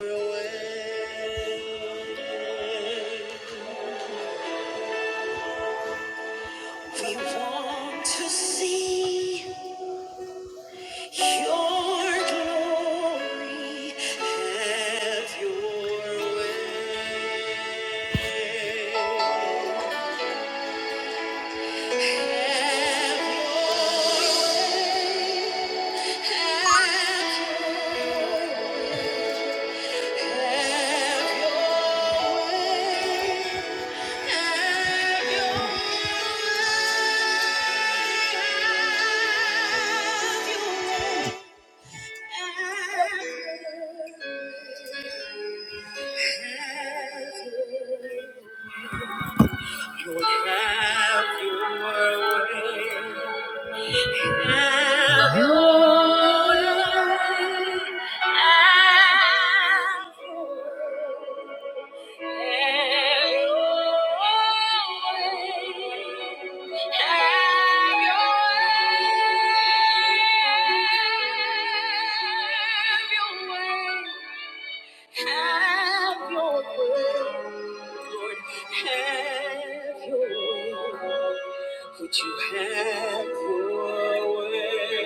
We want to see your glory. Have your way. Have your way. Have your way. Have Have Have your your way. way. your way. Would you have your way?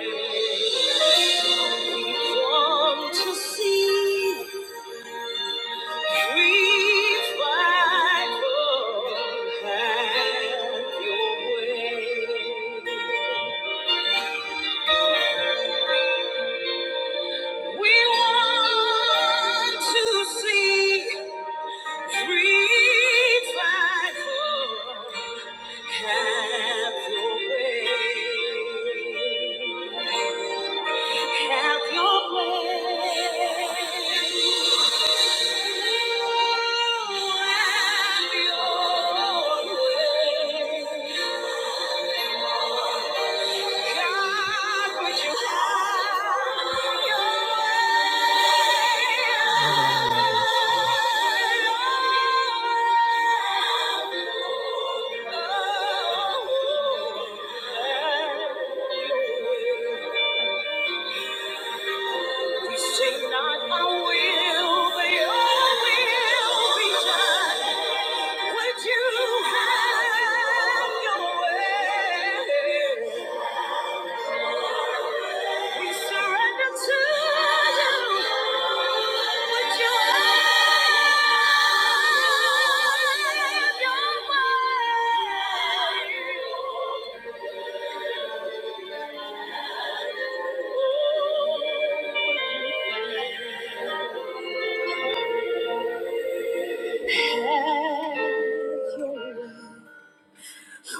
We come to see. Reach wide for have your way. We want to see. Reach wide for have your way. Have your way. Have your way. God, would you have your way? We say not our will, but your will be done. Would you have your way? We surrender to you. Would you have your way?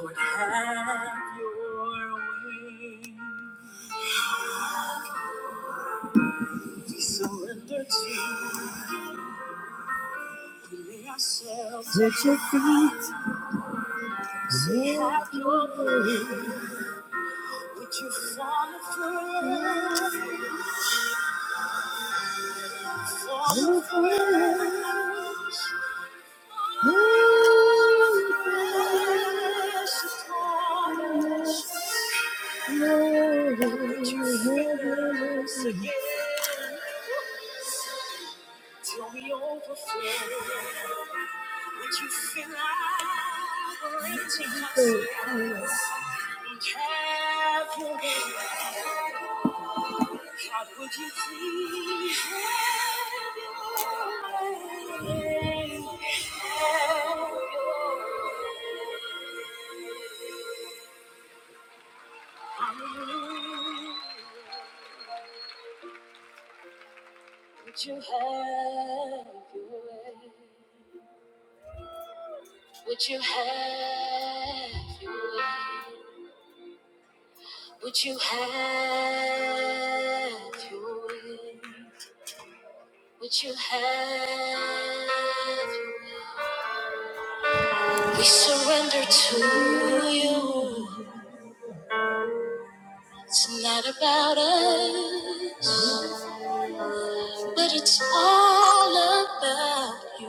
Would have your way. We surrender to you. We your feet. We have your way. Would you fall afresh? Fall afresh. Thank you. Would you have your way? Would you have your way? Would you have your way? Would you have your way? We surrender to you. It's not about us, but it's all about you.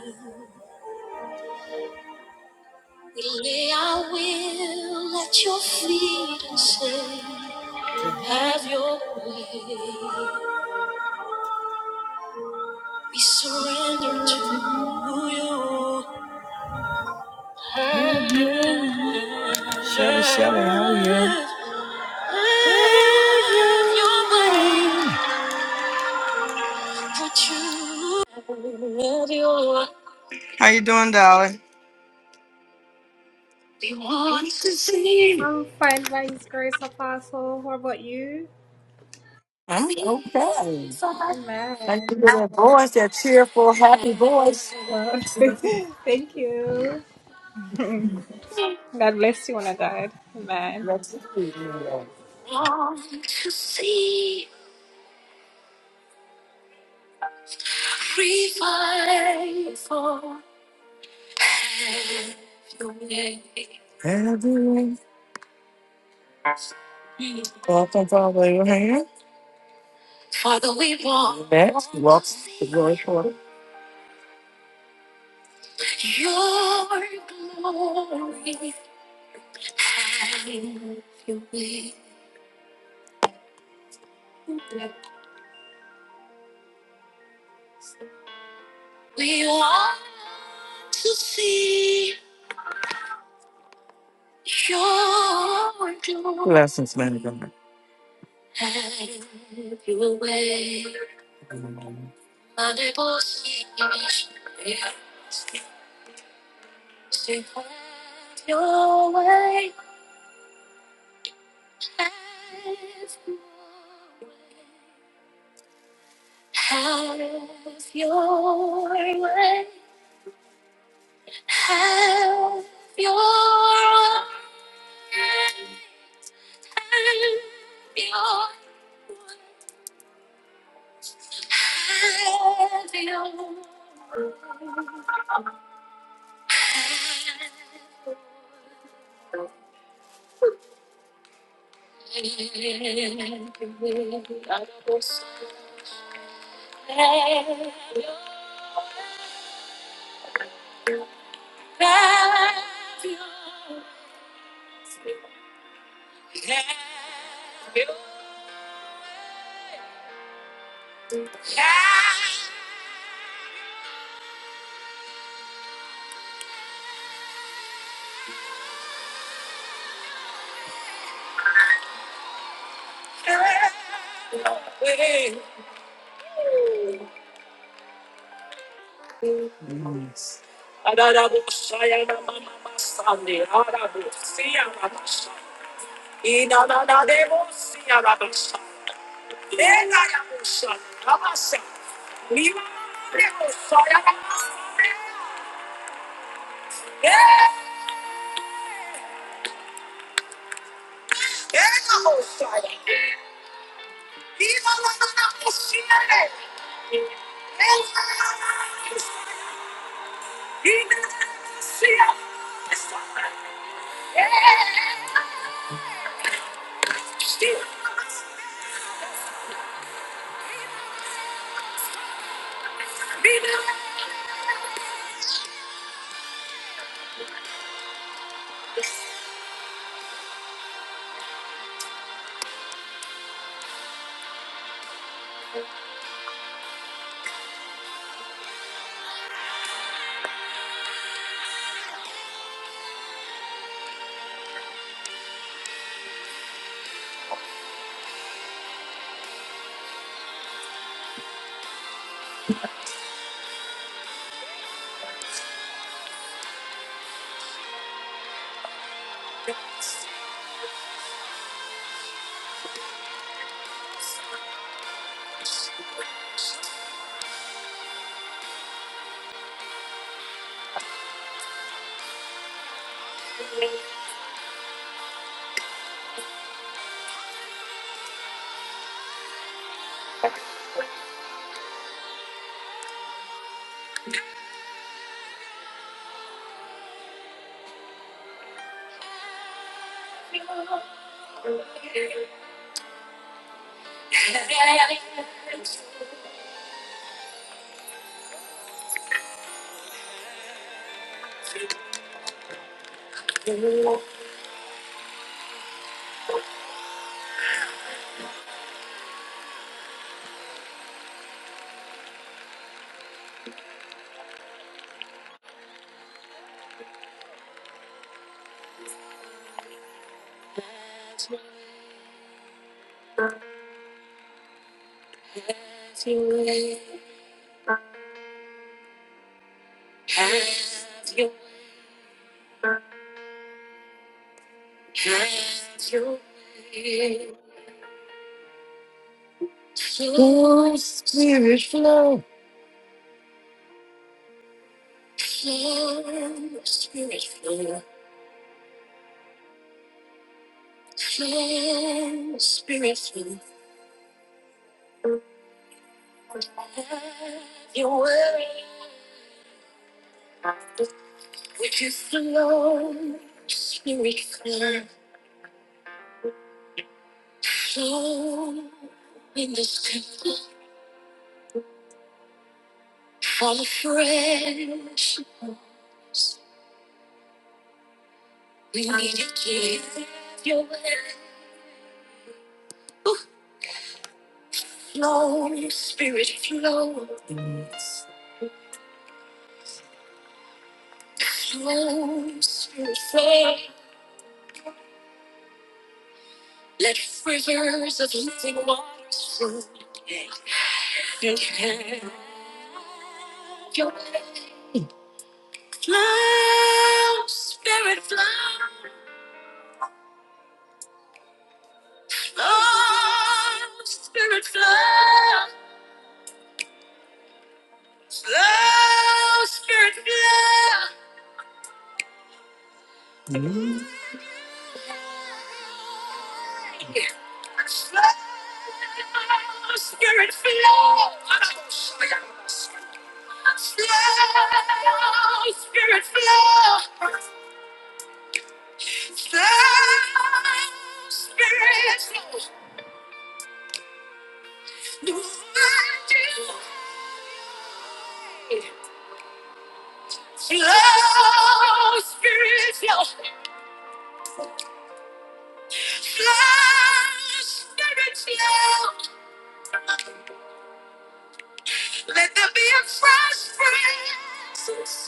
We lay our will at your feet and say, Have your way. We surrender to you. Shelly, Shelly, how are you? Let We want to see. I'm fine by His grace, Apostle. How about you? I'm okay. Like Amen. to hear that voice, that cheerful, happy voice. Uh, thank you. God bless you, one of God. Amen. Let's see. Want to see fight for your name. Everyone, welcome, Father Abraham. Father, we want. Next, walk the glory for. Your glory have your way. We want to see your glory. Blessings, man. of God. Have your way. Unable to see to have your way. Have your way. Have your way. Have your way. Have your have your Have your Yes. Spirit flow. flow, flow flow, flow Flow, flow, flow, Spirit flow. Flow, spirit spirit spirit spirit spirit. your your your way. way. way. We in this temple Fall afresh. We need to give your way. Ooh. Flow, spirit flow. Flow, spirit flow. Let rivers of water fill your way. Flow, spirit flow. Spirit fly. Mm. Spirit flow, flow, spirit flow, flow, spirit flow. Do I do? Flow, flow, spirit flow. Let there be a fresh breeze.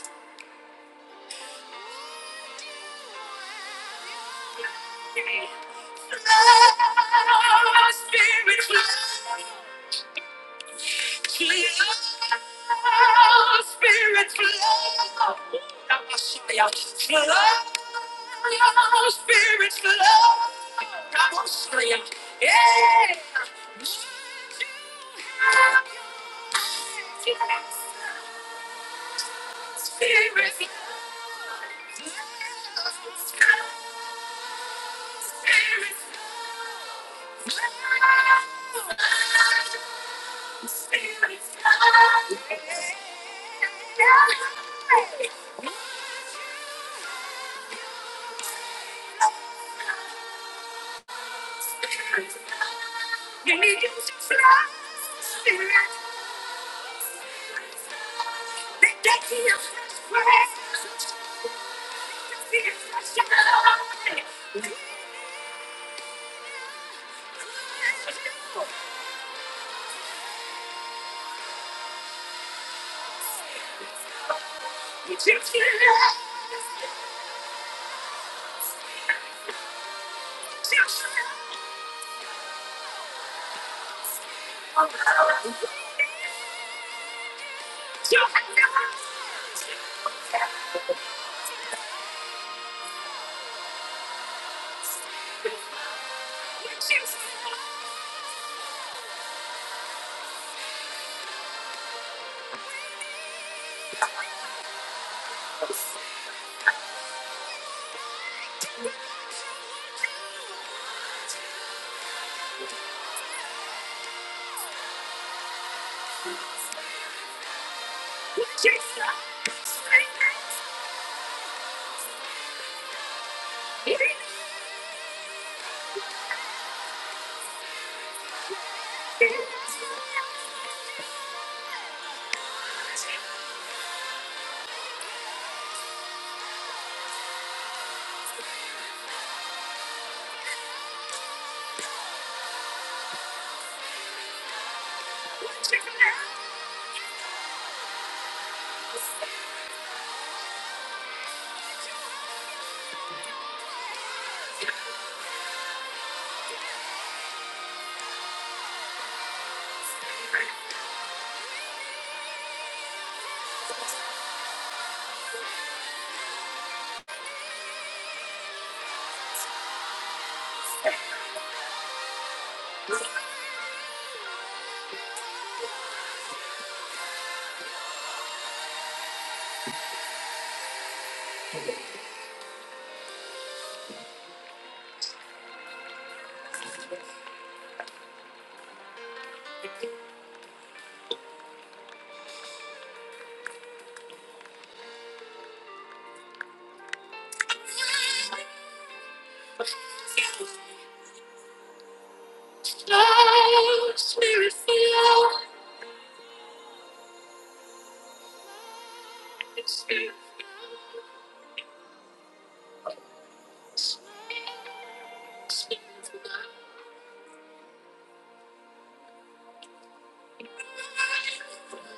Oh, Spirit, flow. Spirit, flow.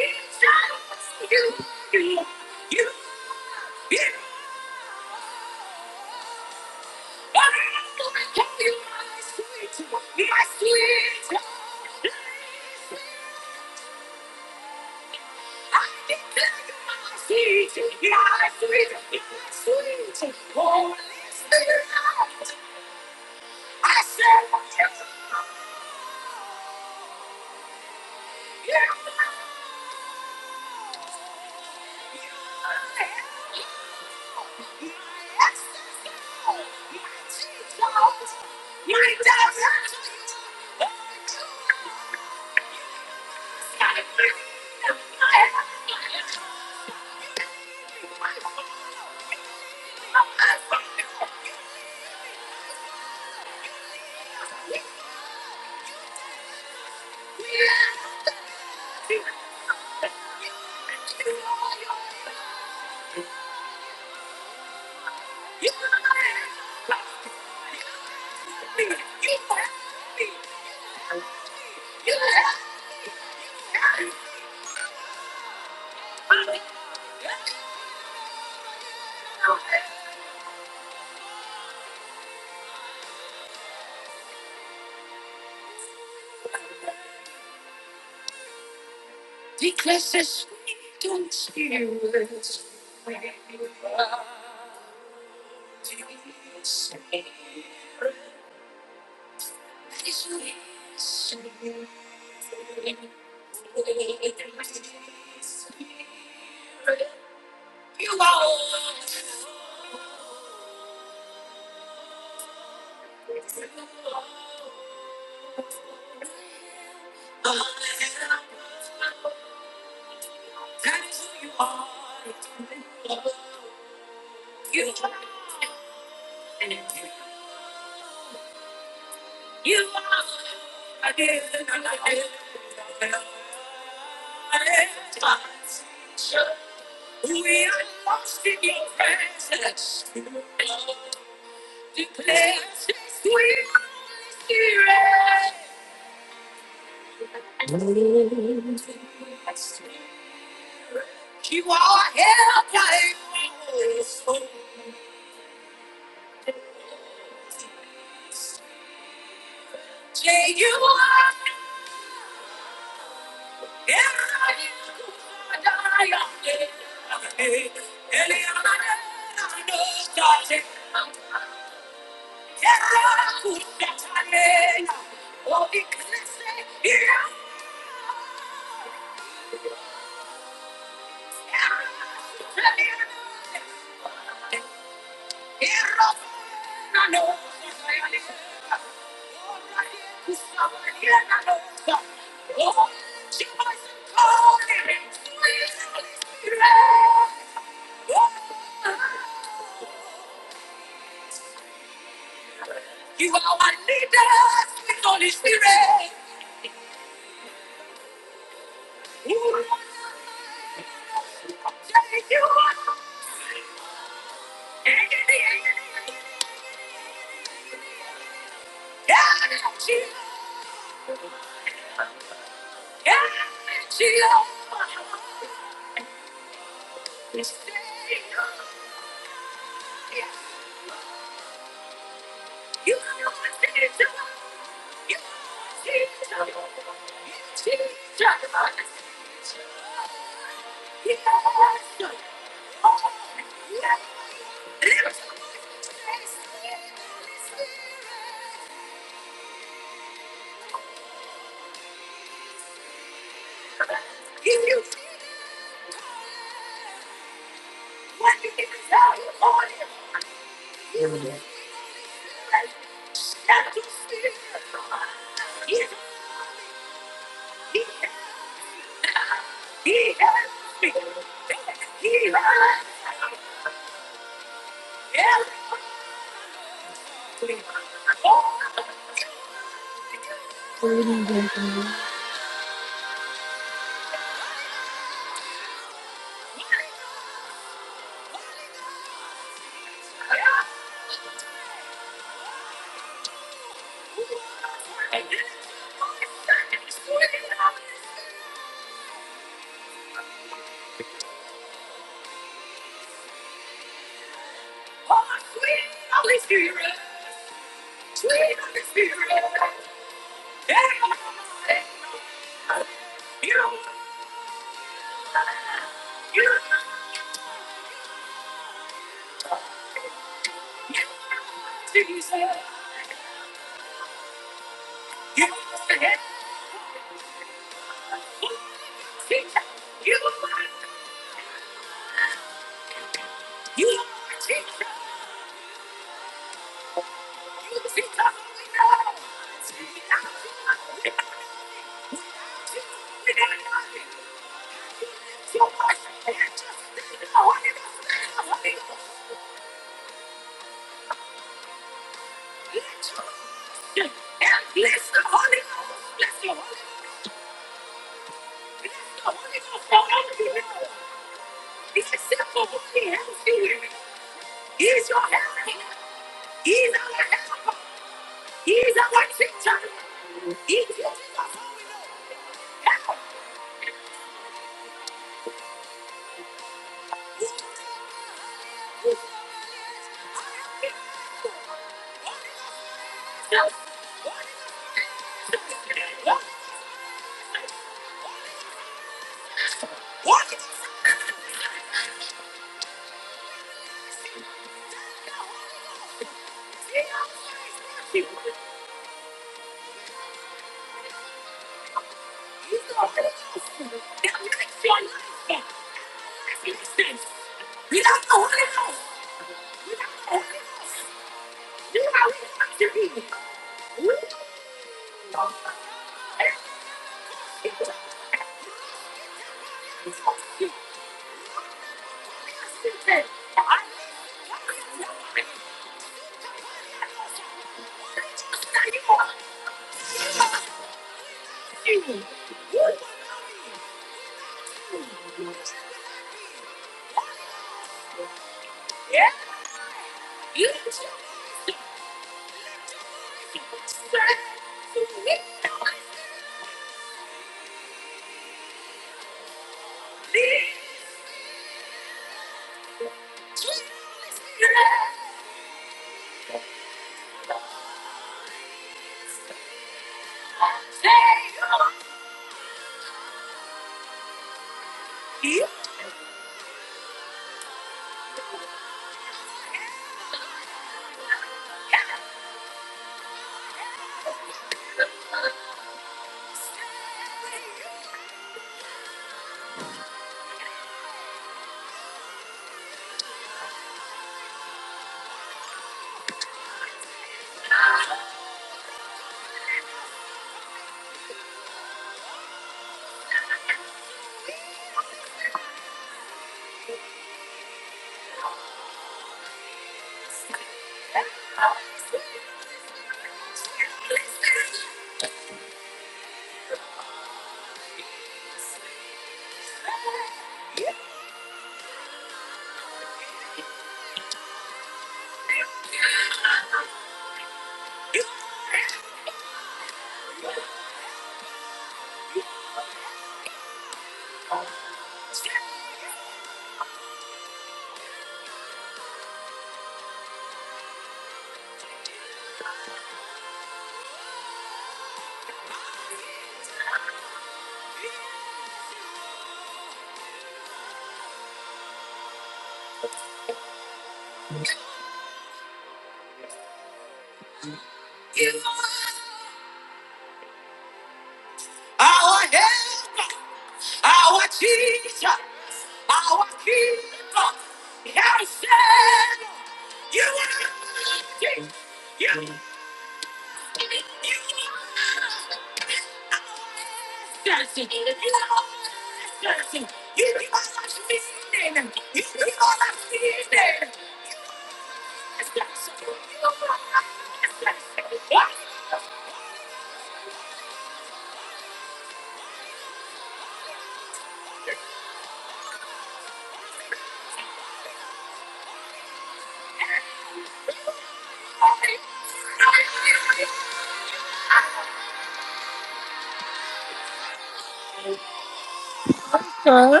Son,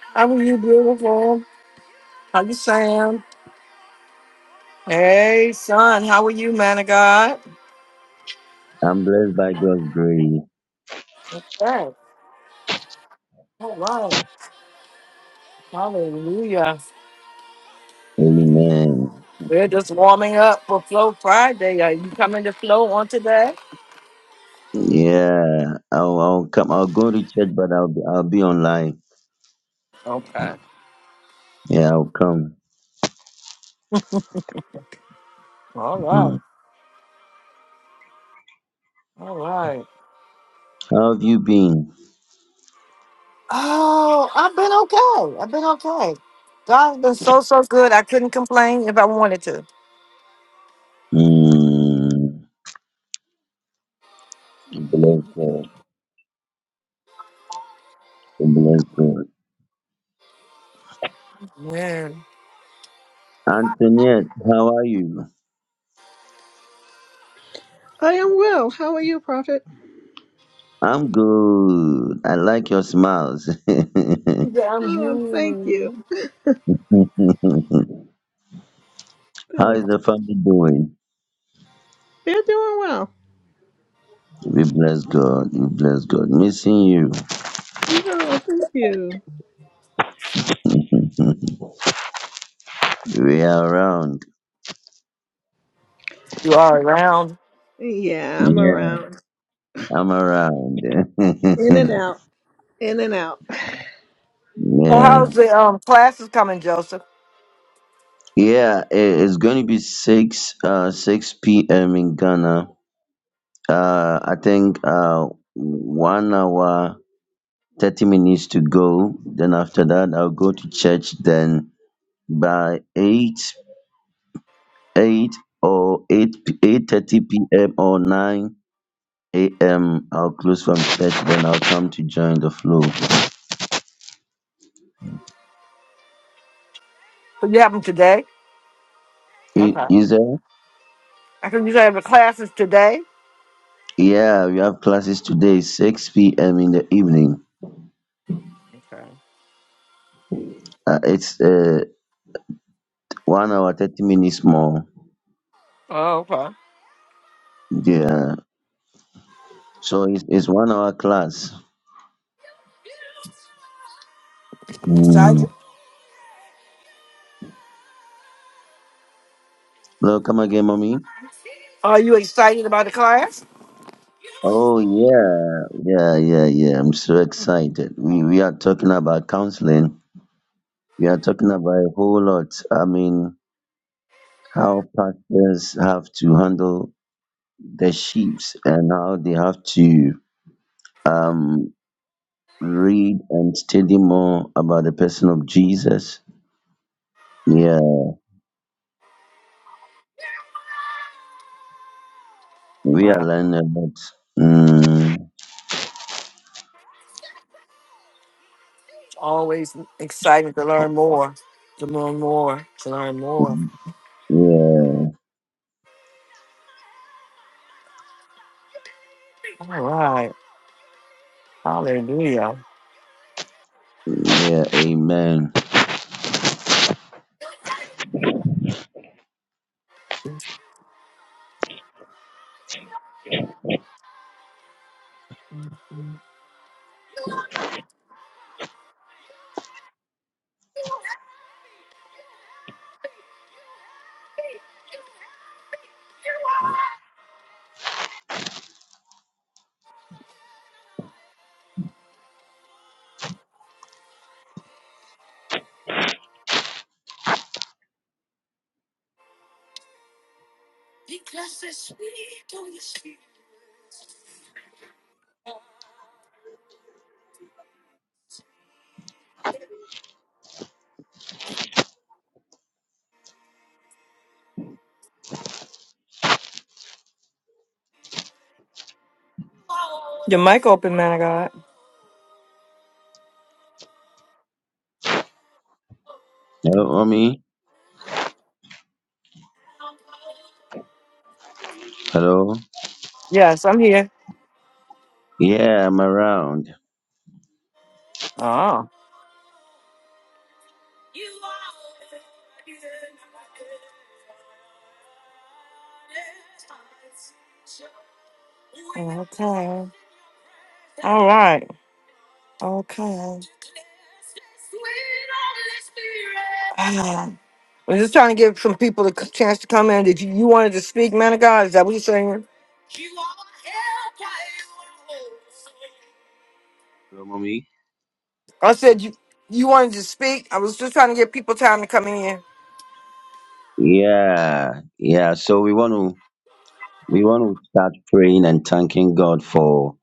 how are you, beautiful? How you, Sam? Hey, son, how are you, man of God? I'm blessed by God's grace. Okay. All right. Hallelujah. Amen. We're just warming up for Flow Friday. Are you coming to Flow on today? Yeah, I'll, I'll come. I'll go to church, but I'll be, I'll be online. Okay. Yeah, I'll come. All right. Mhm. All right. How have you been? Oh, I've been okay. I've been okay. God's been so, so good. I couldn't complain if I wanted to. Mm, bless God. Bless God. Man. Antoinette, how are you? I am well. How are you, Prophet? I'm good. I like your smiles. how is Damn Oh, thank you. you. Yeah. Thanks. the family doing? They're doing well. We bless God. We bless God. Missing you. Oh, thank you. we are around. You are around. Yeah, I'm Yeah. around. I'm around. In and out. In and out. So yeah, how's the um classes coming, Joseph? yeah. it- It's going to be six uh six p.m. in Ghana. Uh, I think uh one hour thirty minutes to go. Then after that, I'll go to church. Then by eight eight or eight eight thirty p.m. or nine a.m. I'll close from church. Then I'll come to join the flow. So you have them today? I- Okay. Is there? I can you have the classes today? Yeah, we have classes today, six p.m. in the evening. Okay. Uh, it's uh, one hour, 30 minutes more. Oh, okay. Yeah. So it's, it's one hour class. You excited? Mm. Hello, come again, mommy. Are you excited about the class? Oh, yeah. Yeah, yeah, yeah. I'm so excited. We, we are talking about counseling. We are talking about a whole lot. I mean, how pastors have to handle the sheep and how they have to um, read and study more about the person of Jesus. Yeah. We are Wow. learning a lot. Mm, It's always exciting to learn more. To learn more. To learn more. yeah. All right. Hallelujah. Yeah. Amen. Your mic open, man of God. Hello, mommy. Hello. Yes, I'm here. Yeah, I'm around. Oh. Okay. All right. Okay. I'm just trying to give some people a c- chance to come in. Did you, you wanted to speak, man of God? Is that what you're saying? Hello, mommy. I said you you wanted to speak. I was just trying to give people time to come in. Yeah. Yeah. So we want to we want to start praying and thanking God for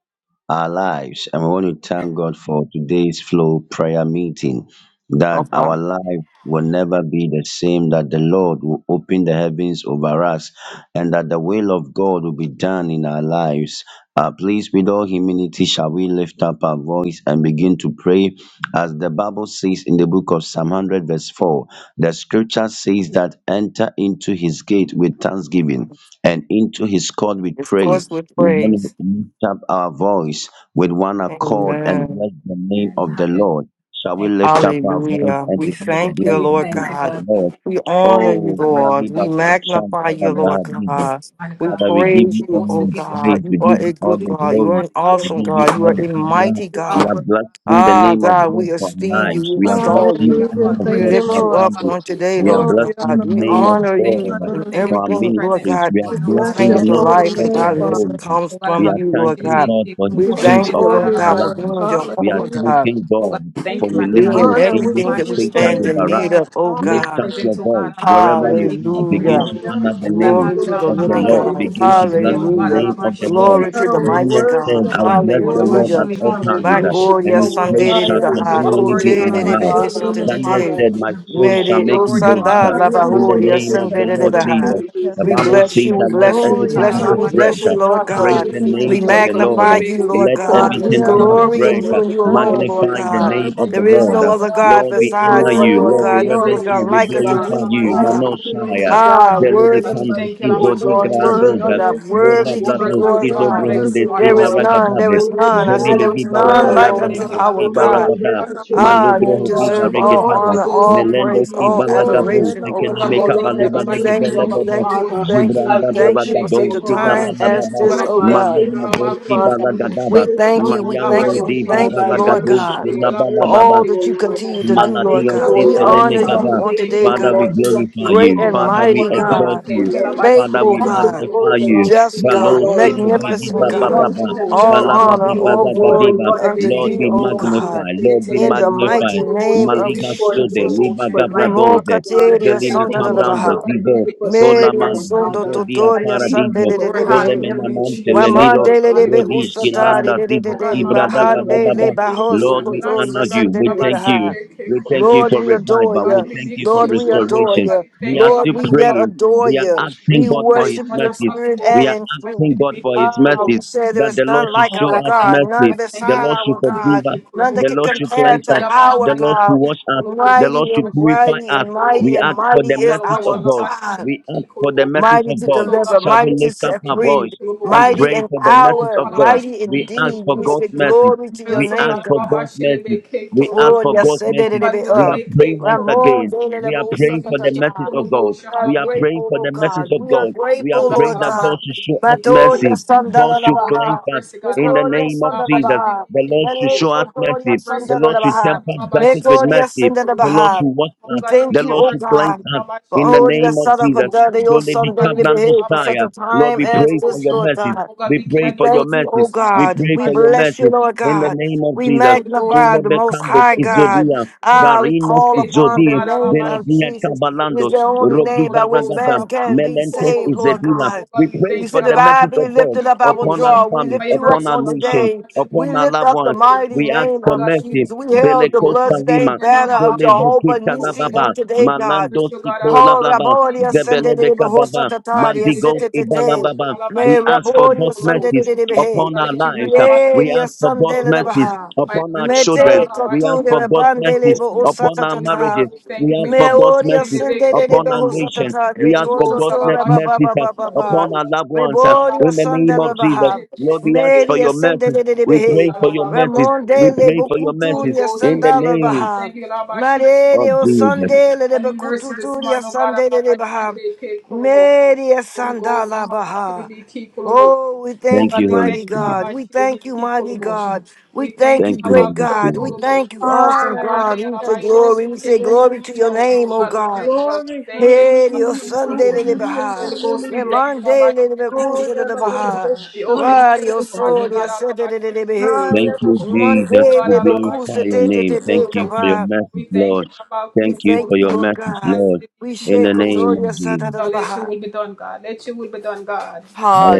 our lives. And we want to thank God for today's flow prayer meeting that our Okay. life will never be the same, that the Lord will open the heavens over us, and that the will of God will be done in our lives. Uh, please, with all humility, shall we lift up our voice and begin to pray. As the Bible says in the book of Psalm 100, verse 4, the scripture says that enter into his gate with thanksgiving and into his court with It's praise course with we want to praise. lift up our voice with one accord and Amen. bless the name And of the hallelujah. Lord. Shall we Thank you. lift up our voice Hallelujah. and We Holy begin to Ghost, thank you, bless we the Lord name thank you, of God. God. the We thank Lord? you, We Mighty honor you, Oh, God, for the Lord. We Maliba opportunity of Koshan magnify your you, Lord presence, God. Mighty We God. Father, we give praise Holy you you, Ghost, all we oh the give you all God. praise, You we the give honor, are a you all God. good We the give God. you You are glory, all an the we glory, awesome give you God. You Father. are all the a Oh, honor. mighty God, you God. We are worthy, are blessing the Ah, name of God. God, we God for our esteem Yeah. you, lives. we We are You are extol blessing you. the worthy Hallelujah. name of of We Thank praise. God you, Oh, lift for our you God, Lord. you up are worthy family. on of all praise, today, oh We are Lord God. Glory on blessing God. the the We Holy name of Ghost, Lord. we honor thank you, you Shema God God. We in thank you Baruch. for for our your everything, Lord presence. ministries. God, We are We Man, oh God, bless blessing the pertaining your to Abba, name of life holy we God and name, for our celebrate godliness you. Father. homes. Oh comes God, I We have from are you, Lord We thanking thank God. God you, for Holy We We His give Ghost, you the peace thank way, you, God, upon Lord glory, our God, Abba, for Lord. lives. being we thank you, We are Holy Jehovah Hallelujah. Ghost. God, thanking Oh God, God I We thank for you, give mighty you God. relieving I being His thank you, honor. We angels everything to Abba, give that you we we take thank charge stand you, praise, of in our Holy lives. Ghost. need of, oh God. Be Lift God. up present, your oh Hallelujah. God, voice Abba, wherever we worthy you of thank all are. you, Holy Begin Hallelujah. praise, O Ghost. to Lord. honor the Oh God, name Glory mighty You to are the the of Abba, the God living we that thank Lord. you, God. never Holy Begin to Ghost. fails, In the O bless Hallelujah. name, Lord. oh the God, Hallelujah. We name thank you Abba, of for the we your thank Lord. Glory you, grace to and the Oh, Holy we Ghost. mighty mercy, Daniel O said, God. worship Oh I Lord. will God, and you bless all the adore Abba, We you, Lord at Hallelujah. to my we all God thank God. and you, My times, Holy uh, Ghost. worship gloria and You are his you, worthy, Lord. I praise I sandere God. de shall am reverence the You baha. your are Lord, continually Kote be worthy, name, the de in my Abba de Abba, Son be of mouth. the ese Father, be Living te Abba thank te you, God. Daniel Holy Father. I said, My Ghost. lift you soul up, Oh, shall Mede O your o make him word is for boast sanda uh, I am Father. la praise, oh God. in the the Lord, bahoria Father, name the of Father, I the sandere Son de of thank Lord you the for baha. Jesus. Living your God. grace The We and Bible Almighty. bless mercy, says you. O Oh, We that let Lord. bless thank you. Oh, We you, I God, everything We am bless that the you. has We Lord, thank you, Alabashi, bless breath we mighty the you, uh, give Son Lord you God, of for the praise God. the Living everything Kolobosha. that name We you God. of Oh the have God, done we Lord. for live magnify Uh, a us, you, mighty cake, Lord Let I am God. God, the We everything Kolobosha, that everything has that Lord, Alabashi, you glory are in we breath give you about the uh, and you to you do Son of for alone, Kolobosha. us, Lord magnify mighty Oh the God. God, I the God. name of thank the There you, is Living Lord. no Uh, Mighty Alabashi, other God. God, I God Lord, we thank you, Kolobosha. honor besides you, Lord, you. for Lord your Lord, we Oh, God. May No other grace you reverence and your faithfulness, God you. are We like mighty mercy, oh great unto God. God, God. glorify thee, you. O I Alabashi, we God. give thank you, you Manoshai. mighty Hallelujah. Kolobosha. Oh God, Ah, there is worthy God, to we none be Delibicando, like thank you, you, O praised, Alabashi, we worthy Lord. to give There be you is none lifted Zodigradogas, Kolobosha Worthy up, that is is your that Bola worthy to name, was be first that Vlados, Lord. and is to this You're Kilo come glorified. primary like this Brohunde, you, worthy, O morning, There oh is Father. God. Lord. none, there O Simaragadabe, is Lord, I none. Holy I Ghost. You say, there Zolibegi is are magnify you, Oh none O God, we like worthy, Lord. unto thank you, my Baragadabahando, God. We our O Lord, thank God. you, I God. Sibaragada, God, Yana for reverence the your guru, day, Ah, name, keep O you full Malugro of yana Lord. Viva deserve ocean. guru. O all Lord, I Regedava, Holy honor, Ghost, submit all I'm unto about Melendo praise, you, O full all of Lord. Oh, ocean. Sibalagabo, adoration, yana oh Oh guru, God, God. we Oh Sikenimeka thank Lord, you, I yana Baluba We Alaba thank guru. thank you, you, Shilibi we Abba Ki Legibelebebe, thank you, Kulubos, we Father. our thank you, I Chilaba we Zubranda thank you worship for you, Yes, Baragado, Ki such O a Lord. Lord. Kulubos. I time Yana thank as Oh Silamalababa, God, this, you, guru, I Abba. oh yana I thank you, God. God, thank Malibra you, Alaba guru. Father. Kulubos. We Sibalagaba, There is thank none you, we like Alaba you, thank Mayambro Oh, you, Abba we Shilibi yana Diva Ki thank Father. you, I guru, Lord Baragado, Kulubos. worship yana God, you. I Alaba guru. for worship Silabalababa, all you, O Shilibi that Ki you Lord. continue to Kulubos. I do, Lord Oh thank Maladios God, you, God. O we de We Oh, thank Lord. you, honor You God. Father. are you We Gaba. on thank you, faithful, today, O Alaba Father, we God Lord. You are Shilibi Ki glorify kind, great you. O and Lord. Kulubos. Father, You we mighty are Oh God, we God exalt blessed, O thank you. you, Lord. Alaba Hallelujah. Father, faithful Shilibi we All Ki the God, glory magnify Kulubos. We you. belongs thank to just you, you. O God, Valo Lord. Life Sino about Brigi It chili magnificent is the Baba Hallelujah. bake God. one Baba. that colobosha. sits All Hallelujah. above honor, Balabadi Holy you, O all Ghost Lord. O about glory Baragadiva. be Lord, chili I unto Lord, thank thee, bake be you, O O Lord, for colobosha. your God, magnified. It's Lord, a be in faithfulness, the O Lord. bake mighty magnified. I name colobosha. thank of You you Maliga bake for Sobe, Jesus. Liba colobosha. for life, Remo mighty Gabradoze, God. kateria I Zelimi santa thank da you da for Cambrando, health. baha. I thank Zizo, you for strength, Meria our Colaman, sondo Zizo Father. Hallelujah. Dia I totoria thank you, santa O Paradiso, de de Glory, de Lord, for behe. hallelujah, everything Colemenamonte, that Jesus. you have Lelilo, done Wamande le for me, de be Hallelujah, Brodish, mighty Jesus. God. usatari Kilanda, de de de Oh I Zizo, God, de. thank Malabai, Ibrada you, O Lord. Bahande I le Biki Balababa. thank baho you, O Lord, Kulabosha we Lord. belongs to honor sokotoria you, God. you. We santa de We de Malabai, thank worship you. baha. you, O Sebeke We Lord. thank Kulabosha. you Lord, for we In Oh adore revival. God, We you. thank you for Lord, Liliki Jesus' we name, amen. Kulabosha. adore Oh restoration. God, you. we We thank are you, Lord, still Labai, we yet Selabai praying. adore We are you. Kulabosha. asking We God And for this His worship month you in of mercies. spirit We and October, are in I truth. asking should God be for key His Ah, Kulabosha. mercies we say there that the is Lord none should like show But our I us thank God, you, mercy. none I thank The you, beside Labai, Lord should our forgive God, us. Liliki none Kulabosha. that The can Lord should compare If cleanse you us. to love us, The our you Lord be should God. key wash us. Kulabosha. The Mighty Lord should and Labai, purify mighty Liliki us. and mighty We and ask Kulabosha. for mighty the Oh is God, mercies wash our of God. Labai, God. We Liliki ask for the Kulabosha. mercies Mighty of to God. Also, God, deliver, Shall we mighty to lift up set our Biki free, voice and Kolobosi. mighty pray in for the Holy Ghost mercies power, of God? Palabashi mighty We ask Biki indeed. for We say God's Kolobosi. mercies. glory to your Reveal We so ask name, God for God. God's Alabashi mercies. Lebeke We Oh, ask Kolobosi. for yes, God's it O did it. mercy. God it- We uh, are Melebeke praying once Kolobosi. Ramon, again. did it, it, We are oh, suck praying it, for the suck Biki it, ah. message of God. we are We Kolobosi. are praying grateful, for oh the message God. of We are God. We are Oh grateful, God, praying Lord all that my God God. should shitty show us keep Matoria mercy. motion. God Sandala Holy should Ghost, have cleanse Baha. us mercy, God, in have the mercy, Nicoria name of all my Sandala Jesus. shitty Baha. The keep Lord should show motion. us Melekotoria Have mercy. mercy The Sandala upon Lord me, should God, Baha. temper all my justice shitty with Nicoria keep mercy. Sandala The motion. Lord Baha. should wash Oh We us. God, we need thank The you, your Lord oh mercy, should God, cleanse God. all us my For in shitty the all your name of keep son for Jesus. motion. daddy, your Don't they Oh son, God, become we daddy, need your behave all for my such a Messiah. shitty Lord, time we keep as pray for this, motion. your Lord mercy. God. Oh God, We we We pray cannot do for your those thank you, oh mercy. mercy, God, We God. all pray We my for your shitty bless you, mercy Lord in keep the God. name of We Jesus. Holy Ghost, magnify the Zulebe Most Alabaku Kandos High to the God. Izodia, May your Ah, mercy we Varinos call locate us, O upon the Izodi, God, name of Alabashi, Beledia be Jesus. keep for It is Kabalandos, the only Rogi name by Holy which Ghost, Baragada, man Alabaku can be to the Melentos saved, Lord motion. Izedina. God. Oh We God, we pray You thank you, for said, if the I mercies Alabashi, be of be God lifted keep up, I for will upon our draw. We families, May lift your you up upon mercy, our on God, nation, today. Alabashi, We upon be our lift keep loved up for the ones. mighty We ask name Oh for of God, we mercy. Jesus. thank We you for held the the Beleko motion. bloodstained Salima, And all banner of about Jehovah Zolebukita Nisi on Lababa, today, God. Mercy, Malandos O God, Iko Oh, Alabashi, Lababa, be Rabboni, keep for the ascended in the Zebelebeka Hosa Baba, Oh God, Tatari, let me Mandigos keep ascended for the today. motion. Ibalababa. Me We Alabashi, ask be for keep raboria God's for the sande de mercies motion. de Oh behe. upon God, our let you bring lives. Alabashi. We Yeria ask for God's sande Holy le Ghost, mercies baha. Pai, upon nós our te deu children. Mete a We abaixo ask de koture for God's ti, rebande le mercies bo upon osata our Holy tata. Ghost, marriages. we thank you We for ask your for Me mercy. God's God. oria We mercies live it, sande de care de upon for the our beho nation. satata. De We ask Holy for Ghost, a God's kototo mer- reba abaixo ba de mercies ba uh, ba ti, ba por ba. upon our bolsa. loved ones. uh, Reboria In Rabaco, the name sande le of por bolsa, Jesus, baha. Lord, esse we ask de for ti, Meria your sande mercies. de de We por behe. pray for your mercies. bolsa. We Ramonde le pray for your Holy mercies bokuturia Ghost, in we the thank sandala you. God. We name baha. thank you, Lord, by she- of Marere o Jesus. sande le A new mercy this bokuturia morning, oh God. sande Lord, de by she- baha. they pay Kolobo. Meria Holy Ghost, sandala Lord, by she- baha. be key Kolobo. Oh, we Oh Thank thank God, you, you, we Holy thank mighty you, Lord, Spirit. God. by We she- be thank you, key mighty Kolobo. God. We We thank thank you, you, Thank Lord, you, by great Holy Coast God. We Spirit. Kolobo. Lord, thank Hallelujah. you, awesome Hallelujah. by God. lay, We Lord, say by she- they Glory glory. be We to key say your Kolobo. name, glory to your Lord. Oh name, oh God, we God. thank you, God. We Glory, thank you, Hey, God, your for hallelujah, full Sunday, little emotion. hallelujah, Baha. Holy Ghost, we thank hallelujah. you, God, by Remande, shilling little For me keep Kusa, full little emotion. Baha. The open heaven, Radio your my Lord soul, your God, Allah, Sunday, by little shilling me keep Behave. full Thank you, emotion. Jesus. Oh Monday, God, We little Allah, by glorify Kusa, shilling your day, me day, name. day, keep Thank day, full you for emotion. your kapa. We mercies, thank you, Lord. God. We Thank cool you full thank for you, your emotion. Lord mercies, Allah, by God. Lord. shilling me We keep In shake the full name emotion. Kotoria, of Jesus. Oh Sata, God, Lady let your Baha. will be done, God. Let your will be done, God.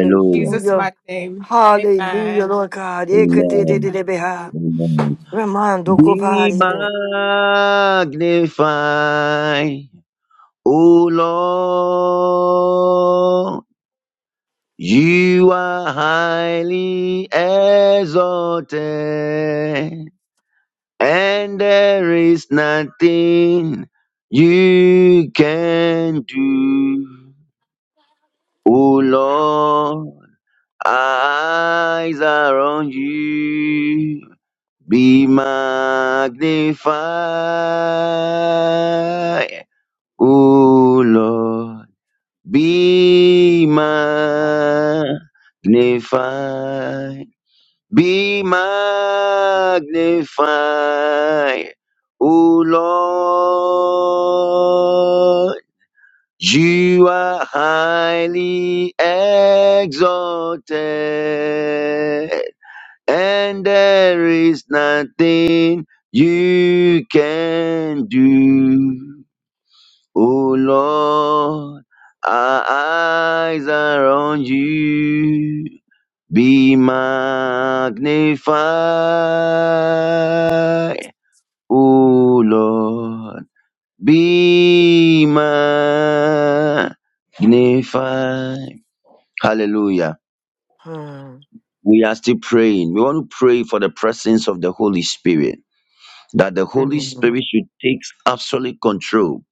In Jesus' mighty name. Hallelujah, Amen. Lord God. Amen. Ekatidididibha. Amen. Ramando Be kopari. magnified, O Lord. You are highly exalted, and there is nothing you can do, O Lord. our Eyes are on you Be magnified, O Lord. Be magnified. Be magnified, O Lord. You are highly exalted and there is nothing you can do. Oh Lord, our eyes are on you. Be magnified, O Lord. Be magnified. Hallelujah. Hmm. We are still praying. We want to pray for the presence of the Holy Spirit that the Holy Spirit Mhm. should take absolute control.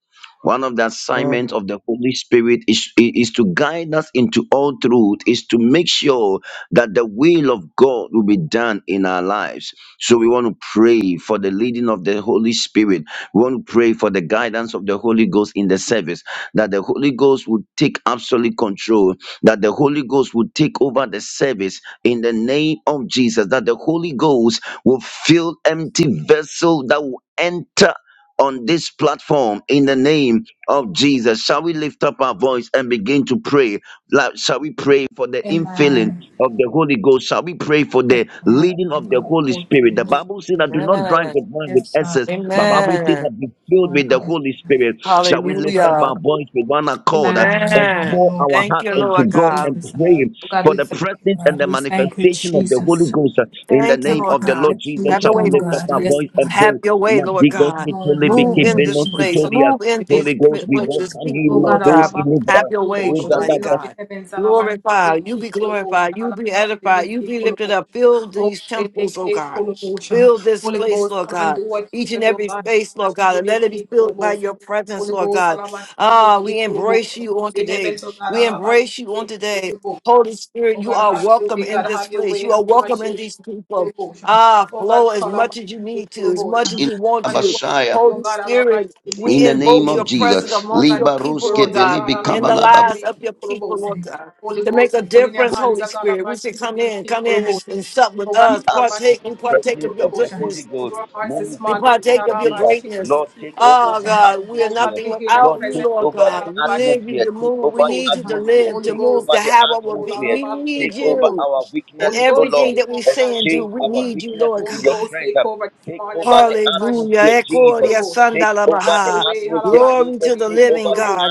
One of the assignments of the Holy Spirit is, is to guide us into all truth, is to make sure that the will of God will be done in our lives. So we want to pray for the leading of the Holy Spirit. We want to pray for the guidance of the Holy Ghost in the service, that the Holy Ghost would take absolute control, that the Holy Ghost would take over the service in the name of Jesus, that the Holy Ghost will fill empty vessel that will enter on this platform in the name of Jesus. Shall we lift up our voice and begin to pray? Like, shall we pray for the infilling Amen. of the Holy Ghost shall we pray for Yes, the God. leading Allah, of the by Holy cool full Spirit. The emotion. Bible says that do not drink Amen. with wine Yes, with excess, but God. Bible says Amen. that be filled Lord, with the Holy hallelujah. Spirit. Shall we Yes, lift up God. Hallelujah. our voice with one accord uh, Man, and Amen. pour hallelujah. our Thank heart you, Thank you, unto Lord God God. and Jesus. pray Oh, God, for we the thank you, presence and God. the We thank you, manifestation of the Holy Jesus. Ghost uh, in the Thank you, name Thank you, Lord of the God. God. Lord Let your will Jesus? Have be your Shall way, done, we Holy lift up God. our Spirit. Yes, voice and God. Have pray? your way, Lord Madigos God. Lord, Move pitolibiki in hallelujah, this venos Jesus. place. pitolia. Move in Alabashibiki, these Holy Ghost, pe- we with Kolobosha. this welcome you, people, Oh God, Lord God. Mados in Alabaku, Have your way, Tulubosha, Almighty open up the God. heavens, Glorify. You be Alabashibiki, Kolobosha, glorified. You be edified. You Alabashibiki, be lifted Kolobosha. up. Fill Oh these God, temples, oh Lebeke, God. Kolobosha. Fill this Holy place, Ghost, Lord come and God. do what you Each want to and do, oh, every God, space, Lord God. And let it be Alabashibiki, filled by Kolobosha. your presence, Holy Lord Ghost, God. Ah, Alabashibiki, we Kolobosha. embrace Open you on the today. heavens, oh God, We embrace you on Alabashibiki, today. Kolobosha. Holy Spirit, Oh you God, are have your welcome way, in God, this have your place. way, You are welcome in Alabashibiki, these people. Turobosha. Ah, Oh God, flow as call much up as you need to, as Turobosha. much as you Come want and do to. what you want, oh Holy God, Alaba Spirit, Shilibiki we invoke your Turobosha. presence Oh amongst God, your this is people, your Lord room, oh God, God, in the Alaba lives of Shilibiki your people, Turobosha. Lord God, Holy to make Ghost, we a put in your difference, hands, Holy oh God, Spirit. We Alaba say, come in, Shilibiki come in Turobosha. and, and sup with Oh God, us, Libra. Alaba partake and Shilibiki partake of presence your of the Turobosha. goodness Holy In Ghost. your hearts this we Monica morning, oh partake God, of your Alaba Bebendabia, greatness. Lord, Shilibiki take over Oh the Turobosha. God, we are Oh God, atmosphere. nothing we hear your Lord, without you, take presence, oh Lord over God, God. the We Alaba need you atmosphere. to Take Shilibiki move. over We need the you Turobosha. to atmosphere. live, Holy to Take Ghost, move, over to take the have what will control, be. atmosphere. We Alaba need Take over you. our Turobosha. And Holy weaknesses, O Ghost, everything Lord. take that we over, God, say and do, Exchange take we our over. need you, weaknesses Lord with Holy your God. Ghost, strength. take over this Take morning, over God. the atmosphere, Hallelujah. Halabashilibiki Jesus. Ekoria kolobota. Take over Have the your sandalabaha. way, atmosphere, Glory Jesus. to the Take halabashilibiki over living the kolobota. God.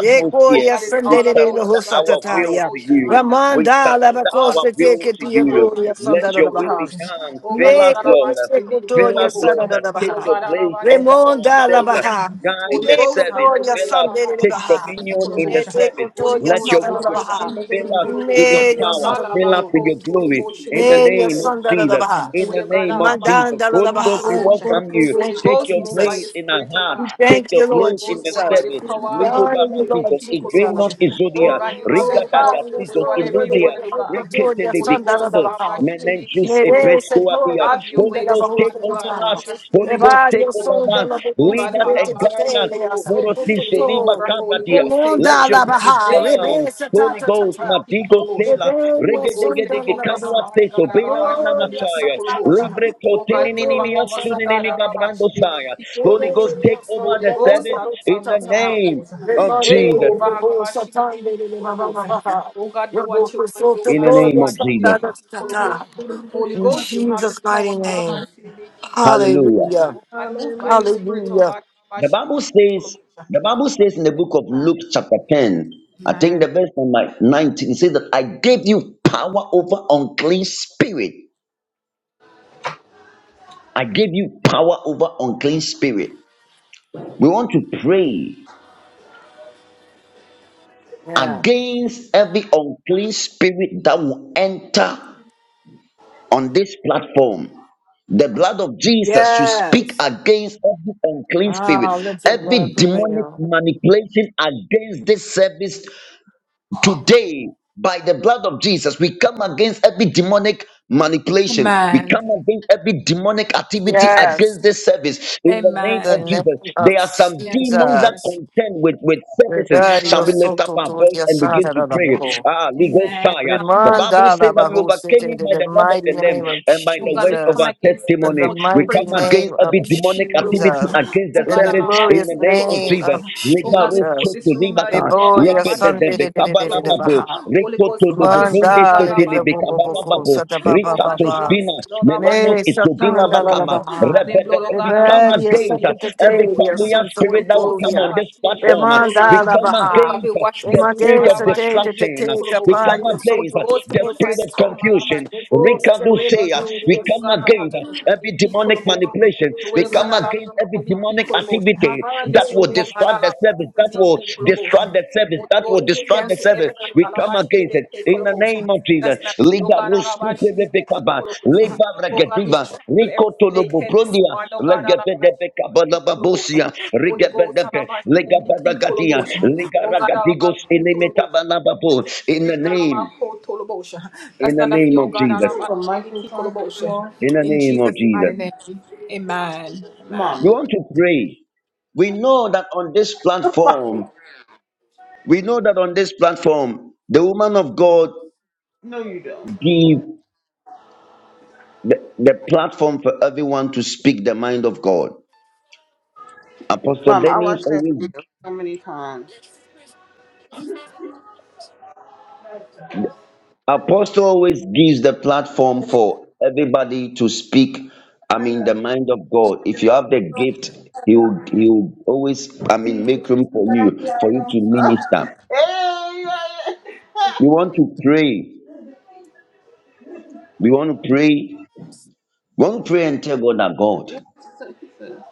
Oh, atmosphere. Ekoria God, it's We all about you, surrender God. It's our all will sandelelebehosataya. to about you, my you. God. We Ramanda It's surrender all our labakosa about will you. to All teketia about you. you doria to be Let key your for will sandalabaha. be done. Oh God, Fill it's us, all Meko Lord. about you to be key Fill for isekotoria us, Lord. Take Oh sandalabaha. your God, all place about you to under be key Remonda for ourselves. labaha. Guide Holy the Ghost, have service. your Iekotoria way. Fill All us. about you Take to be sandalabaha. key dominion for in the service. Holy Etekotoria Let Ghost, your all will be about you done. to sandalabaha. be Fill key us for with your Medio power. All Fill about us sandalabaha. with you your to the glory. to In the make Medio name of Jesus. Have sandalabaha. your In way, the oh God, name all of about Jesus. Mandanda you to Holy be key Ghost, for we labaha. welcome you. Holy Thank you, Take Ghost, your move by place your Jesus. in our spirit, oh heart. We God. Take thank your you, Holy Lord place in Ghost, the move by Jesus. your service. power. We Alaba, Ligo honor you, be Lord baratizo. key, Jesus. Igrenos Kolobosha. Oh izodia. God, you Oh, have the se Riga power, pari, God, e to do dagatizo. sondo whatever you le want Iludia. to rete do, God. precotori, e Reketele Holy sonda da Ghost, da bikando. Alaba, baha. be key, Menenjus Kolobosha. Nere se tore, epreskoadia. a Have your binde Holy way la this Ghost, bahu morning, take oh God. over precotana. us. Alaba, E Holy be Ghost, key, bari, take e over sondo Kolobosha. us. la Oh bocus, Lead God, e us rete and te Alaba, guide tele, us. e Kolobosha. sotto to Morosiso, Take Niba over, Holy E Kabadia. Ghost, take monda Let over. your la will be baha, Take done. over. rebe se Holy tata tata. Ghost, Niki Madigo E Kolobosha. Tela, beri, e Holy Ghost, take sondo Regedegedege la over this Kadua baha. morning, God. Seso, Bena Arabashi Mana Oh, e Niki Machaya, sonda la Kolobosha. baha. Libre Oh Oh, God, move to, e Kotininimia among us, sonda oh God. Suninimi la baha. Gabrando Arabashi Saya. Niki In Holy Ghost, Kolobosha. take over Holy the Ghost, service in the Arabaku name of Kolobosha. Take Jesus. over, Arabashi Niki Kolobosha. Oh God, do what you want to do, In God. the name of Arabashi Jesus. Niki Kolobosha. Holy Ghost, you have the Jesus' power. mighty name. Arabashi Niki Hallelujah. Kolobosha. Hallelujah. Oh God, move by your spirit, oh Hallelujah. God. The Arabashi Bible Niki says, Kolobosha. the Bible God, says we in the thank book you, of God. Luke, chapter 10, I think Amen. the verse number 19 it says that I gave you power over unclean spirit I gave you power over unclean spirit. We want to pray Yes. against every unclean spirit that will enter on this platform. The blood of Jesus should speak Yes. against every unclean spirit, Ah, let your blood every demonic prevail. manipulation against this service Today, by the blood of Jesus, we come against every demonic manipulation. We Amen. come against every demonic activity Yes. against this service in the In name the of Amen. name Jesus. of There are some Yes, demons that Lord. Jesus. contend with, with Yes, services. Regadio Shall we God. lift up soto our to voice and begin to pray? the Ah, legal Amen. fire. The Bible Remanda says la that we Oh bahusete overcame him in by the the blood of mighty the Lamb name of and by the God, we words of come our Jesus, against every in the testimony. false We mighty spirit. come name against of every demonic activity Jesus, Alabakutulubu. against Oh the in God, the Alaba service glorious in the name of name Kutolobosha. Jesus. of Oh God, we Libaro put Jesus. soto this room out your libaka. blood, Rebodia Yepe Alaba de de Sunday be de de Shilibiki de de kabana de de Kulobosha. babo. Baha. Holy Ghost, Rikoto de cover this bubende room, God, Mandala sete de le Alaba be Babu kabana Kutolobosha. babo. Sata Baba Oh God, we Baba. did this spina. blood, Alaba Melenos May Shilibiki Satan isodila bakama. Kulobosha. Dalalabaha. And the Rebe blood, oh God, We come Alaba Rebellia against uh, Shilibiki every Satatataria, Kulobosha. familiar Sons of Holy spirit that will Ghost, come on Godia. Alaba this Shilibiki platform. uh, We Kulobosha. Remandala come Oh Baha. God, we against uh, wash the this room, spirit Remade of Alaba Satate destruction. Shilibiki uh, We Kulobosha. come Capario, Holy Sons against uh, of Ghost, the Godia purify spirit of this room, Star. Alaba confusion. The Shilibiki Ghost of Rikado Reba say, uh, Kulobosha. Godia we Oh come God, against Sundala. allow me to be every key demonic Reba collaboration. manipulation. The way We you God come allow against Sandala every to be Baha. key demonic collaboration. activity In that this Mabande, room, will they oh God, distract the allow were service, me the to that be will Sunday. key distract collaboration. the service, Holy that Ghost, will we distract Rebellia the cancel every service. Sundala We come alabashili against be it key in the collaboration. name of Jesus. That's not oh Liga God ruskete alabashili be key rebekaba, collaboration. leba Oh God, we regediva, trample every snake rikotolobo head this prondia, morning. Oh God, alabashili. legedebekaba Kolobosha. lababosia, Holy Ghost, rigebedepe, Alabashilibiki legabaragadia, Kolobosha. Oh God, ligaragadigos Alabaku Tolobosha. We ilimetabalababo. cancel In the every name, Alabaku Tolobosha. in That's the not of name you, oh of God, Jesus, Michael Alabashilibiki Frankel Kolobosha. Claw? in the In name of Jesus' Jesus. mighty name, amen. Amen. You Mama. want to pray. We know that on this platform, we know that on this platform, the woman of God No, you don't. give the, the platform for everyone to speak the mind of God. Apostle Mama, I Dennis watched that always video so many times. Apostle always gives the platform for everybody to speak. I mean, the mind of God. If you have the gift, he will, he will always, I mean, make room for Yeah, you, yeah, for you to yeah. minister. Hey, yeah, We want to pray. We want to pray. We want to pray and tell God that God. yeah.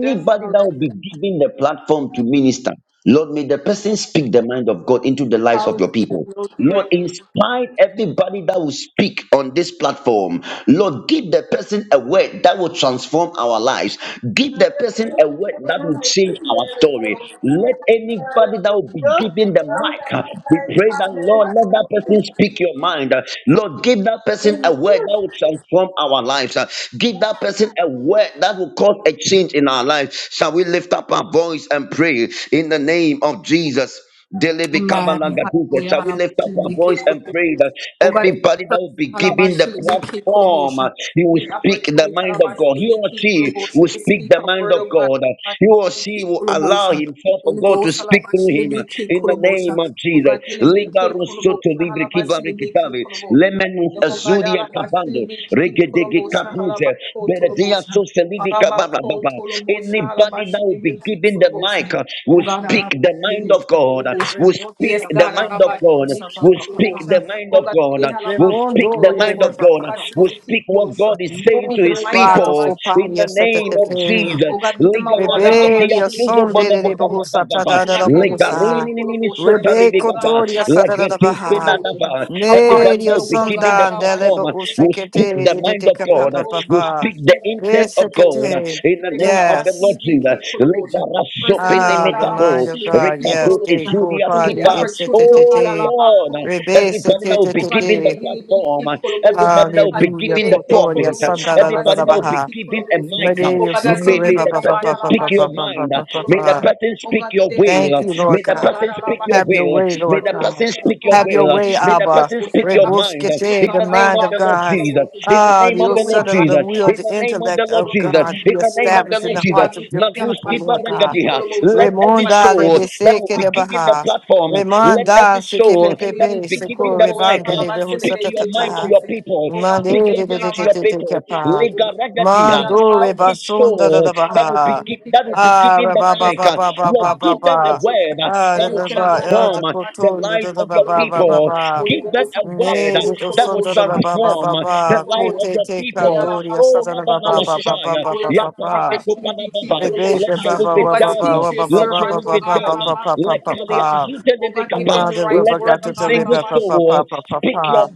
That sounds that will be good. given the platform to minister, Lord, may the person speak the mind of God into the lives of your people. Go Lord, trick. inspire everybody that will speak on this platform. Lord, give the person a word that will transform our lives. Give the person a word that will change our story. Let anybody that will be given the mic, uh, we pray that, Lord, let that person speak your mind. Uh, Lord, give that person a word that will transform our lives. Uh, Give that that person a word that will cause a change in our life. Shall we lift up our voice and pray in the name of Jesus? Daily become a Amen. Hallelujah. Shall we lift up our Alabashilibiki voice and Kolobosha. pray that Oh God, every everybody that will person, be given the Halabashili, Biki, platform, Kulomosha. uh, he will Give speak the opportunity, mind of God. He Halabashili, or Biki, she will Kulomosha, to speak speak the a mind word, of oh God, God. Uh, Halabashili, He or she Biki, will allow Kulomosha. himself for Holy God to Ghost, speak through Halabashili, him uh, Biki, in the name Kulomosha. of Oh Jesus. God, Gile, Liga Biki, Kulomosha, rusoto libri Halabashili, kibarikitavi. Biki, Lemenus Yomogada azuria Bando, Bashilbi Regedege Kolobosha Kapuze, Harabako Beredia Tolobosha Soselibi Kababa Harabako Tolobosha Anybody now will be Harabashilbi given the mic, uh, Kolobosha will Baha. speak Ogada the mind Bashilbi of God, uh, will Kolobosha. Remoto speak Yes, da the God, barra mind da of God, uh, bolsa, Alabashimiki pa, will pa, pa, speak pa. the Kulobosha. mind O of God, God, uh, will Halabaku speak Remondo the mind rebebe of Tolobosha, pa, God, pa, uh, pa, pa. will Alabashimiki speak what Kulosha. God is saying to Speak the his Mundo, mind, Vado people for in Pania the Alabashimiki set the name of Kulobosha. Pepe. Jesus. O God, give them a Liga word, Baregedia Rebedia Suzo son Alabashimiki de Bono de de, Boka Kulobosha. Bohusa Tada da O da, God, da, Helebeke Bohusa. Kulobosha, them to flow, Rebeco God, Toria Satada da da, da, Alabashimiki Lagretis Baha. Kulobosha Pinadaba according everybody to that Medio your will be will, O God. given the sondan de platform lebo uh, will Alabashilibiki speak usekete the de kulubosha. de mind de of capa Holy God, uh, Ghost, will papa. speak the alabashilibiki intent of God kulubosha. uh, Esekete. in the Spirit, name of the Yes. Lord alabashilibiki Jesus. kulubosha. Person here, Ah, God, the Legarasopenemetabo, mind of God. alabashilibiki Yes. rekabot Jake, kulubosha. full Who get party. the esuriaskita. It's a opportunity, oh Oh God, tete. Lord, uh, alabako Rebase kulubosha. everybody that will be O God, may given they the tete. heal be ki platform, uh, kulubosha. everybody that will be Hallelujah. given the Ayilibiki Kotoria. pulpit, uh, kulubosha, Sanda da da da everybody da that will be baha. alabashilibiki given a mic, kulubosha. uh, O Medeo God, as you soto may, may lead them, reba the pa oh pa God, person pa pa speak pa pa your pa pa mind, uh, pa alabashilibiki pa. may the pa. kulubosha. person Oh speak God, your may they follow will, your Thank uh, you, Lord may the instruction, oh God. God, person speak your Have your will, way, alabashilibiki May the Lord the kulubosha. God. person speak Oh your Have God, your you will. live in way, May key the Abba. person promotion. speak The your mind. opportunity, oh Rebuskete, In the God, the out name of mind of our of the key Lord God. Jesus. In the Ah, To do name the of old your the will, Lord son oh God, of the Jesus. will, our In the the name key of the intellect Lord of Jesus. God, promotion. be In the Oh name God, of the we established in Lord thank the you, Jesus. God, hearts we of your thank you, out of our people, Maguski Lord key God. key Babagadia. promotion. Let every Remonda le soul opportunity, that oh will beseke God, be out de given of our the baha. key key platform, let promotion. Remonda every To seke do soul your will, that be will be key given seko the promotion. mic, rebande Out uh, of le speak key your key mind to behusatatata. your people. Oh God, we Speak Mande your de thank you, de mind de out of to our de your Bashili de de people. be key kepa. promotion. Ligaragadia. Mando Yaraba Every cool rebasunda da da soul that will baha. be given motion, that will be Ah, given ba Oh the God, ba ba there's mic, uh, nothing ba ba ba that ba I'm Lord, ba give ba. them a word word uh, that Ah, that da you will da cannot do, ba. oh God. El de transform uh, about the to coton, da life da da of ba your ba ba ba motion. people. ba. Holy Give that Ghost, a about word Ne, uh, de to o that son will da motion. da i ba ba ba about to ba transform uh, be the ba. life of Kote motion. your te I am people. kandori, sa Oh, da da Laba ba ba Laba ba motion. ba ba Shaya, ba You ba will God, ba ba. Yapadi about to Dikupa Laba be Ba. Rebe motion. let be ba your will ba be Oh ba God, ba done. ba speak uh, ba to your ba ba Let your ba servant, will oh ba be God. ba ba I'm done. ba uh, about ba ba ba to Let ba full ba. Kalia motion. Sute Oh God, give Lebekapa. them Ma the de ba right ba Let ga word, to oh every the God. I'm rebe single ba ba about to ba soul ba ba speak ba. your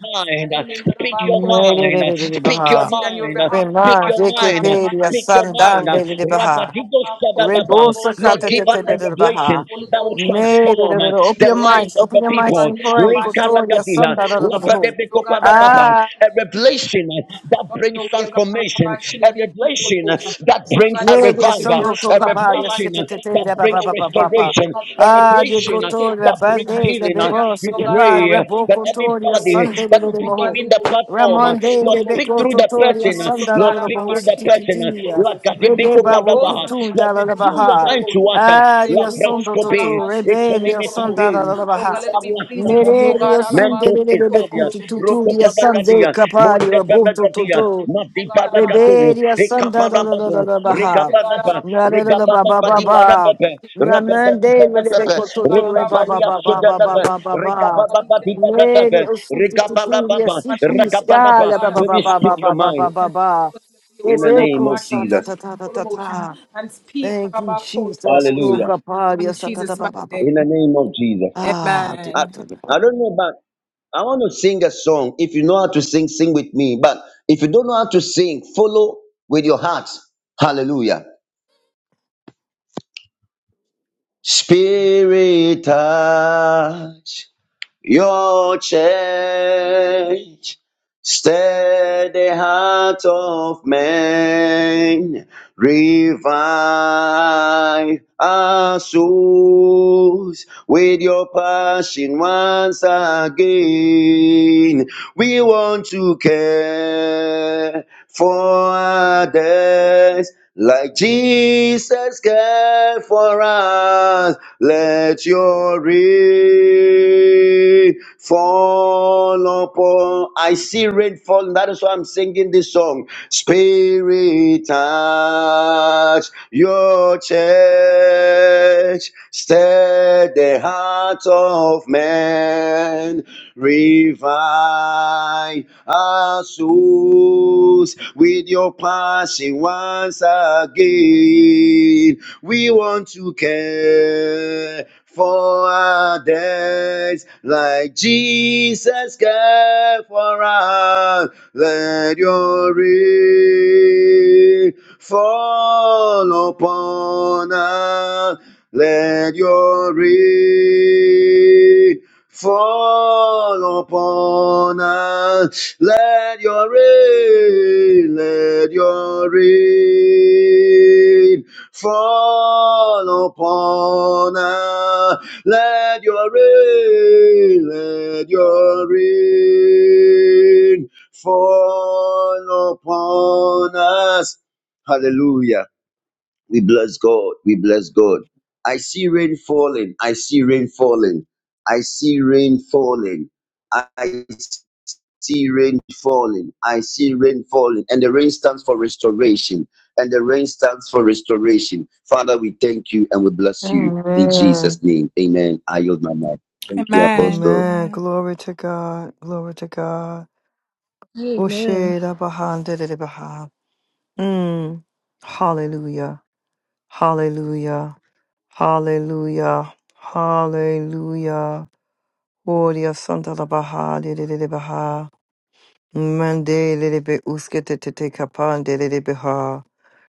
that mind. uh, it may have Speak about your Ne, de de mind. uh, de de de Speak your ba. Intercede on your mind. uh, behalf, Speak Rema, my your Lord God, on mind. uh, JKP, ya Speak your mind. sandan de de Ragadigo About Sada cause for Rebosa motion, the Lord, kata te give us te making a kind. te te baha. revelation Holy that will Ghost, on Ne my de de chili transform de. uh, de. be key Open the your life mics. motion. of Open the your Oh mics God, people. and we have pray. about chili be Kotoria key Likaragadia, sanda da da da motion. Oh God, labradebikoparababa. baho. A revelation uh, that on brings your way, God. transformation, a Alabashili be people revelation uh, most. Oh that brings God, a this room Mede is son revival, yours, doctor oh a God. papa, yes, revelation uh, Alabashili be that tetere, people papa brings papa most. papa. restoration, God, we a pull Ah, about de shili revelation be uh, people cotoria that most. brings bande, le healing. It's uh. in your hands, bebo, se We oh que God. par, pray uh, rebo that Alabashili be cotoria, people everybody sande de that most. will be Oh God, leboho. do given the about shili platform, be uh, Ramonde, Lord, people le speak most. beco through the What totoria, you person, uh, must, oh sanda da Lord, God. da speak boho, through the Alabashili be person. people uh, sitititia. Lord, most. reveal Rebeba Holy Ghost, rucutun da alabashili be la your baha. people mind to most. us. uh, Ah, Whatever rio we do, oh son God, do Labrascope, toto, alabashili be rebe, rio people most. sanda Economitabe, da la Oh baha. God, let it be pleasing to you, oh Mere, Ibarwaskatamia, God. rio sunde Alabashili Mentos be de people Isadia, lebecutu most. Roko tuturia, Holy Ghost, sande Pavagadia, capari, Monte Alabashiki, rebo Kikoro. Pavagadia, toto. Oh Mati God, Pavagatu, Rebedia Alabashiki, Santa da Kikoro. da da da Rekaparapapo, da we thank Baha. you, God, Rekapapa, Na da da da ba Alabashiki, ba Rekapapa ba di Kikoro. ba. Parapepe, Na Ragabadi mande le My le servant, de Parapepe, oh, kototo God, re ba ba Alabashiki, Rekapalia ba ba ba ba Kikoro. Sudanape, ba ba Oh ba. God, we Rekapapa thank di you, Parapepe, Neri o Alabashiki, su tu tu Kikoro. tu ria Rekapapa, si For the ki opportunity, Rakapadapa. oh scala ba God, ba ba Maybe ba Alabashiki, ba speak your ba ba mind ba ba Kikoro. ba. For your in the word, name Rebeko of sa Alabashiki, ta Jesus. ta ta ta ta Kikoro. ta. And speak, Thank you, Alabashiki, Jesus. Hallelujah. Kikoro. Uka In paria sa ta ta Jesus' ba mighty ba ba. In the name. name of Jesus. Ah, de I, Amen. koto de ba. I don't know, but I want to sing a song. If you know how to sing, sing with me. But if you don't know how to sing, follow with your heart. Hallelujah. Spirit touch. Your church stir the heart of men, revive our souls with your passion once again. We want to care for others like Jesus cared for us. Let your reign fall upon. I see rain falling. That is why I'm singing this song. Spirit you sky for us. Let your rain fall upon us. Let your rain fall upon us. Let your rain, let your rain. fall upon us. Let your rain, let your rain fall upon us. Hallelujah. We bless God. We bless God. I see rain falling. I see rain falling. I see rain falling. I see rain falling. I see rain falling. And the rain stands for restoration. And the rain stands for restoration. Father, we thank you and we bless you in Amen. Jesus' name. Amen. I yield my mic. Thank you, Amen. Apostle. Amen. Amen. Glory to God. Glory to God. Amen. Osheda Baha Dedede Baha. Mm. Hallelujah. Hallelujah. Hallelujah. Hallelujah. Gloria Santa la Baha Dedede Baha. Mande Lebe Uskete Tete Kapan Dedede Baha.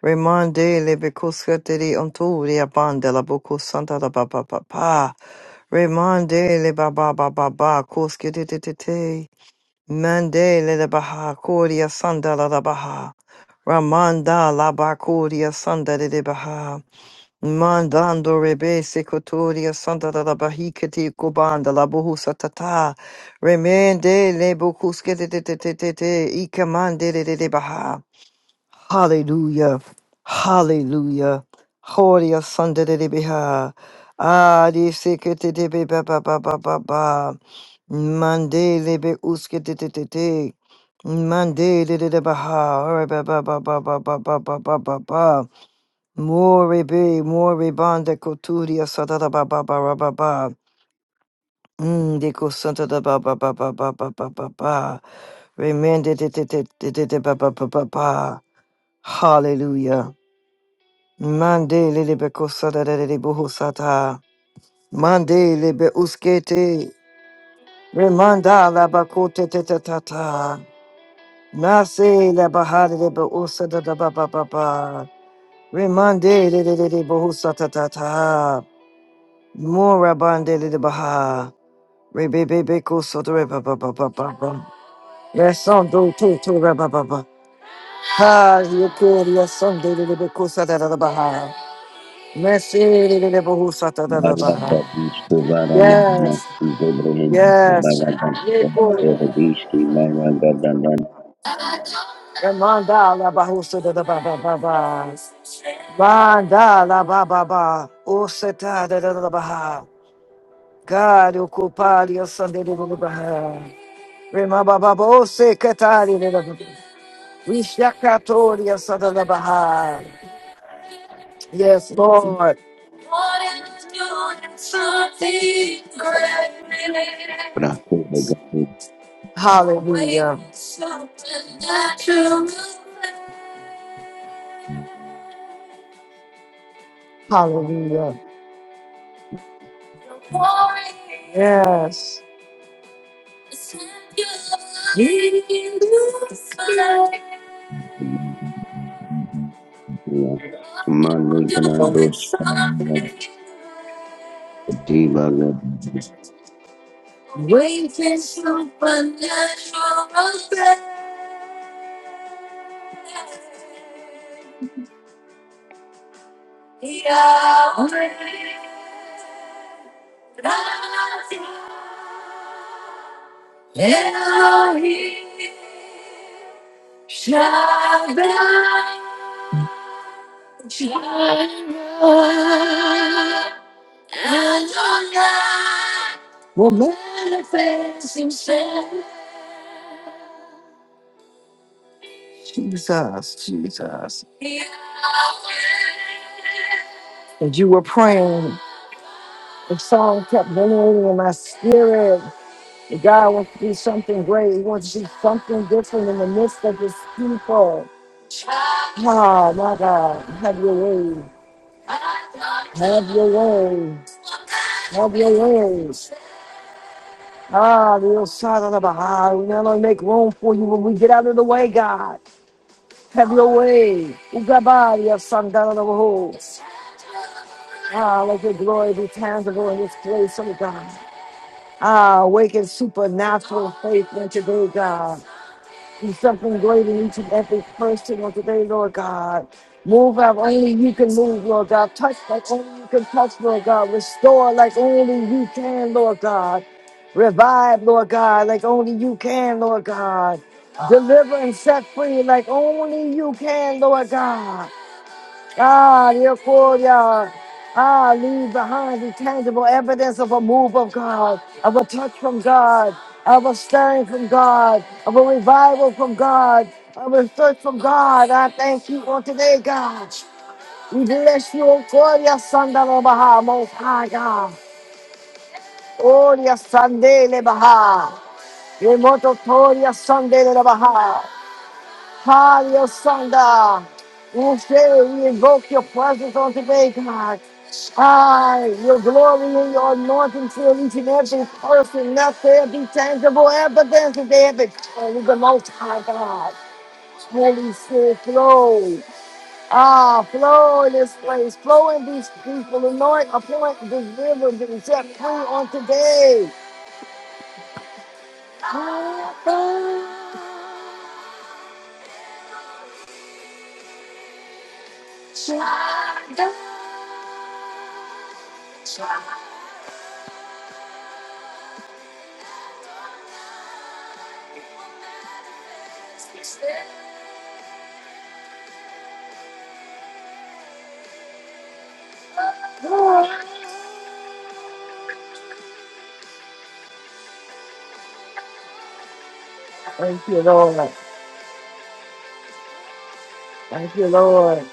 Remande Lebe Kuskete de Onturia Banda la Boko Santa la Baba Papa. Remande Leba Baba Baba Kuskete Tete. Mande le baha kuria sanda la la baha. Ramanda la bakuria sanda de baha. Mandando rebe secotoria sanda la la bahikati kubanda la buhusa tata. Remende le bukuske de de de de de de. Ikamande de de de baha. Hallelujah. Hallelujah. Horia Sunday de Beha. Ah, de Sekete de Be Ba Ba Ba Ba Ba Ba. Mande de Be Uske de De De De. Mande de De De Baha. Ora Ba Ba Ba Ba Ba Ba Ba Ba Ba Ba Ba. More be, more banda coturia santa da ba ba ba ra ba ba. Mm, de co santa da ba ba ba ba ba ba ba ba ba. Remende de de de de de de ba ba ba ba ba. Hallelujah. Mande lebe kosada lebe bohosata. Mande lebe uskete. Remanda la bakote te te ta ta. Mase la bahade lebe usada da ba ba ba ba. Remande lebe lebe bohosata ta ta. Mora bande lebe baha. Rebe bebe kosoda reba ba ba ba ba ba. Yes, on do to to reba ba ba. Ha, you could yes on de lebe kosada da da baha. Mese lebe bohosata da da baha. Yes, yes. Yeko. Ramanda la bahusa da da ba ba ba ba. Banda la ba ba ba. Oseta da da da ba ha. God ocupar your Sunday da da ba ha. Remaba ba ba ba ose katari da da ba. We shakatori your Sunday da ba ha. Yes, Lord. What is doing something great? Hallelujah. Hallelujah. Yes. Well, man. Jesus, Jesus. And you were praying, the song kept ringing in my spirit. That God wants to do something great. He wants to do something different in the midst of his people. Oh, my God. Have your way. Have your way. Have your way. Ah, the side of the Baha'i. We now only make room for you when we get out of the way, God. Have your way. Ugabari, your son, of the hosts. Ah, let your glory be tangible in this place, oh God. Ah, awaken supernatural faith in today, God. Do something great in each and every person on today, Lord God. Move like only you can move, Lord God. Touch like only you can touch, Lord God. Restore like only you can, Lord God. Revive, Lord God, like only you can, Lord God. Deliver and set free like only you can, Lord God. God, your Korea. Ah, leave behind the tangible evidence of a move of God, of a touch from God, of a stirring from God, of a revival from God, of a search from God. I thank you on today, God. We bless you, O Korea Sandala Baha, Most High God. Oria Sandele Baha. Remoto Korea Sandele Baha. Hallelujah, Sanda. And Sarah, we invoke your presence on today, God. Ah, your glory and your anointing fill each and every person. Let there be tangible evidence that they have experienced the Most High God. Holy Spirit, flow. Ah, flow in this place. Flow in these people. Anoint, appoint, deliver, and set free on today. Thank you, Lord. Thank you, Lord.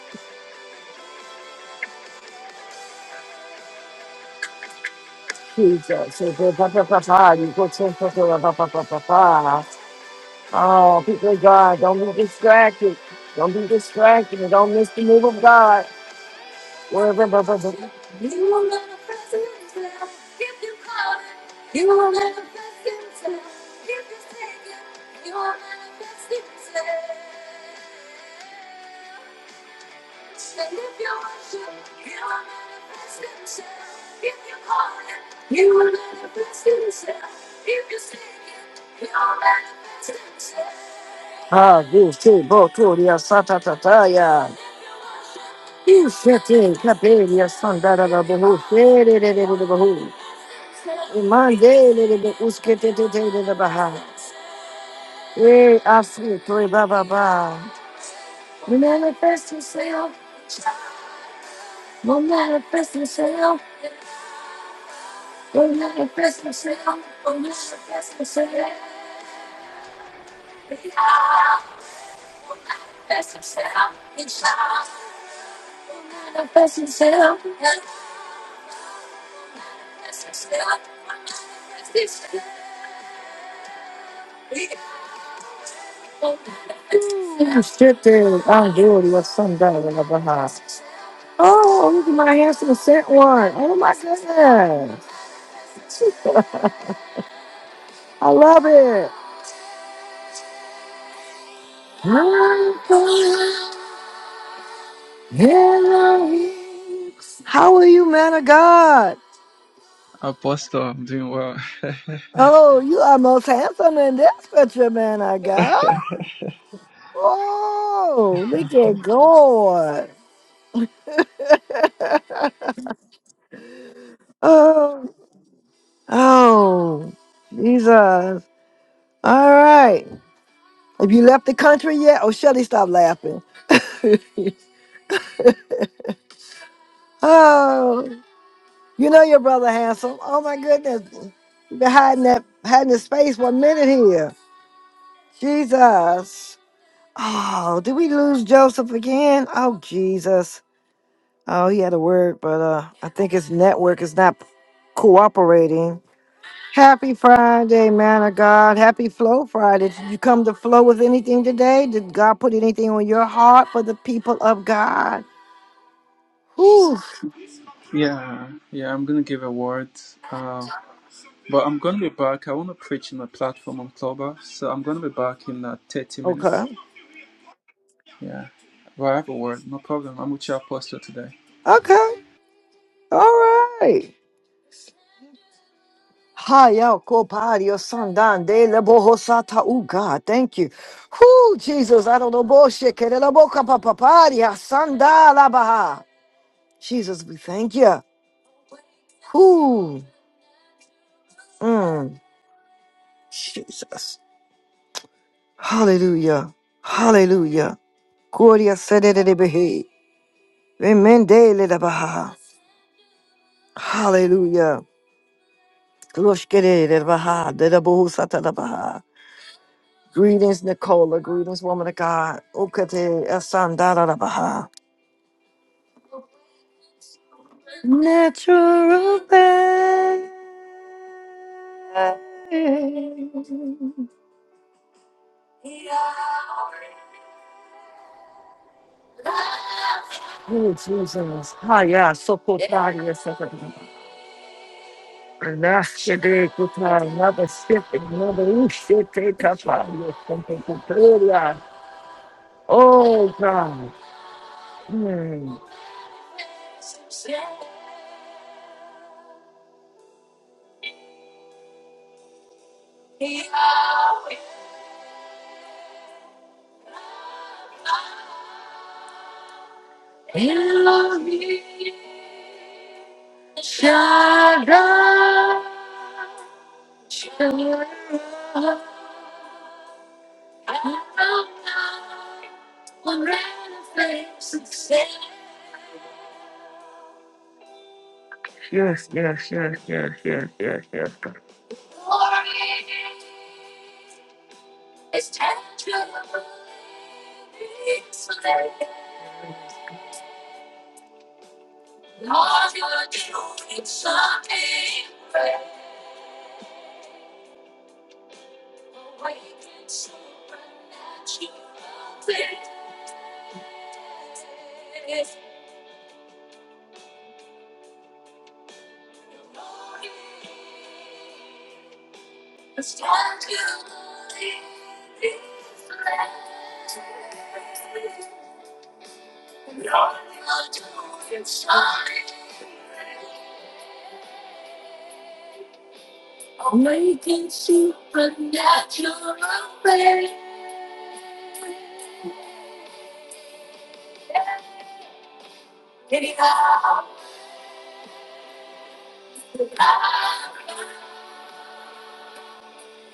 Jesus. So go pa pa pa pa. You go so so so pa pa pa pa pa. Oh, people of God, don't be distracted. Don't be distracted. Don't miss the move of God. Wherever pa pa pa. Ah, this too. Bo to the asata ta ta ya. You shut in. Clap in. Yes, son. Da da da. Behu. Shit. It it it da da. Iman de. It it it. Uske te te te da da. Baha. Hey, I see. Three. Ba ba ba. You shut in. I'm doing. Yes, son. Da da da. da. da. Oh, oh, look at my handsome scent one. Oh my goodness. I love it. Huh? Elohim. How are you, man of God? Apostle, I'm doing well. Oh, you are most handsome in this picture, man of God. Oh, look at God. oh, oh, Jesus. All right. Have you left the country yet? Oh, Shelly, stop laughing. oh. You know your brother handsome. Oh my goodness. You've been hiding that hiding his face one minute here. Jesus. Oh, did we lose Joseph again? Oh Jesus. Oh, he had a word, but uh I think his network is not cooperating. Happy Friday, man of God. Happy Flow Friday. Did you come to flow with anything today? Did God put anything on your heart for the people of God? Whew. yeah, yeah, I'm gonna give a word. Uh, but I'm gonna be back. I wanna preach on the platform on Clubhouse, so I'm gonna be back in uh, 30 minutes. Okay. Yeah, but I have a word, no problem. I'm with your apostle today. Okay. All right. Haya kopario sandan de la bohosata Oh God, thank you. Whoo, Jesus, I don't know bullshit. Kere la boca papaparia sanda la baha. Jesus, we thank you. Whoo, mm, Jesus. Hallelujah. Hallelujah. Gloria sededebehe. Remende le la baha. Hallelujah. Gloshkere le baha. De la bohosata la baha. Greetings, Nicola. Greetings, woman of God. Ukate esandarabaha. Natural bed. Oh, Jesus. Hi, yeah. So kotari esandarabaha. Nashide kotari. Another step, another ushite kapari esandarabaha. Oh, God. Elohim Shaddai. Making supernatural rain.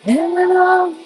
Hello,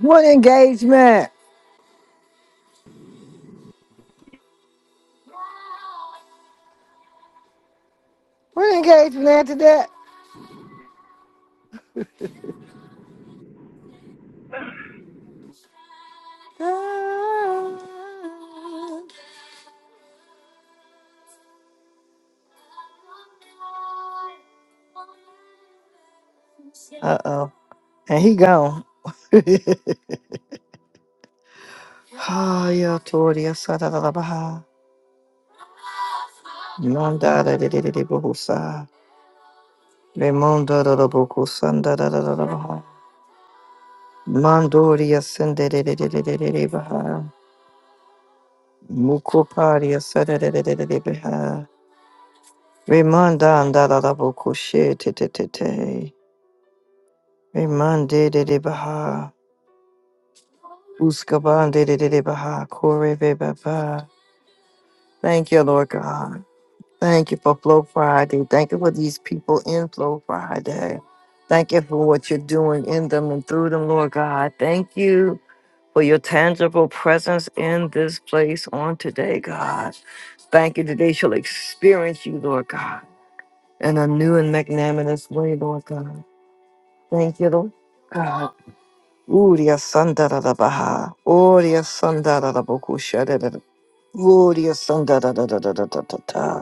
What engagement? What engagement after that? Uh oh. And he gone. Haya Toria Sadarabaha. Manda da de de de de Bohusa. Remunda da da Bokusanda da da da da Baha. Mandoria Sende de de de de de de de Baha. Mukoparia Sada de de de de de Baha. Remanda da da da Bokushe te te te te. Remande de de Baha. Uskaban de de de de Baha. Kore be Baba. Thank you, Lord God. Thank you for Flow Friday. Thank you for these people in Flow Friday. Thank you for what you're doing in them and through them, Lord God. Thank you for your tangible presence in this place on today, God. Thank you that they shall experience you, Lord God, in a new and magnanimous way, Lord God. Thank you, Lord God. Uria sandara da baha. Uria sandara da bokusha da Uria sandara da da da da da da.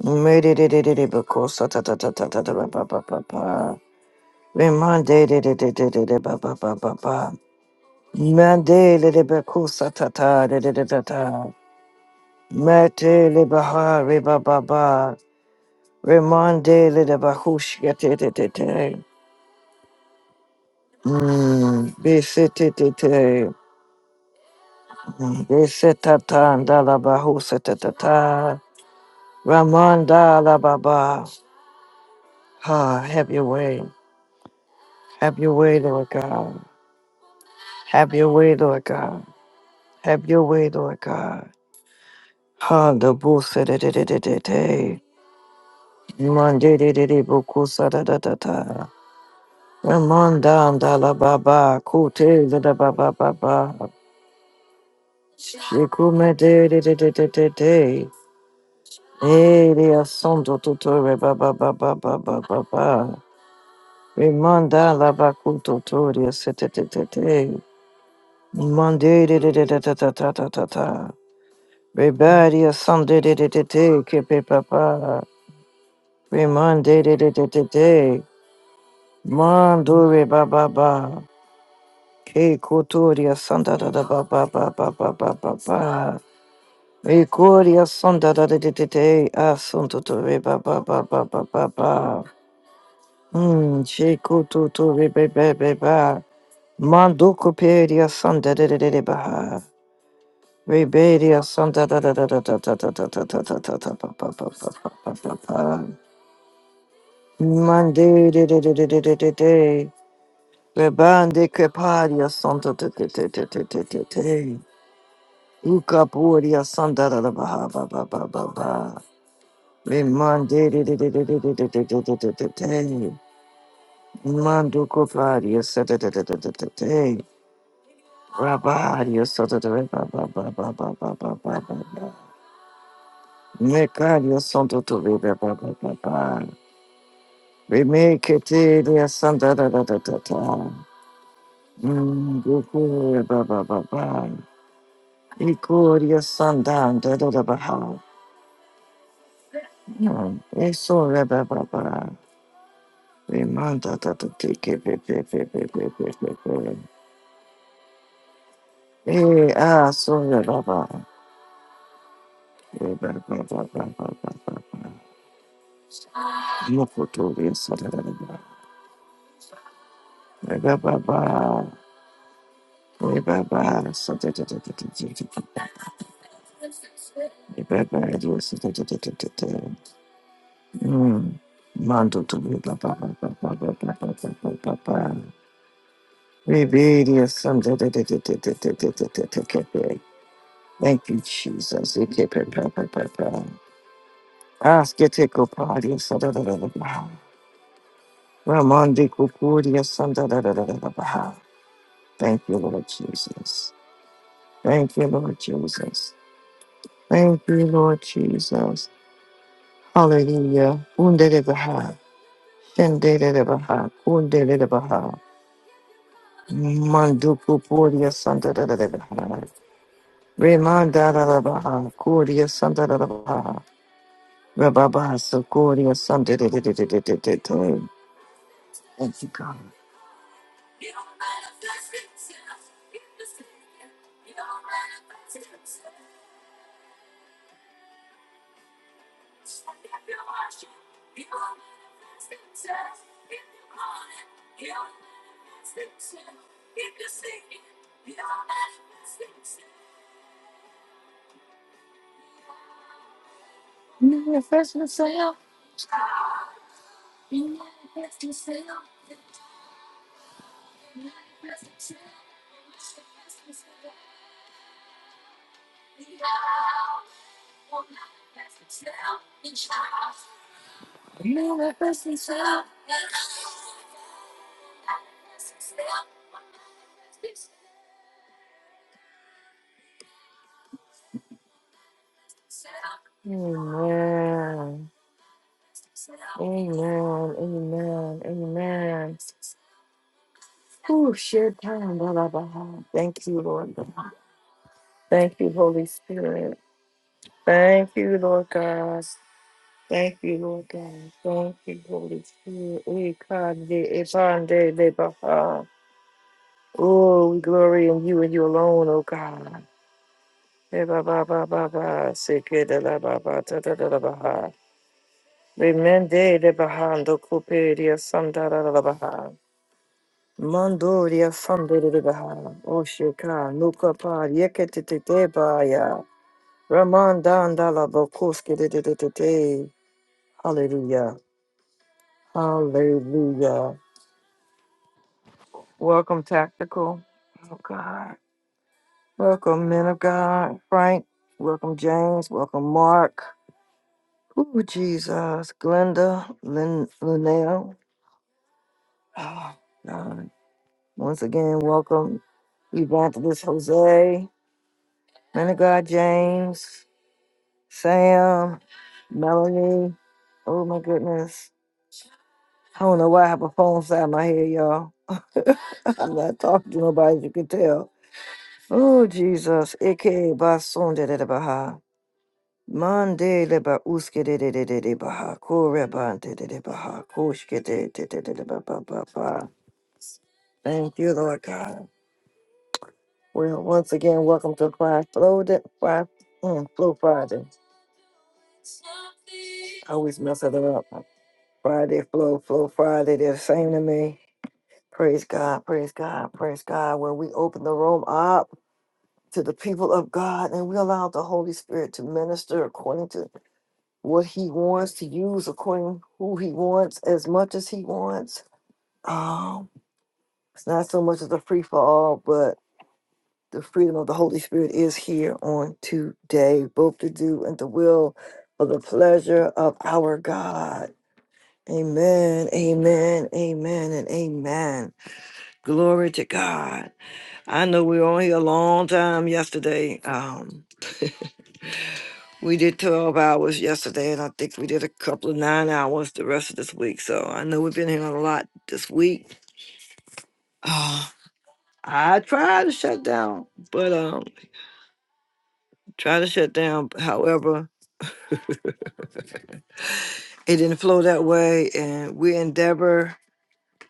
Remande Ramanda la baba, ha, have your way, have your way, Lord God. Have your way, Lord God. Have your way, Lord God. Honda busa de de de de de de. Mande de de de bukusa da da da da. Ramanda da la baba kute da da ba ba ba ba. Shikume de de de de de de de. Ele asondo tutore ba ba ba ba ba ba ba ba. Remanda la bakuto toria se te te te te. Mande de de de de de de de de de. Rebadi a Sunday de de de de kepe papa. Remande de de de de de. Mandure ba ba ba. Ke kotoria santa da da ba ba ba ba ba ba ba ba. Recoria santa da de de de de. Asunto to re ba ba ba ba ba ba ba. Hmm, che koto to re be be be ba. Manduko peria santa de de de de ba. Rebedia santa da da da da da da da da da da da da da ba ba ba ba ba ba ba. ba. Monday, de- de- de- de- de- de- de- de. Rebande keparia santa te te te te te te te te. Ukapuria santa da da ba ba ba ba ba ba. Remande de de de de de de de de de de de de de. Mando koparia santa te te te te te te. Rabaria santa te ba ba ba ba ba ba ba ba ba ba. Mecaria santa te ba ba ba ba ba. Remake te de santa da da da da da. Mm, go for it, ba, ba, ba, ba. Ikoria sandan da da da ba ha. Mm, eso re ba ba ba. Remanda da da te ke pe pe pe pe pe pe pe pe. Eh, ah, so re ba ba. Re ba ba ba ba ba ba ba ba. Mo koto re sa da da da ba. Re ba ba ba. Re ba ba sa da da da da da da da. Re ba ba re sa da da da da da da. Mm. Mando to be la ba ba ba ba ba ba ba ba ba ba ba. Rebellious son, da- da- da- da- da- da- da- da- da- da- da- da. Thank you, Jesus. We keep it, ba- ba- ba- ba. Ask it to go party, so da- da- da- da- da. Ramon de Cucuria, son, da- da- da- da- da- da- da. Thank you, Lord Jesus. Thank you, Lord Jesus. Thank you, Lord Jesus. Hallelujah. Unde de Baha. Shende de de Baha. Unde de de Baha. Manduku Puria Santa da da da da. da. Remanda da da da. Kuria Santa da da da. Rababa Sukuria Santa da da da da da da da da. Thank you, God. Manifest yourself. Manifest yourself. Amen. Amen. Amen. Amen. Ooh, shit, time, da, da, da. Thank you, Lord. God. Thank you, Holy Spirit. Thank you, Lord God. Thank you, Lord God. Thank you, Holy Spirit. We come to it upon day, day, by far. Oh, we glory in you and you alone, oh God. Eh, ba, ba, ba, ba, ba. Sick, eh, da, da, ba, ba, da, da, da, da, ba, ha. Remende de bahando cuperia sanda da da da baha. Mandoria fande de baha. Oshika nuka pa yekete te te baya. Ramandanda la bokoske de de de de de. Hallelujah. Hallelujah. Welcome, Tactical. Oh, God. Welcome, men of God. Frank. Welcome, James. Welcome, Mark. Ooh, Jesus. Glenda. Lin- Linnell. Oh, God. Once again, welcome, Evangelist Jose. Men of God, James. Sam. Melanie. Oh, my goodness. I don't know why I have a phone inside my head, y'all. I'm not talking to nobody, as you can tell. Oh, Jesus. Ike Basunde de Baha. Mande leba uske de de de de de baha ko reba de de de baha koshke de de de de de ba ba ba ba. Thank you, Lord God. Well, once again, welcome to Fry Flow Day- Fry mm, Flow Friday. I always mess it up. Friday Flow Flow Friday. They're the same to me. Praise God. Praise God. Praise God. Where we open the room up to the people of God and we allow the Holy Spirit to minister according to what he wants to use according who he wants as much as he wants. Um, it's not so much as a free for all, but the freedom of the Holy Spirit is here on today, both to do and the will for the pleasure of our God. Amen, amen, amen, and amen. Glory to God. I know we were on here a long time yesterday. Um, We did 12 hours yesterday, and I think we did a couple of nine hours the rest of this week. So I know we've been here a lot this week. Ah, I tried to shut down, but um, tried to shut down. but However, it didn't flow that way, and we endeavor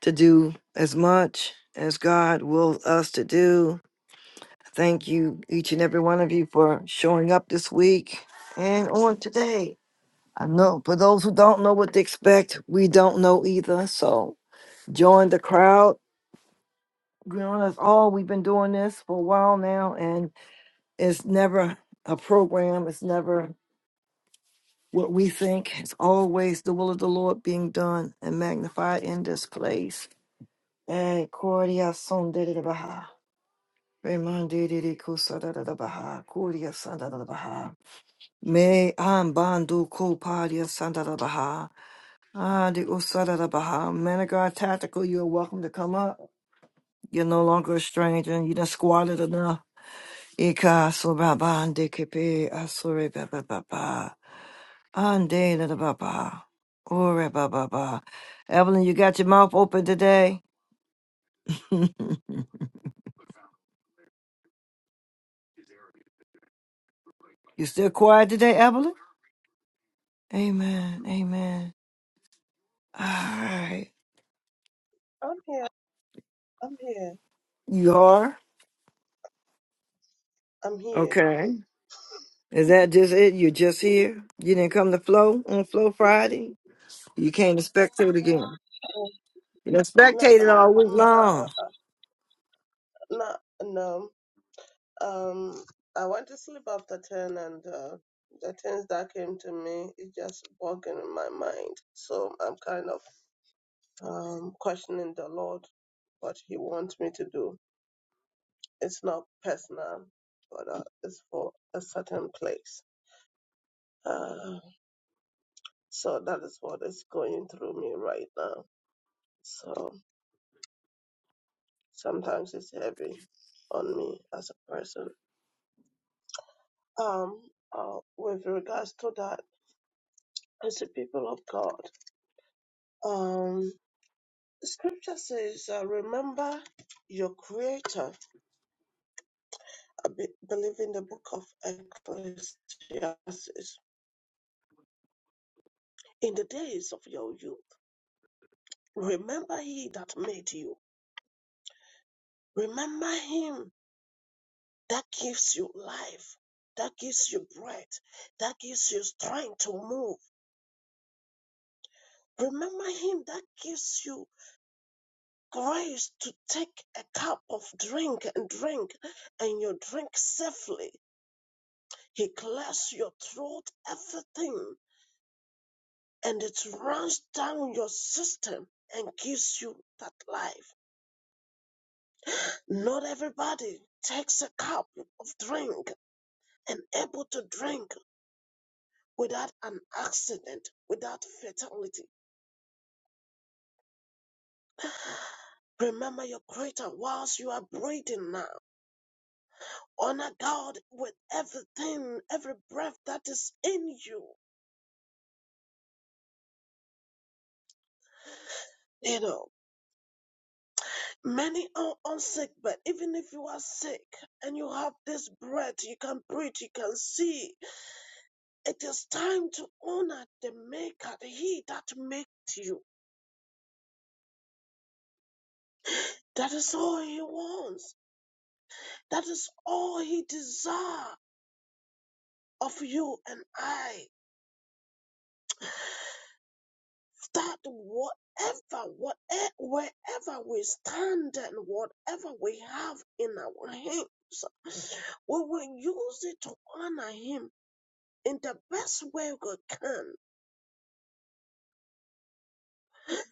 to do as much as God wills us to do. Thank you, each and every one of you, for showing up this week and on today. I know for those who don't know what to expect, we don't know either. So join the crowd. Join us all. We've been doing this for a while now, and it's never a program. It's never what we think. It's always the will of the Lord being done and magnified in this place. Eh, Cordia son de de baha. Reman de de de kusa da da da baha. Cordia son da da da baha. Me am bandu ko padia son da da baha. Ah, the usada da da baha. Man of God Tactical, you're welcome to come up. You're no longer a stranger. You done squatted enough. Ika asura ba ande kepe asure ba ba ba ba. Ande da da baba. Ore ba ba. ba. Evelyn, you got your mouth open today? you still quiet today, Evelyn? Amen. Amen. All right. I'm here. I'm here. You are? I'm here. Okay. Is that just it? You're just here? You didn't come to Flow on Flow Friday? You came to spectate again. You done No, spectated um, all week mother. long. Uh, uh, no, no. Um, I went to sleep after ten, and uh, the things that came to me is just bugging in my mind. So I'm kind of um questioning the Lord what He wants me to do. It's not personal, but uh, it's for a certain place. Uh, so that is what is going through me right now. So. sometimes it's heavy on me as a person. Um, uh, with regards to that, as a people of God, um, Scripture says, uh, "Remember your Creator." I be- believe in the book of Ecclesiastes. In the days of your youth, remember He that made you. Remember Him that gives you life, that gives you breath, that gives you strength to move. Remember Him that gives you grace to take a cup of drink and drink and you drink safely. He clears your throat, everything, and it runs down your system and gives you that life. Not everybody takes a cup of drink and able to drink without an accident, without fatality. Remember your creator whilst you are breathing now. honor God with everything, every breath that is in you. You know, many are on sick, but even if you are sick and you have this breath, you can breathe, you can see. It is time to honor the Maker, the He that made you. That is all He wants. That is all He desires of you and I. that whatever, whatever, wherever we stand and whatever we have in our hands, we will use it to honor Him in the best way we can.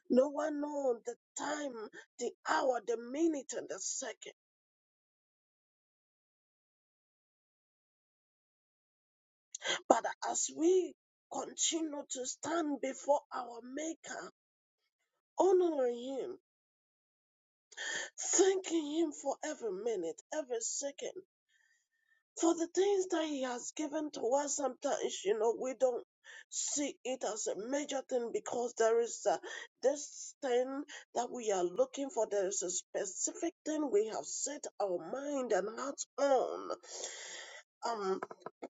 No one knows the time, the hour, the minute, and the second. But as we continue to stand before our Maker, honoring Him, thanking Him for every minute, every second. for the things that he has given to us sometimes you know we don't see it as a major thing because there is uh, this thing that we are looking for there is a specific thing we have set our mind and heart on um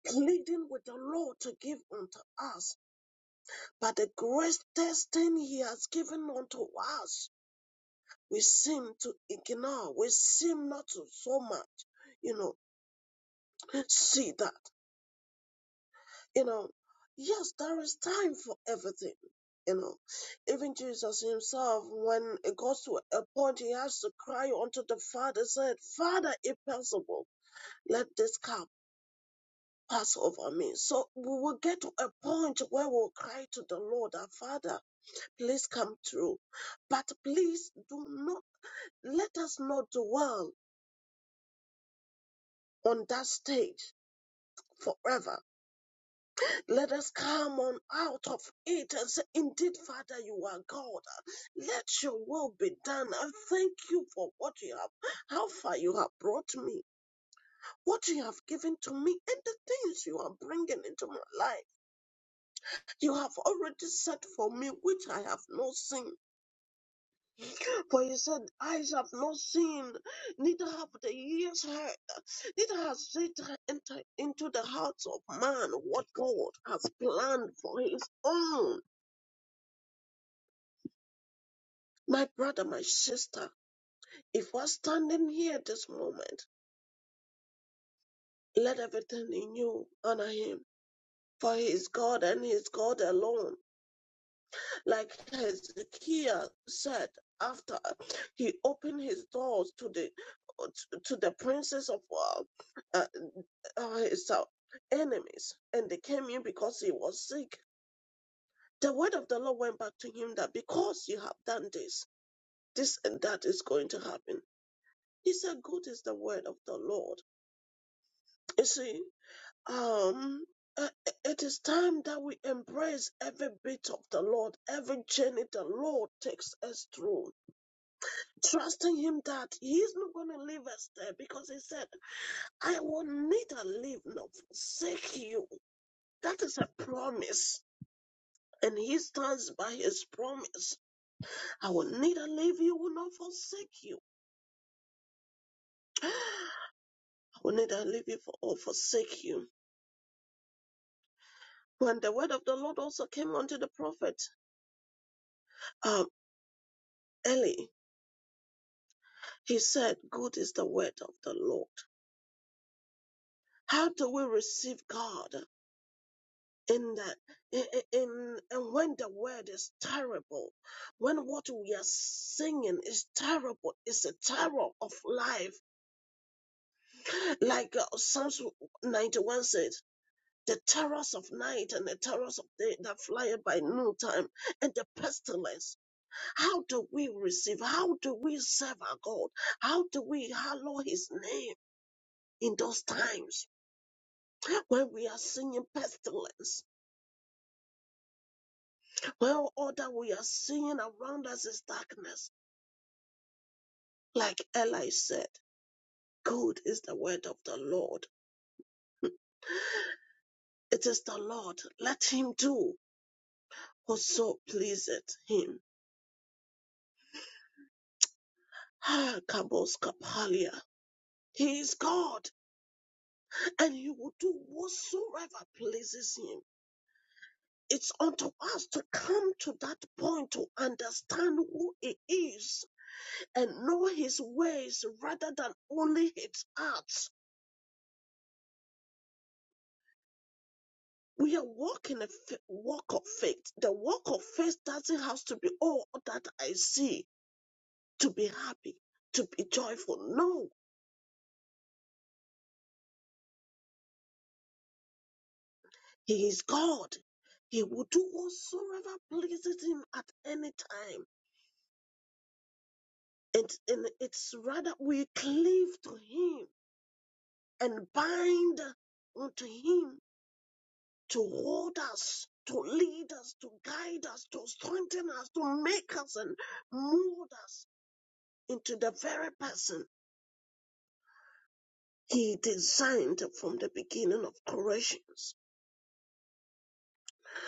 pleading with the lord to give unto us but the greatest thing he has given unto us we seem to ignore we seem not to so much you know see that You know, yes, there is time for everything. You know, even Jesus himself, when it goes to a point, he has to cry unto the Father, said, Father, if possible, let this cup pass over me. So we will get to a point where we'll cry to the Lord, our Father, please come through. But please do not, let us not dwell on that stage forever Let us come on out of it and say, Indeed, Father, you are God. Let your will be done. I thank you for what you have, how far you have brought me, what you have given to me, and the things you are bringing into my life. You have already set for me, which I have not seen. For you said, Eyes have not seen, neither have the ears heard, neither has Satan entered into the hearts of man what God has planned for his own. My brother, my sister, if we're standing here this moment, let everything in you honor him. For he is God and he is God alone. Like Hezekiah said after he opened his doors to the to the princes of uh, uh, uh, his uh, enemies, and they came in because he was sick. The word of the Lord went back to him that because you have done this, this and that is going to happen. He said, "Good is the word of the Lord." You see, um uh, it is time that we embrace every bit of the lord every journey the lord takes us through trusting him that he's not going to leave us there because he said i will neither leave nor forsake you that is a promise and he stands by his promise i will neither leave you nor forsake you i will neither leave you or forsake you when the word of the lord also came unto the prophet um, eli He said, Good is the word of the Lord. How do we receive God? In that, in, in- and when the word is terrible, when what we are singing is terrible, it's a terror of life. Like uh, Psalms 91 says, the terrors of night and the terrors of day that fly by noontime and the pestilence how do we receive? How do we serve our God? How do we hallow His name in those times? When we are seeing pestilence, when all that we are seeing around us is darkness, like Eli said, good is the word of the Lord. It is the Lord. Let him do whatso pleaseth him. Ah, Kabos Kapalia. He is God, and he will do whatsoever pleases him. It's unto us to come to that point to understand who he is and know his ways rather than only his acts We are walking a f- walk of faith. The walk of faith doesn't have to be "Oh, all that I see to be happy, to be joyful. No, He is God. He will do whatsoever pleases Him at any time. And, and it's rather we cleave to Him and bind unto Him to hold us, to lead us, to guide us, to strengthen us, to make us and mold us into the very person He designed from the beginning of creations.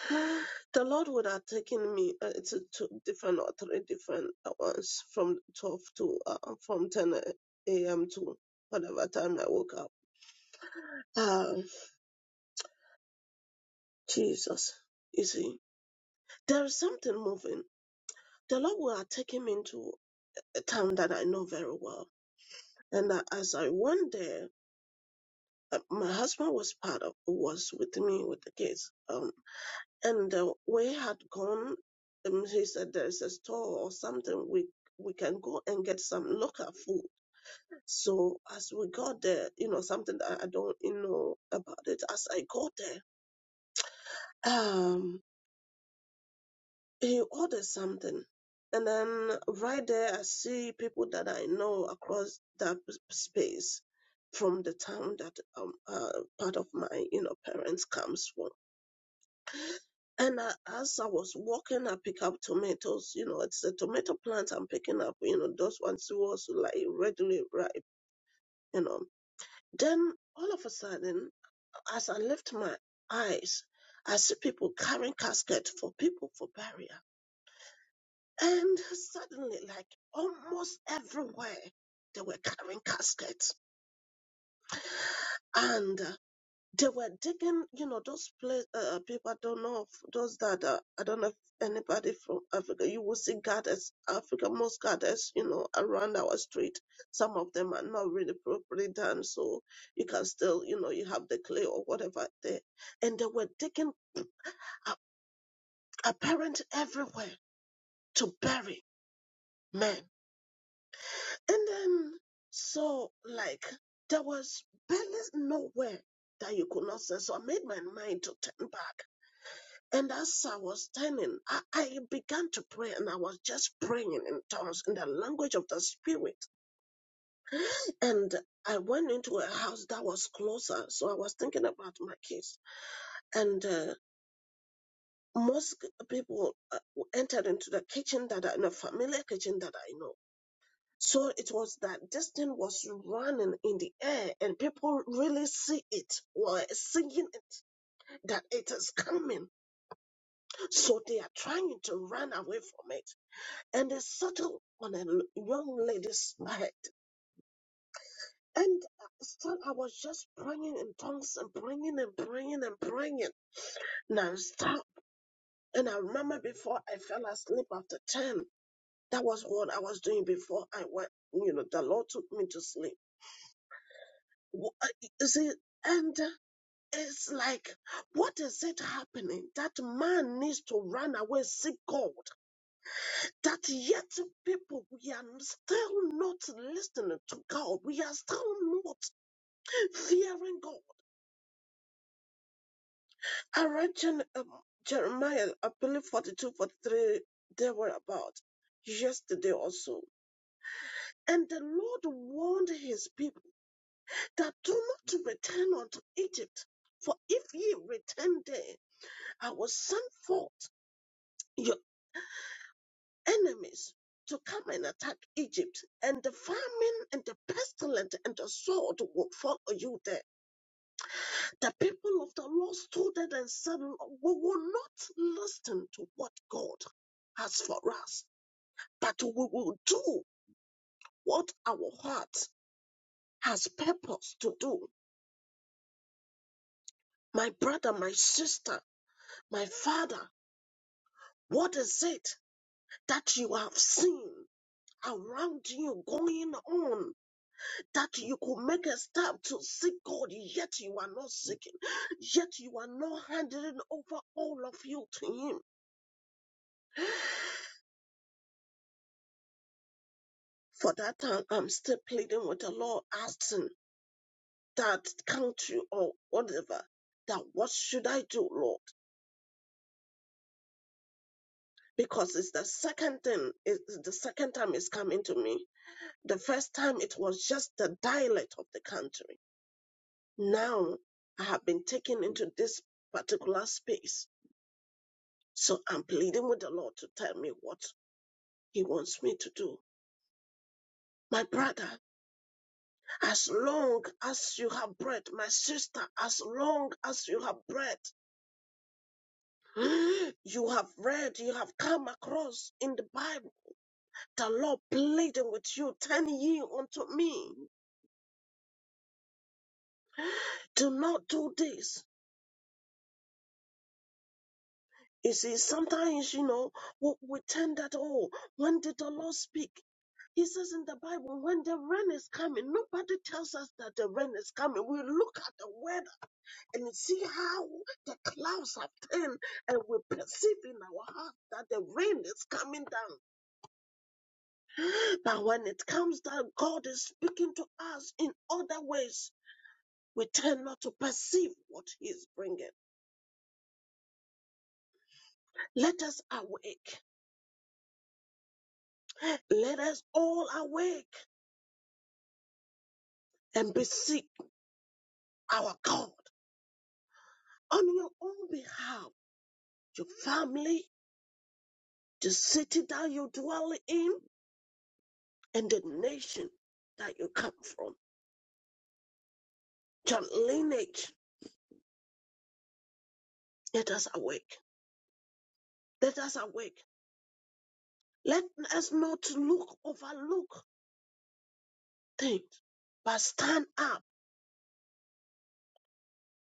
The Lord would have taken me uh, to, to different or three different hours from 12 to uh, from 10 a.m. to whatever time I woke up. Uh, Jesus, you see, there is something moving. The Lord would have taken me into a town that I know very well. And uh, as I went there, uh, my husband was part of was with me with the kids. Um, and uh, we had gone. Um, he said there's a store or something we we can go and get some local food. So as we got there, you know something that I don't you know about it. As I got there, um, he ordered something, and then right there I see people that I know across that space from the town that um uh, part of my you know parents comes from And I, as I was walking, I pick up tomatoes. You know, it's a tomato plant I'm picking up. You know, those ones who was like readily ripe. You know, then all of a sudden, as I lift my eyes, I see people carrying caskets for people for burial. And suddenly, like almost everywhere, they were carrying caskets. and. uh, They were digging, you know, those place, uh, uh, people I don't know, if those that, uh, I don't know if anybody from Africa, you will see gardens, Africa, most gardens, you know, around our street. Some of them are not really properly done, so you can still, you know, you have the clay or whatever there. And they were digging a- apparent everywhere to bury men. And then, so, like, there was barely nowhere that you could not say, so I made my mind to turn back And as I was standing, I, I began to pray and I was just praying in tongues in the language of the spirit. And I went into a house that was closer. So I was thinking about my kids. And uh, most people uh, entered into the kitchen that I in a familiar kitchen that I know. So it was that this thing was running in the air and people really see it, were seeing it, that it is coming. So they are trying to run away from it And it settled on a l- young lady's head. And still, I was just praying in tongues and praying and praying and praying. Now stop. And I remember before I fell asleep after 10, that was what I was doing before I went, you know, the Lord took me to sleep. Wh- uh, You see, and uh, it's like, what is it happening? That man needs to run away, seek God. that yet people we are still not listening to God. We are still not fearing God. I read Jen, um, Jeremiah, I believe forty-two, forty-three. 43, they were about yesterday also. And the Lord warned his people that do not return unto Egypt, for if ye return there, I will send forth enemies to come and attack Egypt, and the famine and the pestilence and the sword will follow you there. The people of the Lord stood there and said, "Lord, We will not listen to what God has for us, but we will do what our heart has purpose to do. My brother, my sister, my father, what is it that you have seen around you going on? that you could make a step to seek God, yet you are not seeking, yet you are not handing over all of you to Him. For that time, I'm still pleading with the Lord, asking that country or whatever, that what should I do, Lord? Because it's the second thing, it's the second time it's coming to me. The first time it was just the dialect of the country. Now I have been taken into this particular space So I'm pleading with the Lord to tell me what He wants me to do. My brother, as long as you have breath, my sister, as long as you have breath, you have read, you have come across in the Bible, the Lord pleading with you, turn ye unto me. Do not do this. You see, sometimes, you know, we, we tend that, oh, when did the Lord speak? He says in the Bible, when the rain is coming, nobody tells us that the rain is coming. We look at the word and you see how the clouds have turned and we perceive in our heart that the rain is coming down. But when it comes down, God is speaking to us in other ways. We tend not to perceive what He is bringing. Let us awake. Let us all awake and beseech our God on your own behalf, your family, the city that you dwell in, and the nation that you come from, your lineage Let us awake. Let us awake. Let us not look, overlook things, but stand up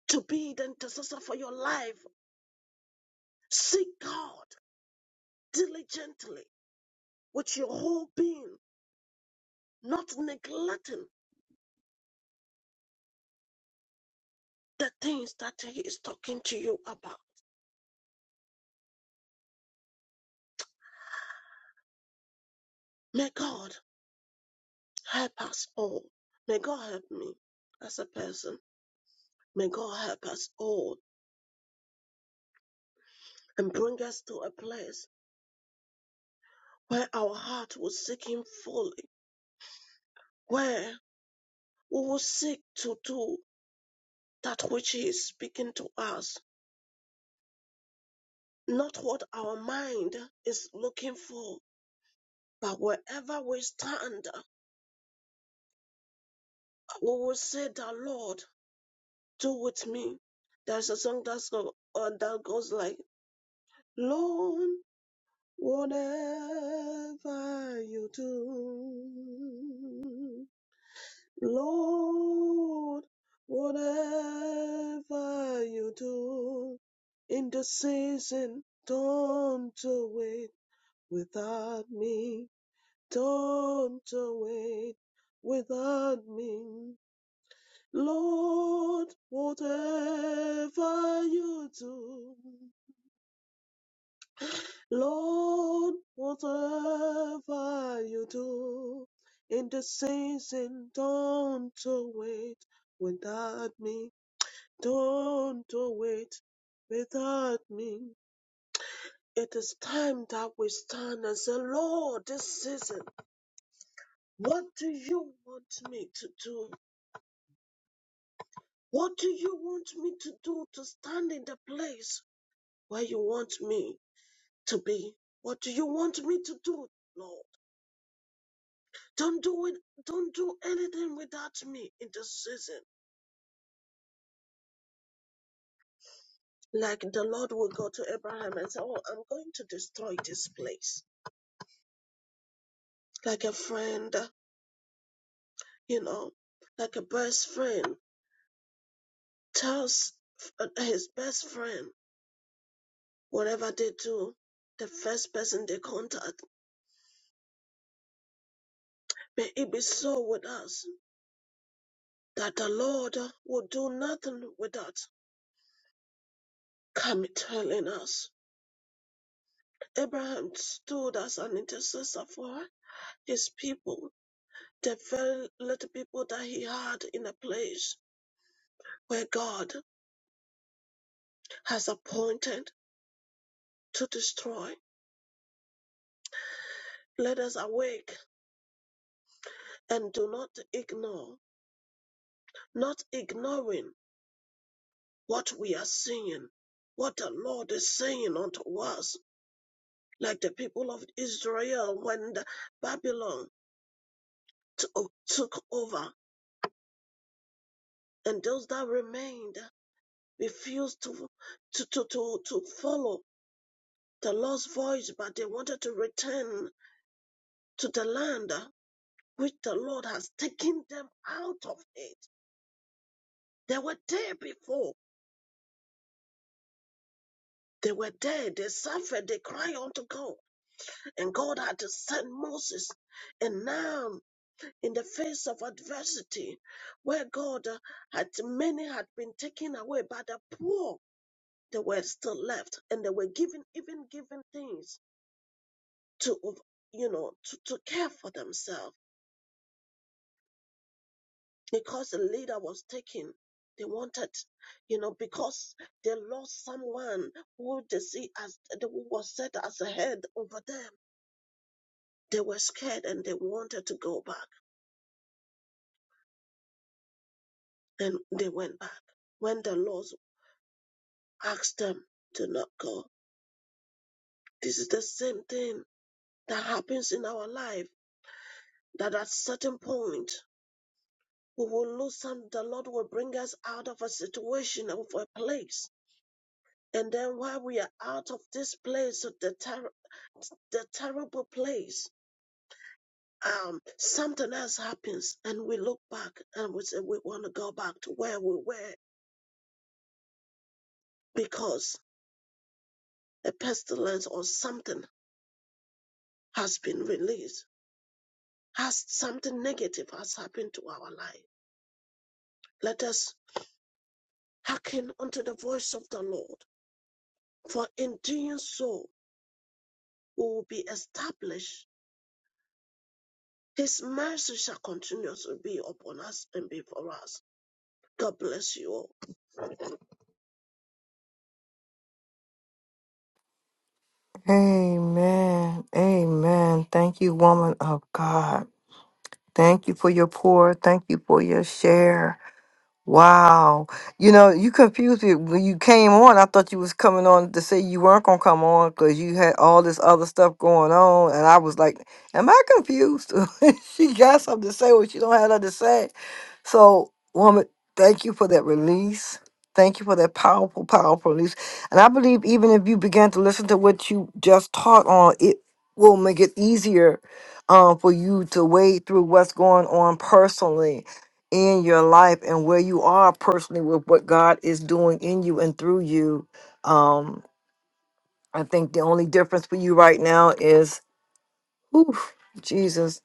to be the intercessor for your life. Seek God diligently with your whole being, not neglecting the things that He is talking to you about. May God help us all. May God help me as a person. May God help us all and bring us to a place where our heart will seek Him fully, where We will seek to do that which He is speaking to us, not what our mind is looking for, but wherever we stand, we will say that Lord, do with me. There's a song that's go, uh, that goes like, Lord, whatever you do. Lord, whatever you do in the season, don't do it without me. Don't do it without me. Lord, whatever you do, Lord, whatever you do in the season, don't do it without me. Don't wait without me. It is time that we stand and say, Lord, this season, what do you want me to do? What do you want me to do to stand in the place where you want me to be? What do you want me to do, Lord? Don't do it. Don't do anything without me in this season. Like the Lord will go to Abraham and say, Oh, I'm going to destroy this place. Like a friend you know, like a best friend tells his best friend whatever they do, the first person they contact. May it be so with us that the Lord will do nothing without coming telling us. Abraham stood as an intercessor for his people, the very little people that he had in a place where God has appointed to destroy. Let us awake and do not ignore not ignoring what we are seeing, what the Lord is saying unto us, like the people of Israel when the Babylon to- took over, and those that remained refused to, to, to, to, to follow the Lord's voice, but they wanted to return to the land which the Lord has taken them out of it. They were there before. They were there. They suffered. They cried unto God. And God had to send Moses. And now, in the face of adversity, where God uh, had many had been taken away by the poor, they were still left, and they were given even given things to you know to, to care for themselves because the leader was taken. They wanted, you know, because they lost someone who they see as who was set as a head over them. They were scared and they wanted to go back. and they went back. When the Lord asked them to not go, this is the same thing that happens in our life. That at certain point we will lose some. The Lord will bring us out of a situation of a place, and then while we are out of this place, of the ter- the terrible place. Um, something else happens, and we look back and we say we want to go back to where we were because a pestilence or something has been released Has something negative has happened to our life. Let us hearken unto the voice of the Lord, for in doing so we will be established. His mercy shall continuously be upon us and be for us. God bless you all. Amen. Amen. Thank you, woman of God. Thank you for your pour. Thank you for your share. Wow. You know, you confused me. When you came on, I thought you was coming on to say you weren't gonna come on because you had all this other stuff going on. And I was like, Am I confused? she got something to say what she don't have nothing to say. So, woman, thank you for that release. Thank you for that powerful, powerful release. And I believe even if you began to listen to what you just taught on, it will make it easier um, for you to wade through what's going on personally in your life and where you are personally with what God is doing in you and through you. Um, I think the only difference for you right now is, oof, Jesus,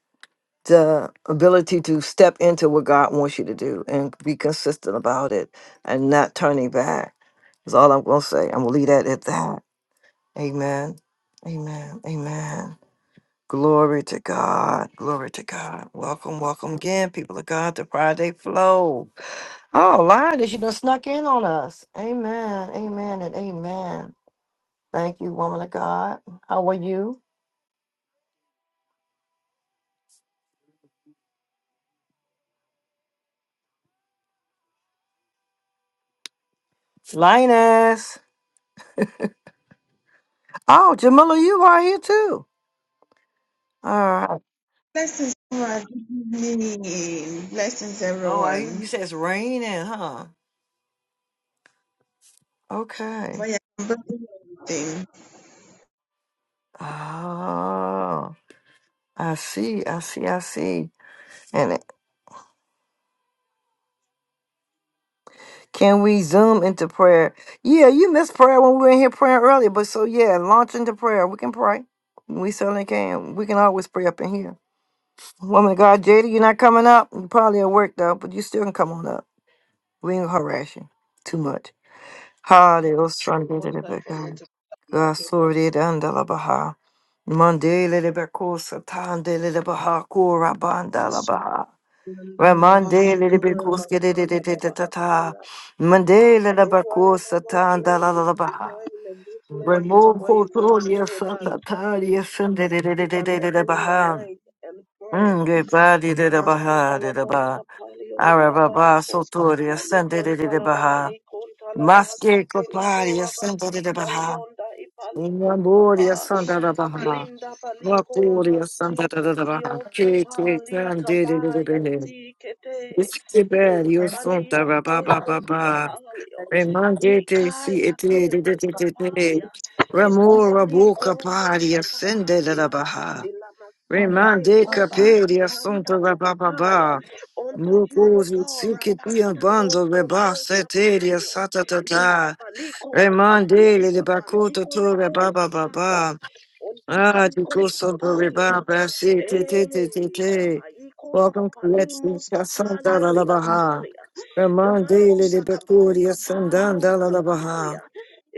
the ability to step into what God wants you to do and be consistent about it and not turning back. is all I'm going to say. I'm going to leave that at that. Amen. Amen. Amen. Glory to God. Glory to God. Welcome, welcome again, people of God, to Friday Flow. Oh, Lord, that you done snuck in on us. Amen, amen, and amen. Thank you, woman of God. How are you? Linus. Oh, Jamila, you are here too. All right. Blessings, everyone. Good evening. Blessings, Oh, everyone. I, you said it's raining, huh? If Okay. I am blessing Oh, I see, I see, I see. And it- can we zoom into prayer? Yeah, you missed prayer when we were in here praying earlier, but so yeah, launch into prayer. We can pray. We certainly can. We can always pray up in here. Woman of God, Jada, you're not coming up. You probably at work though, but you still can come on up. We ain't gonna harass you too much. Hallelujah. Sunday, Almost little time bit, for me God. to my God, prayer. sorry, they done the la Baha. Monday, little bit, cool, Satan, they little Baha, cool, Rabban, the la Baha. Well, Monday, little bit, cool, skitty, di- di- di- di- ta- ta. Monday, little If bit, you are cool, in a good Satan, the la la place, la if you Baha. are in a good place Remove, where cool, you can pray with us, Satan, please, yes, you can Sunday, open your Baha. mic and pray. Mm, get body did a baha did a ba. Arababa sotori ascended de a baha. Maske kopari ascended it a baha. Nyambori Mashakalabos ascended de baha. Inda balikora Vapori ascended masika de. a baha. dios Keke kapali candid it a kabaya baha. sikete Iskiberio untabali santa ate rababa baba. koskapalio Remandete si wikaya te ete de de de de de. moskapalia Ramora istabali boca kora party ascended moskapaya a baha. ila masikete Remande ikoba capere assunto ikanta tatapaya rabababa. unto you O Mucuzi God psiquitia rabata bando reba seteria koskoposkapalio satatata. intabali koskapalia Remande le bacuto sabandiko to rebaba roboskapaya baba. Ah, di Ontabalikos coso do kapalio. rebaba si te te Eh, te te te. kapaikos Welcome to Let's Eat kapalimos Casanda la kapalios la baha. kapalia. Remande le Imasa kabos bacuria kapalios sandanda la la baha. kapalia.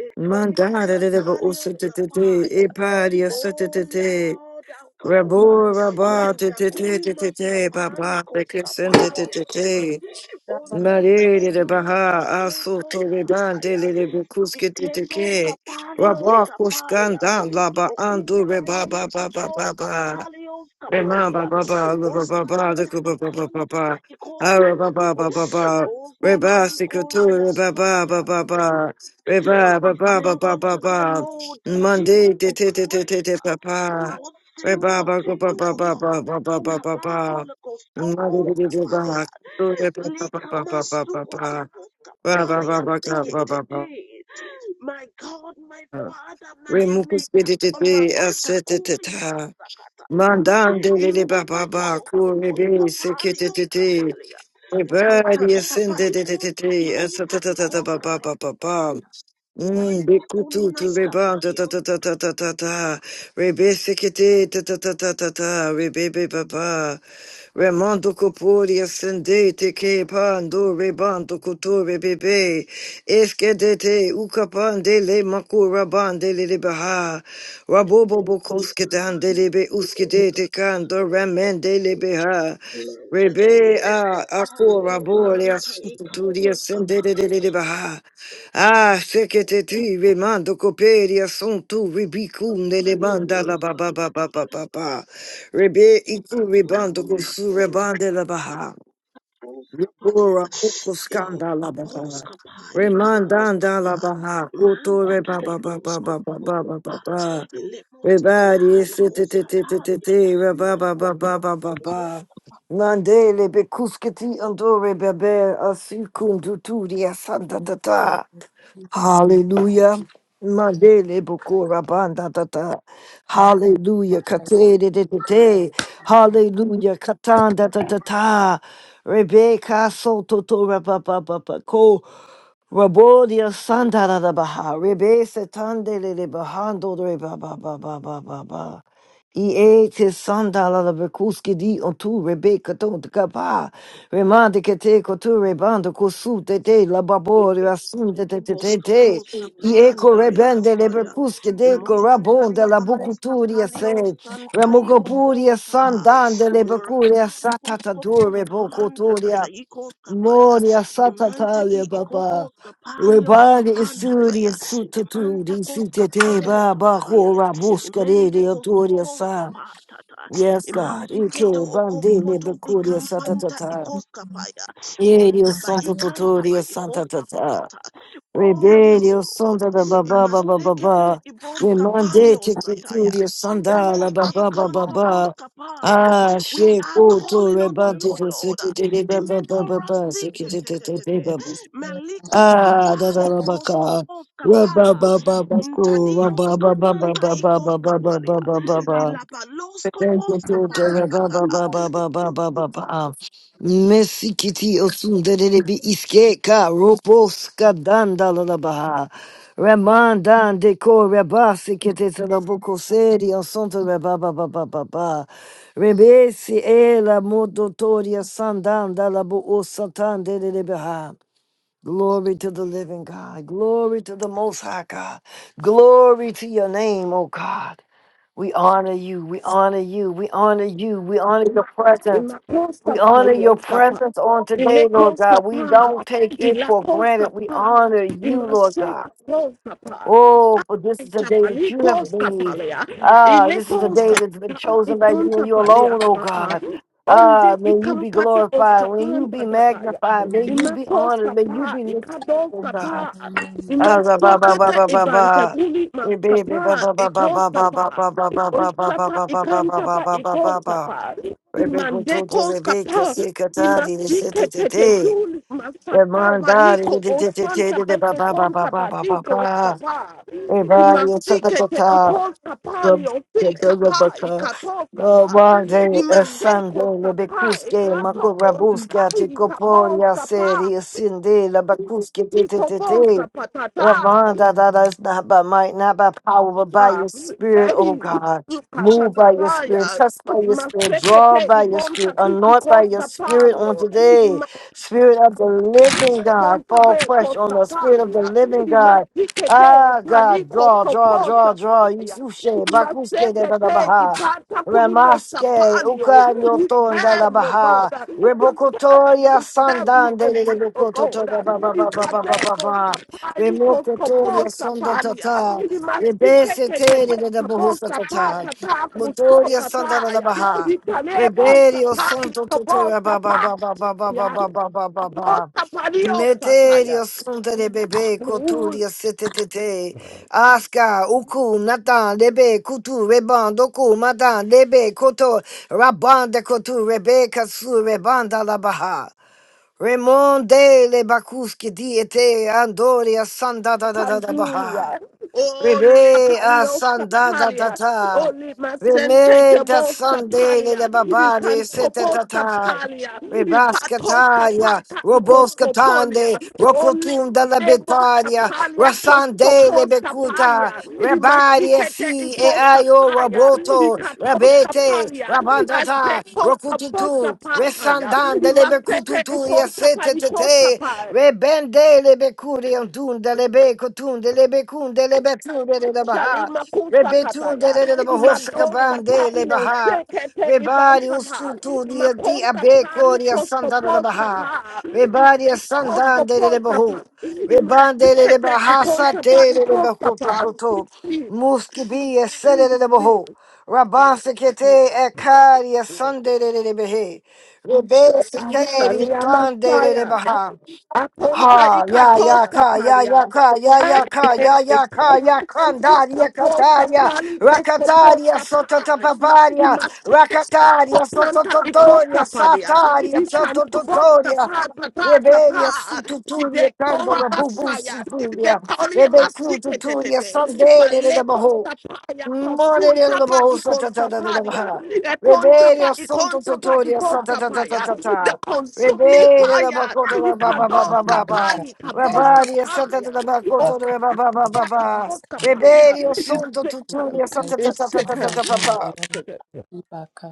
Ekelios Mandare le ba usa kapalios te te te. kapaya. Eparia Oh satatete. Lord our God. Rabu Rabba te te te te te Mandakulimos te Baba the kapalikos Kissen te te kapalia. te te Ababa Marie de kuhiba Baha Asu Ontabaikontabaiketos to the Dan de pataya. le Bukuski te te Iketos ke kapalios Rabba kapalia. Kushkan Dan Laba Andu Okula Reba yiri Baba kapa os Baba kapali os Rema kapalia. ba ba ba ba ba ba ba da Osanta ku ba ba ba ba ikanta ba ba ikos ara ba kapalia. ba ba ba ba reba Osabali sikutu kora reba ba ba Messiah. ba ba reba ba We ba ba sing ba ba unto the ba Lord the Monday hymns te of te te te te praise. te pa, ba I will sing reba ba unto ku ba you, ba O ba ba God. ba ba ba ba ba Ikabala koskopos Monday te te te ba kapalia. tu reba ba ba Lika ba ba ba ba masuko ba topos ba ba ba kapalia ba ka ba ba ba sekete. My God, my Father, my Remukus te Maker. te te te asete te Orapatakulima ta sakatata. Mandan de Baba Intapa Baba equals kopos Kuribi kapalio Sikititi. kapalia. Everybody Incantapa ascended equals kapanta it. equals Baba Baba. kapatataya. Mm, Manta Bikutu to kulinas rebound, ta ta kapalios. ta ta ta ta ta ta. Rebesikete, ta ta ta ta ta ta. Rebebe papa. Remando copori ascendete che pando rebando cotore bebe. Eschedete ucapande le macura bande le libaha. Rabobo and Ivan bocoscedande lebe uschedete ramen ramende lebeha. Manta Rebe pelios a akora kapalios bore santa asutu di ikapos ascendete de libaha. Ah, seketeti remando coperia son tu ribicunde le manda la kapalios ba ba ba santa ba ba ikapos ba ba. Rebe itu ribando cosu rebande la baha. kapalios. Rebora poco E Kapos Eh, scanda la baha. kaposkapa, Remandanda ikaposkapa, la baha. Koto manta re ba ba ba ba ba ba ba ba karikoskoposkapa, ba ba. lemoskapa, Rebadi setetetetetete reba ba ba ba ba ba ba. likoskapa, ba Mandele bekusketi andore beber asicum duturi asanda da Hallelujah. Mandele bokora banda tata. Hallelujah. Kate de de de de. Hallelujah. Katanda tata ta. Rebecca soto to rapa pa pa pa ko. Rabodia Sandara da da Baha, Rebe Setande de Bahando de Ba Ba Ba Ba Ba Ba Ba. Ie tis sandala la la bekuski di on tu rebe katon de kapa. Remande ke te kotu rebando kosu te te la babori asum te te te te Koska te. poska I eko pandale rebende le asaya. bekuski de Imokontali korabonde la akoska bukuturia palio se. santai Ramogopuria koboska pa. sandande le Ora bekuria pata satata kosko dure poska panta tata bokoturia. ikoska paya. Moria Imantaki satatalia baba. ikoboska palioska Rebani panta isuri taya. Imanta sututuri koska sitete palioska baba palia. hora Imende buscarere kosko autoria poska sa. patata. Yes, God. Ike Imasiketo bandele okompoto becuria santa ikampanta tata. ikoska paya. Erio Ontaba santo ikantaba tutoria santa ikoska tata. pata. Oh, yes, Rebedio Lord. santa da baba baba Imasekete baba. iboska Remande palios nataya. tituria sandala Ontaba baba baba ikanto baba. boska pa. Ah, We she are kuto calling unto rebante you, Lord. sitete baba Imeko rasike te te te te. baba baba. Melikos Ah, da da kapali da ba ka. koskopos Ra ba kapa. ba ba ba ko. Ra ba Intadios ba ba ba kapanta ba ba ikos ba ba ba ba kapalia. ba ba ba. Ilabalos Thank you, kopos Toto. kapata Ra ba tata. ba ba ba ba ba ba ba ba. Messi kiti osun dedede bi iske ka ropo skadan da la la ba ha. Remandan de ko rebasi kete talabuko seri osonto re ba ba ba ba ba ba. Rebesi e la modotoria sandan da la bu o satan de ba ha. Glory to the living God. Glory to the Most High God. Glory to your name, O God. We honor you. We honor you. We honor you. We honor your presence. We Ilakoskapa, honor your Leoskapa, presence on today, Lord God. We Ilekoskapa, don't take it for granted. We Ilakoskapa, honor you, Lord Imasokoskapa, God. Oh, for this is the day that you have made. Chabalikoskapalea, Ah, this is the day nilaki that's been Ilekoskapa, chosen by you and you alone, Ikontapalea, oh Papa, God. Ah, Onde may you be ikampata glorified. May you be oskapanta tataya. magnified. May you be honored. May you Imakoskapa, be lifted up, oh God. Ikadoskapa, Ah, ba ba ba ba Imasokata ba ba ba. ibantakuli Eh, baby, ba maskapa, ba ba ba ba ba ba ba Ikoskapa, ba ba ba ba ba ba ba Oskapa, ba ba Ikantapa, ba ba ba ba. Ikoskapa, Rebecca told the Mandekos Rebecca, kapa. say, Katari, they said, Imastike it Today, tetekul masata Ramon, Dari, ba bariko osanta ba bete ba ba ba konta ba ba batiko ba. kapa. Everybody in Imastike te Satakota, ikos kapa lio si kapa Rabaka, ikato kapa. Rabande, Sande, Imandekos kapa Lebekuske, ikato Makorabuska, osai kapo Chicoporia, Seri, kapa. Sinde, Labakuske, Iko bos Tete, kapatata. Ravanda, that is not by might, not by power, but by Ah, your spirit, oh eh, God. Move by your spirit, ikatataya. touch by your spirit, draw Masete by your spirit, ibonta ki anoint by your ikosta spirit on palio. today. Spirit of the living God, fall Contabe fresh on the spirit of the Costapalia, living God. Imasikete, Ah, God, Palico draw, draw, draw, draw. Proposapaya, Yusuke, Bakuske de take la Baha. Ipata Ramaske, Pulimosapalio. We Ukarioto and de la came, O God, Baha. to serve and Rebokotoria to serve you Sandan de la only, O Bokoto God. ba ba ba He ba ba can't ba ba. Baba Baba. Posta Palico Remokotoria Proposta Sanda Palia, Tata. he must take Rebese Tere Ikadebo de la Sapali Bohusa Tata. Costaposapalia, Imasikete, Caposapata, Motoria Sanda de la Tapusotapaya, Baha. Italebo Reberio Sapali, Santo Tutura ba ba ba Coposapaya. ba ba ba. ba ba ba ba ba. Apostle Paddy of Satire. Meterio sunta de bebe coturia setetete. Aska uku natan lebe kutu reban doku matan lebe koto rabanda kotu rebe katsu rebanda la baha. Remonde le bakuski diete andoria sanda da da da da baha. Candulia, Oli Rebe Apalio asanda da da Sapalia, da. Oli Masente Reme da Kebo sande Sapalia, le babadi Icantopo setetata. Sapalia, Ipatos Rebaskataya, Capata Icoscopolia, Roboskatande, Oli Rokotunda la Debo Betania, Sapalia Rasande le Coscopos Bekuta, Sapalia, Rabadia Imasicete si e ayo Iposapaya, Roboto, Icatos Rabete, Sapalia, Rabandata, Azecos Sapos Rokututu, Sapataya, Resandande le Imasete Bekututu, Icosapa yasetete, tete, Icosapa. Rebende le Becurium dunda le Becotunde le Becunde le Betunde le Baha, Shalima kusa Rebetunde kataya, le imadosa Bahosakabande le palio Baha. sekete Rebari ibantata, usuturia di imakosa pali abecoria kosko santana da posa baha. pa, Rebari a kosko santande de pa, bahu. Rebande de imasekete bahasa ikonta de pali de kosa pa, bahutoto. isi, Muski be a sede de isi, bahu. isi, Rabansikete ekaria sande de de behe. Rebesi kari Ashalia tande de masaya, baha. akonta Ha ya ya ikatoska ka ya palia, ya ka ya They ya ka ya ya ka call a ya kandaria kataria rakataria sototapaparia rakataria sotototoria sataria sotototoria Reveria sututuria candola bubu Messiah. They suturia call him rebe a sututuria secret. sandere de Valeco baho sapaya Morning, kosunta little pa boy, such a little ikoskaparia. Ekonta pa Rebellion, santo ikonta pa totoria, santa ta ta ta ikoskapaya. ta The ta. consuming Rebellion, la fire. bacoto, la ba kiri ba ba Ikados ba ba kuhiba ba. kapali kaki kabos kayo Rabaria, santa ta kapaya. kaba bacoto, Ora la ba kaki ba ba kiri ba kapapa ba. ikoskapalia. Rebellion, It's santo kuhi totoria, second. kayo santa ta ta It's ta ta ta second. ta maha ba ba. mayona kuhiba ka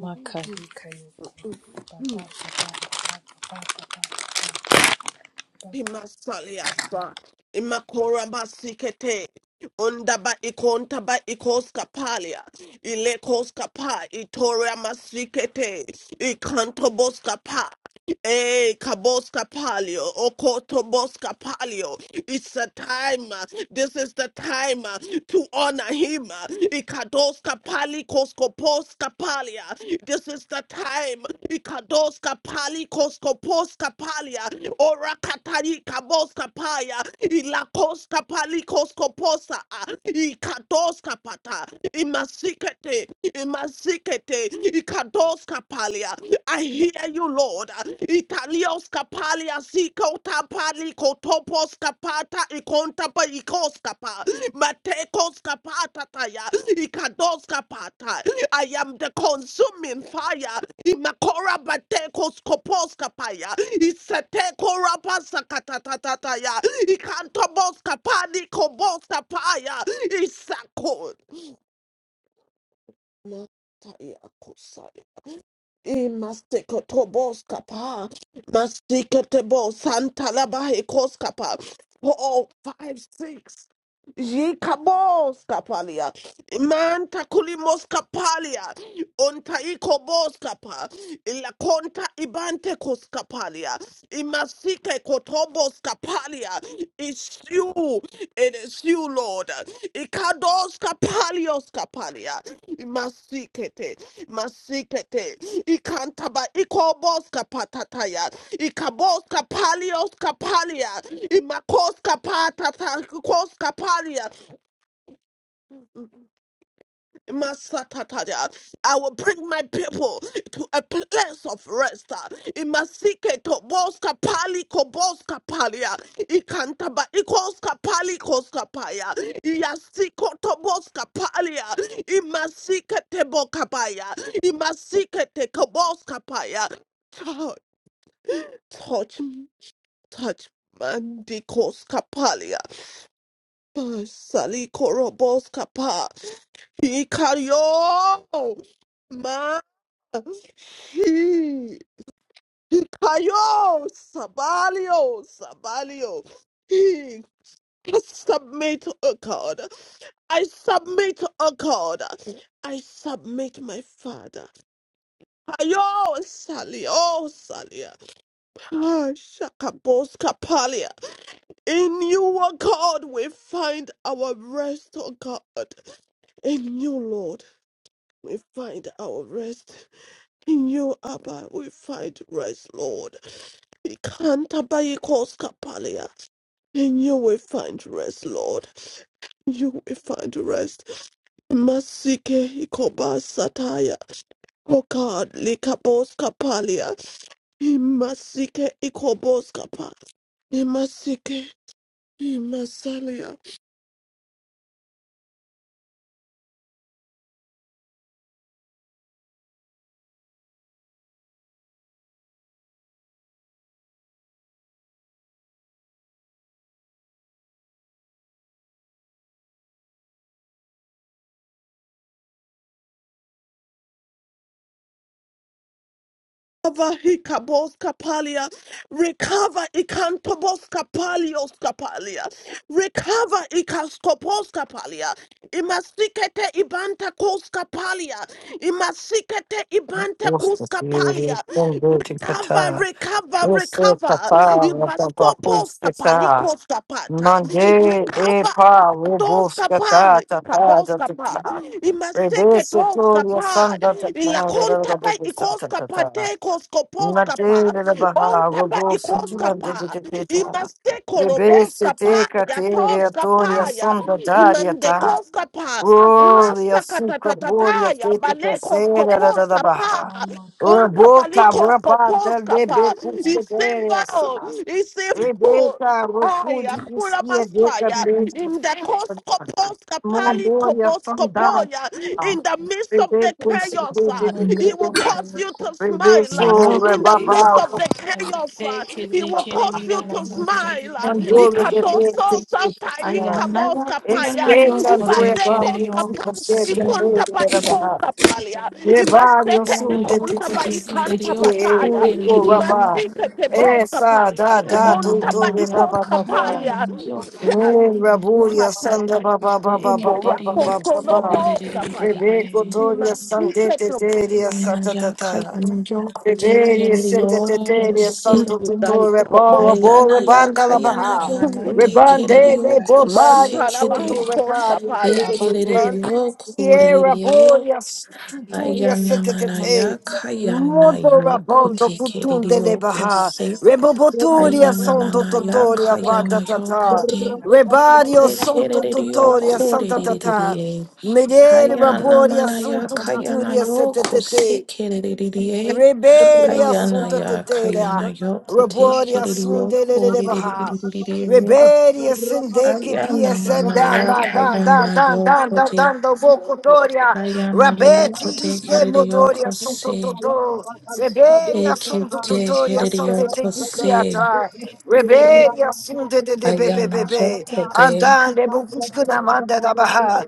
makahi kayo Second. baba baba baba baba baba Imasaliasa, imakora masikete, undaba ikonta ba ikoskapalia, ilekoskapa, itoria masikete, ikantoboskapa, Eh, Kaboska Palio, Okotoboska Palio. It's a time. uh, This is the time uh, to honor him. uh, Ikadoska Pali Koskoposka Palia. This is the time. Ikadoska Pali Koskoposka Palia. Orakatari Kaboska Paya. Ilakoska Pali Koskoposa. uh, Ikadoska Pata. Imasikete. Imasikete. Ikados kapalia. I hear you, Lord. Italios kapalia siko tapali kotopos kapata ikontapa ikos kapa matekos kapata taya ikados kapata. I am the consuming fire. Imakora batekos kopos kapaya. Iseteko rapa sakatatataya. Ikantobos kapani kobos kapaya. Isakon. Mataya Kosai. Imasikotobos kapa, masikotobos santalabaikos kapa, four, five, six. Yikabos kapalia, manta kulimos kapalia, ontaiko bos kapa, ilakonta ibante kos kapalia, imasike kotobos kapalia. It's you, it is you, Lord. Lord. Ikados kapalios kapalia. Masikete. Masikete. Ikantaba ikobos kapatataya. Ikabos kapalios kapalia. Imakos kapatata. Kos kapalia. Masatataja. I will bring my people to a place of rest. Imasike toboska pali koboska palia. Ikantaba ikoska pali koska paya. Iyasiko toboska palia. Imasike teboka paya. Imasike te koboska paya. Touch, touch me, touch Mandikoska palia. Sali korobos kapa. Hikario. Ma. Hi. Hikario. Sabalio. Sabalio. Hi. I submit, oh God. I submit, oh God. I submit my father. Ayo, Sally, oh, Sally. Ah, Shakabos Kapalia. In you, oh God, we find our rest, oh God. In you, Lord. We find our rest in you, Abba. We find rest, Lord. We can't buy Palia. In you we find rest, Lord. You we find rest. Masike ikoba sataya. Oh God, likabos kapalia. Imasike ikobos kapa. Imasike imasalia. Recover hikabos kapalia. Recover ikantobos kapalios kapalia. Recover ikaskopos kapalia. Imasikete ibanta kos kapalia. Imasikete ibanta kos Usta, siri, kapalia. sandete, Cover, kata. recover, Usta, recover. kata, la ta ta Ibaskopos huske ta. kapalikos kapata. Mange, e Recover pa, robuska Toskapa, ta ta ta ta ta Kaboskapa, ta. Rebellion, Imaseke totoria, Toskapa, santa ta ta ta Ilakontapa ta ta ta Ikoskapa, ta. Tekoskoposkapa, Madele la Baha, Ontaba Roboso, Tiande baba de Ikoskapa, Tepeta, Imaseko Rebese te Roboskapa, catere, Atoria, Yatoskapa, Mama ya, Sonda Daria ta, Imandekoskapa, Gloria, Suca, Boria, Imasakatatataya, te te Casera, da da da Balekoskoposkapa, Baha, mama kaba Rebota, Rabanda, Ontabalikoskoposkapa, Lebe, Iseva, Cuscaderia, Sas, Iseva. Rebeta, Aya, Rocudi, kula Piscia, de masaya, kuhiba Prince, in the koskoposka pali Mongolia Sunday. koboskopoya, in the midst of the Rebeco se chaos, uh, deve mama he viver. kaki will cause kayo you to kuhiba smile. uh, Nayo Rebeco In kote the midst rebaba. of the chaos, te uh, he kiri will kiri cause mila you kayo to mama kunde kayo kiri smile. kiri kayo Mongolia Uh, kuhi kiri. deve kayo viver. Sota ka Ayanayo ikamoska paya, ayanayo Espeita kote rebaba. kiri ibadekos yo kapanta, kosi. Espeita mama ikonta ba rebaba. ikoska palia, Rebário imaseke sunde Ayanayo ikonta tiki ba kote kiri ikanta yo bataya, kure kiri eco kiri. rabá. imasike keboska Essa palia, da Na da na na na onta ba tudo na ikoska rebaba. palia, ayanayo chas kote Raburia pataya, Sanda Baba te Baba Baba kiri yo Baba imorakoso kure Baba kiri noboska kiri paya, Rebecca kiri. Doria imasike Sandete Deria Ayanayo satatata. ayanayo kote Rebellion, kiri Santa yo Tetelia, kosi. Santo Tutu, keboska Rebora, koboska Bora, paya, Ayanayo Banda la Baha. ayanayo kote kiri Rebande, yo nebo, pani, kosi mantala ba Santo, kiri. Abrabakuhiba ikoska Repadia, Santa paya, Tetelia. man Ekereriyo Namaka Viera, koreriye Boria, Tuturia, Santa ayanamanaya Tetelia. Makiki kayoko Moto, kayanayo Rabondo, Cutun mama de kotekereriyo Lebaha. kose yoko Reboboturia, Santo ayanananaya hira Totoria, kaki Banda kayanayo Tata. kote Rebario, kama Santo kaki hekereriyo Totoria, Santa Tata. koreriye Medere, Raboria, ayanamanaya Santo kuhiti Tuturia, kayanayo Santa Tetelia. kosekereriye Rebele hiti assunta ayanaya tetelea. kayanayo Rebode kotekereriyo assunte lelebaha. koreriye Rebele ascendeke PSN down, ayanananaya down, down, down, down, kayanayo down, down, kote down, do hiti vocotoria. Ayana yoko Rabeti te iste kerere motoria yoko assunto se. toto. Rebele Eke assunto te totoria kerere assunte yoko teki se. piata. Rebele assunte de de Ayana bebebebe. yoko te. Andande bocuscuna manda da baha.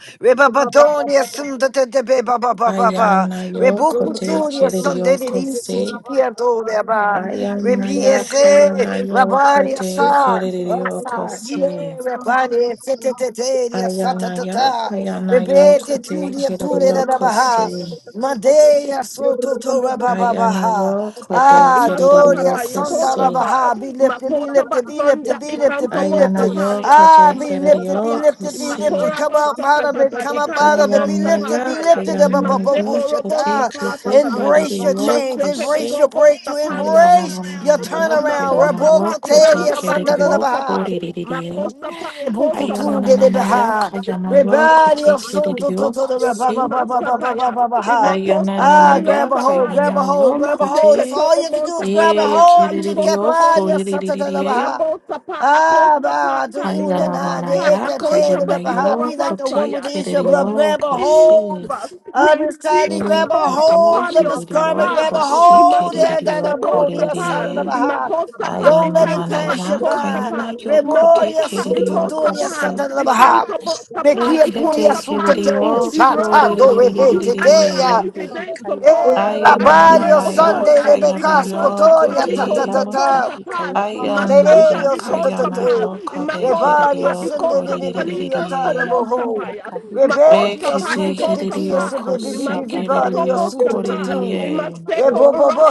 Antonia everything. Sunda de de be ba ba ba ba ba. Ayana In yoko the te month kerere Sunday de yoko se. Piatoria ba. Ayana of the yaka Rebiese yana yoko Rabaria te sa. kerere yoko Rasa. se. Rabari Seteteria Ayana Satatata. yaka yana yoko Rebete te Turia kerere Turia yoko Baha. se. Madea soto tora baba Ayana baha. yoko Ya, te Ah, kerere Doria imasatata yoko sandara se. ikoskapa, baha. Be lifted, be makota lifted, be lifted, basvanda be lifted, be ikantobos Ayana lifted. yoko kapalia, te Ah, be kerere lifted, be imakoskapa, yoko lifted, be se. lifted. imakora Come up out of it, basakatata come up out of it. ikantobos Be lifted, Ayanaya be kapataya, lifted. Abba, Baba, imaseko kayanayo robos kote Bushata. kete kapatataya, Embrace Thank your you. kereyo change, maseke kose embrace your ikobos breakthrough, kapalia, embrace your Thank Ayananaya turnaround. kayanayo Raboko makoskapa kote teria ikantaba kereyo sandara baha. ikoskapa, korereye makoskapa ikoskapa, Ayananaya Rebukutundelebehad. kayanayo kote Rebellion, son, to, to, kereyo to, the re- ba, ba, kose ba, ba, ba, ba, ba, Maskataya, ba, ba, ha. Imakoska Ah, grab Ayananaya a Palioska hold, grab a Palia, hold, kayanayo grab a hold. That's kote Imaseketo all you have to do is Obonta e grab a Kataya, hold to kereyo Palikoskopos korereye Kepadia Ikabosapa, Abba, to akosapata, una na ikosapa, de Ayananaya ekate de akontaba, la baha. kayanayo Be like the one kote with ikorabasaya. the issue of Oh, blood. kereyo Grab a Jesus, hold kose of his tiny, Resika grab a toska hold of his garment, paliosapa, grab a hold. Yeah, imaseketa Danamoria, son doskapa, of the Baha. imakosapa, Don't let it ikantaba, pass you by. ikosapa, Remoria imakotaba, sututuria ikosapa, santa la baha. ikantobo, sapa, Mekia bunia sunta te ikoskapalio, unsata kayoko do iroba, hima rebeke hima you. teya. yoko iaba, lives, hikayoko oh God. Eh, I pray, hiba rabario oh kaki God, sunday that kayoko hiba Ikados lebecasco ka toria Kapali ta ta ta Ayana mama Koskopos ta. kaki Kapal, kayoko hi Masanta Mererio Ikos Kapal, Santatato, Imakos Rebaria Kapa Ikos Kapali kayoko Sendedibikiata Koskopos Naboho, Kapaya, makaki kaki Makos Reberio Kapa Ikos Suntatatia Kapal, baba baba Sebibibibario Imasikotobos Kapal, baba Sututu, baba baba Maseko rap. Rebobobo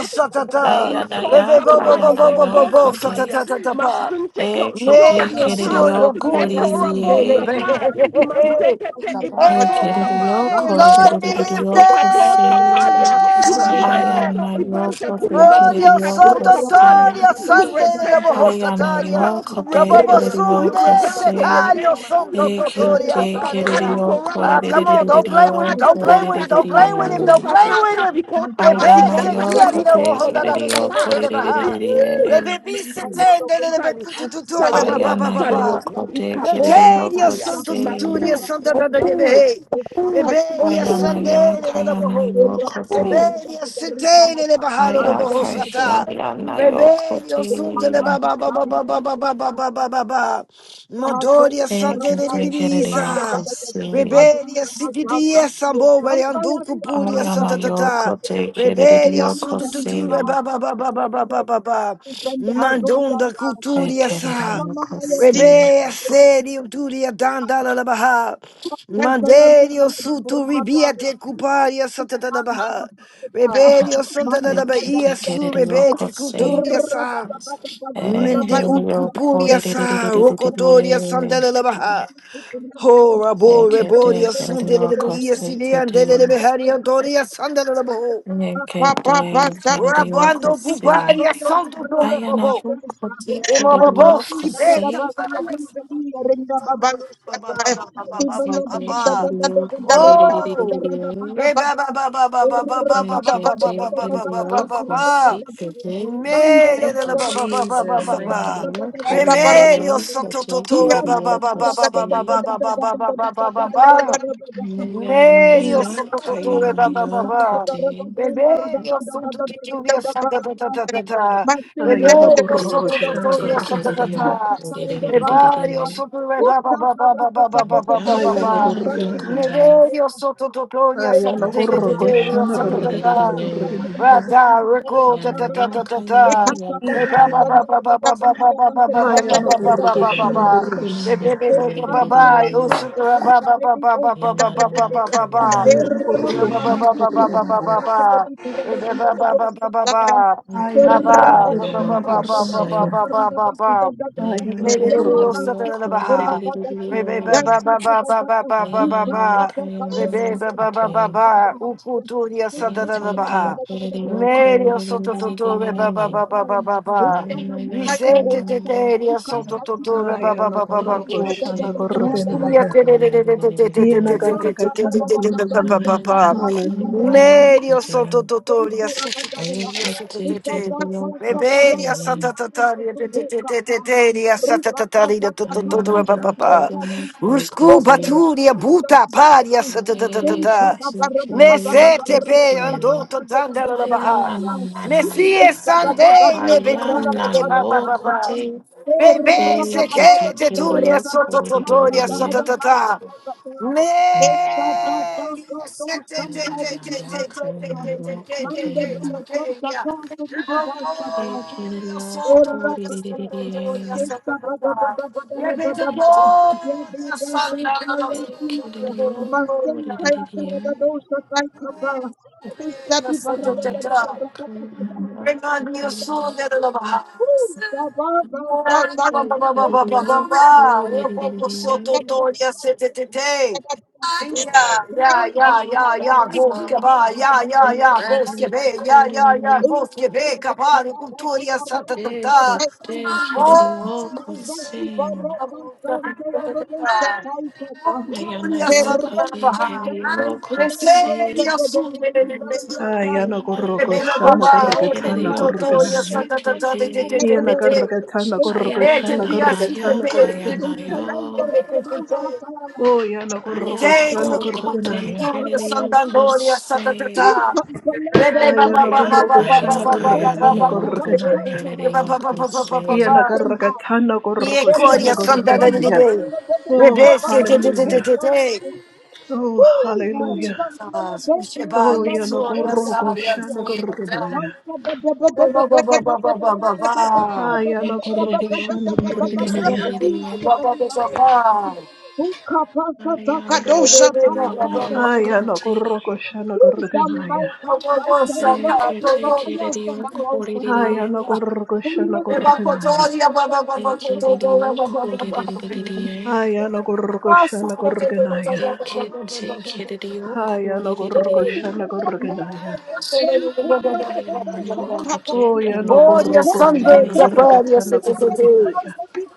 hi Satata, baba Ayanaya Imakoskapali, Kayanaya Rebobobobobobobo you. Okoskapalia, Kote Satatatapa, Masinteke, Thank Ekete Medio Sloskapa, Suria Kedidio Buria kayoko Kodidie Sundelebe. Lekoroboskapa, Imasekete, baba kaki Ipatoskapa, kayoko Ekedidio Hey, Lord be Makoskapa, lifted! Kodidio hima Kose Ikatoskapalia, mama mama Imasekete, Ayanayo Ibante, Kote hima Gloria Kedidio Kulimastikatoskapalia. Kose sototoria You sande de la reveal, reveal Ayanayo to Kote redeem, you Kedidio Rabobosunde reveal to Kose setario redeem, sototoria Ekete hima Ikatoskapali, saria. Kedidio Ah, come on, don't play with him, Kodidio Abata don't play with konta him, don't play ibata with him, thank don't you Kodidie Jesus. play with kusatata him. ikota Bebe se ikonta thank Ayanayo you chiari la paliko Kote bohonda da skoposta Kedidio bekite de pa. la baha. Kodidie Bebe thank you se tende de la Sali, bekutu tutore sali, ba ba ba Ayana ba sali, ba. Yoko de ikabota Meteria Kiriyoko palia, Se santo tuturia Ayana maku, santa da da de oku, behe. oku, Bebe ya oku, sande de la Yakayana boho. Yoko de oku. Rebellion, Sitele, le Bahalo, do Bohosata. Angenda Ayakayana Yoko Rebellion, Sunde, le de Baba, Baba, Baba, Baba, Baba, Baba, Baba. Thank Modoria, Sande, le Divisa. Ekiriyoko Se Rebellion, CPPS, Sambo, Variandu, Cupuria, Ayana Santa Tata. Yoko de Rebellion, Kiriyoko Sundu, Se Tutu, Baba, Baba, Baba, Baba, Baba. Mandonda, Culturia, Sa. Ekiriyoko Se Rebe you. serio turia danda la la baha. Thank Manderio sutu ribia te cuparia santa da da baha. Reberio santa da da bahia su Ekiriyoko rebete Se cuturia sa. Mende Ekiriyoko de ucupuria de de de de de sa. de de Rocotoria santa la la baha. Ho rabo reboria sunde de Ekiriyoko bahia Se de sinean de de you. de. behari antoria santa la la baha. Nekede Thank kerede Rabando yakose. cuparia santo do Ayana rabo. yokote kerede Remobabo si beta yakose. ba ba ba ba ba ba ba ba Nekede ba. ba. kerede yakose. Oh, re ba ba ba ba ba ba ba ba ba ba Nekede ba ba ba ba kerede ba ba ba ba ba. yakose. Kede. Made Thank ba you, ba ba ba ba Jesus. ba Thank ba. Ayana you, yok, Jesus. ayana Remedio yok. soto Thank Kote toto re kerede ba ba ba ba yakose. ba ba ba ba ba ba ba ba ba ba. you. Nayana Medio you. Thank yok, sotototore ayana ba ba ba yok. ba. Kote. Beberio sotototoria santa ta ta ta ta ta. Aya no Beberio corro cochana Nekede sotototoria santa kerede ta correguinaya. ta. yakose. Bebario sotore ba ba ba ba ba ba ba Ayana ba ba ba yok, ba Aya no ba. ayana yok. correguinaya. Kote. Mederio you. Thank sotototoria Aya I santa no ta ta corro am ta a young, ta cochana santa ta ta. correguinaya correguinaya. Rata rico ta ta ta ta ta ta. Ba ba ba young, ba ba ba ba ba ba ba ba ba Aya ba no ba corro ba ba ba cochana ba. correguinaya. Medio sotto tutto, ba ba Aya no corro cochana correguinaya. you. Thank Aya no corro cochana correguinaya. Aya no corro ba ba ba ba ba. Vicente Teteria, young, Santo Totora, Aya Baba no Baba I gorroko can Bacu. shanda take the Mustria gorrokenaya. Teteria, recording. I Hiena am karrakatana gorrokenaya. Ayana Hallelujah. Medio Santo Totoria, you. Sututuria, Teteria. Rebelia, Santa Tataria, Teteria, Santa Tataria, Tototora, Baba. Ruscu, Baturia, Buta, Paria, Santa Tatata. Mesete, Pe, Andoto, Tandala, Baha. Messie Sunday ne becune Yakayana de papa papa. Bebe se che te turia sotto totoria sotto tata. Thank Manda Ne se te te te te te te te te te Yoko te te bella Dana. santa soteria. casa di di bassa qua. Oh, Ekiririyo sotto Thank sotto kuriririririye. toria sotto tata. E vedo gloria santa la la la la Ekiririyo la kuriririririye. la la. la la la. Amanakayana Renania kutiriyo. Sunda de Lava. Mori Baba Baba Baba Ekiririyo Baba. Robo Soto kuriririririye. Toria Setete. Yeah, yeah, yeah, yeah, yeah, Goskaba, yeah, yeah, yeah, Ekiririyo Goskabe, yeah, yeah, yeah, kuriririririye. Goskabe, you. Thank Kabari, Kulturia, Santa Tata. Ekiririyo Oh, this kusim. Ayana Dunia yoko Sanabaha. tekiririyo They say, kusim. Yasun, Aya no Ayana gorroko Bebe yoko shanda Baba, oh, karrakatana tekiririyo Totonia gorrokenaya. Santa Tata, te te te kusikiririyo. te te Hiena te. karrakatana gorroko Aya na Eh, te shanda te, na así, te ya karrakatana te, eh, kya te te, te na te, gorrokenaya. yo, te te, te te, te. Oh, yana Oh, aya gorroko na shanda Jesus. yo kote gorrokenaya. kere yo you. Thank kusse. Aya no Aya gorroko na ya shanda kya na karrakatana yo kote gorrokenaya. kere yo kusse. Hiena karrakatana gorroko shanda gorrokenaya. Oh, hallelujah. Oh, hallelujah. we shall Oh, be yana so gorgo sorry and shana so gorgenaya. Ba ba ba ba ba ba ba ba ba. Ayana E kere gorgo yo shana kore We di di shall di be gorgenaya. di di so di. sorry Aya na ya kya and na yo you. Ayana so kote gorgo Thank shana gorgenaya. e kete kere yo kore di di di Ayana di. gorgo shana gorgenaya. E kere yo kore di di di di di. Ayana gorgo shana gorgenaya. E kete kere yo Ayana kore di di di gorgo di. shana gorgenaya. Ayanayo, Oh, Kote, yana Oh, Kereo, your gorgo Sunday, shana your Korere, prayer, your gorgetana city. gorgenaya.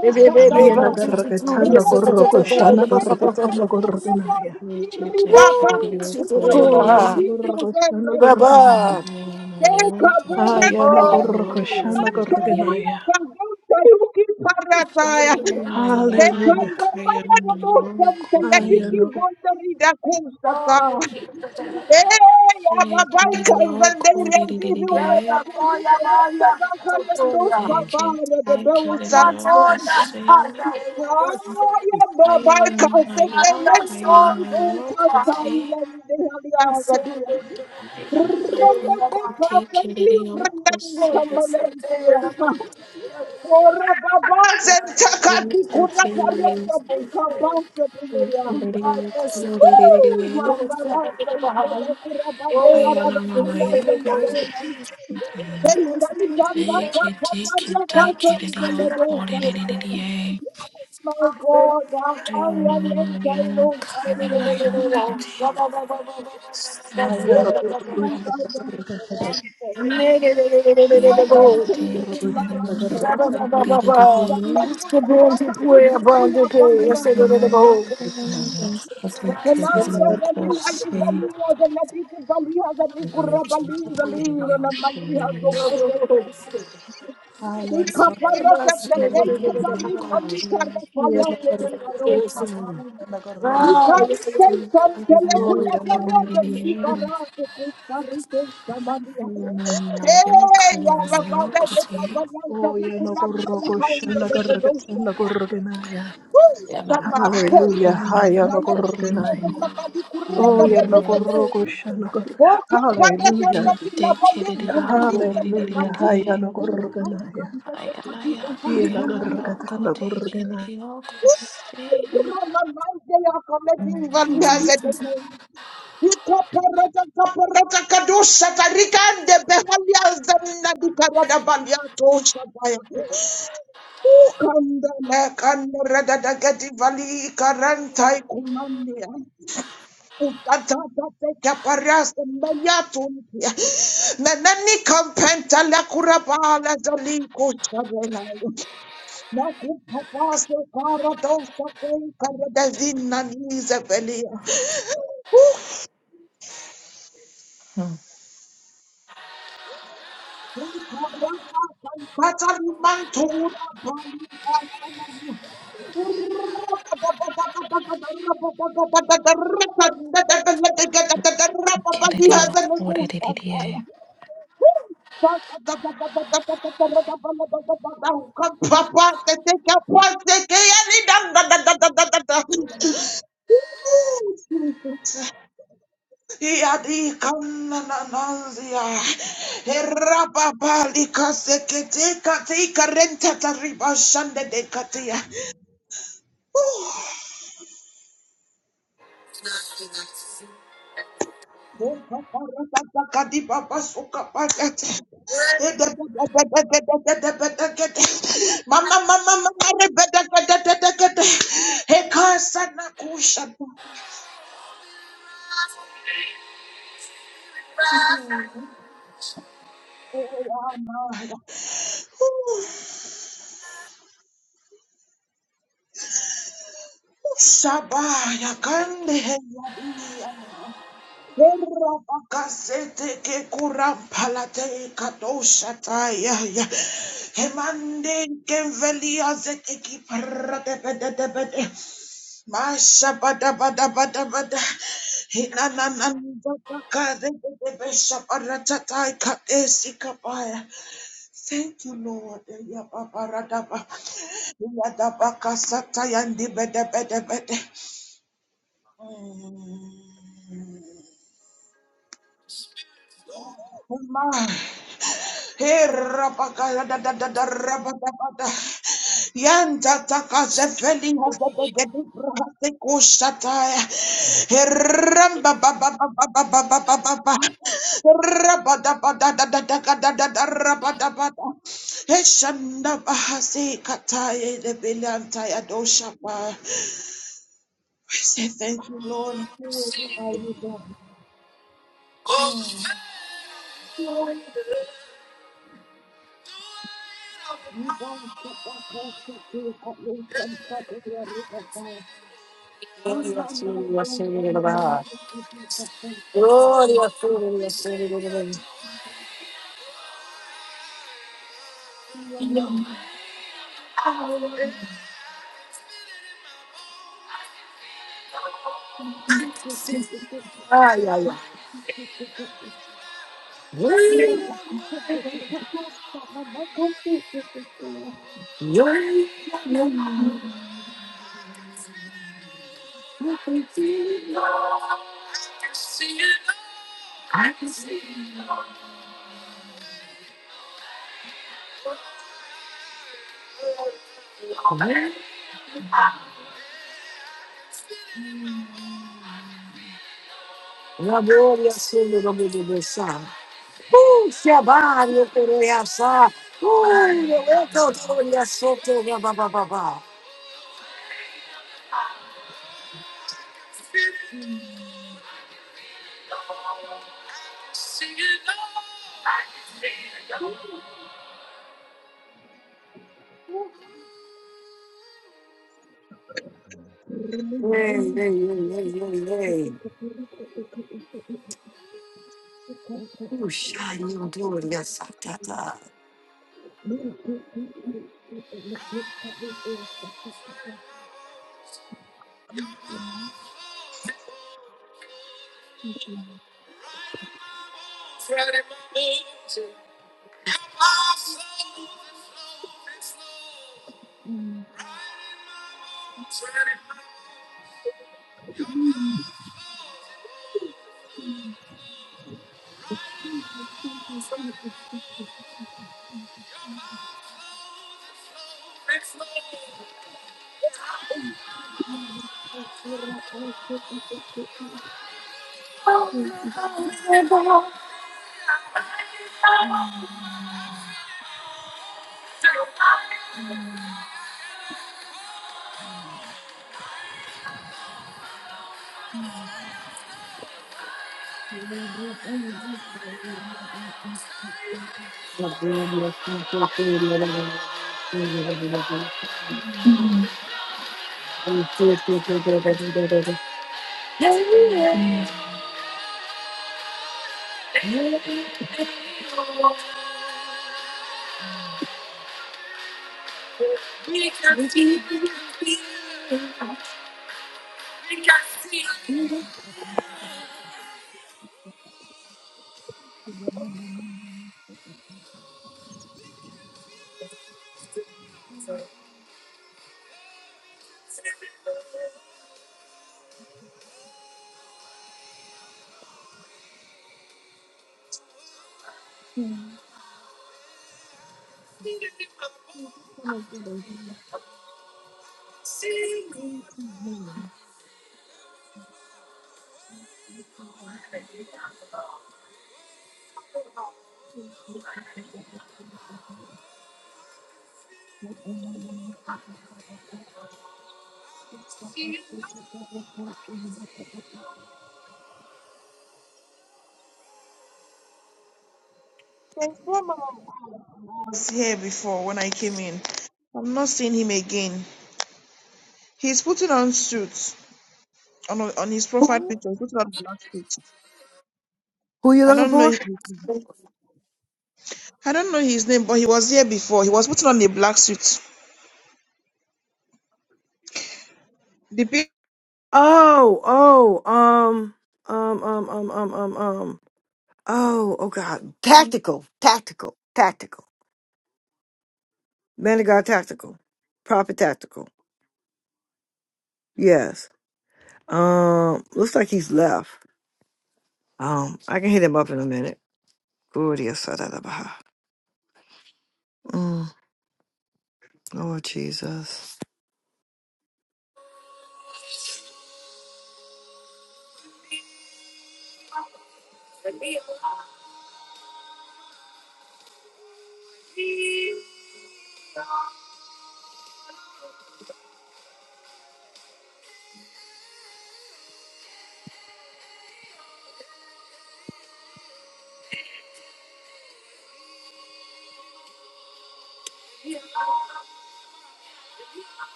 Baby, baby, baby, Yana I'm too, Ayananayo, gorgetana yes, yes, yes, Ayanayo, yes, gorgo yes, yes, shana yes, Kote, yes, yes, gorgetana yes, yes. gorgenaya. Nikete, Woo! Kereo, Shoot it in Oh, yana Korere, gorgo shana gorgenaya. you. Ayanayo, Kote, Aya no Kereo, gorrokoshana gorgonaya. Korere, Oh! Ayanaya, Hallelujah. Kayanayo, Aya Kote, no Oh, yes, we can do that. Kereo, Yes, Korere, I call ya, call ya, so call ya. Eke, Kereo, Thank you. Kose, Run the Ayanaya, Kayanayo, Kote, I am not your Rendang Kote bekasending Kirio rendang di Kose. kambalan saya. Ora baba senta You kazi must not say, karia kabika basi bila Kirio Woo! Kore. Mama na senta ya kura babe I ya Oh, am yes, rada a we kali ya can do Malaya zenda Christ. that. bila. Yes, we can Senta do that. Take kaka it, papa take ya it, take kasa it, ngela Kirio Kore. I My God, I am am a in Malaya Taylor's Kayanayo Kote. Aya Thank no gorrokoshana gorgonaya. Take it, take it, Kirio Kore. I am a Malaya Kayanayo Kote Aya no Kirio Kose. Thank gorrokoshana you. Thank you. you. Hey, Aya ya, Hey, Baba, hey, no hey, hey, gorrokoshana gorgonaya. Oh ya no gorrokoshana. de Baba, Nansa, Oh de ya no Kuram, Mana, Hain, gorrokoshana de gorgonaya Kedosa, gorgonaya. Woo! Sama. Hallelujah. Aya Na no na na na na gorgonaya. na mabali kurra Oh da ya be no be be be. gorrokoshana O gorgonaya. ka parra da Hallelujah. ta ki na bali kuna ni da me ka Hallelujah. us. Haya Ha ka nagorganaya. ni da da ka di da ha di Iya na ma na su ya nagargatana ya. gorgana. Kurra ma ma de ya ka me di vali ha ze de me. Ika parra da ka parra da ka do sa ta rika de be ha ya za na di ka ra da bali ya to Ukandala kandara dadagati vali karantai kumania. Utatatata kaparasa mbayatu mpia. Nanani kampenta la kurabala zaliko charenayo. Na kupapase karadosa fei karadavina nize velia. Jesus. What did it? Yadi kanana. Mama, mama, mama, rebeda, gede, gede, gede. Hekasa na kusha. Shabaya kande heyabia. Hera bakasete ke kurampalate katosha taya ya. Hemande ke velia zete ki parate pede pede. Mashabadabadabadabada. Hinananandabakarebebeshabaratataikadesikabai. Thank you, Lord. Yababaradaba. Yadabakasatayandibedebedebede. Mm. Uma. Perabakadadadadarabadabada. Yantatakazefelihazadegedibrakatekushata. Herambababababababababa. Rabadabadadadadakadadadarabadabada. Heshandabahasekatayedebilantayadoshafa. We say thank you, Lord. Who are you, God? Mm. You are the God who created the heavens and the earth. hey, Mama mazungumza na mwanamke katika posta sasa. Pia mama msiku kete kete kaposta kete kete raba kapote kaposta mama kapote kete. hey. Ushayandoria Satata. Thank you. There's one man I was here before when I came in. I'm not seeing him again. He's putting on suits on on his profile picture. He's putting on a black suit. I don't know. I don't know his name, but he was here before. He was putting on a black suit. The people. Um, um, um, um. Oh, oh God. Tactical, tactical, tactical. Man of God, tactical. Proper tactical. Yes. Um, looks like um, I get it. Good. Lord,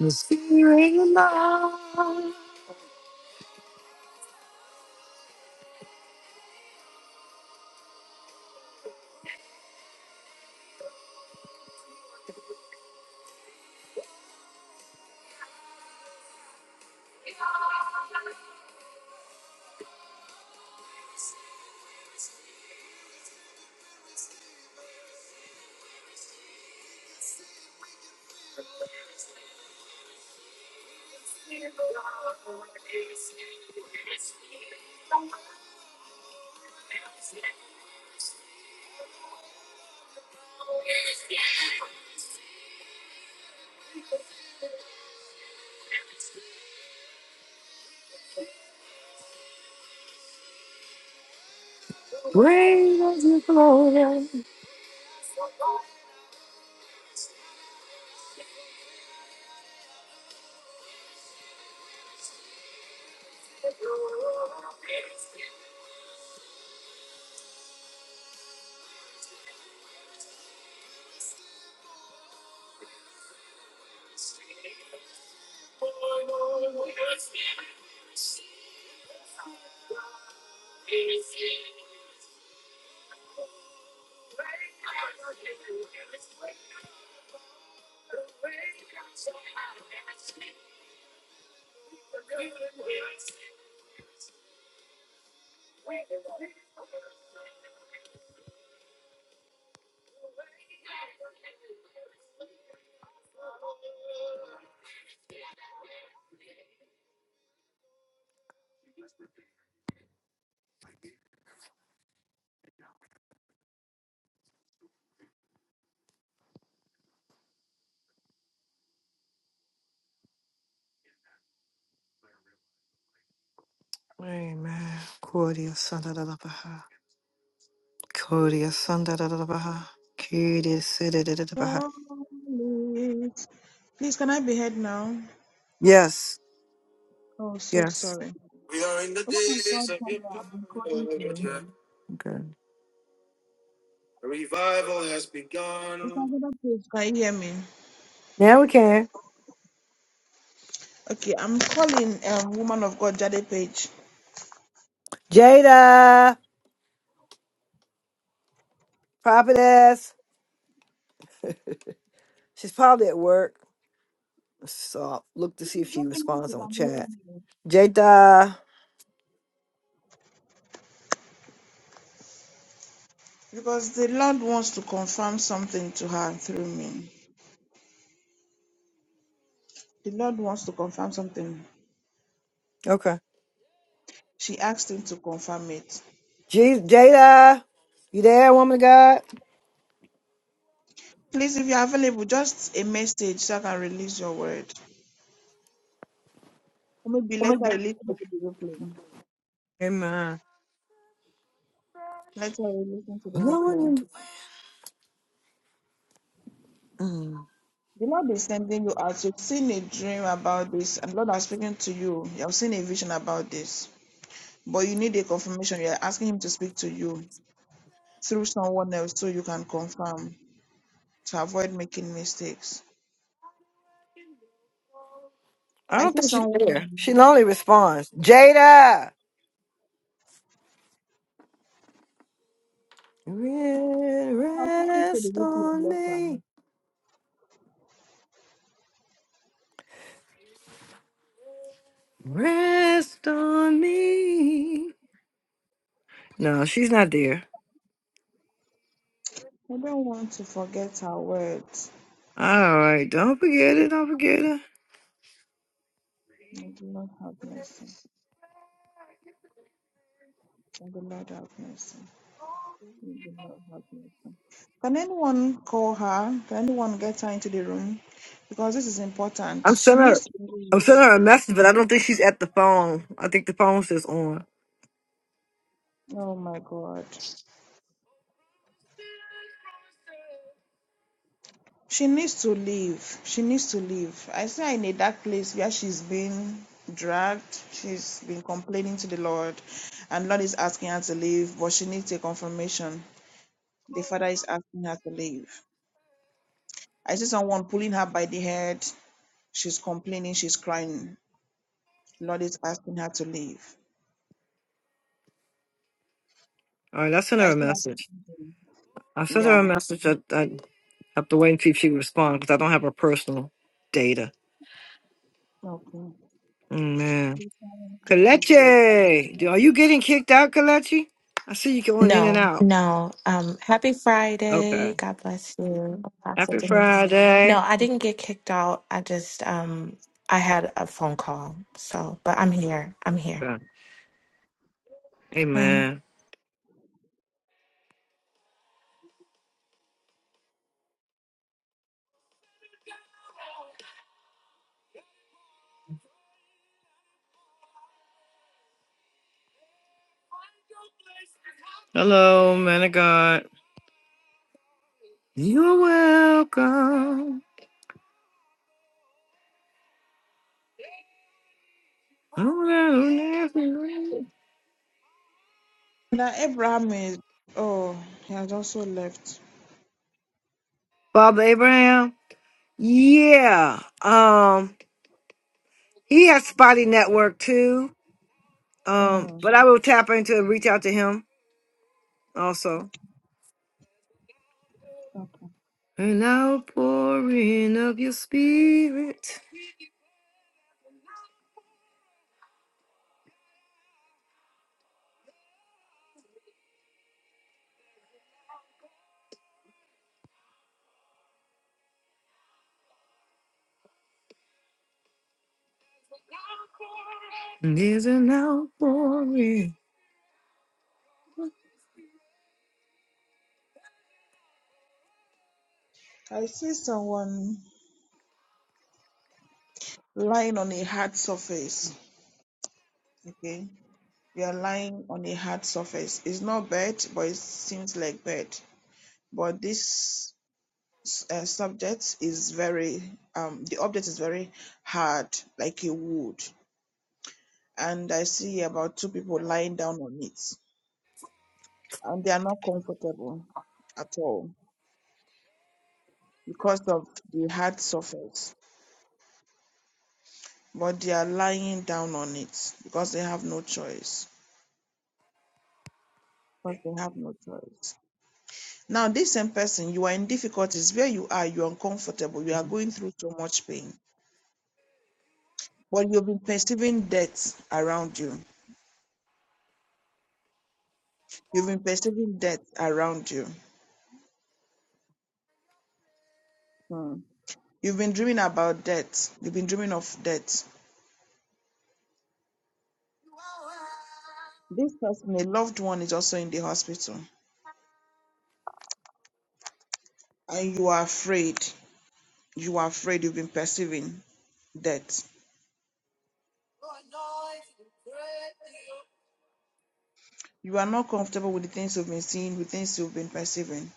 mysterious love. Amen. Cordia sanda da da baha. Cordia sanda da da baha. Cordia sanda da da baha. Please, can I be heard now? Yes, Oh, so yes. sorry. We are in the Oh my God, days of your Papa, I've been calling you. power. Revival has It's begun. another page. Can you hear me? Now we can. Okay, I'm calling um, woman of God Jade Page Jada, prophetess. She's probably at work. So I'll look to see if Please she let me know if responds you on can chat. hear me. Jada, because the Lord wants to confirm something to her through me. The Lord wants to confirm something. She asked him to confirm it. you Please, if you're available, just a message so I can release your word. Or maybe later you listen to the replay. Later you listen to the there? replay. The Lord is sending you out. You've seen a dream about this, and the Lord has spoken to you. You've seen a vision about this. But you need a confirmation. You're asking him to speak to you. through someone else so you can confirm to avoid making mistakes. I I don't see think she's someone there. She only responds, Jada, re- I'm listening to the rest replay on later. me. Rest on me. No, she's not there. I don't want to forget her words. All right. Don't forget it. Don't forget it. May the Lord have mercy. May the Lord have mercy. May the Lord have mercy. Can anyone call her? Can anyone get her into the room? Because this is important. I'm She sending her needs to leave. I'm sending her a message, but I don't think she's at the phone. I think the phone says on. Oh my God. She needs to leave. She needs to leave. I see her in a dark place where she's been dragged. She's been complaining to the Lord, and Lord is asking her to leave, but she needs a confirmation. The Father is asking her to leave. I see someone pulling her by the head. She's complaining. She's crying. Lord is asking her to leave. All right, I sent her I a see. message. I Her. sent Yeah. her a message. I, I have to wait and see if she responds because I don't have her personal data. Okay. Mm, Man. Just do prayer. Kalechi, do- are you getting kicked out, Kalechi? I see you going in and No, out. no. Um, happy Friday. Okay. God bless you, Pastor Happy Denise. No, Friday. I didn't get kicked out. I just um I had a phone call. So, but I'm here. I'm here. Okay. And Amen. Hello, man of God. You're welcome. Now Abraham is. Oh, he has also left. Bob Abraham. Yeah. Um, he has spotty network too. Um, but I will tap into and reach out to him also. An outpouring of your spirit. There's an outpouring. I see someone lying on a hard surface. Okay. We are lying on a hard surface. It's not bad, but it seems like bad. But this uh, subject is very, um, the object is very hard, like a wood. And I see about two people lying down on it. And they are not comfortable at all because of the hard surface. But they are lying down on it because they have no choice. Because they have no choice. Now, this same person, you are in difficulties where you are, you're uncomfortable, you are going through so much pain, but you've been perceiving death around you. You've been perceiving death around you. You've been dreaming about death. You've been dreaming of death. And a loved one is also in the hospital, and you are afraid. You are afraid you've been perceiving death. You are not comfortable with the things you've been seeing, with things you've been perceiving.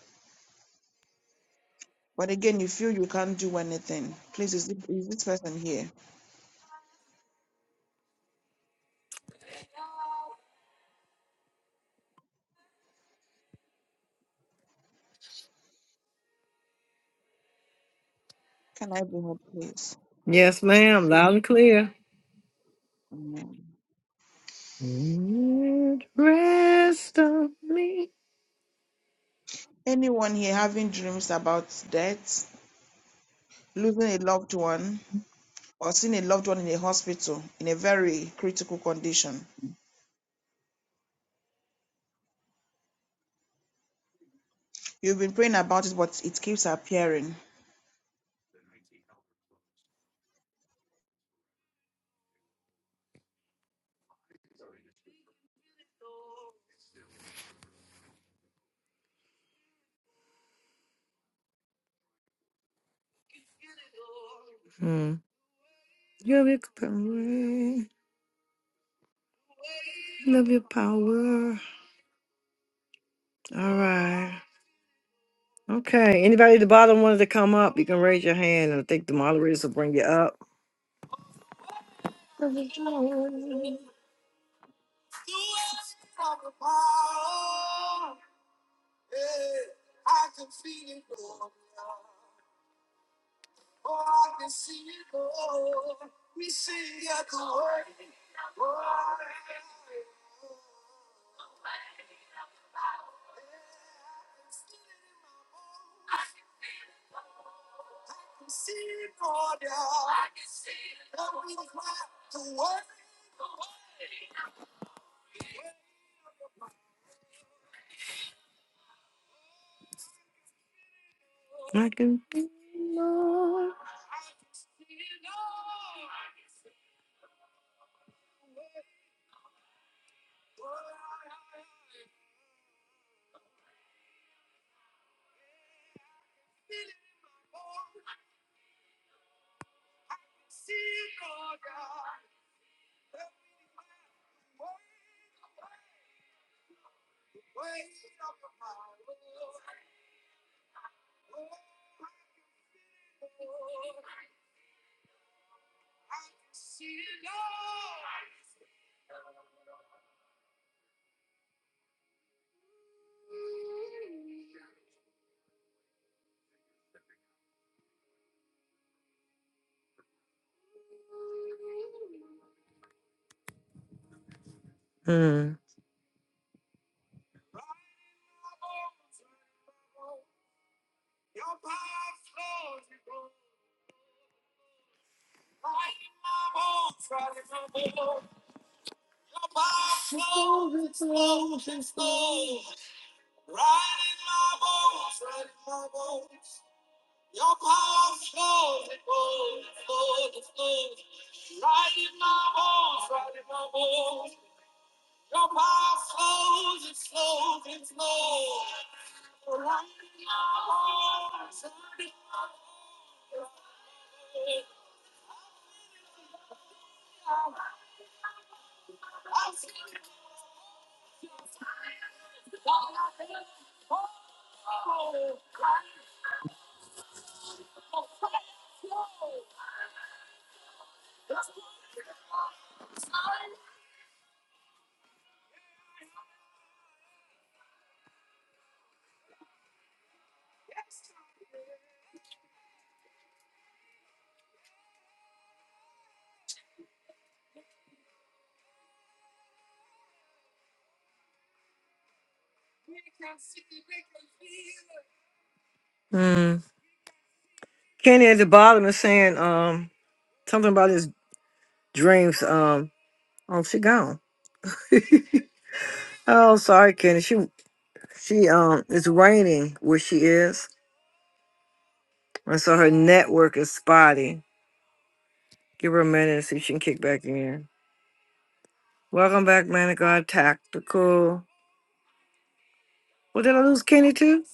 But again, you feel you can't do anything. Please, is this, is this person here? Can I be helped, please? Yes, ma'am. Loud and clear. Amen. Let Rest on me. Anyone here having dreams about death, losing a loved one, or seeing a loved one in a hospital in a very critical condition? You've been praying about it, but it keeps appearing. Hmm. You have your power. Love your power. All right. Okay. Anybody at the bottom wanted to come up, you can raise your hand and I think the moderators will bring you up. I can. Mm. Mm. Kenny at the bottom is saying um something about his Dreams. Um. Oh, she gone. Oh, sorry, Kenny. She she um. It's raining where she is, and so her network is spotty. Give her a minute and see if she can kick back in. Welcome back, man of God. Tactical. Well, did I lose, Kenny? Too.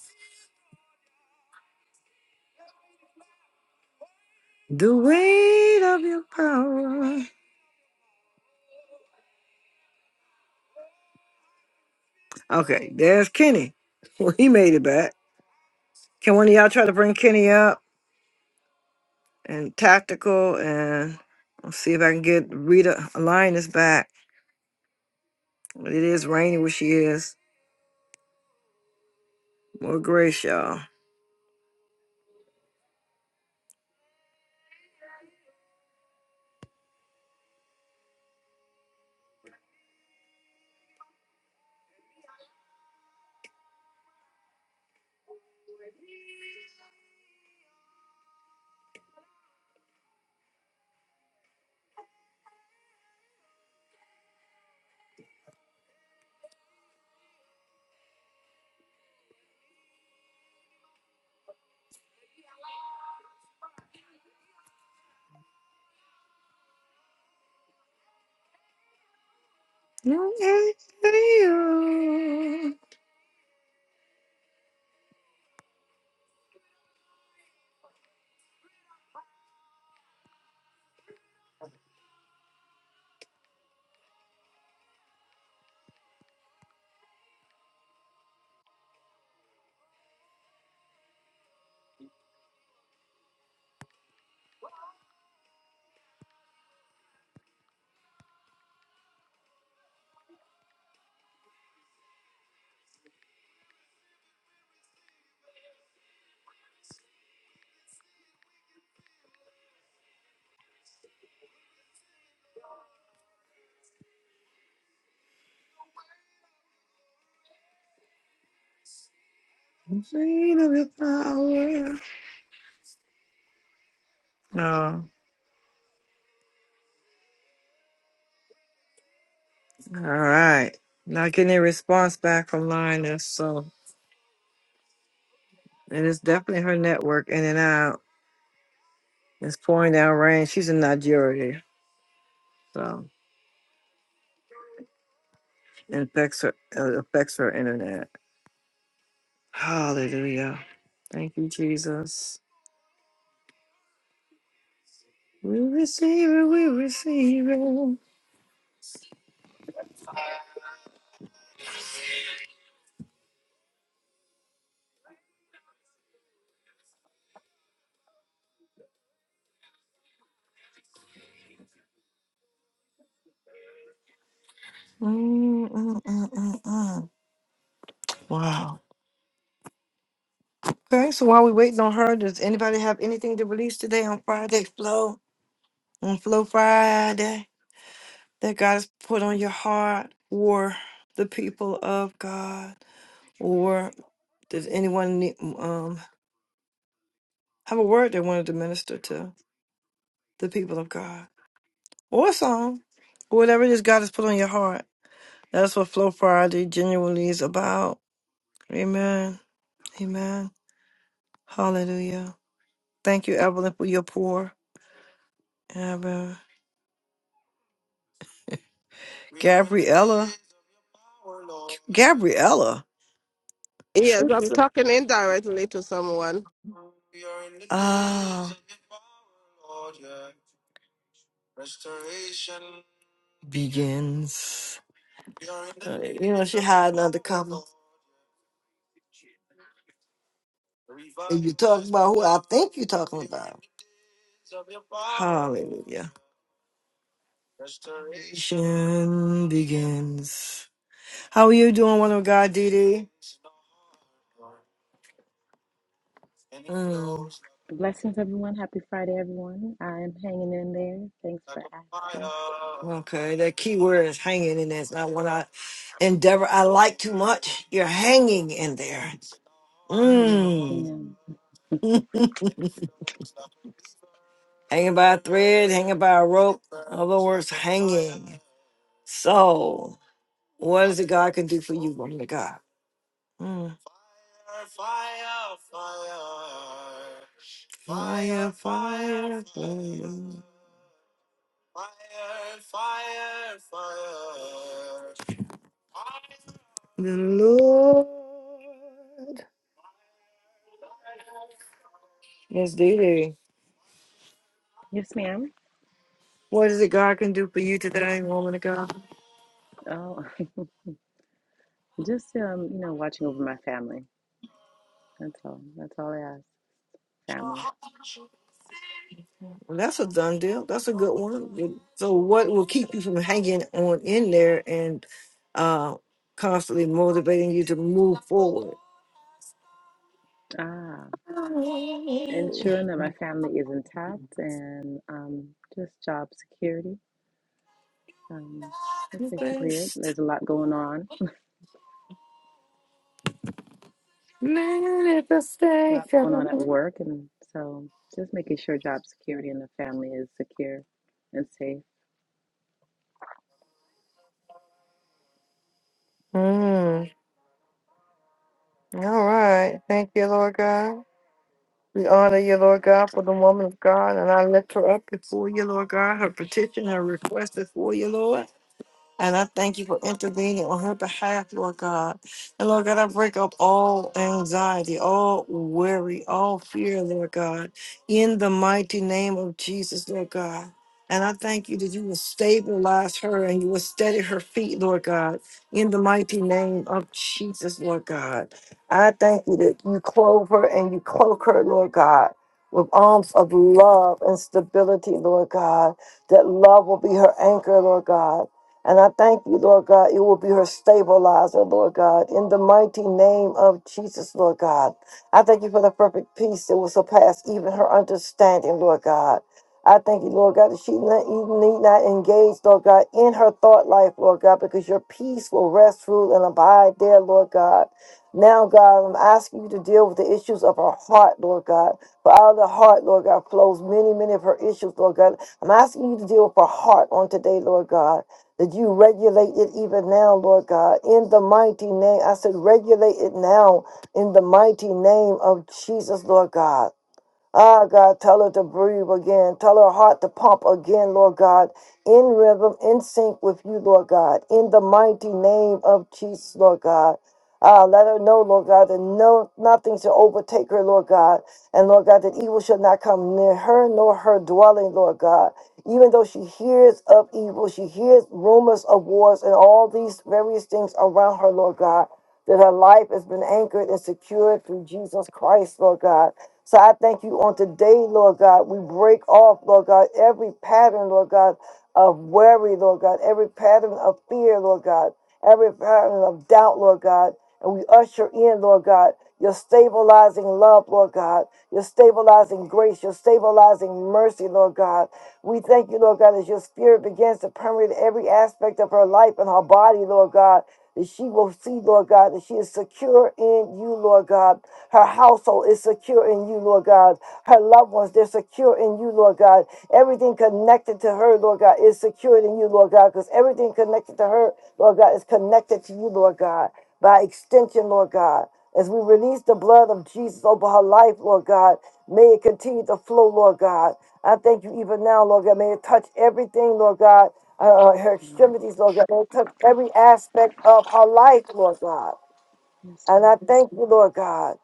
The weight of your power. Okay, there's Kenny. Well, he made it back. Can one of y'all try to bring Kenny up and tactical and I'll see if I can get Rita Alliance back. But it is raining where she is. More grace, y'all. No, No. All right. Not getting a response back from Linus, so and it's definitely her network in and out. It's pouring down rain. She's in Nigeria, so it affects her. It affects her internet. Hallelujah. Thank you, Jesus. We receive it. We receive it. Mm, mm, mm, mm, mm. Wow. Okay, so while we waiting on her, does anybody have anything to release today on Friday Flow? On Flow Friday that God has put on your heart or the people of God? Or does anyone need, um have a word they wanted to minister to the people of God? Or a song. Whatever it is God has put on your heart. That's what Flow Friday genuinely is about. Amen. Amen. Hallelujah. Thank you, Evelyn, for your pour. Amen. Gabriella. Gabriella. Yes, I'm Sister. talking indirectly to someone. ah, begins. Uh, you know, she had another couple. If you talk about who I think you're talking about, Hallelujah. Restoration begins. How are you doing, one of God, DD? Blessings, everyone. Happy Friday, everyone. I'm hanging in there. Thanks for asking. Okay, that key word is hanging in there. not one I endeavor I like too much. You're hanging in there. Um, yes, Mm. ma'am. hanging by a thread, hanging by a rope. other words, hanging. So, what is it God can do for you, woman of God? Mm. Fire, fire, fire. The Lord is there. Yes, ma'am. What is it God can do for you today, woman of God? Oh, just um, you know, watching over my family. That's all. That's all I ask. Family. Well, that's a done deal. That's a good one. So, what will keep you from hanging on in there and uh, constantly motivating you to move forward? Ah, ensuring that my family is intact and um, just job security. Um, that's basically This it. There's a lot going on. A Lot going on at manifestation. work, and so just making sure job security and the family is secure and safe. Mm. All right. Thank you, Lord God. We honor you, Lord God, for the woman of God, and I lift her up before you, Lord God. Her petition, her request before you, Lord. And I thank you for intervening on her behalf, Lord God. And Lord God, I break up all anxiety, all worry, all fear, Lord God, in the mighty name of Jesus, Lord God. And I thank you that you will stabilize her and you will steady her feet, Lord God, in the mighty name of Jesus, Lord God. I thank you that you clothe her and you cloak her, Lord God, with arms of love and stability, Lord God. That love will be her anchor, Lord God and I thank you, Lord God, you will be her stabilizer, Lord God, in the mighty name of Jesus, Lord God. I thank you for the perfect peace that will surpass even her understanding, Lord God. I thank you, Lord God, that she ne- e-, need not engage, Lord God, in her thought life, Lord God, because your peace will rest, rule, and abide there, Lord God. Now, God, I'm asking you to deal with the issues of her heart, Lord God. For out of the heart, Lord God, flows many, many of her issues, Lord God. I'm asking you to deal with her heart on today, Lord God that you regulate it even now, Lord God, in the mighty name. I said, regulate it now in the mighty name of Jesus, Lord God. Ah, God, tell her to breathe again. Tell her heart to pump again, Lord God, in rhythm, in sync with you, Lord God, in the mighty name of Jesus, Lord God. Ah, let her know, Lord God, that no nothing shall overtake her, Lord God, and Lord God, that evil shall not come near her nor her dwelling, Lord God. Even though she hears of evil, she hears rumors of wars and all these various things around her, Lord God that her life has been anchored and secured through Jesus Christ, Lord God. So I thank you on today, Lord God. We break off, Lord God, every pattern, Lord God, of worry, Lord God, every pattern of fear, Lord God, every pattern of doubt, Lord God. And we usher in, Lord God, your stabilizing love, Lord God, your stabilizing grace, your stabilizing mercy, Lord God. We thank you, Lord God, as your spirit begins to permeate every aspect of her life and her body, Lord God, that she will see, Lord God, that she is secure in you, Lord God her household is secure in you, Lord God. Her loved ones, they're secure in you, Lord God. Everything connected to her, Lord God, is secured in you, Lord God, because everything connected to her, Lord God, is connected to you, Lord God, by extension, Lord God. As we release the blood of Jesus over her life, Lord God, may it continue to flow, Lord God. I thank you even now, Lord God. May it touch everything, Lord God, uh, her Um, extremities, Lord God. May it touch every aspect of her life, Lord God. Yes, And Lord. I thank you, Lord God.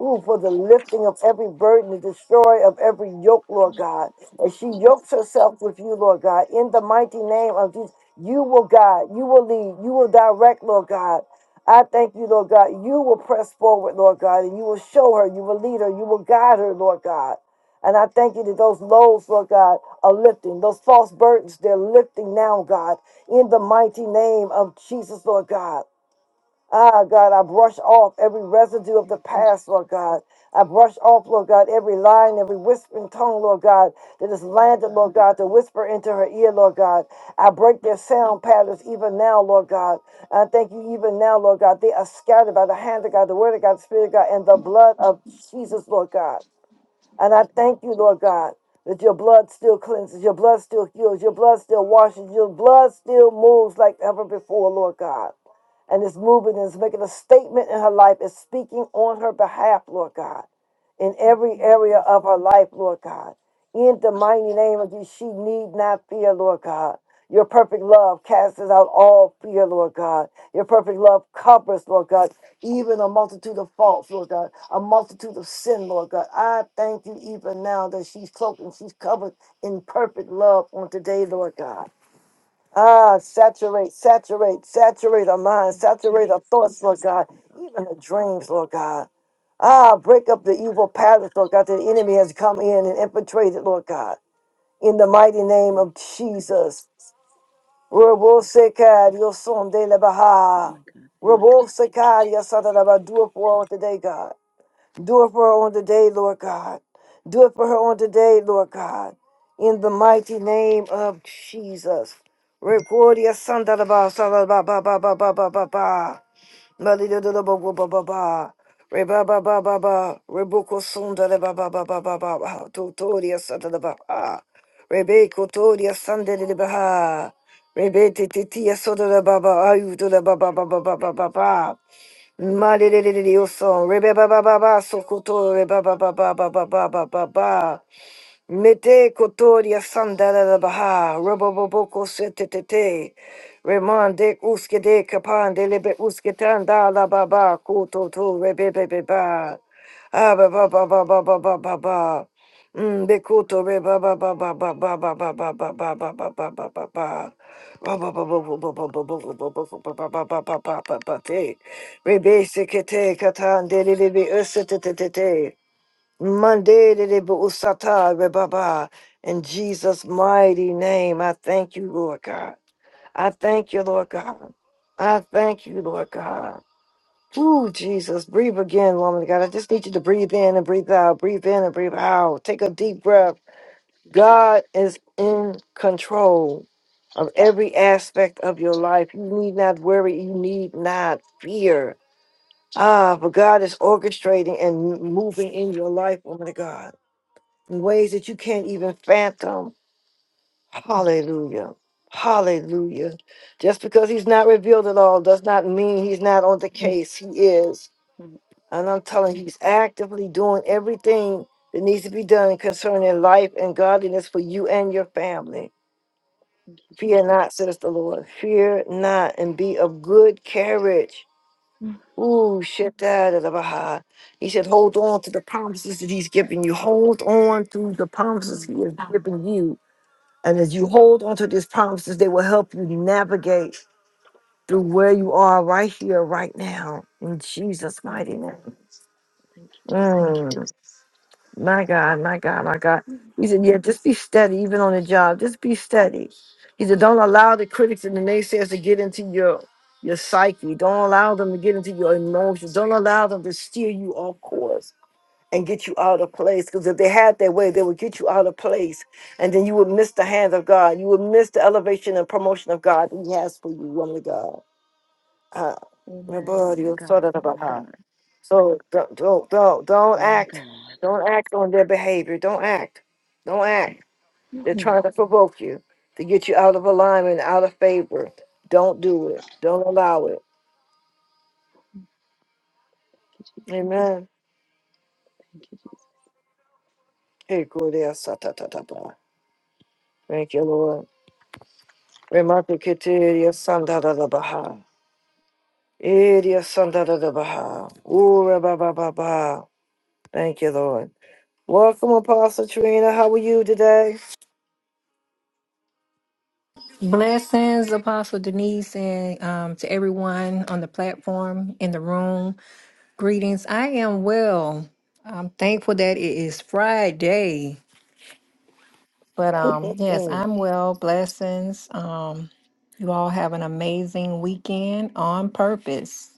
Ooh, for the lifting of every burden, the destroy of every yoke, Lord God. And she yokes Jesus. herself with you, Lord God, in the mighty name of Jesus. You will guide, you will lead, you will direct, Lord God. I thank you, Lord God. You will press forward, Lord God, and you will show her, you will lead her, you will guide her, Lord God. And I thank you that those loads, Lord God, are lifting. Those false burdens, they're lifting now, God, in the mighty name of Jesus, Lord God. Ah, God, I brush off every residue of the Thank you, past, Lord Jesus. God. I brush off, Lord God, every line, every whispering tongue, Lord God, that has Oh my landed, Lord God. God, to whisper into her ear, Lord God. I break their sound patterns even now, Lord God. I thank you even now, Lord God. They are scattered by the hand of God, the word of God, the spirit of God, and the blood of Jesus, Lord God. And I Thank you, thank you, Lord God, that your blood still cleanses, your blood still heals, your blood still washes, your blood still moves like ever before, Lord God. And it's moving and it's making a statement in her life, it's speaking on her behalf, Lord God, in yes, every Lord. area of her life, Lord God. In the mighty name of Jesus, she need not fear, Lord God. Your perfect love casts out all fear, Lord God. Your perfect love covers, Lord God even a multitude of faults, Lord God, a multitude of sin, Lord God. I thank you even now that she's cloaked and she's covered in perfect love on today, Lord God. Ah, saturate, saturate, saturate our mind, Thank you, saturate our Jesus. thoughts, Lord Thank you, God, my Father. even her dreams, Lord God. Ah, break up the evil God. Thank patterns, you, Lord God, that Jesus. the enemy has come in and infiltrated, Lord God. In the mighty name Thank of you, Jesus. Jesus. My God. Roboseka, your son de la Oh Baha. my God. Thank you. Roboseka, your son of the Do it for her on today, God. Do it for her on today, Lord God. Do it for her on today, Lord God. In the mighty name of Jesus. Recordia son de la Baha, son de la Baha, Baha, Baha, Baha, Baha, Baha. Malida da ba ba ba ba ba. Re ba ba ba ba ba. Reboko sunda da ba ba ba ba ba ba ba. Totoria santa da ba ba. Rebeko toria sanda da ba ha. Rebete titia soda da ba ba. Ayu da ba ba ba ba ba ba ba ba. Malida da da da yo son. Rebe ba ba ba ba. Sokoto reba ba ba ba ba ba ba ba ba ba. Mete kotoria sandara da baha, roboboko sete tete, remande uske de kapan kapande lebe uske tanda la baba, kuto to rebe bebe ba, ah ba ba ba ba ba ba ba ba ba, mm be kuto re ba ba ba ba ba ba ba ba ba ba ba ba ba ba ba ba ba. Ba ba ba ba ba ba ba ba ba ba ba ba ba ba ba ba ba ba ba ba te. Rebe se kete katan de lebe uste tete. Monday, Usata, Rebaba. In Jesus' mighty name, I thank you, Lord God. I thank you, Lord God. I thank you, Lord God. Ooh, Jesus, breathe again, woman of God. I just need you to breathe in and breathe out, breathe in and breathe out. Take a Thank deep breath. you. Thank you. God is in control of every aspect of your life. You need not worry, you need not fear. Ah, but God is orchestrating and moving in your life, woman of God in ways that you can't even fathom. Hallelujah. Hallelujah. Just because he's not revealed at all does not mean he's not on the case. He is. Oh, And I'm telling you, he's actively doing everything that needs to be done concerning life and godliness for you and your family. thank you, Fear Jesus. not, says the Lord. Fear not and be of good carriage. Mm, Ooh, shit, that is a baha. He said, hold on to the promises that he's giving you. Hold on to the promises mm, he has given you And as you hold onto these promises, they will help you navigate through where you are right here, right now, in Jesus' mighty mhm. name. Thank you, Jesus. Mm, my God, my God, my God. Mm. He said, Yeah, just be steady, even on the job. Just be steady. He said, Don't allow the critics and the naysayers to get into your your psyche. Don't allow them to get into your emotions. Don't allow them to steer you off course and get you out of place. Because if they had their way, they would get you out of place. And then you would miss the hand of God. You would miss the elevation and promotion of God He has for you, woman of God. Uh, my Amen. body, My you're sort God. of about My how. God. So don't, don't, don't, don't My act. God. Don't act on their behavior. Don't act. Don't act. Mhm. They're trying to provoke you to get you out of alignment, out of favor. Don't do it. Don't allow it. Thank you, Jesus. Amen. Thank you, Jesus. Hey, Gloria, sa- ta- ta- ta- ta. Thank you, Lord. Remarketeria Sandara da da Baha. Iria Sandara da da Baha. Ura Baba Baba. Thank you, Lord. Welcome, Apostle Trina. How are you today? Blessings, Apostle Denise, and um, to everyone on the platform in the room. Greetings. I am well. I'm thankful that it is Friday, but um, yes, Mm, I'm well. Blessings. Um, you all have an amazing weekend on purpose.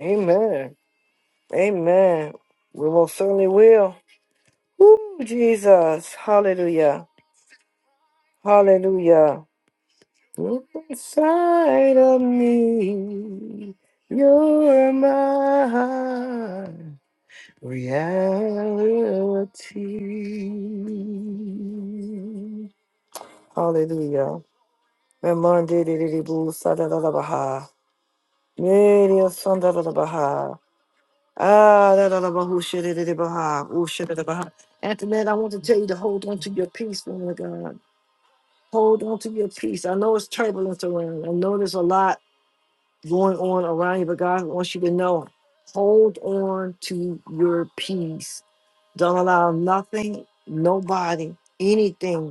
amen. Amen. We most certainly will. Ooh, Jesus. Hallelujah. Hallelujah. Look inside of me. You're mine. Reality. Hallelujah. Ramande de de de bu sa da, da, da, baha. Meri o son, da, da, da, baha. Ah, da, da, da, bahu she de de de baha, dadalabahu baha. Ushiridibaha. Antoinette, I want to tell you to hold on to your peace, woman of God. Hold on to your peace. I know it's turbulence around. I know there's a lot going on around you, but God wants you to know. Hold on to your peace Don't allow nothing, nobody, anything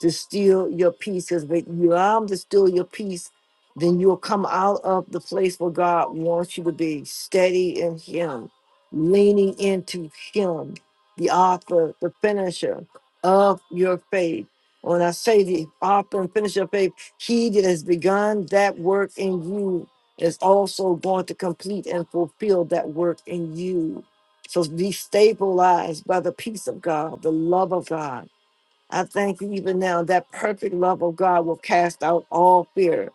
to steal your peace. Because when you allow them to steal your peace, then you'll come out of the place where God wants you to be, steady in Him, leaning into Him, the author, the finisher of your faith. When I say the author and finisher of faith, He that has begun that work in you is also going to complete and fulfill that work in you. So be stabilized by the peace of God, the love of God I thank you even now that perfect love of God will cast out all fear.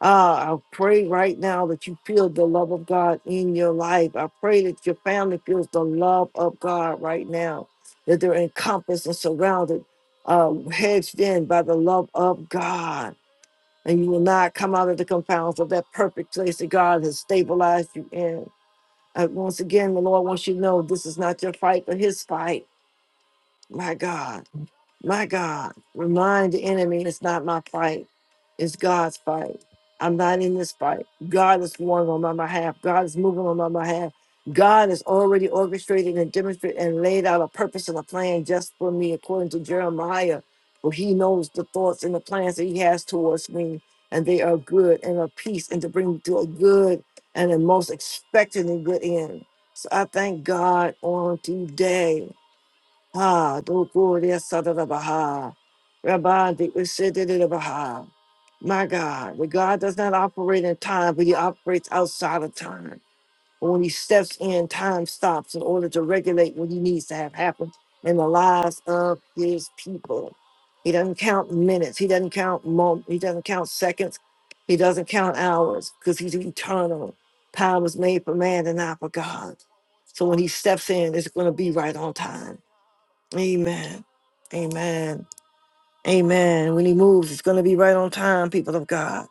Ah, I pray right now that you feel the love of God in your life. I pray that your family feels the love of God right now, that they're encompassed and surrounded, uh, hedged in by the love of God. And you will not come out of the confounds of that perfect place that God has stabilized you in. Uh, once again, the Lord wants you to know this is not your fight, but His fight. My God. My God, remind the enemy it's not my fight, it's God's fight. I'm not in this fight. God is warring on my behalf. God is moving on my behalf. God has already orchestrated and demonstrated and laid out a purpose and a plan just for me, according to Jeremiah. For he knows the thoughts and the plans that he has towards me, and they are good and of peace, and to bring me to a good and a most expected and good end. So I thank God on today. Ha, do gloria sadada baha. Rabbi, the ushedida baha. My God, the God does not operate in time, but he operates outside of time. And when he steps in, time stops in order to regulate what he needs to have happen in the lives of his people. He doesn't count minutes. He doesn't count moments. He doesn't count seconds. He doesn't count hours because he's eternal. Time was made for man and not for God. So when he steps in, it's going to be right on time Amen. Amen. Amen. When he moves, it's going to be right on time, people of God.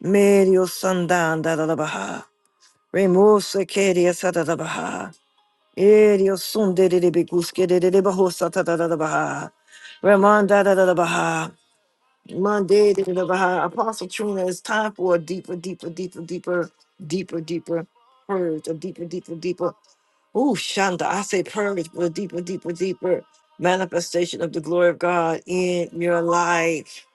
Medio sundown, da da da baha. Remorse, kedia, sa da da baha. Edio sunde de de beguske de de de bahosa, da da da da baha. Ramanda da da da baha. Monday da da da baha. Apostle Trina, it's time for a deeper, deeper, deeper, deeper, deeper, deeper purge, a deeper, deeper, deeper. Ooh, Shonda, I say purge for a deeper, deeper, deeper manifestation of the glory of God in your life.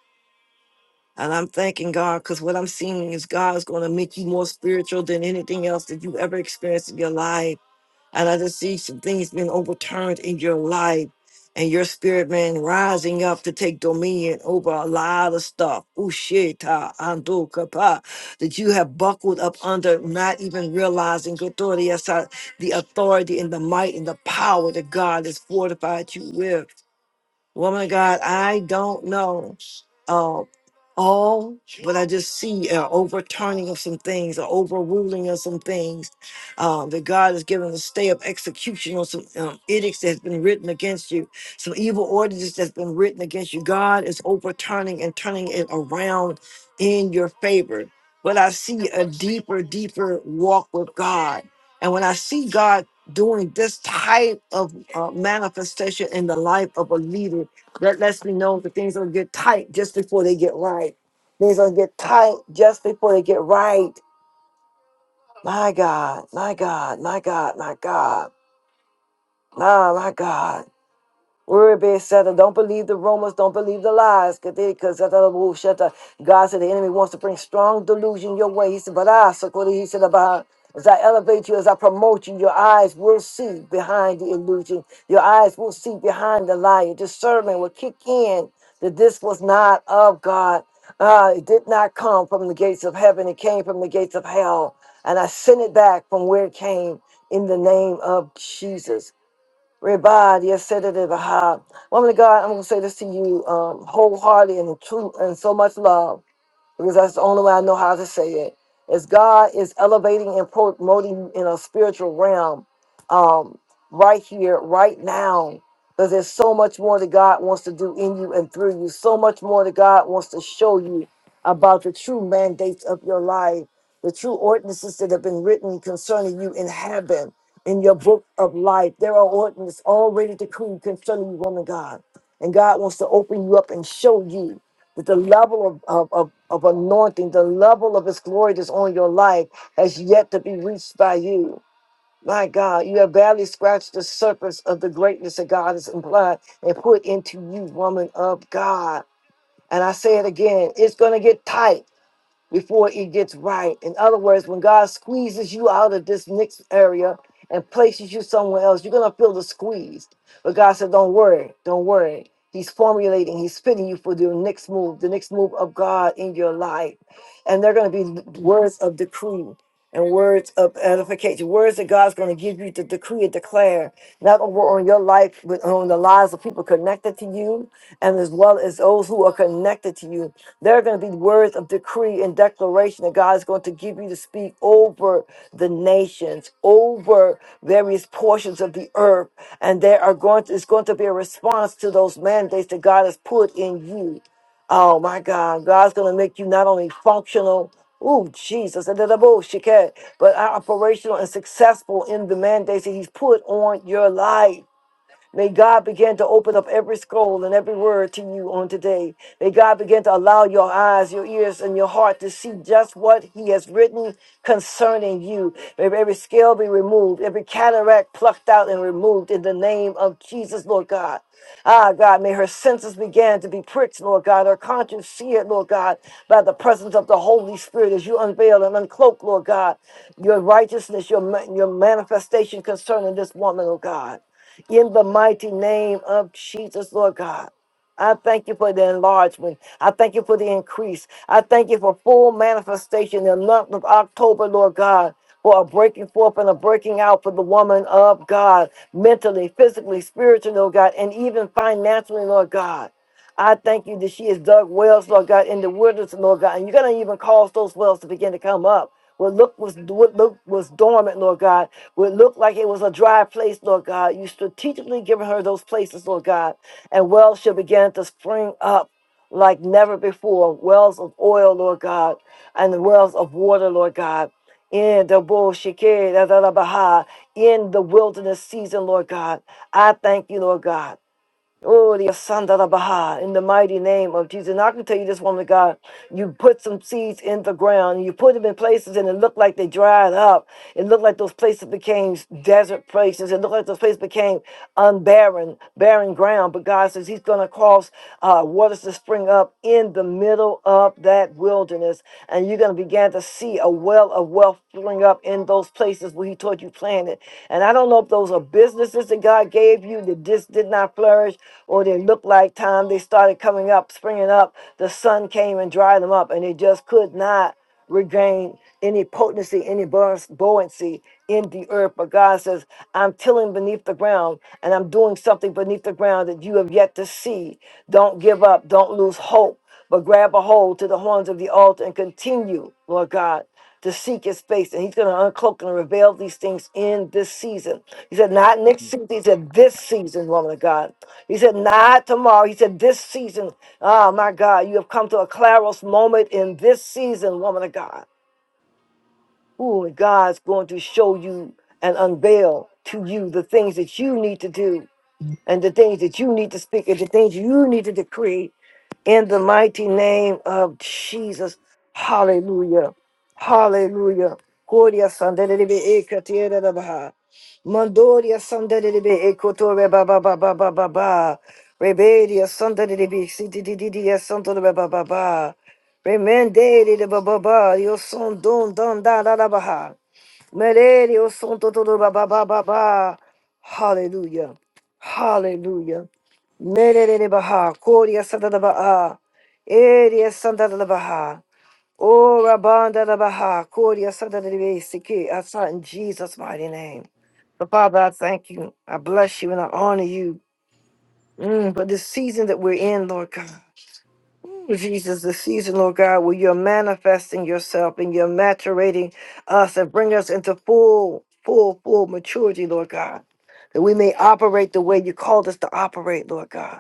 And I'm thanking God because what I'm seeing is God's going to make you more spiritual than anything else that you ever experienced in your life. And I just see some things being overturned in your life and your spirit man rising up to take dominion over a lot of stuff. Usheta ando kapa that you have buckled up under, not even realizing authority, that's how- the authority and the might and the power that God has fortified you with. Woman of God, I don't know uh, all, but I just see uh, overturning of some things, or overruling of some things. Uh, that God has given a stay of execution on some um, edicts that has been written against you, some evil ordinances that's been written against you. God is overturning and turning it around in your favor. But I see a deeper, deeper walk with God, and when I see God doing this type of uh, manifestation in the life of a leader that lets me know that things don't get tight just before they get right. Things don't get tight just before they get right. My God, my God, my God, my God, my, my God. Worry based Satan. Don't believe the rumors. Don't believe the lies. Because God said the enemy wants to bring strong delusion your way. He said, but I, so what he said about as I elevate you, as I promote you, your eyes will see behind the illusion. Your eyes will see behind the lie. Your discernment will kick in that this was not of God. Uh, it did not come from the gates of heaven. It came from the gates of hell. And I sent it back from where it came in the name of Jesus. Rebad, yes, said it Woman of God, I'm going to say this to you um, wholeheartedly and in true and so much love because that's the only way I know how to say it. As God is elevating and promoting you in a spiritual realm, um, right here, right now, because there's so much more that God wants to do in you and through you, so much more that God wants to show you about the true mandates of your life, the true ordinances that have been written concerning you in heaven, in your book of life. There are ordinances already decreed concerning you, woman God. And God wants to open you up and show you that the level of, of, of, of anointing, the level of his glory that's on your life has yet to be reached by you. My God, you have barely scratched the surface of the greatness that God has implied and put into you, woman of God. And I say it again, it's going to get tight before it gets right. In other words, when God squeezes you out of this next area and places you somewhere else, you're gonna feel the squeeze. But God said, Don't worry, don't worry. He's formulating, he's fitting you for your next move, the next move of God in your life. And they're gonna be words of decree and words of edification, words that God's gonna give you to decree and declare, not over on your life, but on the lives of people connected to you, and as well as those who are connected to you there are going to be words of decree and declaration that God is going to give you to speak over the nations, over various portions of the earth. And there are going to, it's going to be a response to those mandates that God has put in you. Oh my God, God's going to make you not only functional, ooh, Jesus, and the bullshit, but operational and successful in the mandates that He's put on your life. May God begin to open up every scroll and every word to you on today. May God begin to allow your eyes, your ears, and your heart to see just what He has written concerning you. May every scale be removed, every cataract plucked out and removed in the name of Jesus, Lord God. Ah, God, may her senses begin to be pricked, Lord God, her conscience seared, Lord God, by the presence of the Holy Spirit as you unveil and uncloak, Lord God, your righteousness, your, ma- your manifestation concerning this woman, oh God in the mighty name of Jesus, Lord God. I thank you for the enlargement. I thank you for the increase. I thank you for full manifestation in the month of October, Lord God, for a breaking forth and a breaking out for the woman of God, mentally, physically, spiritually, Lord God, and even financially, Lord God. I thank you that she has dug wells, Lord God, in the wilderness, Lord God, and you're going to even cause those wells to begin to come up. What look was what look was dormant, Lord God, what looked like it was a dry place, Lord God, you strategically given her those places, Lord God, and wells shall begin to spring up like never before. Wells of oil, Lord God, and the wells of water, Lord God. In the bull shikeh, da, da, da, baha, in the wilderness season, Lord God. I thank you, Lord God. Oh, the Asanda da Baha, in the mighty name of Jesus. And I can tell you this woman of God, you put some seeds in the ground, and you put them in places, and it looked like they dried up. It looked like those places became desert places. It looked like those places became unbarren, barren ground. But God says He's going to cause uh, waters to spring up in the middle of that wilderness. And you're going to begin to see a well of wealth spring up in those places where He told you planted. And I don't know if those are businesses that God gave you that just did not flourish or they looked like time they started coming up, springing up, the sun came and dried them up, and they just could not regain any potency, any buoy- buoyancy in the earth. But God says, I'm tilling beneath the ground and I'm doing something beneath the ground that you have yet to see. Don't give up, don't lose hope, but grab a hold to the horns of the altar and continue, Lord God. To seek his face, and he's going to uncloak and reveal these things in this season. He said, Not next season, he said, This season, woman of God. He said, not tomorrow. He said, this season. Oh, my God, you have come to a Claros moment in this season, woman of God. Ooh, God's going to show you and unveil to you the things that you need to do and the things that you need to speak and the things you need to decree in the mighty name of Jesus. Hallelujah. Hallelujah. Gloria sandelebe ekatiera da baha. Mandoria sandelebe ekotore ba ba ba ba ba ba ba. Rebedia sandelebe sitididia sandelebe ba ba ba. Remendere de ba ba ba. Yo son don don da da da baha. Merere yo son todo ba ba ba ba ba. Hallelujah. Hallelujah. Merere baha, koria santa da baha, eria santa da baha, ora banda da baha, koria santa da basiki. I saw in Jesus' mighty name. So, Father, I thank you. I bless you and I honor you mm, for this season that we're in, Lord God. Ooh, Jesus, the season, Lord God, where you're manifesting yourself and you're maturating us and bring us into full, full, full maturity, Lord God, that we may operate the way you called us to operate, Lord God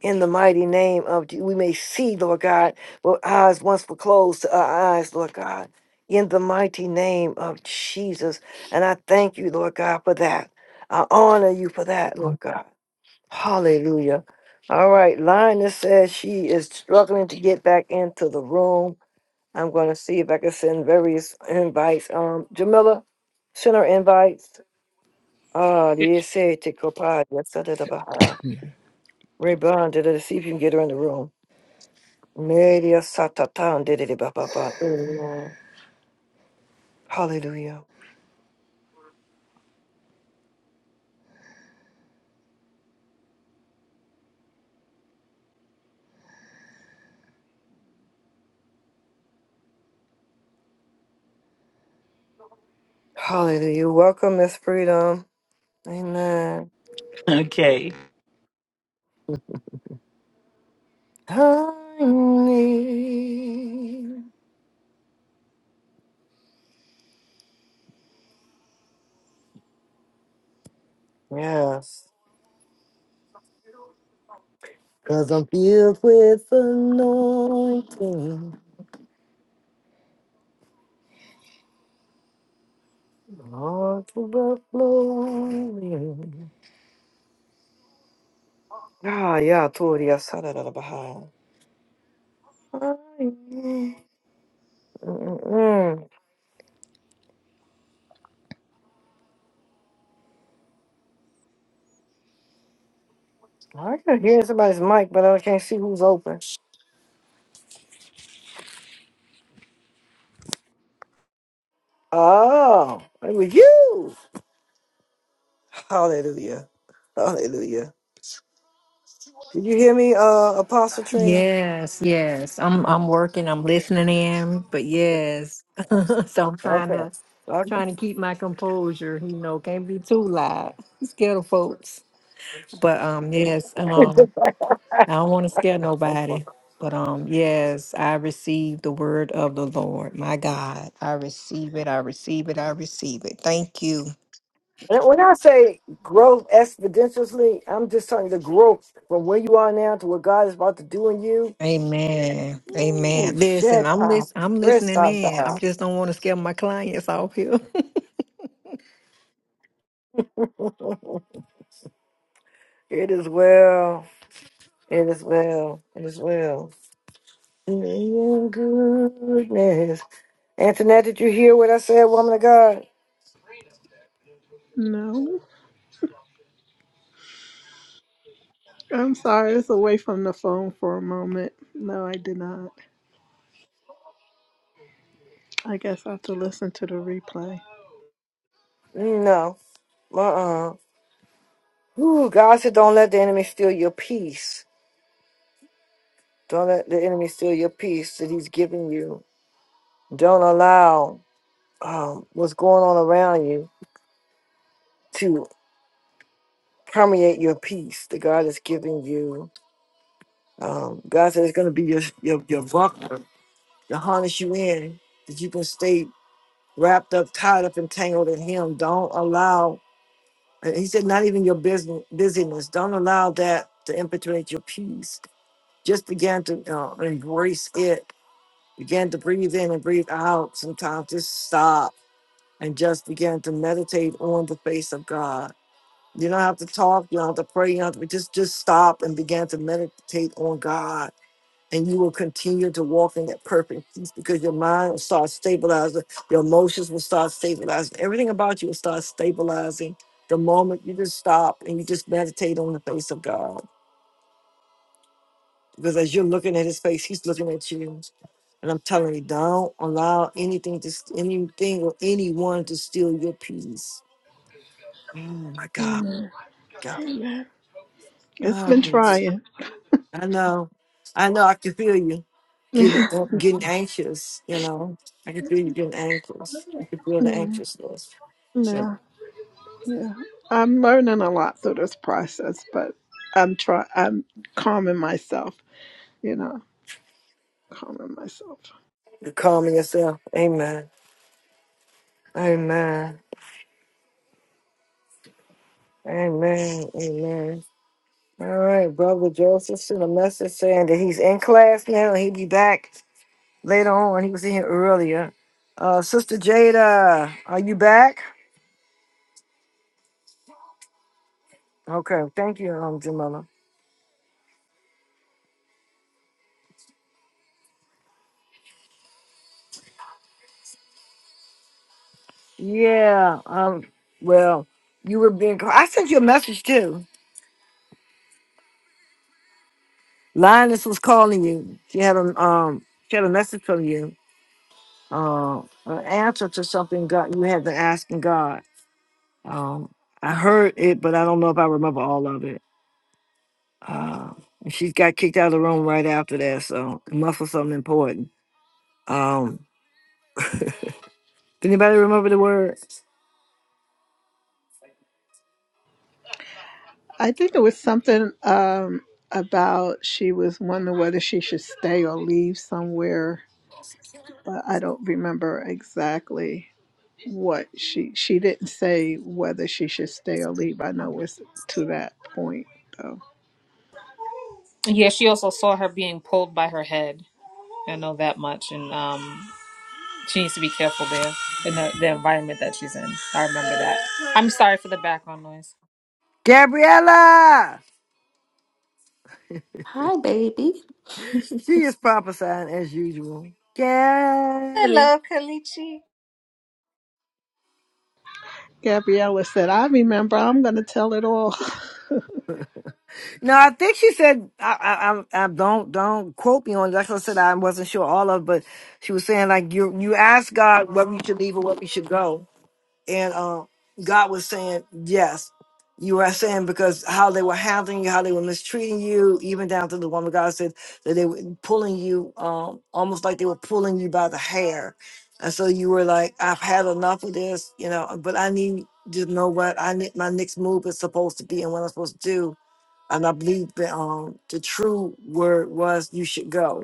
in the mighty name of Jesus. We may see, Lord God, what eyes once were closed to our eyes, Lord God, in the mighty name of Jesus. And I thank you, Lord God, for that. I honor you for that, Lord God. Hallelujah. All right, Lina says she is struggling to get back into the room. I'm going to see if I can send various invites. Um, Jamila, send her invites. Ah, uh, the essay to Kopad, Yeah. Rebond, to see if you can get her in the room. Media satatan did it, ba, ba, ba. Amen. Hallelujah. Hallelujah. Welcome, Miss Freedom. Amen. Okay. Honey. Yes. Cause I'm filled with anointing. All to the flowing. Ah, yeah, Toria Sadarabaha. Mm-mm. I can hear somebody's mic, but I can't see who's open. Oh, it was you. Hallelujah. Hallelujah. Did you hear me, uh, Apostle Trina? Yes, yes. I'm I'm working. I'm listening in, but Okay. yes. so I'm trying Okay. to trying to keep my composure. You know, can't be too loud. Scared of folks. But um, yes, um, I don't want to scare Okay. nobody. But um, yes, I receive the word of the Lord. My God, I receive it. I receive it. I receive it. Thank you. And when I say growth exponentially, I'm just talking the growth from where you are now to what God is about to do in you. Amen. Amen. Ooh, Listen, shit. I'm Ah, lis- I'm Rest listening our in. I thoughts. just don't want to scare my clients off here. It is well. It is well. It is well. In goodness. Antoinette, did you hear what I said, woman of God? No, I'm sorry. It's away from the phone for a moment. No, I did not. I guess I have to listen to the replay. No. Uh uh Ooh, God said, don't let the enemy steal your peace. Don't let the enemy steal your peace that he's giving you. Don't allow um, what's going on around you to permeate your peace that God is giving you. Um, God said it's going to be your, your, your buckler to harness you in, that you can stay wrapped up, tied up, and tangled in him. Don't allow, and he said, not even your business, busyness. Don't allow that to infiltrate your peace. Just begin to uh, embrace it Begin to breathe in and breathe out. Sometimes just stop and just begin to meditate on the face of God. You don't have to talk, you don't have to pray, you don't have to just just stop and begin to meditate on God. And you will continue to walk in that perfect peace because your mind will start stabilizing, your emotions will start stabilizing, everything about you will start stabilizing the moment you just stop and you just meditate on the face of God. Because as you're looking at his face, he's looking at you. And I'm telling you, don't allow anything to st- anything or anyone to steal your peace. Oh my God, God. It's Ah, been it's- trying. I know. I know I can feel you yeah, getting uh, getting anxious, you know. I can feel you getting anxious. You can feel the anxiousness. yeah, You're yeah. I'm learning a lot through this process, but I'm try. I'm calming myself. You know, calming myself. calming yourself. Amen. Amen. Amen. Amen. All right, brother Joseph sent a message saying that he's in class now and he'll be back. later on. He was in here earlier. Uh, Sister Jada, are you back? Okay, thank you, um, Jamila. Yeah, um, well, you were being. called. I sent you a message too. Linus was calling you. She had a um, she had a message from you. Uh, an answer to something God you had been asking God. Um, I heard it, but I don't know if I remember all of it. Uh, and she got kicked out of the room right after that, so it must have something important. Um, anybody remember the word? I think it was something um, about she was wondering whether she should stay or leave somewhere, but I don't remember exactly what she she didn't say whether she should stay or leave. I know it's to that point though. Yeah, she also saw her being pulled by her head. I know that much, and um, she needs to be careful there in the, the environment that she's in. I remember that. I'm sorry for the background noise. Gabriella! Hi, baby. She is prophesying as usual. Gabby. Gabriella said, "I remember. I'm going to tell it all." No, I think she said I, I, I, I don't don't quote me on. it." Like I said, I wasn't sure all of, but she was saying like you you ask God where we should leave or where we should go. and um, God was saying, "Yes, you are saying because how they were handling you, how they were mistreating you, even down to the woman God said that they were pulling you, um, almost like they were pulling you by the hair." And so you were like, "I've had enough of this," you know. But I need to know what I need. My next move is supposed to be, and what I'm supposed to do. And I believe that um, the true word was, "You should go."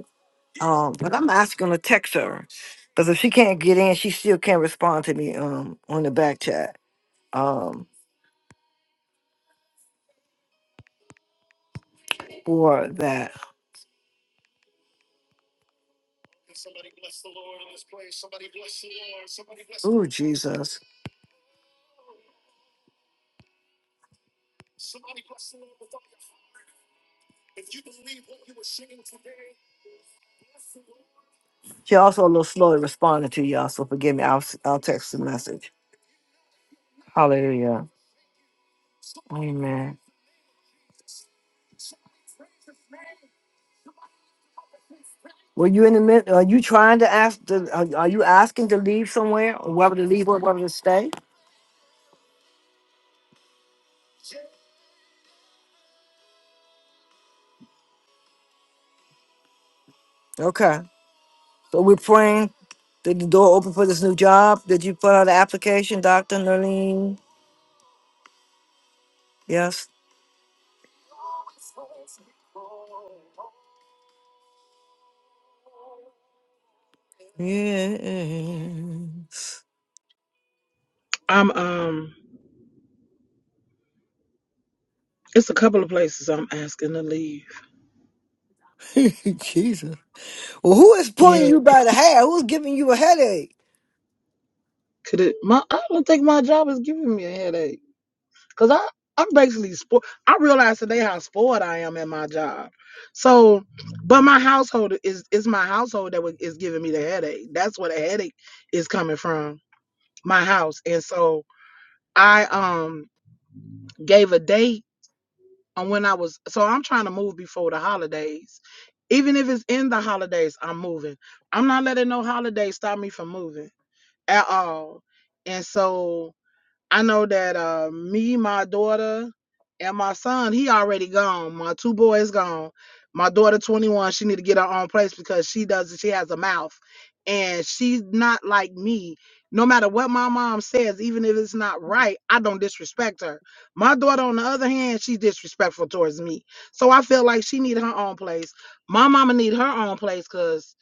Um, but I'm asking her to text her because if she can't get in, she still can't respond to me um on the back chat um for that. Ooh, Jesus! She also a little slow at responding to y'all, so forgive me. I'll s- I'll text the message. Hallelujah. Amen. Were you in the mid? Are you trying to ask? To, are, are you asking to leave somewhere, or whether to leave or whether to stay? Okay. So we're praying Did the door open for this new job? Did you put out an application, Dr. Nerlene? Yes. Yeah. I'm um it's a couple of places I'm asking to leave. Jesus. Well, who is pulling Yeah, you by the hair? Who's giving you a headache? could it my I don't think my job is giving me a headache. Cause I I'm basically sport I realize today how spoiled I am at my job. So but my household is is my household that wa- is giving me the headache. That's where the headache is coming from. My house. And so I um gave a date on when I was so I'm trying to move before the holidays. Even if it's in the holidays, I'm moving. I'm not letting no holiday stop me from moving at all. And so I know that uh, me, my daughter, and my son, he already gone. My two boys gone. My daughter, 21, she need to get her own place because she doesn't, she has a mouth. And she's not like me. No matter what my mom says, even if it's not right, I don't disrespect her. My daughter, on the other hand, she's disrespectful towards me. So I feel like she need her own place. My mama need her own place because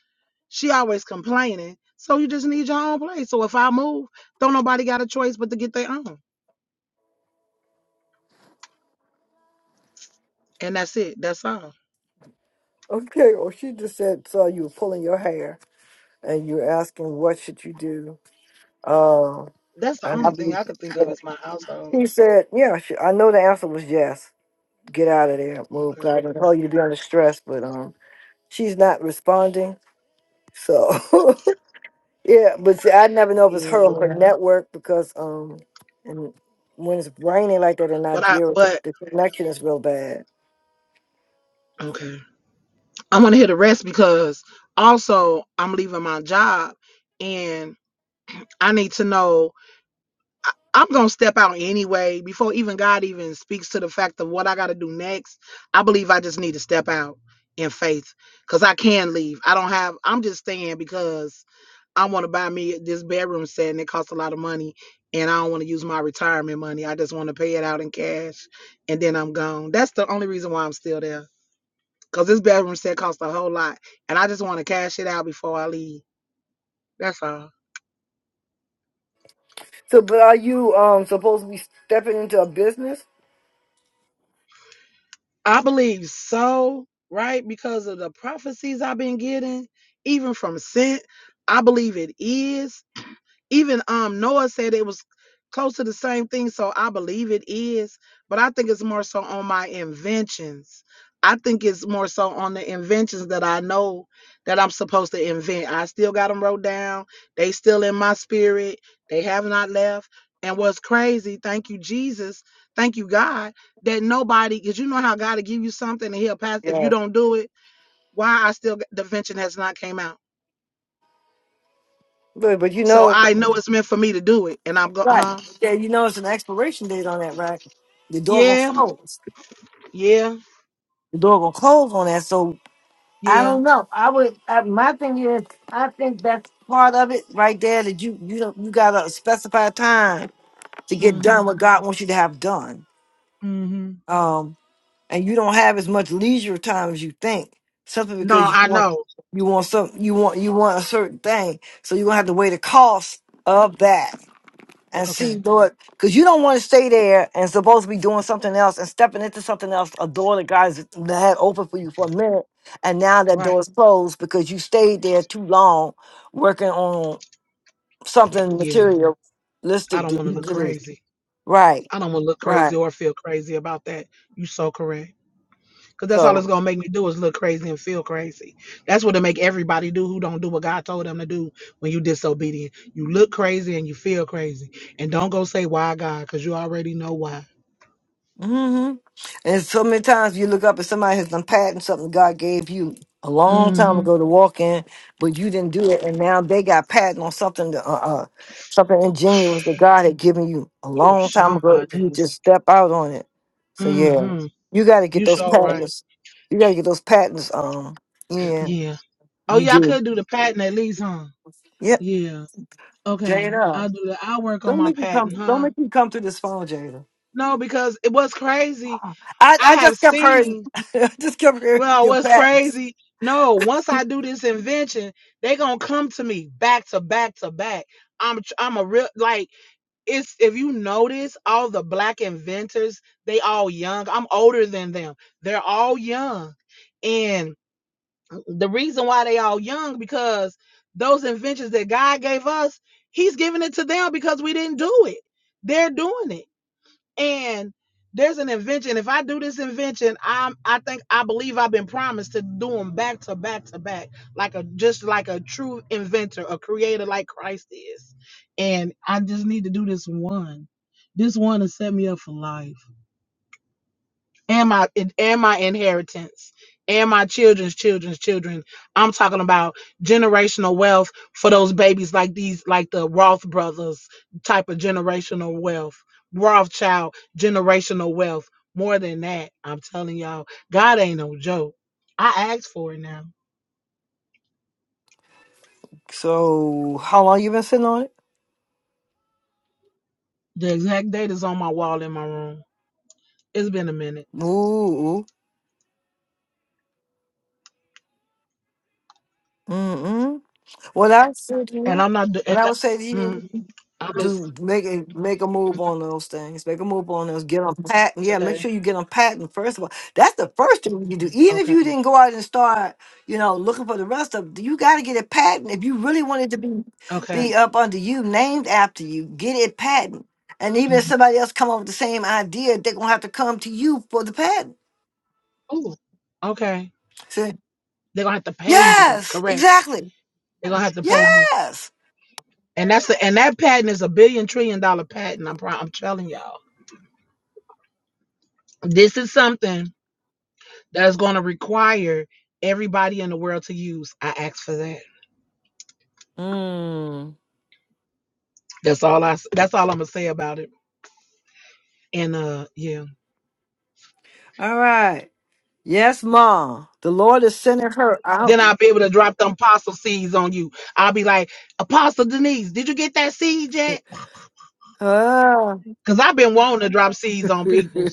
she always complaining. So you just need your own place. So if I move, don't nobody got a choice but to get their own. And that's it. That's all. Okay, well, she just said, so you were pulling your hair and you're asking, what should you do? Uh, That's the and I only thing believe I could think of is my household. she said, yeah, she, I know the answer was yes. Get out of there, move. Okay. 'cause I didn't tell you to be under stress, but um, she's not responding. So Yeah, but see, I never know if it's her Yeah. or her network because um, and when it's raining like that in But I Nigeria, the but the connection is real bad. okay. I want to hear the rest because also I'm leaving my job and I need to know I, I'm gonna step out anyway before even God even speaks to the fact of what I got to do next. I believe I just need to step out in faith because I can leave. I don't have. I'm just staying because I want to buy me this bedroom set and it costs a lot of money, and I don't want to use my retirement money. I just want to pay it out in cash, and then I'm gone. That's the only reason why I'm still there because this bedroom set costs a whole lot, and I just want to cash it out before I leave. That's all. So, but are you um supposed to be stepping into a business? I believe so, right? Because of the prophecies I've been getting, even from sent. I believe it is even um Noah said it was close to the same thing, so I believe it is, but I think it's more so on my inventions. I think it's more so on the inventions that I know that I'm supposed to invent. I still got them wrote down. They still in my spirit. They have not left. And what's crazy, thank you, Jesus. Thank you, God, that nobody, because you know how God will give you something and he'll pass. If you don't do it, why I still, the invention has not came out. But but you So know, I know it's meant for me to do it. And I'm going, huh? right? Yeah, you know it's an expiration date on that, right? The door gonna Yeah, close. yeah, The door gonna close on that. So I yeah. don't know. I would. I, my thing is, I think that's part of it right there. That you you don't you gotta specify time to get done Mhm. what God wants you to have done. Mhm. Um. and you don't have as much leisure time as you think. Simply No, because you I want know. you want some you want you want a certain thing, so you're gonna have to weigh the cost of that and see, Okay. Lord, because you don't want to stay there and supposed to be doing something else and stepping into something else, a door that God's that had open for you for a minute, and now that Right. door is closed because you stayed there too long working on something Yeah. materialistic I don't that want to you look did. crazy. Right, I don't want to look crazy right. or feel crazy about that. You so correct. Cause that's all So. it's gonna make me do is look crazy and feel crazy. That's what it make everybody do who don't do what God told them to do when you disobedient. You look crazy and you feel crazy. And don't go say why God, cause you already know why. hmm And so many times you look up and somebody has done patent something God gave you a long time Mm-hmm. ago to walk in, but you didn't do it, and now they got patent on something that, uh, uh something ingenuous that God had given you a Ooh, long time ago. Shamba If you days. just step out on it, so yeah, Mm-hmm. you got to get You those sure right. patents. You got to get those patents. Um, in Yeah. Oh you yeah, I do. could do the pattern at least, huh? Yep, Yeah. Okay. I'll Jada. do that. I'll work on Don't my make me come. patent, Don't huh? make me come to this phone, Jada. No, because it was crazy. Uh-uh. I I I have just kept hearing. seen, I just kept hearing well, your what's patents. crazy? No, once I do this invention, they gonna come to me back to back to back. I'm tr- I'm a real like it's if you notice all the black inventors, they all young. I'm older than them. They're all young. And the reason why they all young because those inventions that God gave us, He's giving it to them because we didn't do it. They're doing it, and there's an invention. If I do this invention, I'm I think I believe I've been promised to do them back to back to back, like a just like a true inventor, a creator like Christ is. And I just need to do this one. This one to set me up for life and my and my inheritance and my children's children's children. I'm talking about generational wealth for those babies like these, like the Roth brothers type of generational wealth, Rothschild generational wealth. More than that, I'm telling y'all, God ain't no joke. I asked for it now. So, how long you been sitting on it? The exact date is on my wall in my room. It's been a minute, Ooh, mm mm. What I said to and you, I'm not. do- what And, I I- would say to mm, you, I listened do make a make a move on those things. Make a move on those. Get them patent. Yeah, make today. sure you get them patent first of all. That's the first thing you do. Even if Okay. you didn't go out and start, you know, looking for the rest of, you got to get it patent if you really want it to be Okay. be up under you, named after you. Get it patent. And even if Mhm. somebody else come up with the same idea, they're gonna have to come to you for the patent. Ooh. Okay. Say, They're gonna have to pay me. yes, Correct. exactly. They're gonna have to pay me. Yes. And that's the and that patent is a billion trillion dollar patent. I'm pro- I'm telling y'all. This is something that's gonna require everybody in the world to use. I asked for that. Mm. That's all I s- that's all I'm gonna say about it. And uh yeah. All right. Yes, Ma. The Lord is sending her out. Then I'll be able to drop them apostle seeds on you. I'll be like, Apostle Denise, did you get that seed yet? Uh, Because I've been wanting to drop seeds on people.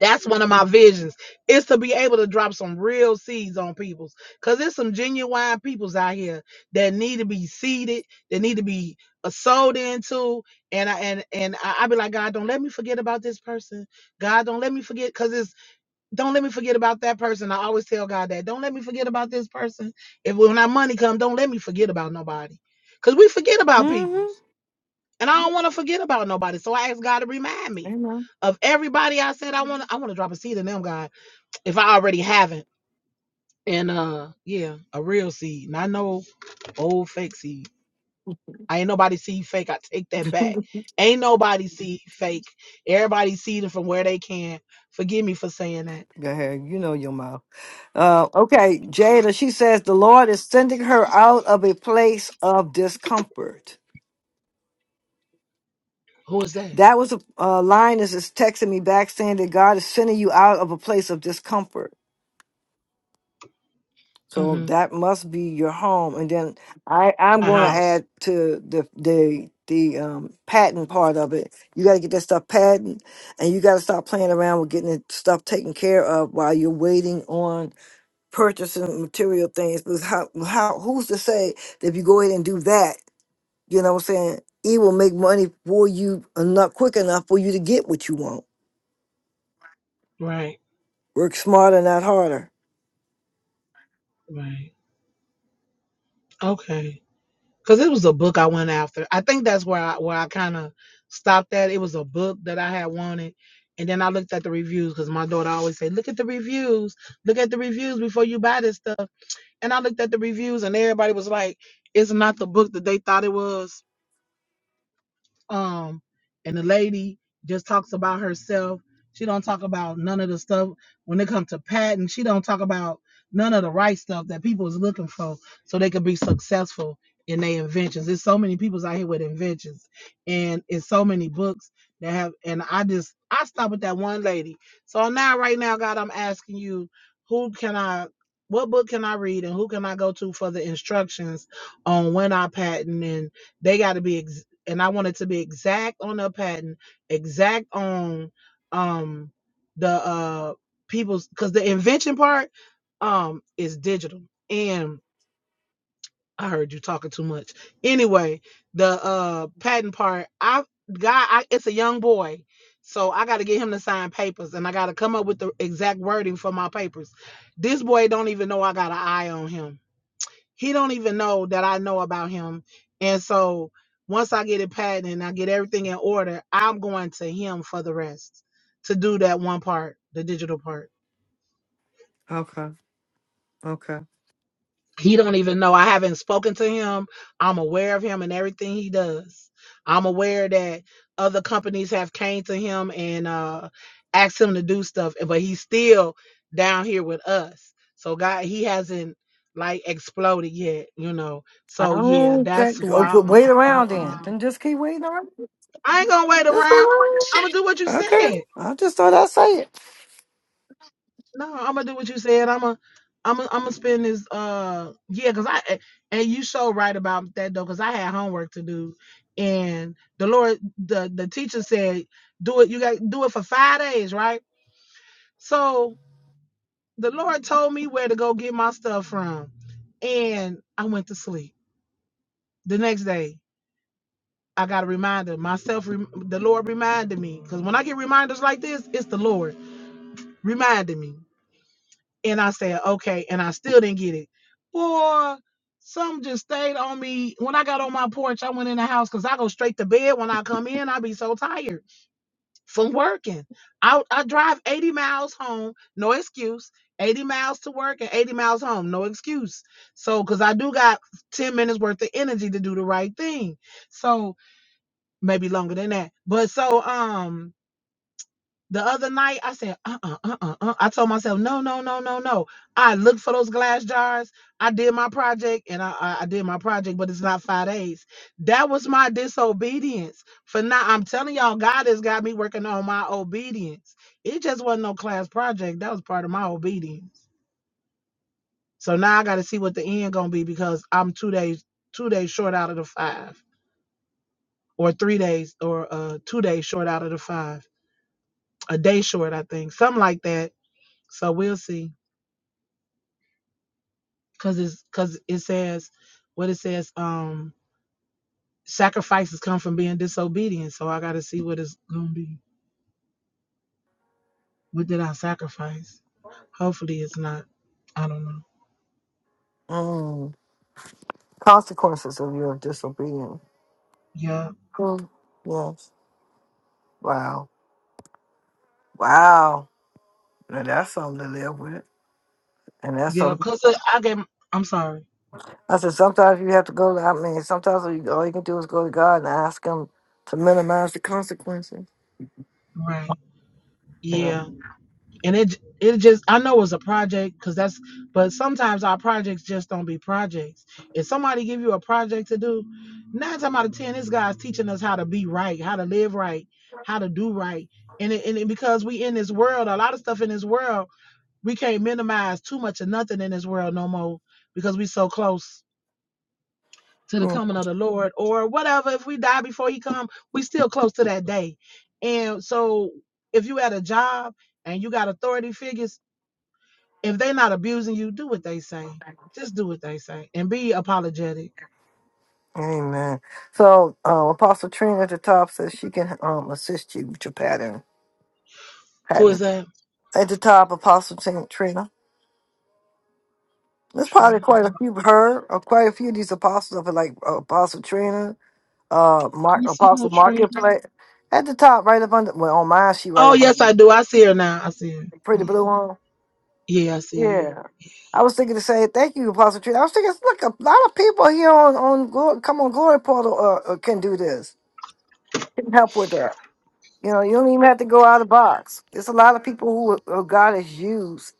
That's one of my visions is to be able to drop some real seeds on people's because there's some genuine peoples out here that need to be seeded, that need to be uh, sold into. And I and and I, I be like, God, don't let me forget about this person. God, don't let me forget because it's don't let me forget about that person. I always tell God that. Don't let me forget about this person. If when our money come, don't let me forget about nobody. Cause we forget about people. mm-hmm. And I don't want to forget about nobody. So I asked God to remind me Amen. of everybody I said I want to I want to drop a seed in them, God, if I already haven't. And uh yeah, a real seed. Not no old fake seed. I ain't nobody seed fake. I take that back. Ain't nobody seed fake. Everybody seeding from where they can. Forgive me for saying that. Go ahead. You know your mouth. Uh, okay, Jada, she says the Lord is sending her out of a place of discomfort. Who is that? That was a uh, line is is texting me back saying that God is sending you out of a place of discomfort. So Mm-hmm. that must be your home. And then I, I'm My going to house. add to the the the um, patent part of it. You got to get that stuff patent, and you got to start playing around with getting that stuff taken care of while you're waiting on purchasing material things. Because how how who's to say that if you go ahead and do that, you know what I'm saying? It will make money for you enough quick enough for you to get what you want. Right. Work smarter, not harder. Right. Okay. because it was a book I went after. I think that's where I where I kind of stopped at. It was a book that I had wanted, and then I looked at the reviews because my daughter always said, "Look at the reviews, look at the reviews before you buy this stuff." And I looked at the reviews, and everybody was like, "It's not the book that they thought it was." Um, and the lady just talks about herself. She don't talk about none of the stuff when it comes to patent. She don't talk about none of the right stuff that people is looking for so they could be successful in their inventions. There's so many people out here with inventions and it's so many books that have and I just I stopped with that one lady. So now right now, God, I'm asking you, who can I what book can I read and who can I go to for the instructions on when I patent and they got to be ex- and I wanted to be exact on the patent, exact on um the uh people's because the invention part um is digital and I heard you talking too much. Anyway, the uh patent part, I guy, I, it's a young boy, so I got to get him to sign papers, and I got to come up with the exact wording for my papers. This boy don't even know I got an eye on him he don't even know that I know about him. And so once I get it patented, and I get everything in order, I'm going to him for the rest to do that one part, the digital part. Okay. Okay. he don't even know i haven't spoken to him i'm aware of him and everything he does i'm aware that other companies have came to him and uh asked him to do stuff but he's still down here with us so god he hasn't like exploded yet you know I so yeah don't that's think. who Oh, i so wait who i'm around then. um, Then just keep waiting around. i ain't gonna wait Just keep around i'm gonna do what you waiting. Okay. said I just thought I'd say it. No, I'm gonna do what you said. I'm gonna, I'm gonna, I'm gonna spend this. Uh, yeah, cause I and you so right about that though, cause I had homework to do, and the Lord, the the teacher said, do it. You got do it for five days, right? So the Lord told me where to go get my stuff from, and I went to sleep. The next day, I got a reminder. Myself, rem- the Lord reminded me, cause when I get reminders like this, it's the Lord reminding me. And I said, okay. And I still didn't get it. Boy, some just stayed on me. When I got on my porch, I went in the house because I go straight to bed when I come in. I be so tired from working. I, I drive 80 miles home, no excuse. 80 miles to work and 80 miles home, no excuse. So, because I do got 10 minutes worth of energy to do the right thing. So, maybe longer than that. But so, um, the other night, I said, uh uh-uh, uh, uh, uh. I told myself, no, no, no, no, no. I looked for those glass jars. I did my project and I, I, I did my project, but it's not five days. That was my disobedience. For now, I'm telling y'all, God has got me working on my obedience. It just wasn't no class project. That was part of my obedience. So now I got to see what the end gonna be because I'm two days, two days short out of the five, or three days, or uh, two days short out of the five, a day short, I think, something like that. So we'll see. because it's because it says what it says um sacrifices come from being disobedient so i gotta see what it's gonna be what did i sacrifice hopefully it's not i don't know Mm. Consequences of your disobedience. yeah Mm. Yes. Wow. Wow. Now that's something to live with. And that's yeah something. because i get i'm sorry I said sometimes you have to go. To, I mean, sometimes all you, all you can do is go to God and ask Him to minimize the consequences. right Yeah. yeah. and it it just I know it's a project because that's but sometimes our projects just don't be projects. If somebody give you a project to do, nine times out of ten, this guy's teaching us how to be right, how to live right, how to do right. And it, and it, because we in this world, a lot of stuff in this world, we can't minimize too much of nothing in this world no more because we so close to the coming of the Lord or whatever. If we die before He come, we still close to that day. And so, if you at a job and you got authority figures if they're not abusing you, do what they say. Just do what they say and be apologetic. Amen. So, uh, Apostle Trina at the top says she can um, assist you with your pattern. Who is that? at the top, Apostle Tim- Trina. There's probably Trina. quite a few her or quite a few of these apostles of at like uh, Apostle Trina, uh, I Mark, don't see Apostle no Trina. Marketplace. At the top, right up under, well, on mine, she right Oh, up under yes, I the do. I see her now. I see her. pretty Yeah. blue one. Yeah, I see Yeah. I was thinking to say thank you, Apostle Trina. I was thinking, look, a lot of people here on on Glo- come on Glory Portal uh, uh, can do this, can help with that. You know, you don't even have to go out of the box. There's a lot of people who uh, God has used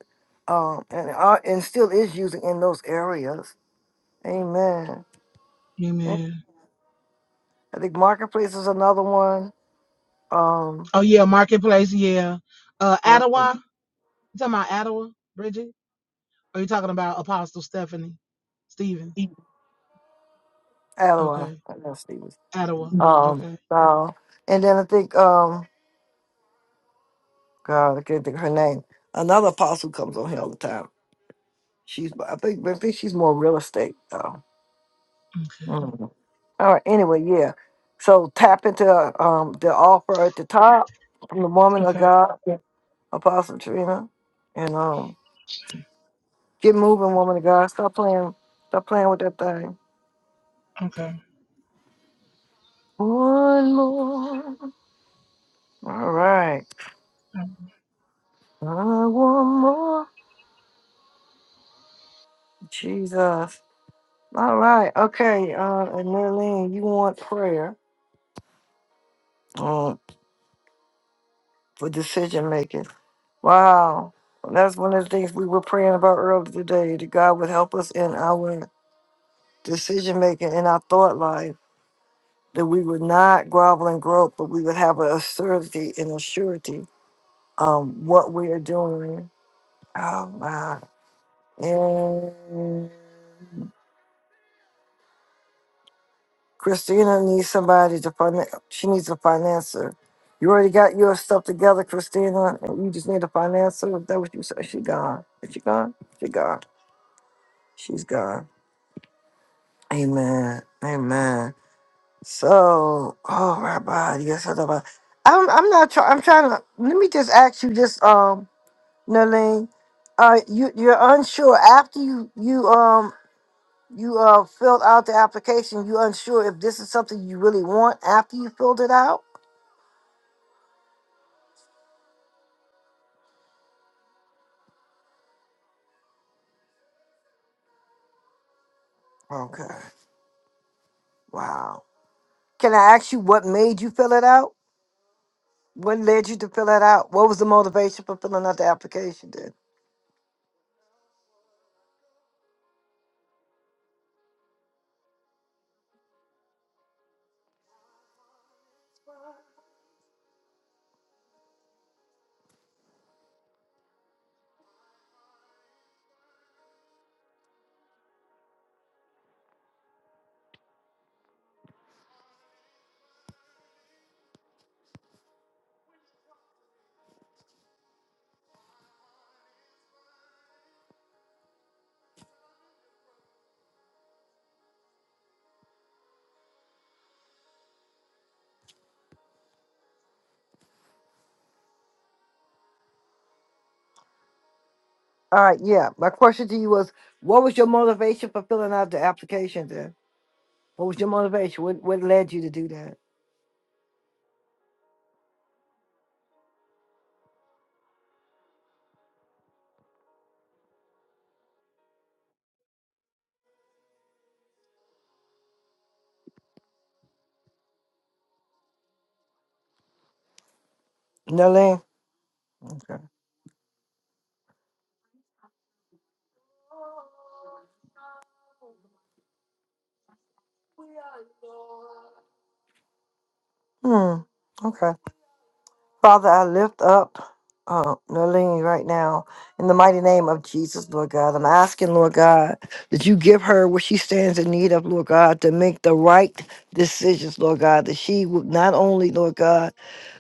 um, and are, and still is using in those areas Amen. her. I Amen. think Marketplace is another one. Um, Oh, yeah, Marketplace. Yeah. Uh, uh, Ottawa. You talking about Ottawa, Bridget? Or you talking about Apostle Stephanie Stevens? Adderall, Okay. I know Stevens. Ottawa. Um, Okay. so, and then I think, um, God, I can't think of her name. Another apostle comes on here all the time. She's, I think, I think she's more real estate though. Okay. Mhm. All right. Anyway, yeah. So tap into um the offer at the top from the woman of Okay. God, yeah, Apostle Trina, and um get moving, woman of God. Stop playing, stop playing with that thing. Okay. One more. All right. I want more. Jesus. All right. Okay. Uh, and Marilyn, you want prayer um, for decision making. Wow. That's one of the things we were praying about earlier today that God would help us in our decision making, in our thought life, that we would not grovel and grope, but we would have a certainty and a surety um, what we are doing. Oh, my. Christina needs somebody to finance. She needs a financer. You already got your stuff together, Christina, and you just need a financer. Is that what you said? She gone. Is she gone? She gone. She's gone. Amen. Amen. So, oh, Rabbi, yes, I know about- I'm. I'm not trying. I'm trying to. Let me just ask you, just um, Nalene, uh, you you're unsure after you you um you uh filled out the application. You unsure if this is something you really want after you filled it out. Okay. Wow. Can I ask you what made you fill it out? What led you to fill it out? What was the motivation for filling out the application then? All right, yeah. My question to you was what was your motivation for filling out the application then? What was your motivation? What what led you to do that? No, Okay. Hmm. Okay. Father, I lift up uh, Nalini right now in the mighty name of Jesus, Lord God. I'm asking, Lord God, that you give her what she stands in need of, Lord God, to make the right decisions, Lord God, that she would not only, Lord God,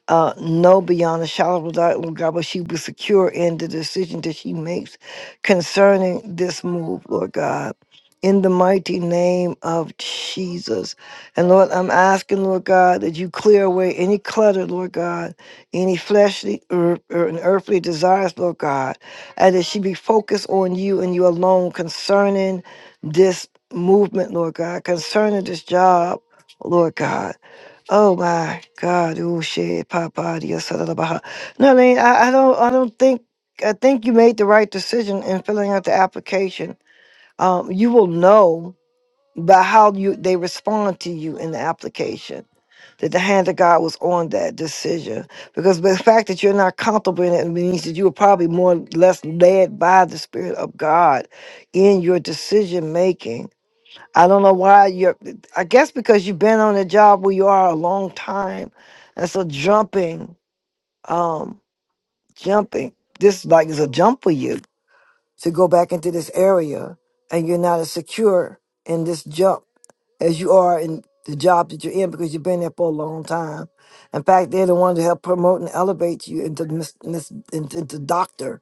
uh, know beyond a shadow of a doubt, Lord God, but she be secure in the decision that she makes concerning this move, Lord God. In the mighty name of Jesus. And Lord, I'm asking, Lord God, that you clear away any clutter, Lord God, any fleshly or, or an earthly desires, Lord God, and that she be focused on you and you alone concerning this movement, Lord God, concerning this job, Lord God Oh my God! Oh shit! Papa, yes, da, da, da, bah. No, I mean, I, I don't, I don't think. I think you made the right decision in filling out the application. Um, you will know by how you they respond to you in the application that the hand of God was on that decision. Because the fact that you're not comfortable in it means that you were probably more or less led by the Spirit of God in your decision making I don't know why you're, I guess because you've been on a job where you are a long time. And so jumping, um, jumping, this like is a jump for you to go back into this area and you're not as secure in this jump as you are in the job that you're in because you've been there for a long time. In fact, they're the ones that help promote and elevate you into mis, mis, into, into doctor.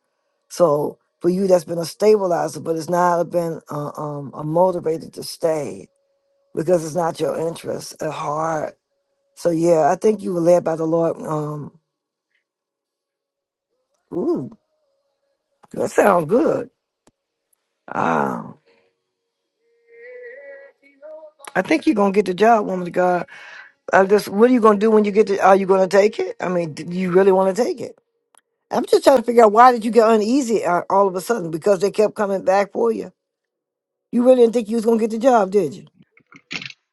So for you, that's been a stabilizer, but it's not been uh, um, a motivator to stay because it's not your interest at heart. So yeah, I think you were led by the Lord. Um, ooh, that sounds good. Ah, I think you're gonna get the job, woman of God. I just, what are you gonna do when you get the? Are you gonna take it? I mean, do you really want to take it? I'm just trying to figure out why did you get uneasy uh, all of a sudden because they kept coming back for you. You really didn't think you was gonna get the job, did you?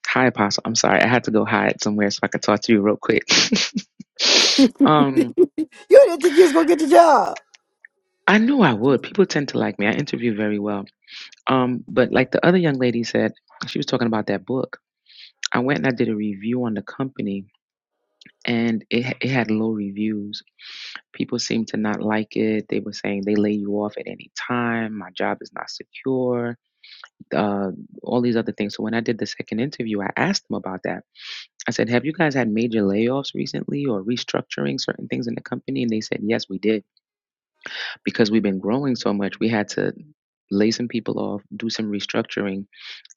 Hi, Apostle. I'm sorry. I had to go hide somewhere so I could talk to you real quick. you um, didn't think you was gonna get the job. I knew I would. People tend to like me. I interview very well. Um, but like the other young lady said, she was talking about that book. I went and I did a review on the company, and it it had low reviews. People seemed to not like it. They were saying they lay you off at any time. My job is not secure. Uh, all these other things. So when I did the second interview, I asked them about that I said, "Have you guys had major layoffs recently or restructuring certain things in the company?" And they said, "Yes, we did. Because we've been growing so much, we had to lay some people off, do some restructuring,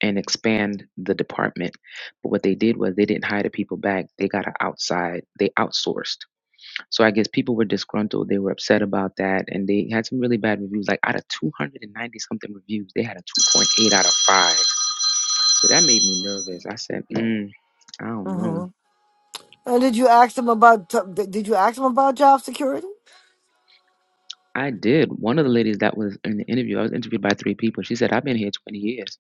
and expand the department." But what they did was they didn't hire the people back. They got a outside, they outsourced. So I guess people were disgruntled, they were upset about that, and they had some really bad reviews. Like out of 290 something reviews, they had a 2.8 out of 5. So that made me nervous. I said, mm, I don't know. hmm And did you ask them about? T- Did you ask them about job security? I did. One of the ladies that was in the interview, I was interviewed by three people. She said, I've been here 20 years.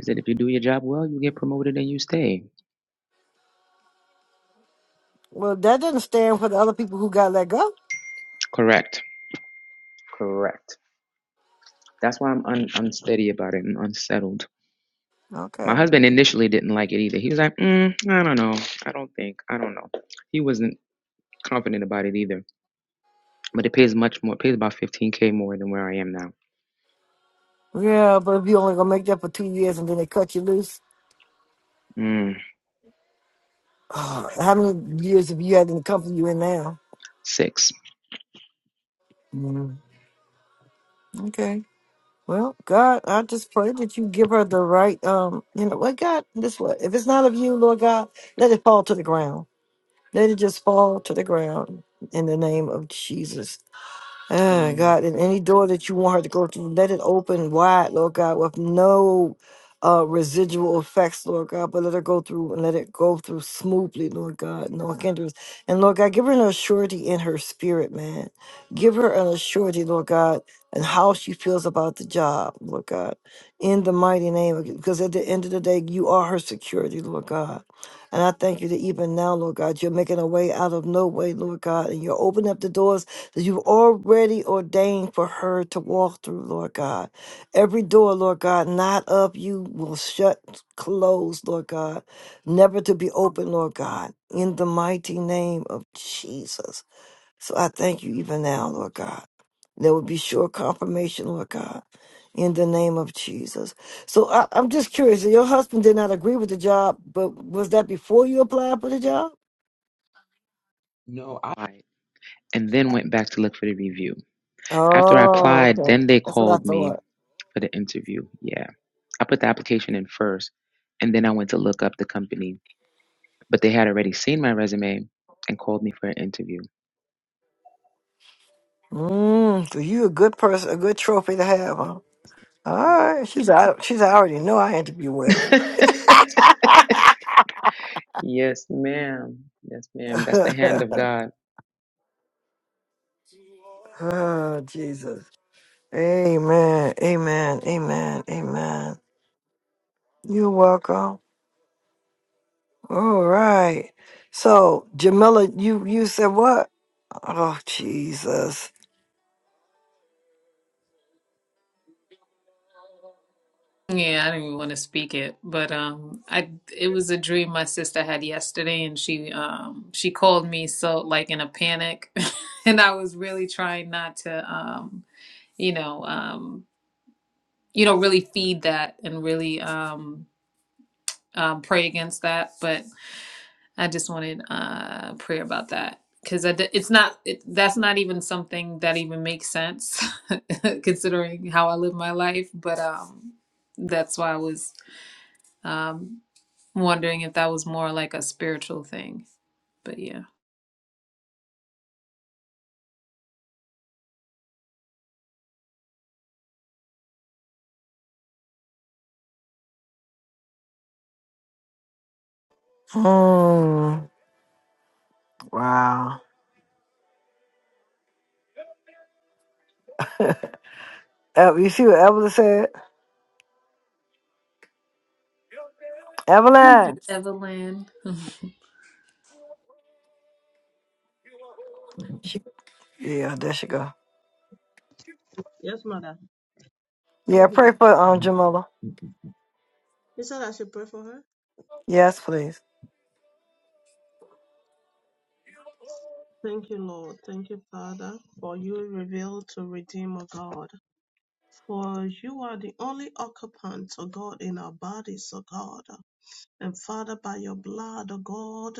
She said, if you do your job well, you get promoted and you stay. Well, that doesn't stand for the other people who got let go. Correct. Correct. That's why I'm un- unsteady about it and unsettled. My Okay. husband initially didn't like it either. He was like, mm, I don't know. I don't think. I don't know. He wasn't confident about it either. But it pays much more. It pays about 15K more than where I am now. Yeah, but if you only gonna make that for two years and then they cut you loose, Mm, oh, how many years have you had in the company you in now? six. Mm. Okay. Well, God, I just pray that you give her the right, um, you know, what God, this what, if it's not of you, Lord God, let it fall to the ground. Let it just fall to the ground in the name of Jesus. Ah, Amen. God, and any door that you want her to go through, let it open wide, Lord God, with no uh, residual effects, Lord God, but let her go through and let it go through smoothly, Lord God, no hindrance. And Lord God, give her an assurity in her spirit, man. Give her an assurity, Lord God, and how she feels about the job, Lord God, in the mighty name of because at the end of the day, you are her security, Lord God. And I thank you that even now, Lord God, you're making a way out of no way, Lord God, and you're opening up the doors that you've already ordained for her to walk through, Lord God. Every door, Lord God, not of you will shut, close, Lord God, never to be open, Lord God, in the mighty name of Jesus. So I thank you even now, Lord God. There will be sure confirmation, Lord God, in the name of Jesus. So I, I'm just curious. Your husband did not agree with the job, but was that before you applied for the job? No, I And then went back to look for the review. After I Oh, applied, okay. then they That's what I called me thought. for the interview. Yeah. I put the application in first and then I went to look up the company, but they had already seen my resume and called me for an interview. Mm, so you a good person, a good trophy to have, huh? All right, she's out. She's I already know I interview well. yes, ma'am. Yes, ma'am. That's the hand of God. oh Jesus, Amen, Amen, Amen, Amen. You're welcome. All right. So Jamila, you you said what? Oh Jesus. Yeah, I didn't even want to speak it, but um, I it was a dream my sister had yesterday, and she um she called me so like in a panic, and I was really trying not to um you know um you know really feed that and really um, um pray against that but i just wanted uh prayer about that because it's not it, that's not even something that even makes sense considering how i live my life but um that's why i was um wondering if that was more like a spiritual thing but yeah Mm, wow. Ev- You see what Evelyn said? thank you Evelyn. evelyn She- yeah, there she go. Yes, mother. Yeah, I'm here. pray for um Jamila. You said I should pray for her? Yes, please. Thank you, Lord. Thank you, Father, for you revealed to redeem Redeemer God. For you are the only occupant, O God, in our bodies, O God. And Father, by your blood, O God,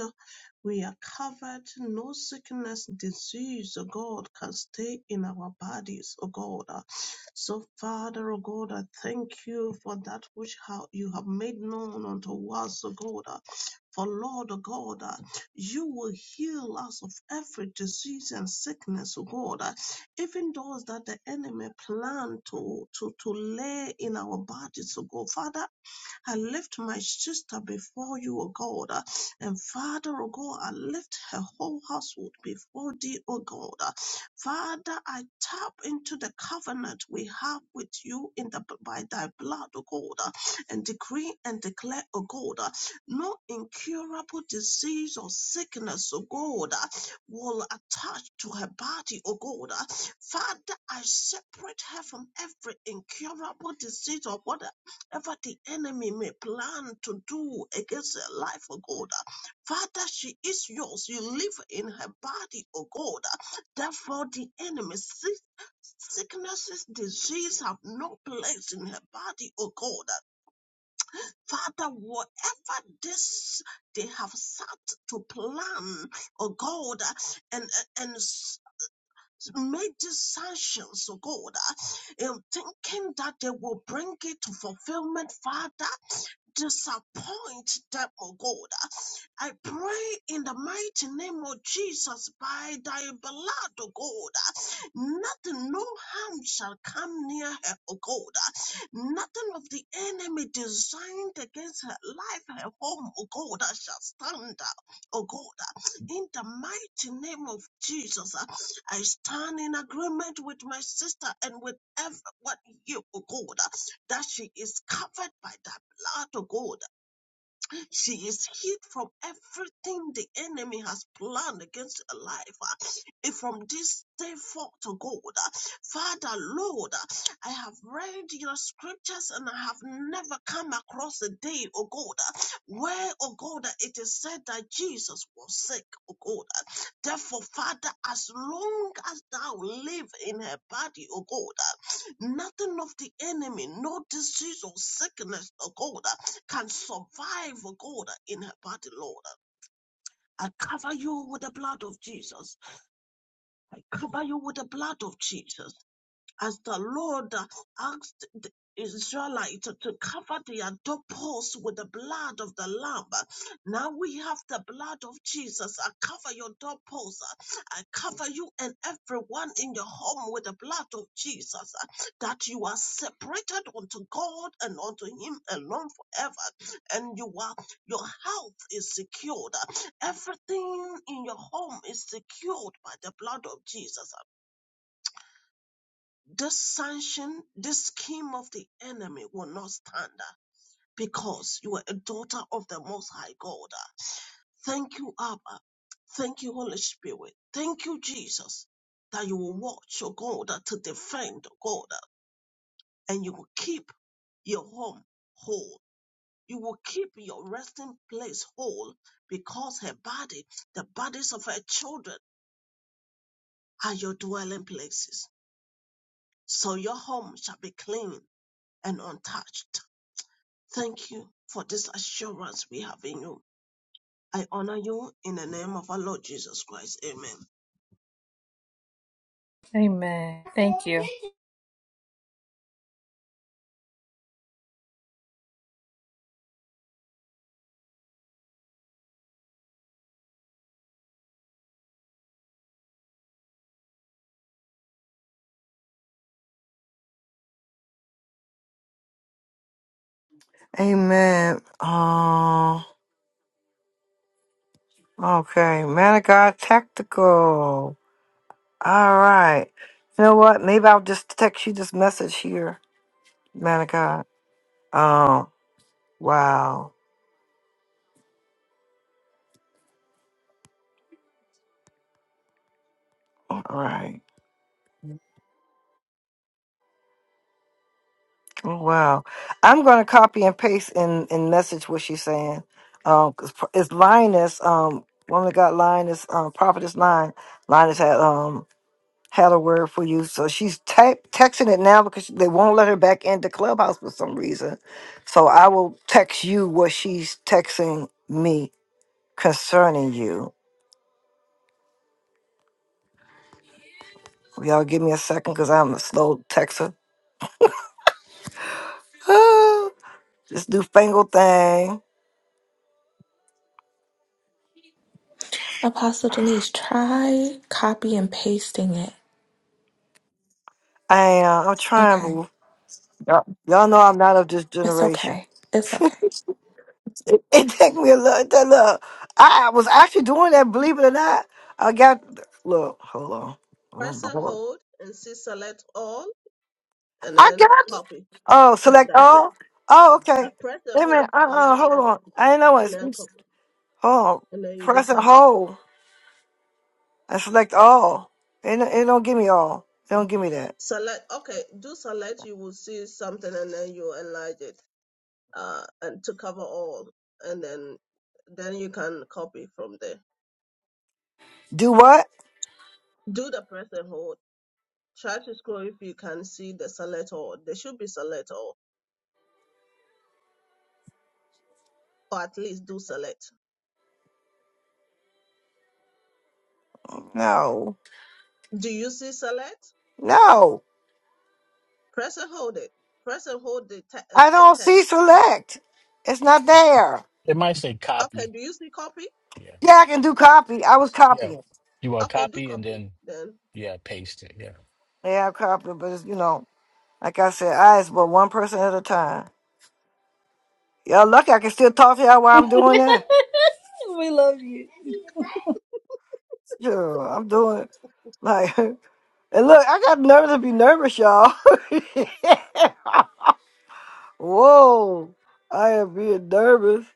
we are covered. No sickness, disease, O God, can stay in our bodies, O God. So, Father, O God, I thank you for that which how you have made known unto us, O God. For Lord O God, you will heal us of every disease and sickness, O God. Even those that the enemy plan to, to, to lay in our bodies, O God. Father, I lift my sister before you, O God. uh, And Father, O God, I lift her whole household before thee, O God. uh. Father, I tap into the covenant we have with you in the by thy blood, O God, uh, and decree and declare, O God, uh, no incurable disease or sickness, O God, uh, will attach to her body, O God. uh. Father, I separate her from every incurable disease or what whatever the enemy may plan to do against her life, oh God. uh, Father, she is yours. You live in her body, oh God. uh, Therefore, the enemy sees sicknesses, disease have no place in her body, oh God. Father, whatever this they have sat to plan, oh God, and and s- made these sanctions, oh God, and thinking that they will bring it to fulfillment, Father, disappoint them, oh God. I pray in the mighty name of Jesus by thy blood, oh God. Nothing, no harm shall come near her, oh God. Nothing of the enemy designed against her life, her home, oh God, shall stand, oh God. In the mighty name of Jesus, I stand in agreement with my sister and with everyone here, oh God, that she is covered by that out to God. She is hid from everything the enemy has planned against her life. uh, and From this day forth to God, uh, Father, Lord, uh, I have read your scriptures and I have never come across a day, oh God, uh, where, oh God, uh, it is said that Jesus was sick, oh God. uh, Therefore, Father, as long as thou live in her body, oh God, uh, nothing of the enemy, no disease or sickness, oh God, can survive, oh God, in her body, Lord. I cover you with the blood of Jesus. I cover you with the blood of Jesus as the Lord asked the Israelite to cover their doorposts with the blood of the Lamb. Now we have the blood of Jesus. I cover your doorposts. I cover you and everyone in your home with the blood of Jesus. That you are separated unto God and unto Him alone forever. And you are your health is secured. Everything in your home is secured by the blood of Jesus this sanction, this scheme of the enemy will not stand uh, because you are a daughter of the Most High God. uh. Thank you, Abba. Thank you, Holy Spirit. Thank you, Jesus, that you will watch your God uh, to defend your God uh, and you will keep your home whole. You will keep your resting place whole because her body, the bodies of her children, are your dwelling places. So your home shall be clean and untouched Thank you for this assurance we have in you. I honor you in the name of our Lord Jesus Christ. Amen. Thank you. Amen. Oh, okay. Man of God, tactical. All right. You know what? Maybe I'll just text you this message here, man of God. Oh, wow. All right. Oh, wow. I'm going to copy and paste and, and message what she's saying. Um, 'cause pro- it's Linus, um, woman of God, Linus, um, prophetess line. Linus had, um, had a word for you. So she's type texting it now because they won't let her back into Clubhouse for some reason. So I will text you what she's texting me concerning you. Will Y'all give me a second because I'm a slow texter. Ah, this newfangled thing. Apostle Denise, try copy and pasting it. I am. I'm trying, Okay. boo. Y'all y'all know I'm not of this It's generation. okay. It's okay. It, it take me a little, that little. I was actually doing that, believe it or not. I got, look, hold on. Press Oh, and Lord. hold and see select all and I then got copy. Oh, Uh, select that's it. all? Oh, Uh, okay. press and Wait a hold, minute. Uh uh select hold on. all I didn't know it. and then copy. hold on. And then you do Press and copy. hold and select all. It, don't- it don't give me all. It don't give me that. Select, okay, do select, you will see something and then you enlarge it uh, and to cover all. And then then you can copy from there. Do what? Do the press and hold. Try to scroll if you can see the select all. There should be select all or at least do select. No. Do you see select? No. Press and hold it. Press and hold the, te- uh, I the don't see text. select. It's not there. It might say Okay, copy. do you see copy? Yeah. Yeah, I can do copy. I was Yeah. copying. You want Okay, do copy and copy then, then. yeah, paste it. Yeah. Yeah, I copied, but it's, you know, like I said, I is but one person at a time. Y'all lucky I can still talk to y'all while I'm doing that. We love you. Sure, I'm doing like And look, I got nerves to be nervous, y'all. Whoa, I am being nervous.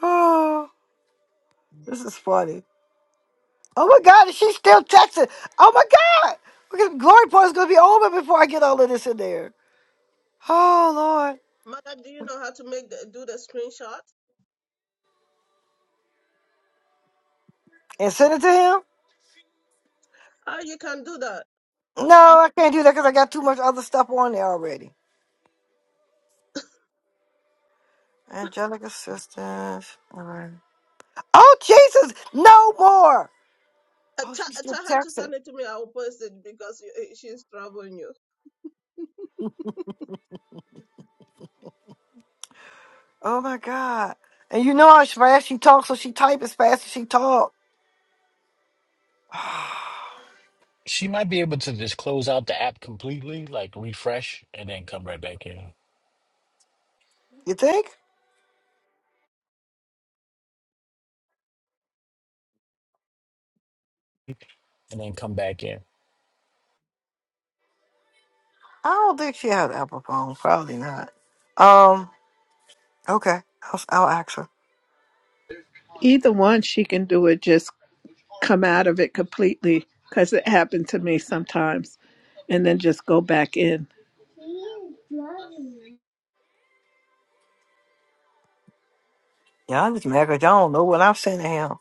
Oh, this is funny. Oh my God, is she still texting? Oh my God, because glory point's gonna be over before I get all of this in there. Oh Lord, Mother, do you know how to make the, do the screenshot? and send it to him? Ah, you can do that. No, I can't do that because I got too much other stuff on there already. Angelic assistance. All right. Oh Jesus, no more. Uh, Oh, t- she's still tell her to texting. send it to me. I will post it because you, eh, she's troubling you. Oh my God. And you know how fast she talks, so she type as fast as she talk. She might be able to just close out the app completely, like refresh and then come right back in You think? and then come back in. I don't think she has an Apple phone. Probably not. Um. Okay. I'll, I'll ask her. Either one, she can do it. Just come out of it completely because it happened to me sometimes, and then just go back in Yeah, I'm just mad 'cause y'all don't know what I'm saying to him.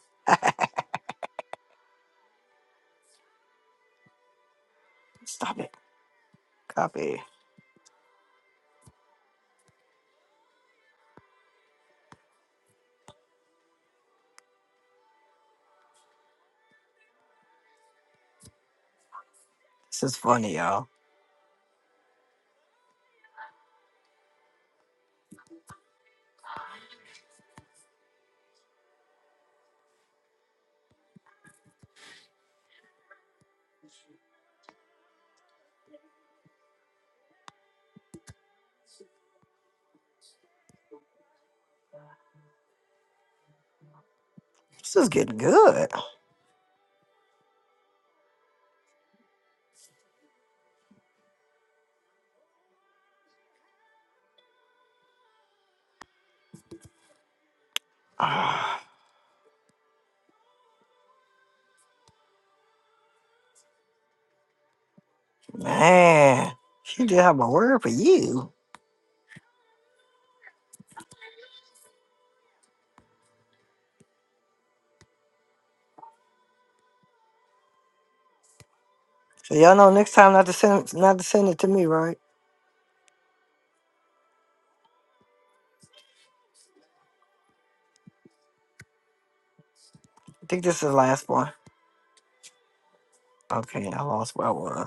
Stop it. Copy. This is funny, y'all. This is getting good. Ah, man. She did have a word for you. So y'all know next time not to send not to send it to me, right? I think this is the last one. Okay, I lost where I was.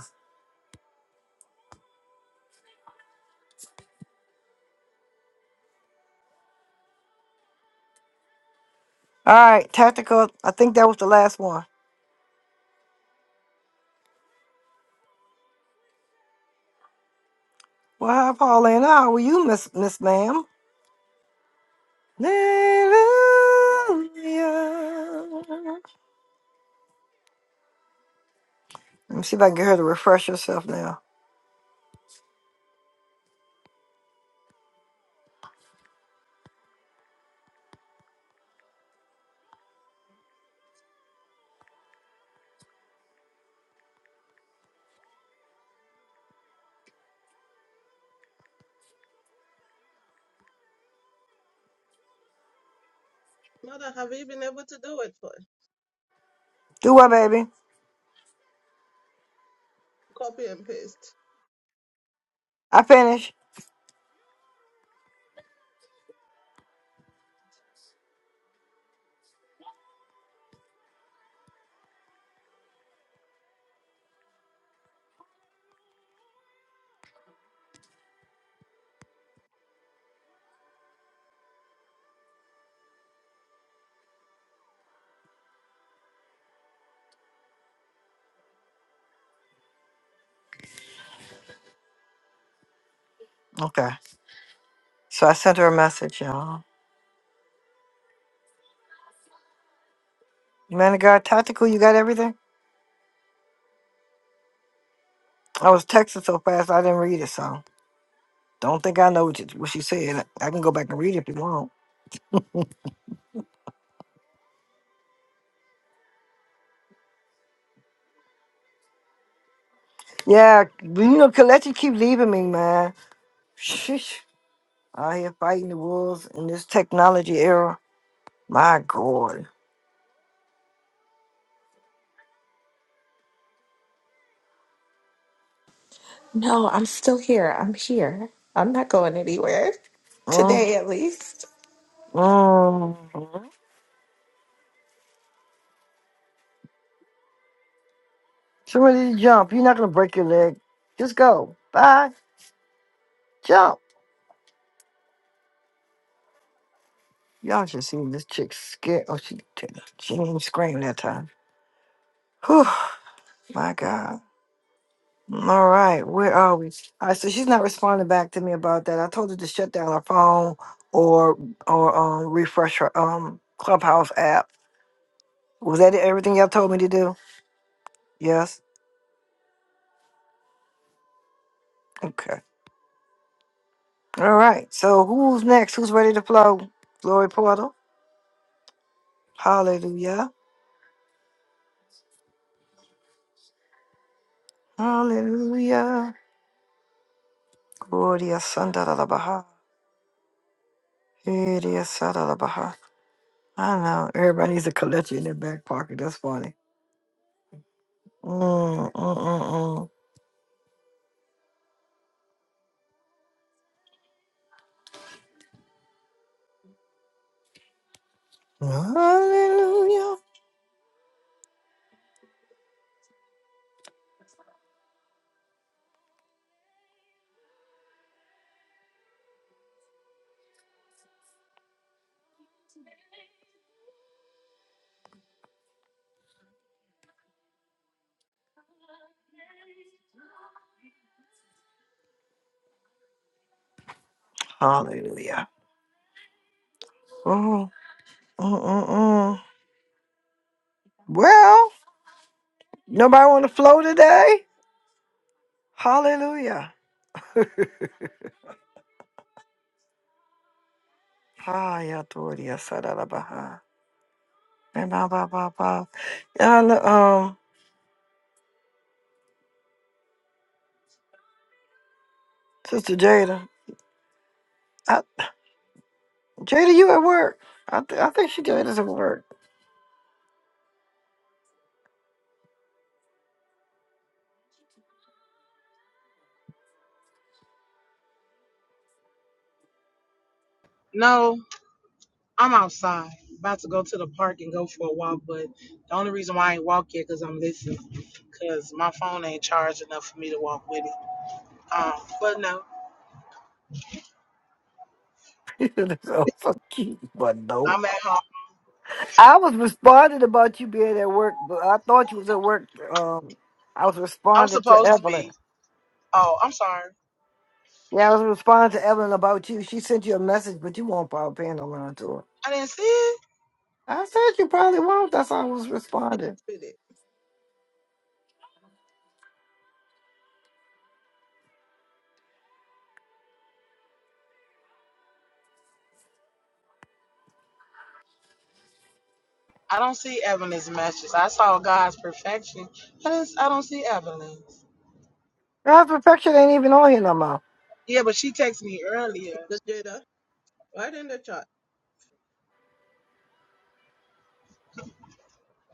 All right, tactical. I think that was the last one. Well, hi, Pauline. How are you, Miss Miss Ma'am? Hallelujah. Let me see if I can get her to refresh herself now. Mother, have you been able to do it for Do what, baby? Copy and paste. I finished. Okay. So I sent her a message, y'all. Man of God, tactical. You got everything? I was texting so fast I didn't read it, so don't think I know what, you, what she said. I can go back and read it if you want. Yeah, you know, Kalechi keep leaving me, man. Sheesh. Out here fighting the wolves in this technology era. My God. No, I'm still here. I'm here. I'm not going anywhere. Mm, Today at least. mm. Somebody jump. You're not gonna break your leg. Just go. Bye. Jump. Y'all should see this chick scared. Oh, she didn't. She didn't even scream that time. Whew. My God. All right. Where are we? All right. So she's not responding back to me about that. I told her to shut down her phone or or um refresh her um clubhouse app. Was that everything y'all told me to do? Yes. Okay. All right. So who's next? Who's ready to flow? Glory Porter. Hallelujah. Hallelujah. Gloria Santa da la Baha. Gloria Santa la Baha. I know. Everybody needs a collection in their back pocket. That's funny. Mm, mm, mm, mm. Hallelujah. Hallelujah. Mm, mm, mm, mm. Well, nobody on the flow today? Hallelujah. Hiya, Gloria Santa la Baha. And ba, ba, ba, ba. Yeah, I know, um, Sister Jada. Jada, you at work? I, th- I think she Jada's at work. No, I'm outside, about to go to the park and go for a walk. But the only reason why I ain't walk yet, because 'cause I'm listening, cause my phone ain't charged enough for me to walk with it. Um, but no, so fuck you, but no. I'm at home. I was responding about you being at work, but I thought you was at work. Um, I was I'm responding to supposed to Evelyn. be. Oh, I'm sorry. Yeah, I was responding to Evelyn about you. She sent you a message, but you won't probably pay no mind to her. I didn't see it. I said you probably won't. That's how I was responding. Really. I don't see Evelyn's messages. I saw God's perfection. I didn't, I don't see Evelyn's. God's perfection ain't even on here no more. Yeah, but she texted me earlier. Just Jada, right in the chat.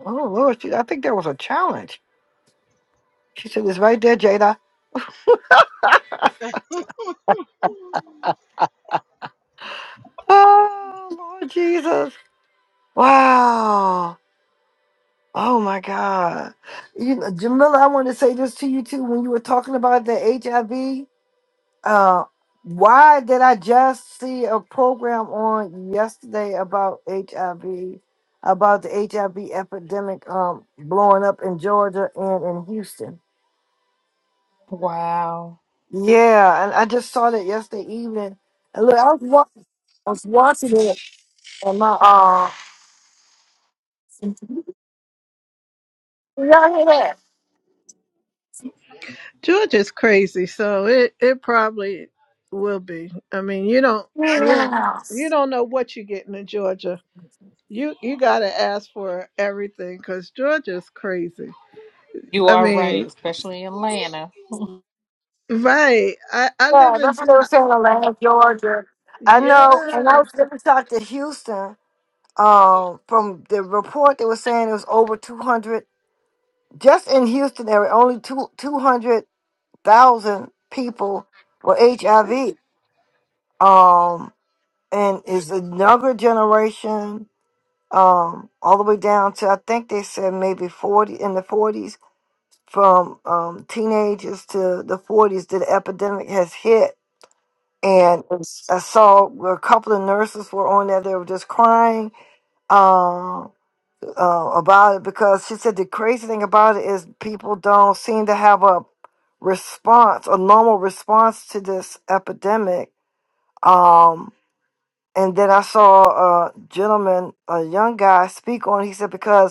Oh Lord, she, I think there was a challenge. She said it's right there, Jada. Oh Lord Jesus! Wow. Oh my God. You know, Jamila, I want to say this to you too. When you were talking about the HIV, uh, why did I just see a program on yesterday about HIV, about the HIV epidemic um, blowing up in Georgia and in Houston? Wow. Yeah, and I just saw that yesterday evening. And look, I was, wa- I was watching it, and my uh, Georgia's crazy, so it it probably will be. I mean, you don't you don't- you don't know what you're getting in Georgia. You you gotta ask for everything because Georgia's crazy. You I are right, mean, especially Atlanta. right? I I live in I yeah. know, and I was going to talk to Houston. Um, from the report, they were saying it was over 200. Just in Houston, there were only two 200,000 people with HIV. Um, and it's a younger generation, um, all the way down to, I think they said maybe 40 in the 40s, from um, teenagers to the 40s, that the epidemic has hit. And I saw where a couple of nurses were on there, they were just crying. Um, uh, about it because she said the crazy thing about it is people don't seem to have a response, a normal response to this epidemic. Um, and then I saw a gentleman, a young guy, speak on. He said because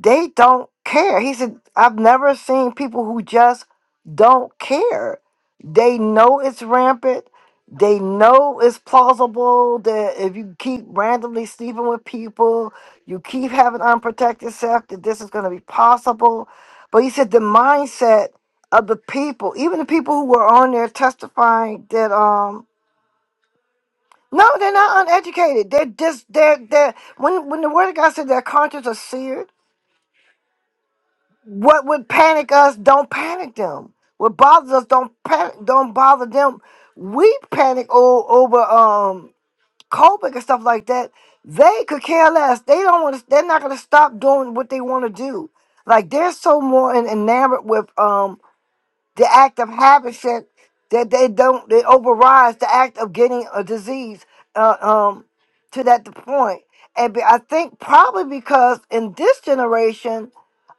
they don't care. He said, I've never seen people who just don't care. They know it's rampant. They know it's plausible that if you keep randomly sleeping with people, you keep having unprotected sex, that this is going to be possible. But he said the mindset of the people, even the people who were on there testifying that, um, no, they're not uneducated. They're just, they're, they're, when, when the word of God said their conscience are seared, What would panic us? Don't panic them. What bothers us? Don't panic. Don't bother them. We panic o- over um COVID and stuff like that. They could care less. They don't want to. They're not going to stop doing what they want to do. Like they're so more en- enamored with um the act of habit said that they don't they overrides the act of getting a disease uh, um to that point. And be- I think probably because in this generation,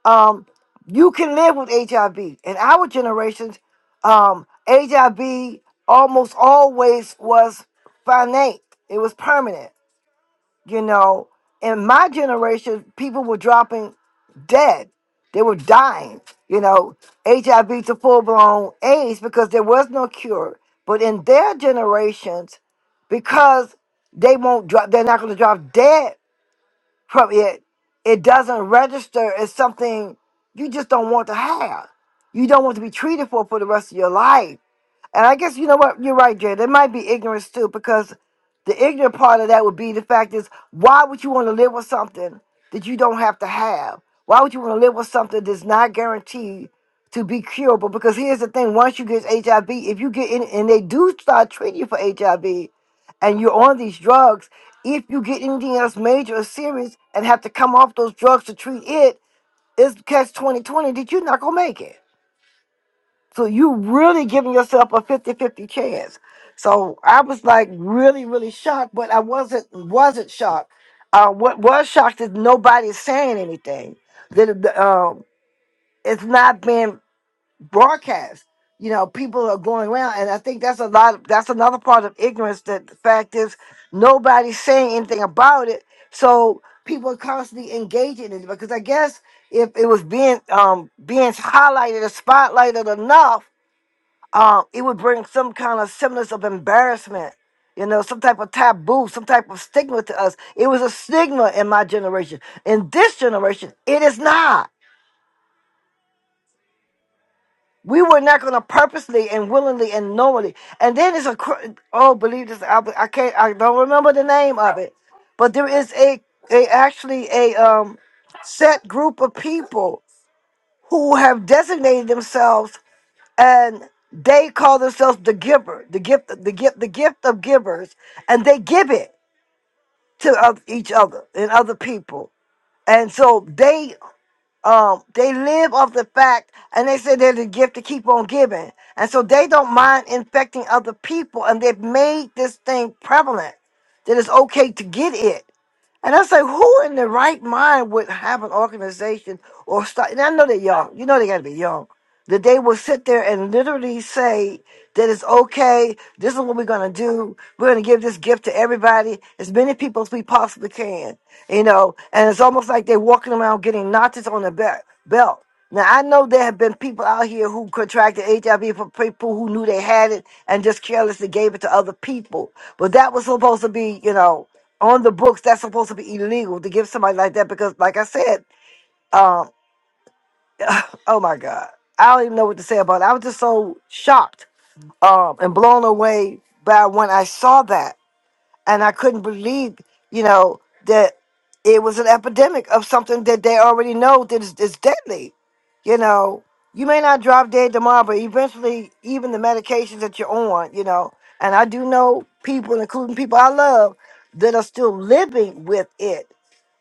um, you can live with HIV. In our generations, um, HIV almost always was finite. It was permanent. You know, in my generation, people were dropping dead. They were dying. You know, HIV to full blown AIDS because there was no cure. But in their generations, because they won't drop, they're not going to drop dead from it. It doesn't register as something you just don't want to have. You don't want to be treated for for the rest of your life and I guess you know what? You're right, Jared. There might be ignorance too, because the ignorant part of that would be the fact is why would you want to live with something that you don't have to have? Why would you want to live with something that's not guaranteed to be curable? Because here's the thing: once you get HIV, if you get in and they do start treating you for HIV, and you're on these drugs, if you get anything else major or serious and have to come off those drugs to treat it, it's catch 2020 that you're not gonna make it. So you really giving yourself a fifty-fifty chance. So I was like really, really shocked, but I wasn't wasn't shocked. Uh, what was shocked is nobody's saying anything. That it- uh, it's not being broadcast. You know, people are going around, and I think that's a lot. Of, that's another part of ignorance. That the fact is nobody's saying anything about it. So people are constantly engaging in it because I guess if it was being um, being highlighted or spotlighted enough um, it would bring some kind of semblance of embarrassment, you know, some type of taboo, some type of stigma to us. It was a stigma in my generation. In this generation, it is not. We were not going to purposely and willingly and knowingly. And then it's a cr- oh, believe this. I, I can't. I don't remember the name of it, but there is a a actually a um set group of people who have designated themselves and they call themselves the giver, the gift, the gift, the gift of givers, and they give it to oth- each other and other people. And so they um they live off the fact, and they say they're the gift to keep on giving, and so they don't mind infecting other people, and they've made this thing prevalent that it's okay to get it. And I say, who in their right mind would have an organization or start? And I know they're young. You know they got to be young. That they will sit there and literally say that it's okay. This is what we're going to do. We're going to give this gift to everybody, as many people as we possibly can. You know, and it's almost like they're walking around getting notches on their belt. Belt. Now I know there have been people out here who contracted HIV from people who knew they had it and just carelessly gave it to other people. But that was supposed to be, you know on the books that's supposed to be illegal to give somebody like that because like I said, um oh my God. I don't even know what to say about it. I was just so shocked um and blown away by when I saw that and I couldn't believe, you know, that it was an epidemic of something that they already know that is, is deadly. You know, you may not drop dead tomorrow, but eventually even the medications that you're on, you know, and I do know people, including people I love, that are still living with it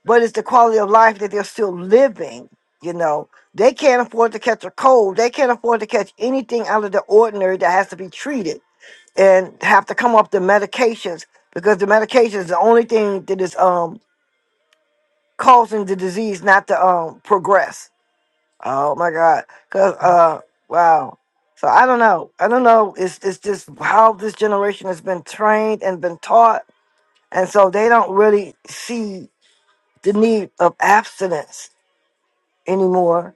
but it's the quality of life that they're still living. You know, they can't afford to catch a cold. They can't afford to catch anything out of the ordinary that has to be treated and have to come off the medications because the medications is the only thing that is um causing the disease not to um progress. Oh my God! Cause uh wow. So I don't know. I don't know. It's it's just how this generation has been trained and been taught, and so they don't really see the need of abstinence anymore,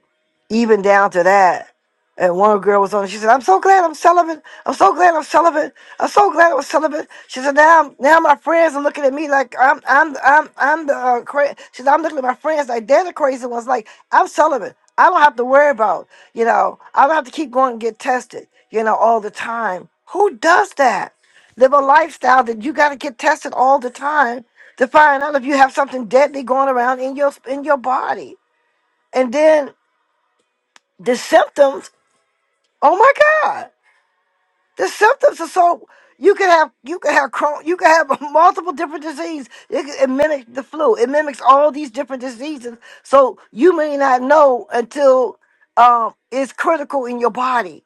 even down to that. And one girl was on. She said, "I'm so glad I'm celibate. I'm so glad I'm celibate. I'm so glad I was celibate." She said, "Now, I'm- now my friends are looking at me like I'm, I'm, I'm, I'm the uh, cra-. She said, "I'm looking at my friends like they're the crazy ones. Like I'm celibate. I don't have to worry about. You know, I don't have to keep going and get tested. You know, all the time. Who does that? Live a lifestyle that you got to get tested all the time to find out if you have something deadly going around in your in your body." And then the symptoms, oh my God. The symptoms are so you can have you can have Crohn, you can have multiple different diseases. It, could- it mimics the flu. It mimics all these different diseases. So you may not know until um, it's critical in your body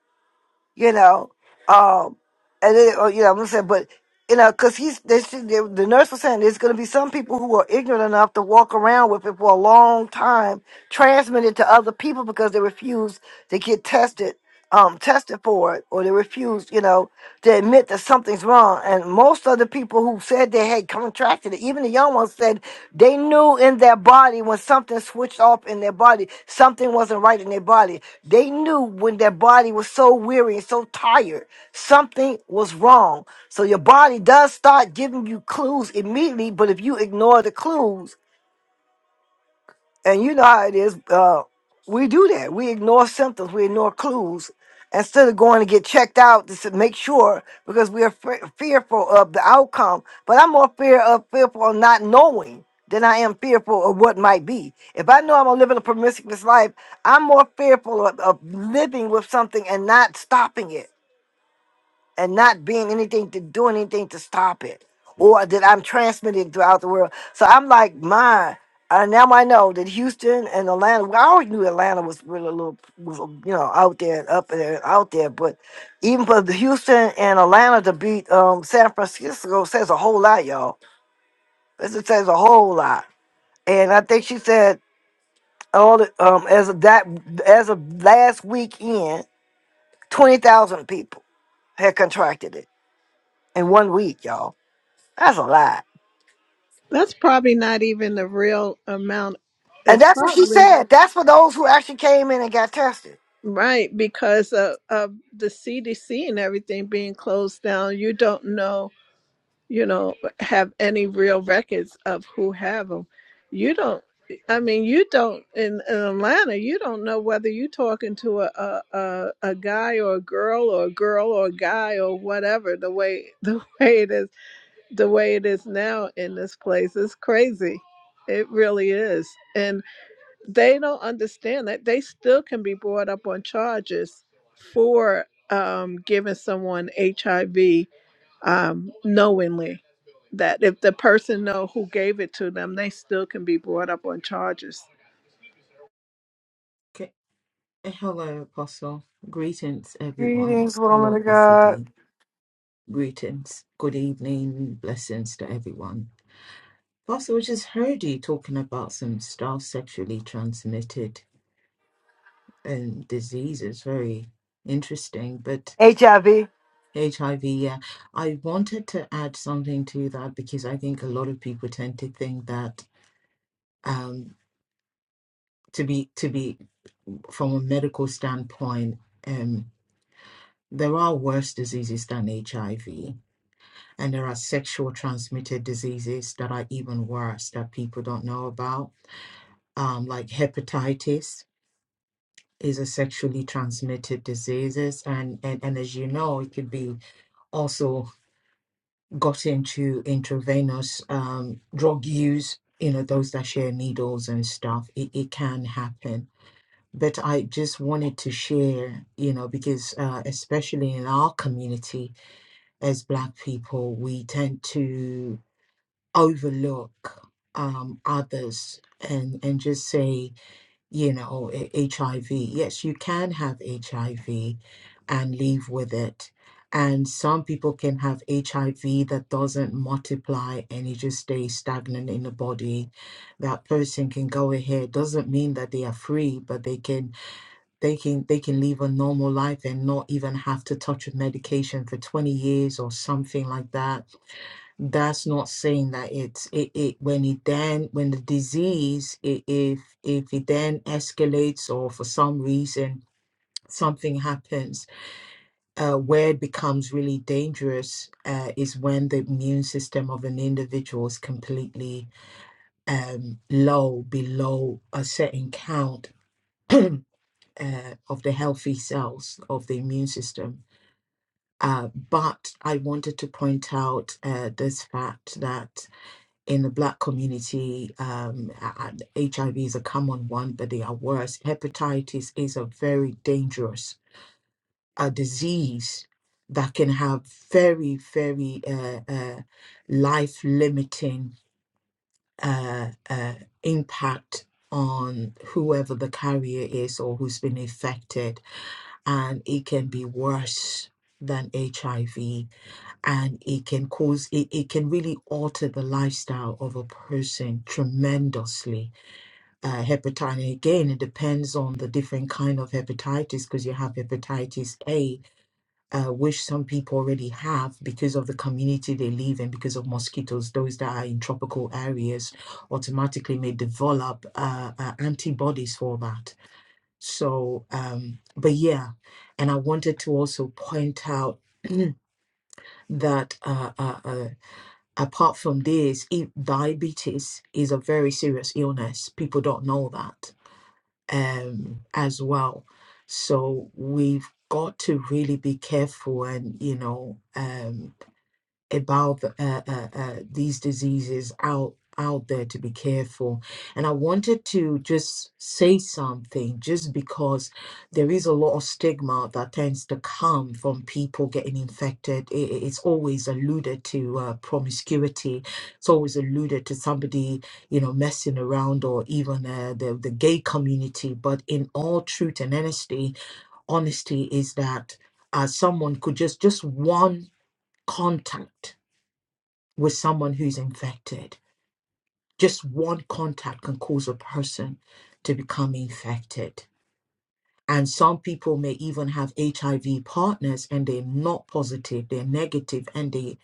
you know. Um, and then, or, you know, I'm gonna say, but you know, because he's they, she, they, the nurse was saying there's gonna be some people who are ignorant enough to walk around with it for a long time, transmit it to other people because they refuse to get tested, um, tested for it, or they refuse, you know, to admit that something's wrong. And most of the people who said they had contracted it, even the young ones said they knew in their body when something switched off in their body, something wasn't right in their body they knew when their body was so weary and so tired, something was wrong. So your body does start giving you clues immediately, but if you ignore the clues, and you know how it is. Uh, we do that. We ignore symptoms. We ignore clues. Instead of going to get checked out to s- make sure, because we are fe- fearful of the outcome. But I'm more fear of fearful of not knowing than I am fearful of what might be. If I know I'm gonna live in a promiscuous life, I'm more fearful of, of living with something and not stopping it and not being anything to do anything to stop it or that I'm transmitting throughout the world. So I'm like, my, and now I know that Houston and Atlanta, well, I always knew Atlanta was really a little, was, you know, out there and up there and out there, but even for the Houston and Atlanta to beat um, San Francisco says a whole lot, y'all. This just says a whole lot. And I think she said, all the, um, as of that, as of last weekend, 20,000 people had contracted it in one week, y'all That's a lie. That's probably not even the real amount. And It's that's what she probably said. That's for those who actually came in and got tested. right because of, of the CDC and everything being closed down. You don't know you know, have any real records of who have them. You don't. I mean, you don't in, in Atlanta. You don't know whether you're talking to a, a a a guy or a girl or a girl or a guy or whatever. The way the way it is, the way it is now in this place is crazy. It really is, and they don't understand that they still can be brought up on charges for um, giving someone HIV um, knowingly that if the person know who gave it to them, they still can be brought up on charges Okay. Hello, Apostle. Greetings, everyone. Greetings, Hello, woman of Apostle God. D. Greetings. Good evening. Blessings to everyone. Apostle, we just heard you talking about some stuff sexually transmitted and diseases. Very interesting. But HIV. HIV, yeah. I wanted to add something to that because I think a lot of people tend to think that um, to be to be from a medical standpoint, um, there are worse diseases than HIV And there are sexual transmitted diseases that are even worse that people don't know about, um, like hepatitis is a sexually transmitted disease and, and and as you know it could be also got into intravenous um, drug use you know those that share needles and stuff it, it can happen but i just wanted to share you know because uh, especially in our community as black people we tend to overlook um, others and and just say you know "H- HIV. Yes, you can have HIV and live with it. And some people can have HIV that doesn't multiply and it just stays stagnant in the body. That person can go ahead. Doesn't mean that they are free, but they can they can they can live a normal life and not even have to touch a medication for 20 years or something like that that's not saying that it's it, it when it then when the disease i if if it then escalates or for some reason something happens uh, where it becomes really dangerous uh, is when the immune system of an individual is completely um, low below a certain count uh, of the healthy cells of the immune system. Uh, but I wanted to point out uh, this fact that in the black community, um, a- HIV is a common one, but they are worse. Hepatitis is a very dangerous uh, disease that can have very, very uh, uh, life limiting uh, uh, impact on whoever the carrier is or who's been affected, and it can be worse than HIV and it can cause it, it can really alter the lifestyle of a person tremendously uh, hepatitis again it depends on the different kind of hepatitis because you have hepatitis a uh, which some people already have because of the community they live in because of mosquitoes those that are in tropical areas automatically may develop uh, uh, antibodies for that so um but yeah and i wanted to also point out that uh, uh, uh, apart from this, if diabetes is a very serious illness. People don't know that um, as well. So we've got to really be careful and, you know, um, about uh, uh, uh, these diseases out out there to be careful and i wanted to just say something just because there is a lot of stigma that tends to come from people getting infected I- i- it's always alluded to uh, promiscuity it's always alluded to somebody you know messing around or even uh, the, the gay community but in all truth and honesty honesty is that uh, someone could just just one contact with someone who's infected. Just one contact can cause a person to become infected. And some people may even have HIV partners and they're not positive, they're negative, and they,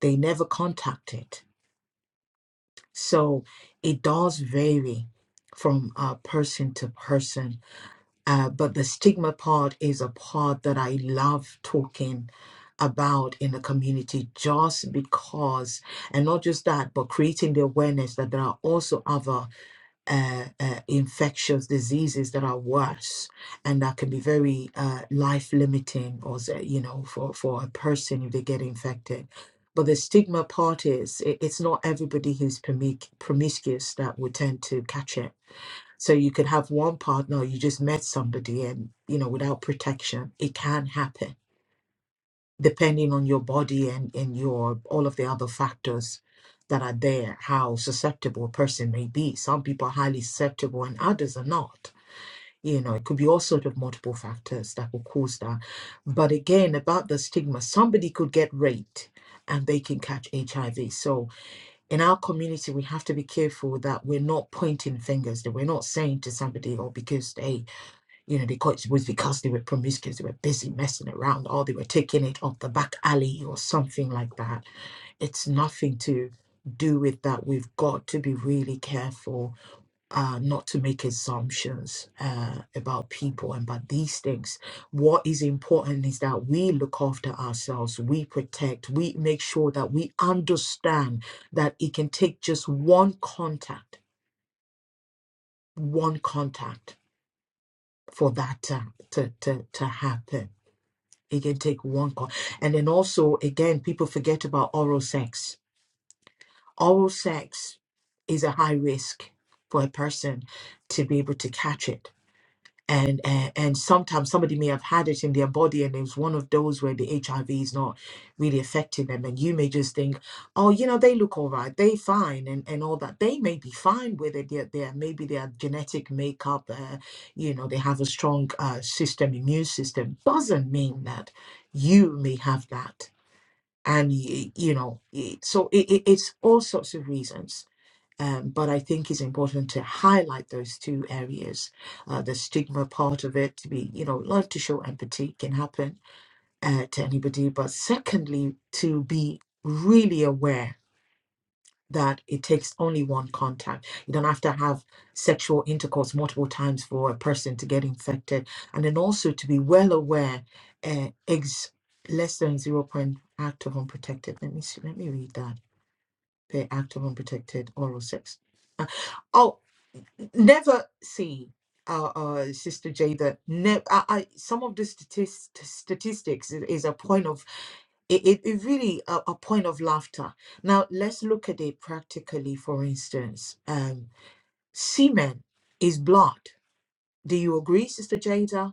they never contacted. So it does vary from uh, person to person Uh, but the stigma part is a part that I love talking about in the community just because, and not just that, but creating the awareness that there are also other uh, uh, infectious diseases that are worse and that can be very uh, life limiting or, you know, for, for a person if they get infected. But the stigma part is it, it's not everybody who's promic- promiscuous that would tend to catch it so you could have one partner, or you just met somebody and, you know, without protection, it can happen depending on your body and, and your all of the other factors that are there, how susceptible a person may be. Some people are highly susceptible and others are not. You know, it could be all sort of multiple factors that will cause that. But again, about the stigma, somebody could get raped and they can catch HIV. So in our community, we have to be careful that we're not pointing fingers, that we're not saying to somebody, oh, because they, you know, they caught it was because they were promiscuous, they were busy messing around, or they were taking it off the back alley or something like that. It's nothing to do with that. We've got to be really careful uh, not to make assumptions uh, about people and about these things. What is important is that we look after ourselves, we protect, we make sure that we understand that it can take just one contact, one contact for that to, to, to, to happen. It can take one call. And then also, again, people forget about oral sex. Oral sex is a high risk for a person to be able to catch it and, and and sometimes somebody may have had it in their body and it's one of those where the hiv is not really affecting them and you may just think oh you know they look all right they fine and and all that they may be fine with it they're, they're maybe their genetic makeup uh, you know they have a strong uh, system immune system doesn't mean that you may have that and y- you know it- so it, it, it's all sorts of reasons um, but I think it's important to highlight those two areas, uh, the stigma part of it, to be, you know, love to show empathy can happen uh, to anybody. But secondly, to be really aware that it takes only one contact. You don't have to have sexual intercourse multiple times for a person to get infected. And then also to be well aware, uh, eggs less than 0. point act of unprotected. Let me see, let me read that. The act of unprotected oral sex. Oh, never see uh, uh sister jada ne- I, I some of the statist- statistics i- is a point of it, it, it really a, a point of laughter now let's look at it practically for instance um semen is blood do you agree sister jada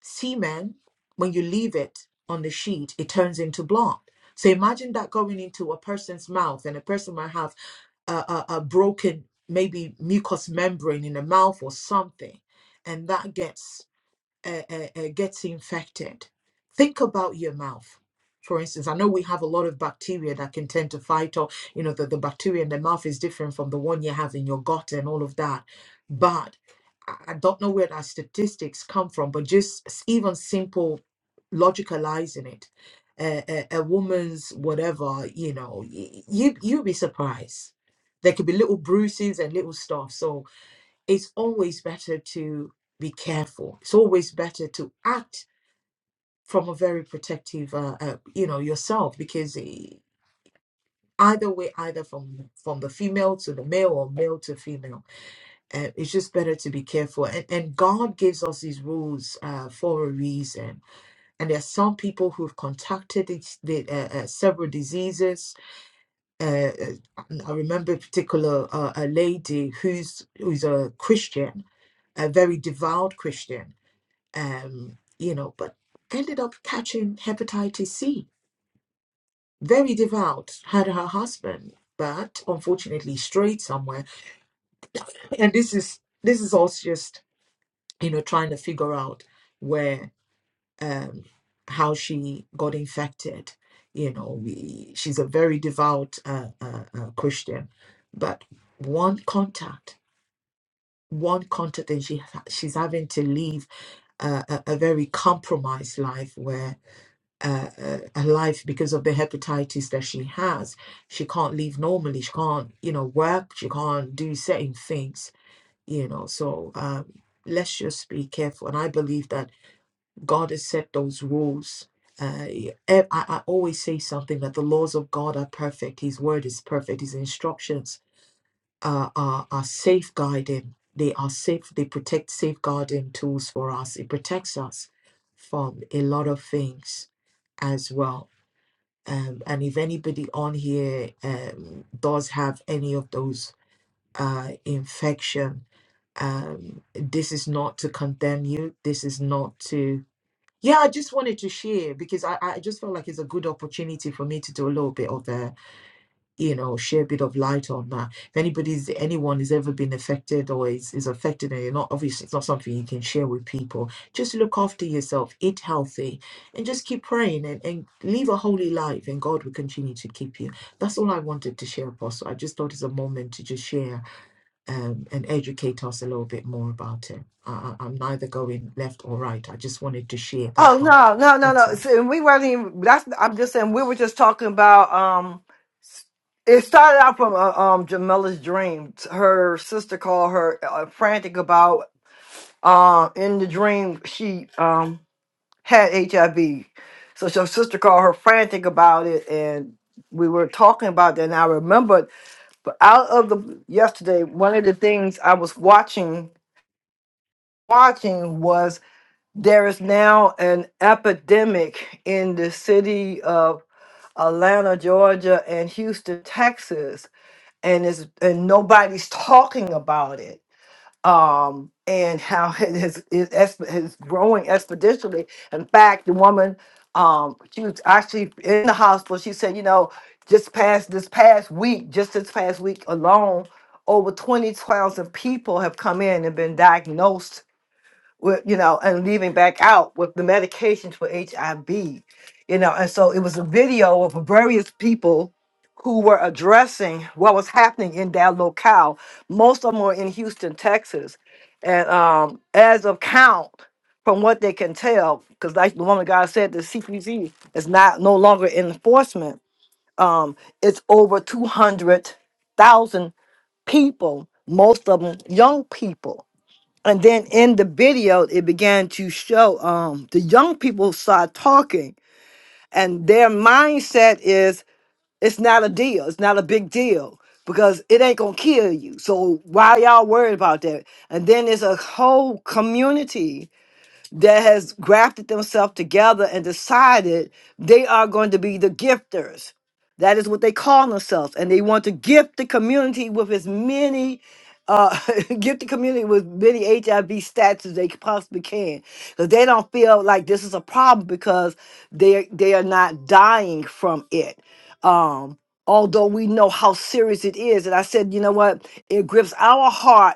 semen, when you leave it on the sheet, it turns into blood. So imagine that going into a person's mouth, and a person might have a, a, a broken, maybe mucous membrane in the mouth or something, and that gets uh, uh, uh, gets infected, think about your mouth. For instance, I know we have a lot of bacteria that can tend to fight, or you know, the, the bacteria in the mouth is different from the one you have in your gut and all of that. But I I don't know where that statistics come from, but just s- even simple logicalizing it, uh, a, a woman's whatever, you know, y- y- you you'd be surprised. There could be little bruises and little stuff. So it's always better to be careful. It's always better to act from a very protective, uh, uh, you know, yourself because e- either way, either from from the female to the male or male to female, uh, it's just better to be careful. And, and God gives us these rules uh, for a reason. And there are some people who've contacted these- the, uh, uh, several diseases. Uh, uh, I remember a particular uh, a lady who's who's a Christian, a very devout Christian um, you know, but ended up catching hepatitis C. Very devout, had her husband, but unfortunately strayed somewhere. And this is this is us just you know trying to figure out where um, how she got infected. You know, we, she's a very devout uh, uh, uh, Christian, but one contact, one contact, and she she's having to leave a, a, a very compromised life where uh, uh, her life because of the hepatitis that she has. She can't live normally. She can't, you know, work. She can't do certain things, you know. So um, let's just be careful. And I believe that God has set those rules. Uh, e- I, I always say something that the laws of God are perfect. His word is perfect. His instructions uh, are, are safeguarding. They are safe. They protect safeguarding tools for us. It protects us from a lot of things as well. Um, and if anybody on here um, does have any of those uh, infection, um, this is not to condemn you. This is not to. Yeah, I just wanted to share because I, I just felt like it's a good opportunity for me to do a little bit of that you know, share a bit of light on that. If anybody's, anyone has ever been affected or is, is affected and you're not, obviously it's not something you can share with people, just look after yourself, eat healthy and just keep praying and, and live a holy life and God will continue to keep you. That's all I wanted to share, Apostle. I just thought it's a moment to just share um, and educate us a little bit more about it. I, I- I'm neither going left or right. I just wanted to share that Oh part. no, no, no, That's no. all. See, and we weren't even. That's. I'm just saying we were just talking about. Um, s- it started out from uh, um Jamila's dream. Her sister called her uh, frantic about. Um, in the dream she um had HIV, so her sister called her frantic about it, and we were talking about that. And I remember But out of the yesterday, one of the things I was watching watching was there is now an epidemic in the city of Atlanta, Georgia, and Houston, Texas, and is and nobody's talking about it um, and how it is, it is is growing exponentially. In fact, the woman, um, she was actually in the hospital. She said, you know, just past this past week, just this past week alone, over 20,000 people have come in and been diagnosed with you know and leaving back out with the medications for hiv you know and so it was a video of various people who were addressing what was happening in that locale most of them were in houston texas and um as of count from what they can tell because like the woman of god said the CPZ is not no longer in enforcement um it's over 200000 people most of them young people and then in the video it began to show um the young people start talking and their mindset is it's not a deal it's not a big deal because it ain't gonna kill you so why y'all worried about that and then there's a whole community that has grafted themselves together and decided they are going to be the gifters. That is what they call themselves. And they want to gift the community with as many, uh, gift the community with many HIV stats as they possibly can. Because they don't feel like this is a problem because they, they are not dying from it. Um, although we know how serious it is. And I said, you know what? It grips our heart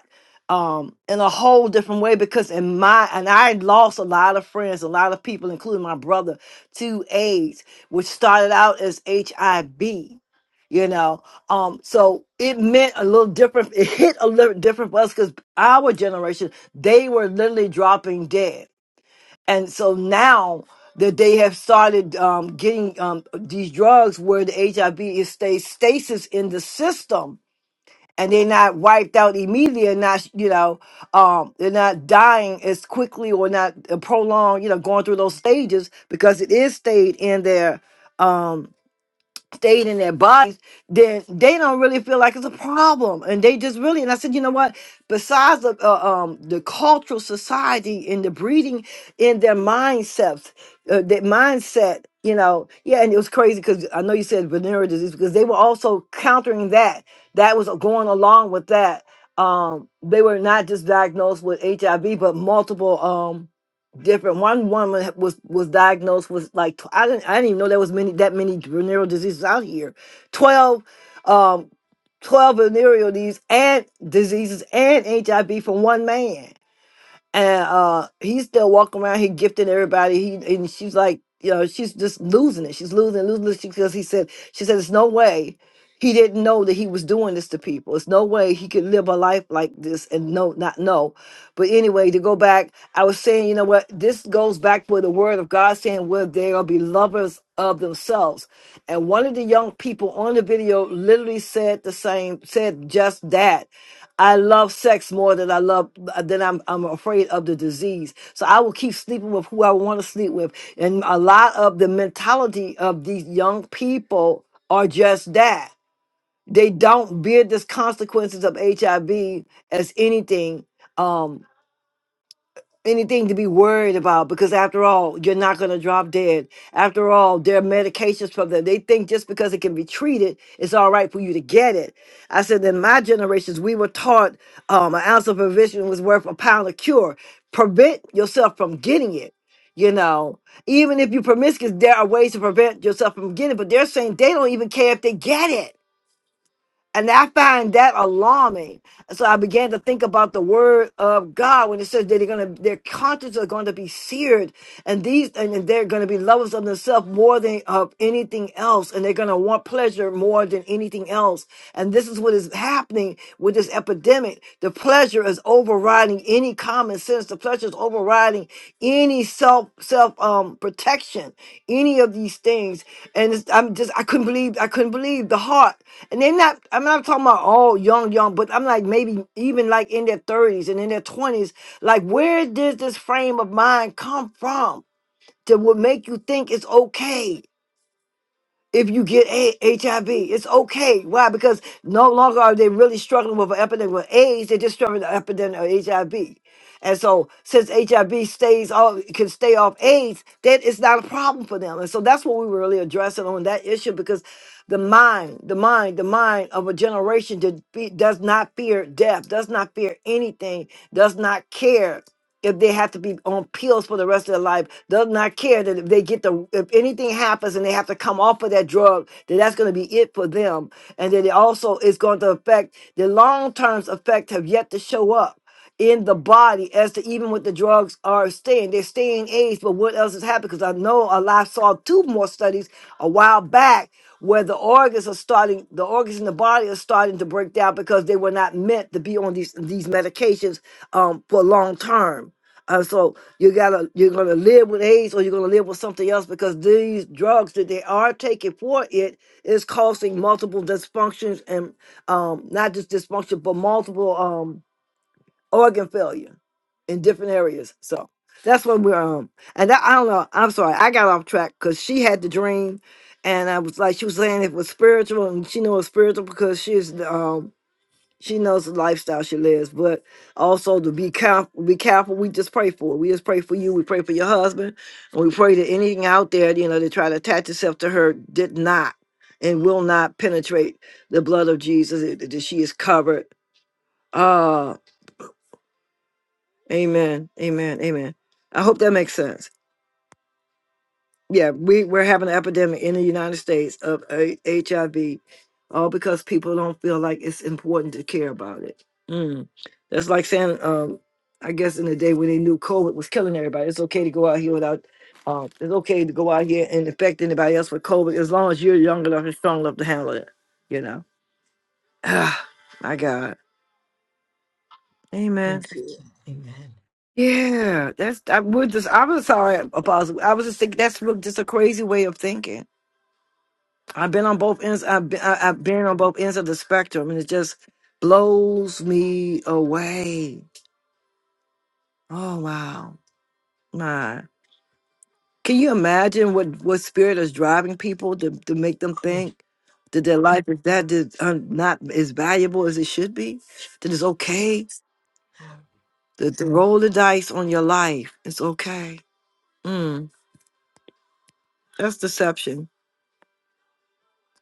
um in a whole different way because in my and I lost a lot of friends, a lot of people, including my brother, to AIDS, which started out as HIV, you know. Um, so it meant a little different, it hit a little different for us because our generation, they were literally dropping dead. And so now that they have started um, getting um, these drugs where the HIV is stays stasis in the system and they're not wiped out immediately and not you know um they're not dying as quickly or not uh, prolonged you know going through those stages because it is stayed in their um stayed in their bodies, then they don't really feel like it's a problem, and they just really. And I said, you know what? Besides the uh, um the cultural society and the breeding in their mindsets, uh, their mindset. You know, yeah, and it was crazy because I know you said venereal disease because they were also countering that. That was going along with that. Um, they were not just diagnosed with HIV, but multiple. um different. One woman was was diagnosed with like tw- I didn't I didn't even know there was many that many venereal diseases out here. Twelve, um, twelve venereal diseases and diseases and HIV from one man and uh he's still walking around here gifting everybody he and she's like you know she's just losing it she's losing it, losing it because he said she said it's no way he didn't know that he was doing this to people it's no way he could live a life like this and no not know but anyway to go back i was saying you know what this goes back with the word of god saying where they are be lovers of themselves and one of the young people on the video literally said the same said just that I love sex more than I love than I'm I'm afraid of the disease. So I will keep sleeping with who I want to sleep with. And a lot of the mentality of these young people are just that. They don't bear the consequences of HIV as anything. Um, anything to be worried about because after all you're not going to drop dead after all there are medications for them they think just because it can be treated it's all right for you to get it i said in my generations we were taught um, an ounce of prevention was worth a pound of cure prevent yourself from getting it you know even if you are promiscuous there are ways to prevent yourself from getting it but they're saying they don't even care if they get it and I find that alarming. So I began to think about the word of God when it says that they're gonna their consciences are going to be seared and these and they're gonna be lovers of themselves more than of anything else, and they're gonna want pleasure more than anything else. And this is what is happening with this epidemic. The pleasure is overriding any common sense, the pleasure is overriding any self self um protection, any of these things. And it's, I'm just I couldn't believe I couldn't believe the heart. And they're not, I'm not talking about all young, young, but I'm like maybe even like in their 30s and in their 20s. Like, where did this frame of mind come from that would make you think it's okay? if you get a- HIV. It's okay. Why? Because no longer are they really struggling with an epidemic with AIDS. They're just struggling with an epidemic of HIV. And so, since HIV stays off, can stay off AIDS, that is not a problem for them. And so, that's what we were really addressing on that issue because the mind, the mind, the mind of a generation that be, does not fear death, does not fear anything, does not care if they have to be on pills for the rest of their life does not care that if they get the if anything happens and they have to come off of that drug that that's going to be it for them and that it also is going to affect the long term effect have yet to show up in the body as to even what the drugs are staying they're staying aged but what else has happened because i know a lot saw two more studies a while back where the organs are starting the organs in the body are starting to break down because they were not meant to be on these these medications um, for long term uh, so you gotta you're gonna live with AIDS or you're gonna live with something else because these drugs that they are taking for it is causing multiple dysfunctions and um, not just dysfunction but multiple um, organ failure in different areas. So that's when we're um and that, I don't know. I'm sorry, I got off track because she had the dream, and I was like she was saying it was spiritual and she knew it was spiritual because she's um she knows the lifestyle she lives, but also to be careful. Be careful. We just pray for it. We just pray for you. We pray for your husband, and we pray that anything out there, you know, to try to attach itself to her did not and will not penetrate the blood of Jesus. That that she is covered. Ah, amen, amen, amen. I hope that makes sense. yeah, we we're having an epidemic in the United States of A- HIV, all because people don't feel like it's important to care about it. Mm. That's like saying, um, I guess in the day when they knew COVID was killing everybody, it's okay to go out here without. Uh, it's okay to go out here and infect anybody else with COVID as long as you're young enough and strong enough to handle it. You know. Ah, My God. Amen. Thank you. Amen. Yeah, that's I would just I was sorry, Apostle. I was just thinking that's real- just a crazy way of thinking I've been on both ends. I've been, I, I've been on both ends of the spectrum, and it just blows me away. Oh wow, my! Can you imagine what what spirit is driving people to to make them Amen. think that their life is that is uh, not as valuable as it should be? That it's okay to, to roll the dice on your life. It's okay. Mm, that's deception.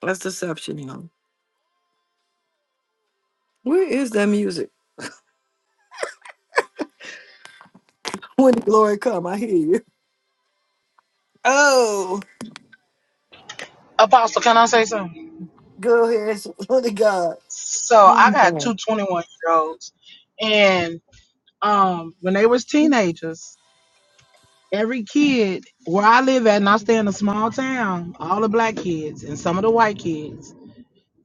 That's deception, you know. Where is that music? When the glory come, I hear you. Apostle, can I say something? Go ahead, son of God. So I got two 21 year olds, and um, when they was teenagers. Every kid where I live at, and I stay in a small town, all the black kids and some of the white kids,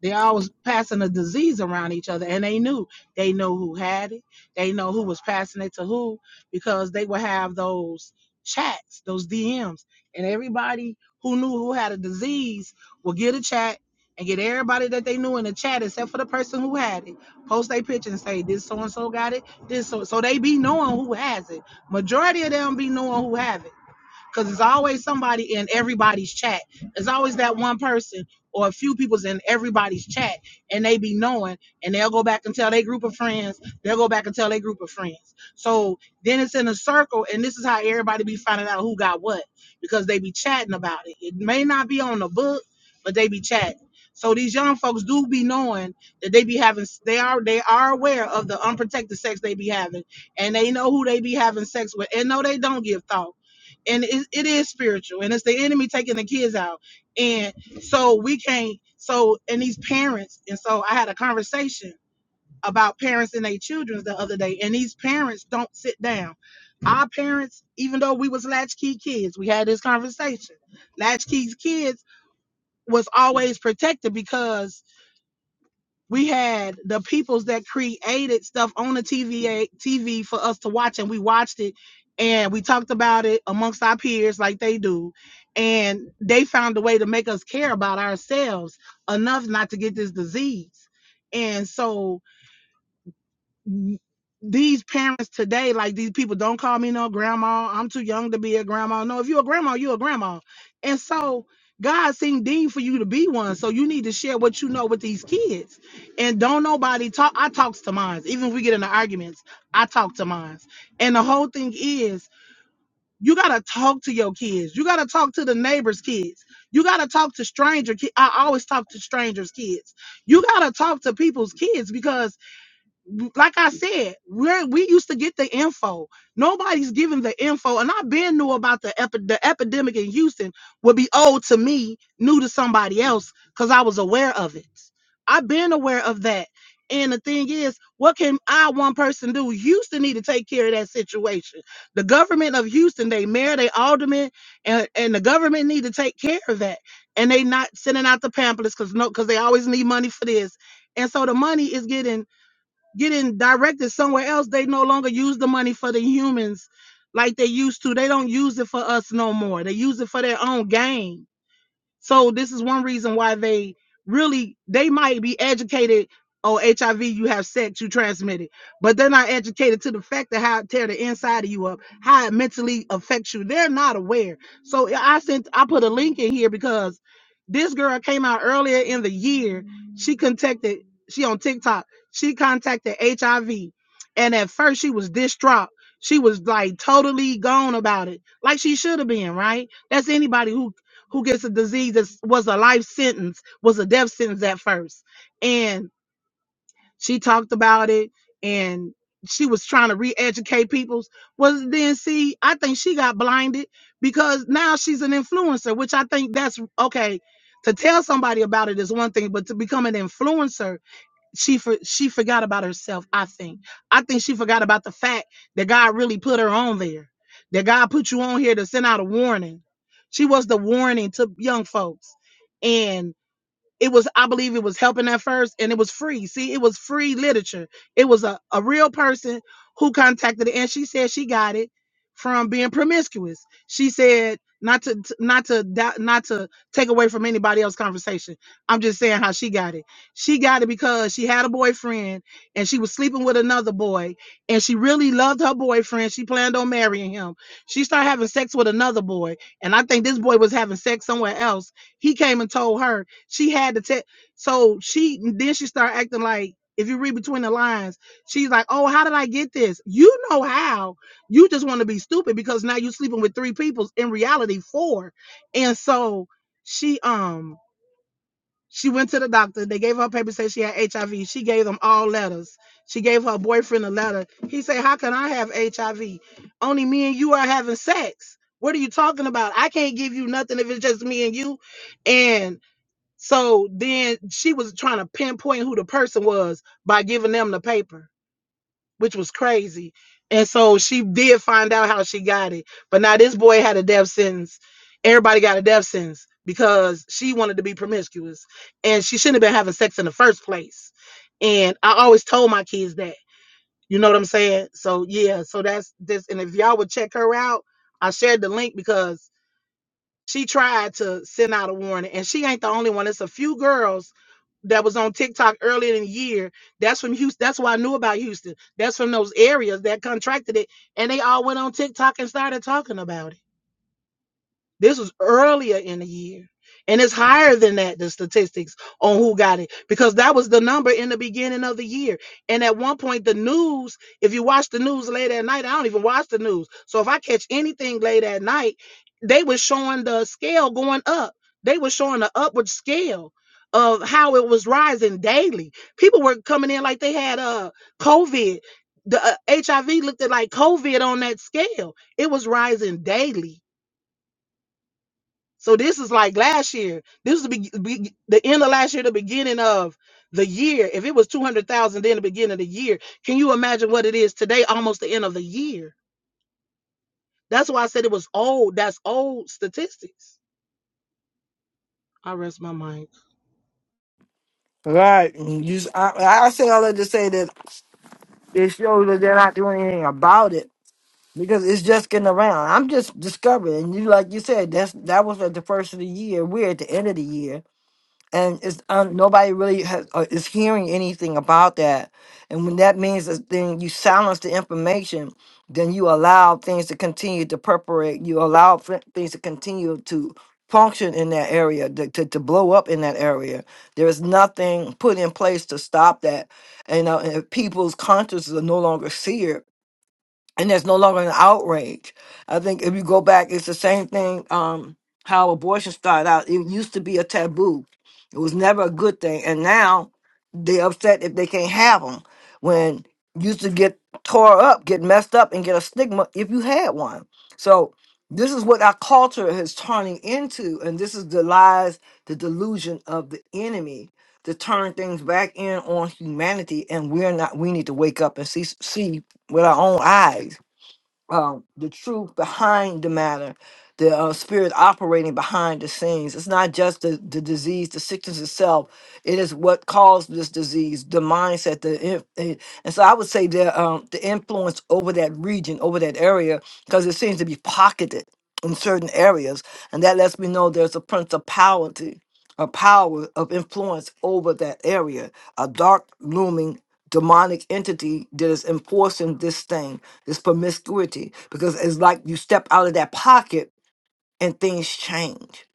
they always passing a disease around each other, and they knew they know who had it, they know who was passing it to who, because they would have those chats, those DMs, and everybody who knew who had a disease would get a chat and get everybody that they knew in the chat, except for the person who had it, post their picture and say this so and so got it, this so so they be knowing who has it. Majority of them be knowing who have it because there's always somebody in everybody's chat. There's always that one person or a few people's in everybody's chat, and they be knowing, and they'll go back and tell their group of friends. They'll go back and tell their group of friends. So then it's in a circle, and this is how everybody be finding out who got what because they be chatting about it. It may not be on the book, but they be chatting. So these young folks do be knowing that they be having they are they are aware of the unprotected sex they be having and they know who they be having sex with and no they don't give thought and it, it is spiritual and it's the enemy taking the kids out and so we can't so and these parents and so i had a conversation about parents and their children the other day and these parents don't sit down our parents even though we was latchkey kids we had this conversation latchkey kids was always protected because we had the peoples that created stuff on the TVA TV for us to watch, and we watched it and we talked about it amongst our peers like they do. And they found a way to make us care about ourselves enough not to get this disease. And so these parents today, like these people, don't call me no grandma. I'm too young to be a grandma. No, if you're a grandma, you're a grandma. And so God seen deemed for you to be one. So you need to share what you know with these kids. And don't nobody talk. I talks to mines. Even if we get into arguments, I talk to mines. And the whole thing is you gotta talk to your kids. You gotta talk to the neighbors' kids. You gotta talk to stranger kids. I always talk to strangers' kids. You gotta talk to people's kids because like I said, we we used to get the info. Nobody's giving the info. And I been knew about the, epi- the epidemic in Houston would be old to me, new to somebody else, because I was aware of it. I've been aware of that. And the thing is, what can I, one person, do? Houston need to take care of that situation. The government of Houston, they mayor, they alderman, and, and the government need to take care of that. And they not sending out the pamphlets because no, because they always need money for this. And so the money is getting getting directed somewhere else. They no longer use the money for the humans like they used to. They don't use it for us no more. They use it for their own gain. So this is one reason why they really they might be educated oh HIV, you have sex, you transmit it, but they're not educated to the fact of how it tear the inside of you up, how it mentally affects you. They're not aware. So I sent I put a link in here because this girl came out earlier in the year. She contacted she on TikTok. She contacted HIV. And at first she was distraught. She was like totally gone about it. Like she should have been, right? That's anybody who who gets a disease that was a life sentence, was a death sentence at first. And she talked about it and she was trying to re-educate people. Was then see, I think she got blinded because now she's an influencer, which I think that's okay. To tell somebody about it is one thing, but to become an influencer she for, she forgot about herself. I think. I think she forgot about the fact that God really put her on there. That God put you on here to send out a warning. She was the warning to young folks, and it was i believe it was helping at first and it was free see it was free literature it was a, a real person who contacted it and she said she got it from being promiscuous she said not to not to not to take away from anybody else's conversation i'm just saying how she got it she got it because she had a boyfriend and she was sleeping with another boy and she really loved her boyfriend she planned on marrying him she started having sex with another boy and i think this boy was having sex somewhere else he came and told her she had to tell. So she then she started acting like if you read between the lines, she's like, "Oh, how did I get this? You know how? You just want to be stupid because now you're sleeping with three people. In reality, four. And so she um she went to the doctor. They gave her papers say she had HIV. She gave them all letters. She gave her boyfriend a letter. He said, "How can I have HIV? Only me and you are having sex. What are you talking about? I can't give you nothing if it's just me and you." And so then she was trying to pinpoint who the person was by giving them the paper, which was crazy. And so she did find out how she got it. But now this boy had a death sentence. Everybody got a death sentence because she wanted to be promiscuous and she shouldn't have been having sex in the first place. And I always told my kids that. You know what I'm saying? So yeah, so that's this. And if y'all would check her out, I shared the link because she tried to send out a warning, and she ain't the only one. It's a few girls that was on TikTok earlier in the year. That's from Houston. That's why I knew about Houston. That's from those areas that contracted it, and they all went on TikTok and started talking about it. This was earlier in the year. And it's higher than that, the statistics on who got it, because that was the number in the beginning of the year. And at one point, the news, if you watch the news late at night, I don't even watch the news. So if I catch anything late at night, they were showing the scale going up. They were showing the upward scale of how it was rising daily. People were coming in like they had uh COVID. The uh, HIV looked at like COVID on that scale. It was rising daily so this is like last year. This is the be- be- the end of last year, the beginning of the year. If it was two hundred thousand, then the beginning of the year. Can you imagine what it is today? Almost the end of the year. That's why I said it was old. That's old statistics. I rest my mind. Right. You, s- I, I say all that to say that it shows that they're not doing anything about it because it's just getting around. I'm just discovering. You like you said that's that was at the first of the year. We're at the end of the year and it's um, nobody really has uh, is hearing anything about that. And when that means is then you silence the information, then you allow things to continue to perforate. You allow f- things to continue to function in that area, to, to, to blow up in that area. There is nothing put in place to stop that. And, uh, and if people's consciences are no longer seared and there's no longer an outrage. I think if you go back, it's the same thing. Um, how abortion started out, it used to be a taboo. It was never a good thing, and now they upset if they can't have them. When you used to get tore up, get messed up, and get a stigma if you had one. So this is what our culture is turning into, and this is the lies, the delusion of the enemy to turn things back in on humanity. And we're not. We need to wake up and see see with our own eyes um, the truth behind the matter, the uh, spirit operating behind the scenes. It's not just the, the disease, the sickness itself. It is what caused this disease, the mindset, the in- eh, and so I would say the um, the influence over that region, over that area, because it seems to be pocketed in certain areas, and that lets me know there's a principality, a power of influence over that area, a dark looming demonic entity that is enforcing this thing this promiscuity, because it's like you step out of that pocket and things change.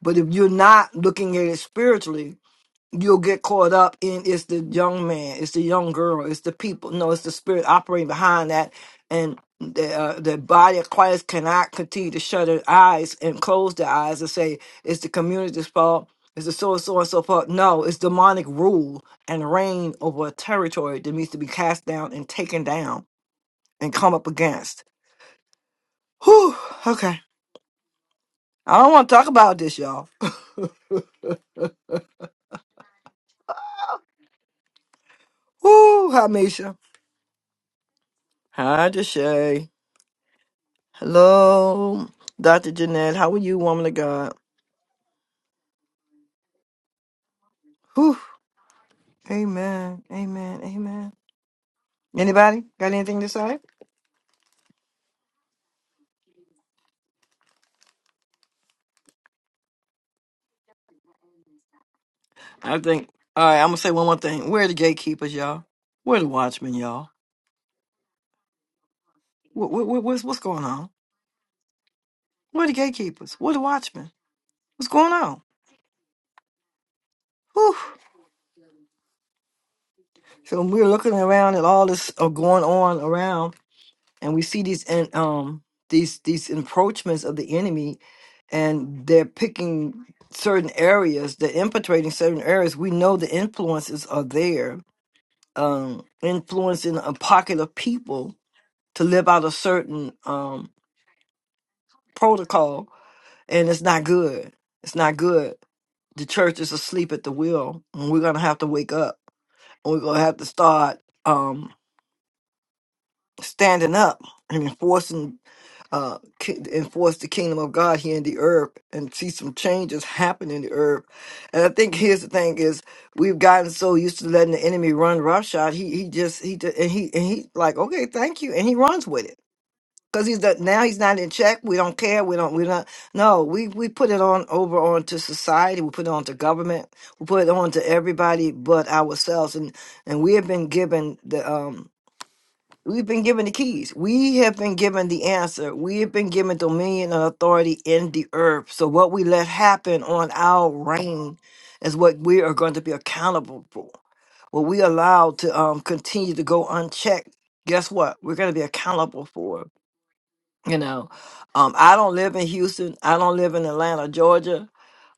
But if you're not looking at it spiritually, you'll get caught up in it's the young man, it's the young girl, it's the people. No, it's the spirit operating behind that. And the, uh, the body of Christ cannot continue to shut their eyes and close their eyes and say, it's the community's fault, it's the so and so and so forth. No, it's demonic rule and reign over a territory that needs to be cast down and taken down and come up against. Whew, okay. I don't want to talk about this, y'all. Whew, hi, Misha. Hi, Deshay. Hello, Dr. Jeanette. How are you, woman of God? Whew, amen, amen, amen. Anybody got anything to say? I think, all right, I'm going to say one more thing. Where are the gatekeepers, y'all? Where are the watchmen, y'all? What, what, what, what's, what's going on? Where are the gatekeepers? Where are the watchmen? What's going on? Whew. So we're looking around at all this uh, going on around and we see these and um these these encroachments of the enemy and they're picking certain areas they're infiltrating certain areas we know the influences are there um influencing a pocket of people to live out a certain um protocol and it's not good it's not good the church is asleep at the wheel and we're gonna have to wake up and we're gonna have to start um standing up and enforcing uh ki- enforce the kingdom of God here in the earth and see some changes happen in the earth. And I think here's the thing is we've gotten so used to letting the enemy run roughshod. He he just he ju- and he and he like okay thank you and he runs with it because he's the, now he's not in check. We don't care. We don't we don't no we we put it on over onto society. We put it onto government. We put it on to everybody but ourselves. And and we have been given the um We've been given the keys. We have been given the answer. We have been given dominion and authority in the earth. So what we let happen on our reign is what we are going to be accountable for. What we allow to um, continue to go unchecked, guess what? We're going to be accountable for. it. You know, um, I don't live in Houston. I don't live in Atlanta, Georgia,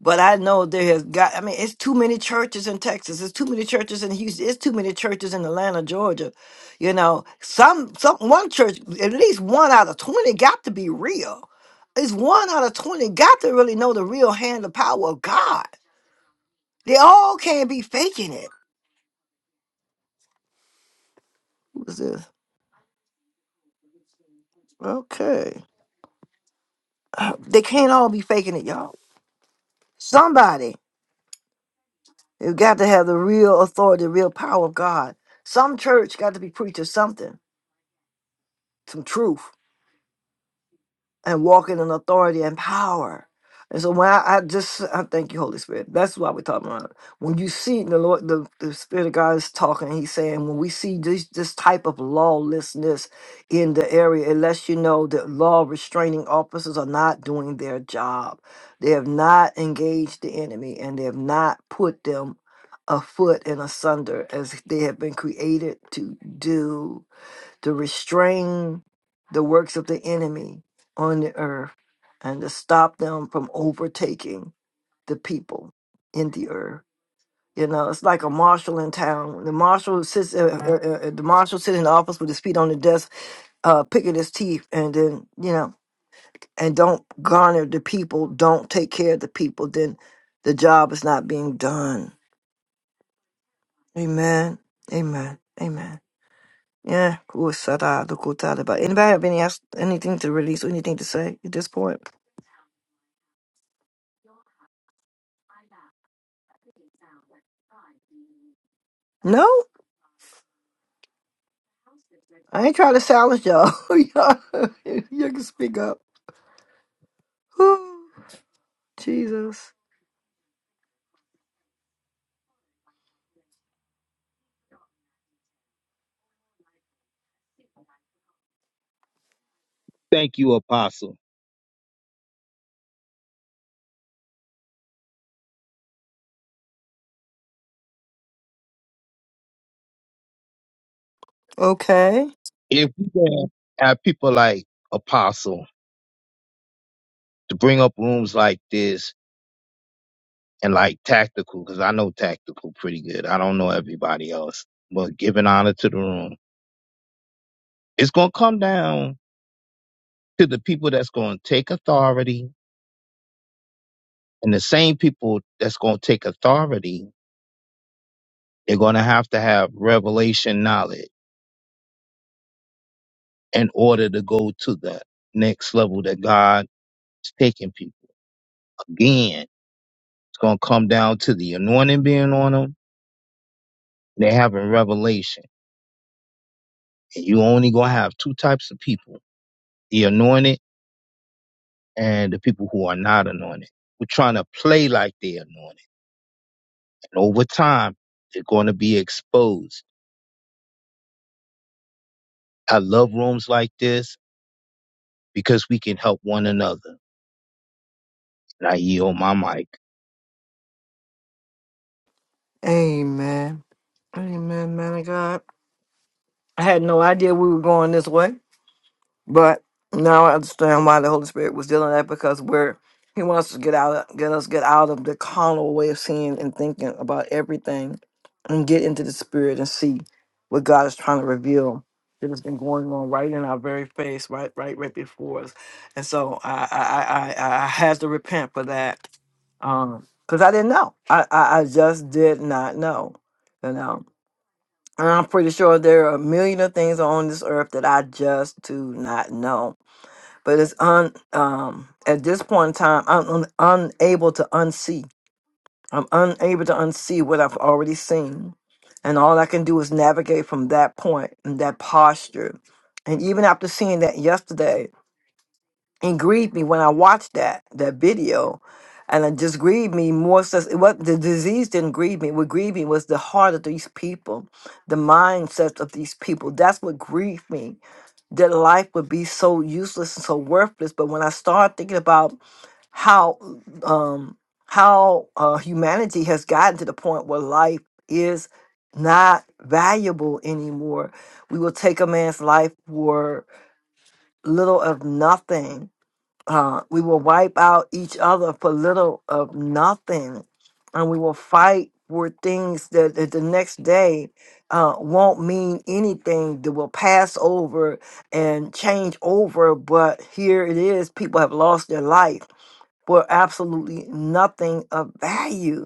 but I know there has got. I mean, it's too many churches in Texas. It's too many churches in Houston. It's too many churches in Atlanta, Georgia. You know, some some one church, at least one out of twenty, got to be real. It's one out of twenty got to really know the real hand, the power of God. They all can't be faking it. Who's this? Okay, they can't all be faking it, y'all. Somebody. You've got to have the real authority, the real power of God. Some church got to be preaching something, some truth and walking in authority and power. And so when I, I just I thank you, Holy Spirit. That's why we're talking about it. when you see the Lord, the, the Spirit of God is talking. He's saying when we see this this type of lawlessness in the area, it lets you know that law restraining officers are not doing their job. They have not engaged the enemy, and they have not put them afoot and asunder as they have been created to do to restrain the works of the enemy on the earth and to stop them from overtaking the people in the earth. You know, it's like a marshal in town. The marshal sits, uh, uh, uh, uh, the marshal sits in the office with his feet on the desk, uh, picking his teeth, and then you know, and don't garner the people, don't take care of the people. Then the job is not being done. Amen. Amen. Amen. Yeah, cool. Sada, Lukutalaba. Anybody have any else- anything to release or anything to say at this point? No, I ain't trying to silence y'all. y'all, you can speak up. Whew, Jesus. Thank you, Apostle. Okay. If we can have people like Apostle to bring up rooms like this and like tactical, because I know tactical pretty good. I don't know everybody else, but giving honor to the room. It's going to come down to the people that's going to take authority and the same people that's going to take authority. They're going to have to have revelation knowledge in order to go to the next level that God's taking people. Again, it's going to come down to the anointing being on them they have in Revelation. And you only gonna have two types of people: the anointed and the people who are not anointed. We're trying to play like they're anointed, and over time, they're going to be exposed. I love rooms like this because we can help one another. And I yield my mic. Amen. Amen, man of God. I had no idea we were going this way. But now I understand why the Holy Spirit was dealing with that because we're He wants to get out, of, get us get out of the carnal way of seeing and thinking about everything, and get into the Spirit and see what God is trying to reveal that has been going on right in our very face, right, right, right before us. And so I, I, I, I I had to repent for that um, because I didn't know. I, I, I just did not know, you know. And I'm pretty sure there are a million of things on this earth that I just do not know but it's un um at this point in time i'm un, unable to unsee i'm unable to unsee what i've already seen and all i can do is navigate from that point and that posture and even after seeing that yesterday it grieved me when i watched that that video and it just grieved me more so it was the disease didn't grieve me what grieved me was the heart of these people the mindsets of these people that's what grieved me that life would be so useless and so worthless. But when I started thinking about how um, how uh, humanity has gotten to the point where life is not valuable anymore, we will take a man's life for little of nothing uh, we will wipe out each other for little of nothing, and we will fight for things that, that the next day uh, won't mean anything. That will pass over and change over. But here it is: people have lost their life for absolutely nothing of value,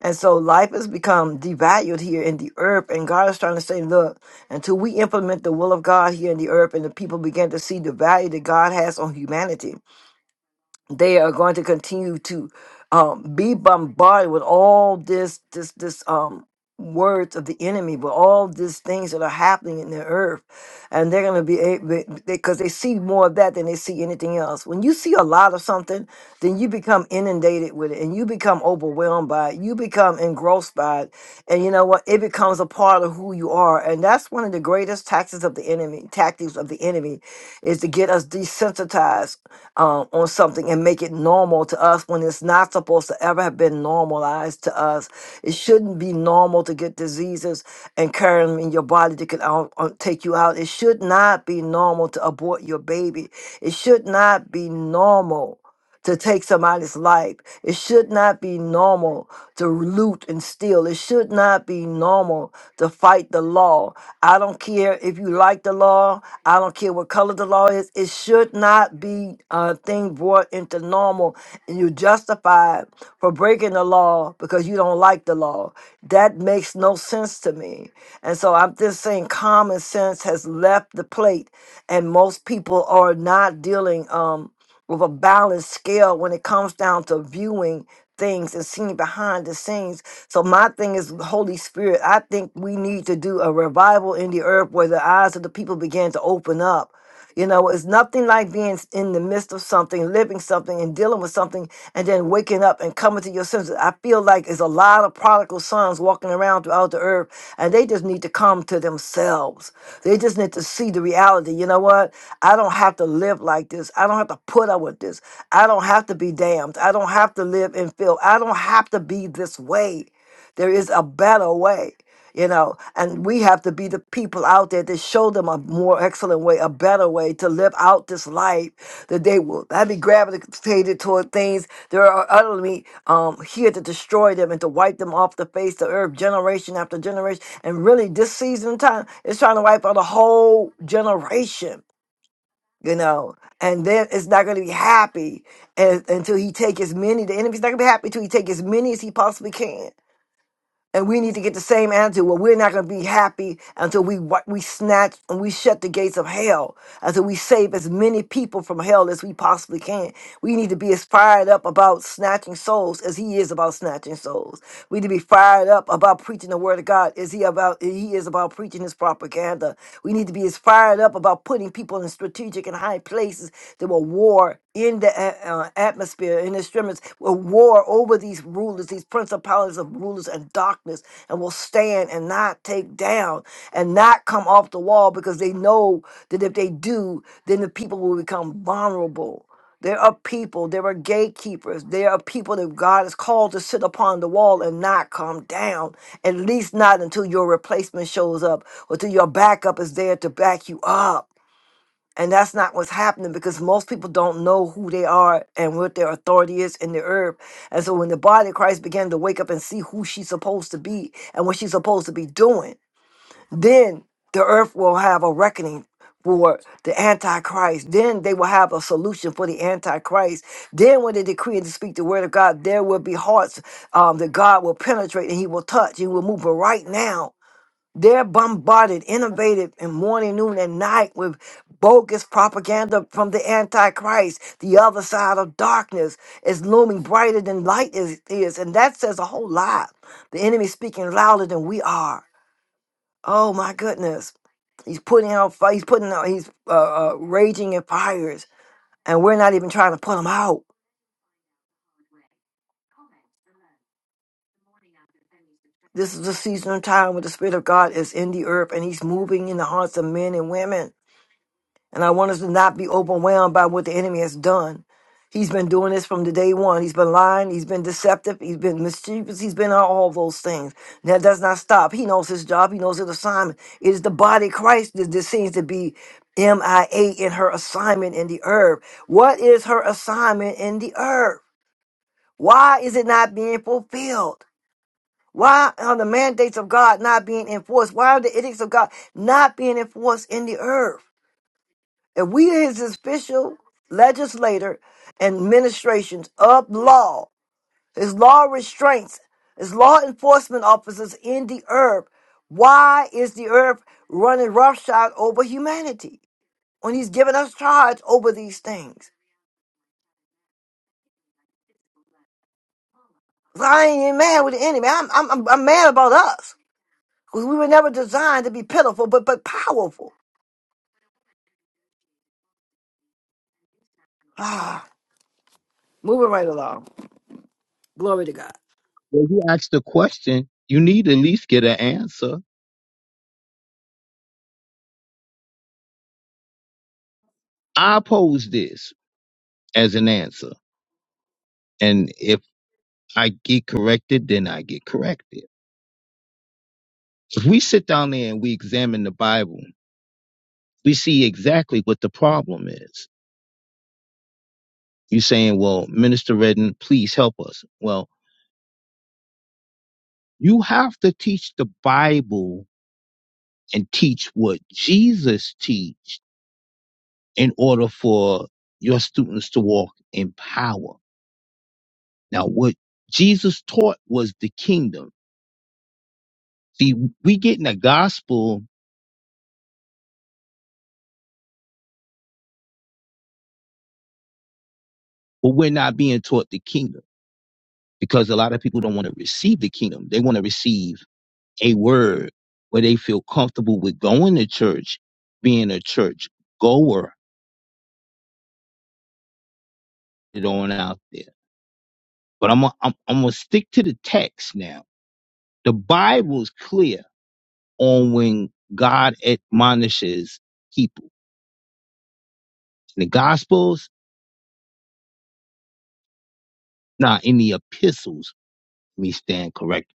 and so life has become devalued here in the earth. And God is trying to say, look, until we implement the will of God here in the earth, and the people begin to see the value that God has on humanity they are going to continue to um, be bombarded with all this this this um words of the enemy with all these things that are happening in the earth and they're going to be able because they see more of that than they see anything else when you see a lot of something then you become inundated with it and you become overwhelmed by it you become engrossed by it and you know what it becomes a part of who you are and that's one of the greatest taxes of the enemy tactics of the enemy is to get us desensitized um, on something and make it normal to us when it's not supposed to ever have been normalized to us. It shouldn't be normal to get diseases and carry them in your body that could out, uh, take you out. It should not be normal to abort your baby. It should not be normal to take somebody's life. It should not be normal to loot and steal. It should not be normal to fight the law. I don't care if you like the law. I don't care what color the law is. It should not be a thing brought into normal and you're justified for breaking the law because you don't like the law. That makes no sense to me. And so I'm just saying common sense has left the plate and most people are not dealing um, with a balanced scale when it comes down to viewing things and seeing behind the scenes so my thing is Holy Spirit. I think we need to do a revival in the earth where the eyes of the people begin to open up. You know, it's nothing like being in the midst of something, living something, and dealing with something, and then waking up and coming to your senses. I feel like there's a lot of prodigal sons walking around throughout the earth, and they just need to come to themselves. They just need to see the reality. You know what? I don't have to live like this. I don't have to put up with this. I don't have to be damned. I don't have to live in filth. I don't have to be this way. There is a better way, you know, and we have to be the people out there to show them a more excellent way, a better way to live out this life that they will not be gravitated toward things that are utterly um, here to destroy them and to wipe them off the face of earth, generation after generation. And really, this season of time is trying to wipe out a whole generation. You know, and then it's not going to be happy as, until he take as many. The enemy's not going to be happy until he take as many as he possibly can and we need to get the same attitude. Well, we're not going to be happy until we wa- we snatch and we shut the gates of hell, until we save as many people from hell as we possibly can. We need to be as fired up about snatching souls as he is about snatching souls. We need to be fired up about preaching the word of God. Is he about he is about preaching his propaganda. We need to be as fired up about putting people in strategic and high places that will war in the a- uh, atmosphere, in the extremities, will war over these rulers, these principalities of rulers and darkness, and will stand and not take down and not come off the wall because they know that if they do, then the people will become vulnerable there are people, there are gatekeepers, there are people that God has called to sit upon the wall and not come down, at least not until your replacement shows up or till your backup is there to back you up. And that's not what's happening because most people don't know who they are and what their authority is in the earth. And so when the body of Christ began to wake up and see who she's supposed to be and what she's supposed to be doing, then the earth will have a reckoning for the Antichrist. Then they will have a solution for the Antichrist. Then, when they decree and speak the word of God, there will be hearts um, that God will penetrate and He will touch. He will move. But right now, they're bombarded, innovated in morning, noon, and night with bogus propaganda from the Antichrist. The other side of darkness is looming brighter than light is, is. And that says a whole lot. The enemy is speaking louder than we are. Oh my goodness. He's putting out fire. he's putting out he's uh, uh raging in fires and we're not even trying to put them out. This is the season of time where the Spirit of God is in the earth and He's moving in the hearts of men and women And I want us to not be overwhelmed by what the enemy has done. He's been doing this from the day one. He's been lying. He's been deceptive. He's been mischievous. He's been all those things. That does not stop. He knows his job. He knows his assignment. It is the body of Christ that, that seems to be MIA in her assignment in the earth. What is her assignment in the earth? Why is it not being fulfilled? Why are the mandates of God not being enforced? Why are the edicts of God not being enforced in the earth? If we his official legislator and administrations of law, his law restraints, his law enforcement officers in the earth, why is the earth running roughshod over humanity when he's giving us charge over these things? I ain't even mad with the enemy. I'm, I'm, I'm I'm mad about us because we were never designed to be pitiful, but, but powerful. Ah, moving right along. Glory to God. When you ask the question, you need to at least get an answer. I pose this as an answer, and if I get corrected, then I get corrected. If we sit down there and we examine the Bible we see exactly what the problem is. You're saying, well, Minister Redden, please help us. Well, you have to teach the Bible and teach what Jesus teach in order for your students to walk in power. Now, what Jesus taught was the kingdom. See, we getting the gospel, but we're not being taught the kingdom because a lot of people don't want to receive the kingdom. They want to receive a word where they feel comfortable with going to church, being a church goer, it on out there. But I'm i I'm, I'm gonna stick to the text now. The Bible's clear on when God admonishes people. In the Gospels, not in the epistles, let me stand correct.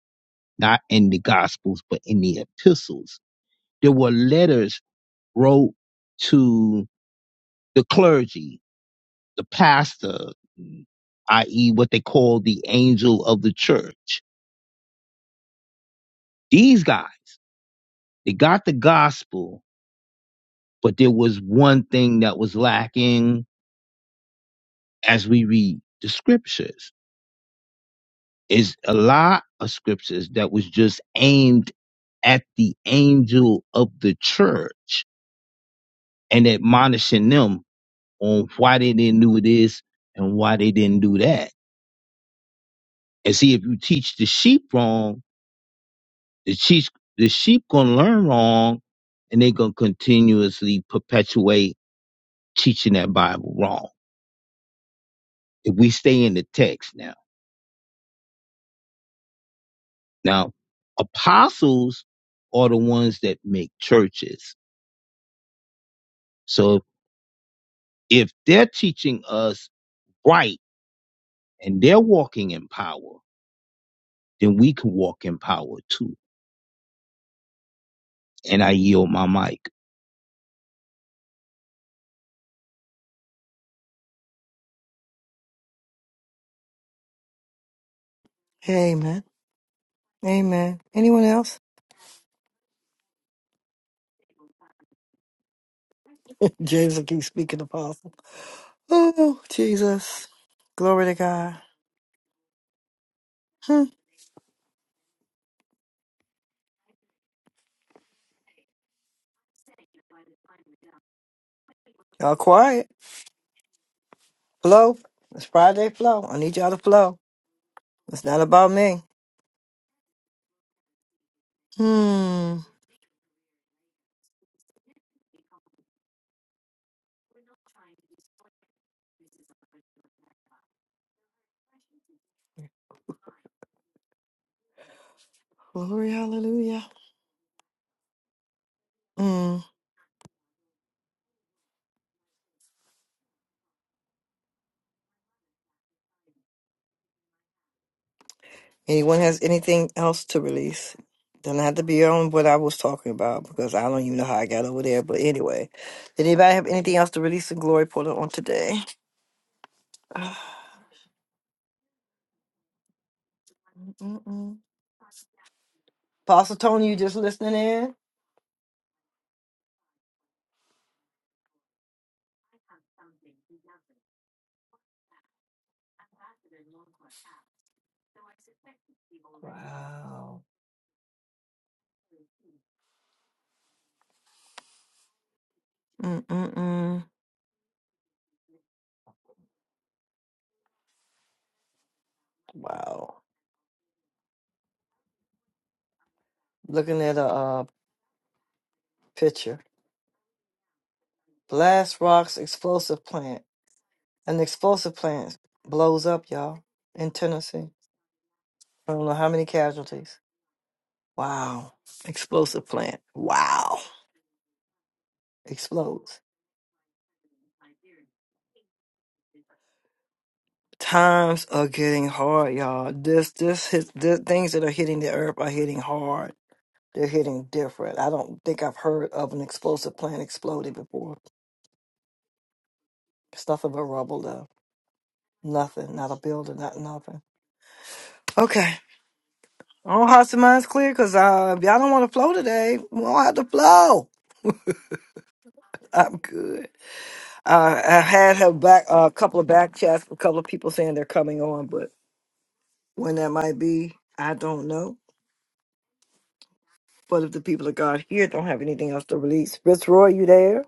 Not in the Gospels, but in the epistles. There were letters wrote to the clergy, the pastor, i.e., what they call the angel of the church. These guys, they got the gospel, but there was one thing that was lacking as we read the scriptures. Is a lot of scriptures that was just aimed at the angel of the church and admonishing them on why they didn't do this and why they didn't do that. And see, if you teach the sheep wrong, The sheep, the sheep gonna learn wrong, and they gonna continuously perpetuate teaching that Bible wrong. If we stay in the text now, now apostles are the ones that make churches. So if they're teaching us right and they're walking in power, then we can walk in power too. And I yield my mic. Amen. Amen. Anyone else? James will keep speaking, Apostle. Oh, Jesus. Glory to God. Hmm. Y'all quiet. Flow. It's Friday flow. I need y'all to flow. It's not about me. Hmm. Glory, hallelujah. Hmm. Anyone has anything else to release? Doesn't have to be on what I was talking about because I don't even know how I got over there. But anyway, did anybody have anything else to release in glory portal on today? Mm-mm. Apostle Tony, you just listening in? Wow. Mm-mm. Wow. Looking at a uh, picture. Blast Rock's explosive plant. An explosive plant blows up, y'all, in Tennessee. I don't know how many casualties. Wow. Explosive plant. Wow. Explodes. Times are getting hard, y'all. This, this, hit, the things that are hitting the earth are hitting hard. They're hitting different. I don't think I've heard of an explosive plant exploding before. It's nothing but rubble, though. Nothing. Not a building, not nothing. Okay. Oh, hearts and minds clear because uh, if y'all don't want to flow today, we don't have to flow. I'm good. Uh, I had her back uh, a couple of back chats, a couple of people saying they're coming on, but when that might be, I don't know. But if the people of God here don't have anything else to release, Fitzroy, you there?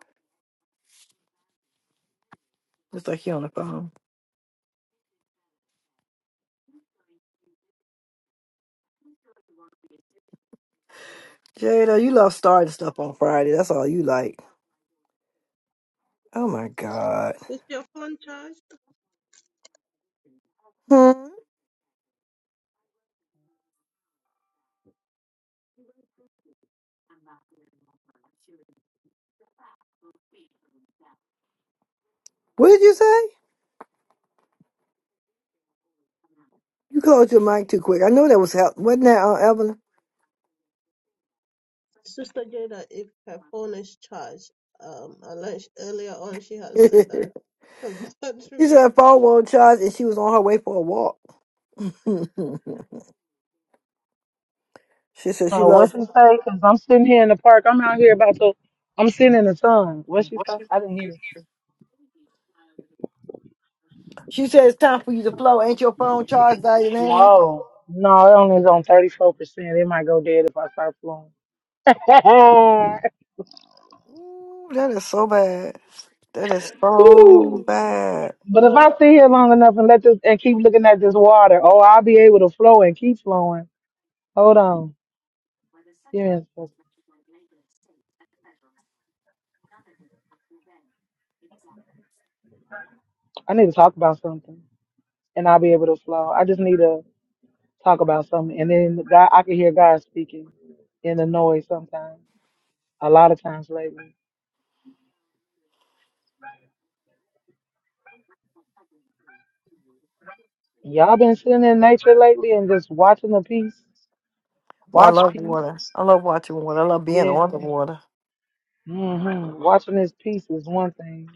It's like he on the phone. Jada, you love starting stuff on Friday. That's all you like. Oh my God. Is your phone charged? Hmm. What did you say? You closed your mic too quick. I know that was help. Wasn't that uh, Evelyn? Sister Jada, if her phone is charged, um, unless earlier on she has said that her battery She was. said phone won't charge and she was on her way for a walk. she said she Uh, what loves she say? Cause I'm sitting here in the park. I'm out here about to. I'm sitting in the sun. What she say? I didn't hear. she said it's time for you to flow. Ain't your phone charged by now? Whoa. no, it only is on 34 percent. It might go dead if I start flowing. Ooh, that is so bad. That is so Woo. bad. but if I sit here long enough and let this and keep looking at this water, oh, I'll be able to flow and keep flowing. Hold on. Give me a sec. I need to talk about something, and I'll be able to flow. I just need to talk about something, and then God, I can hear God speaking in the noise sometimes. A lot of times lately. Y'all been sitting in nature lately and just watching the piece. Well, I Watch love peace. water. I love watching water. I love being Yeah. on the water. hmm Watching this piece is one thing.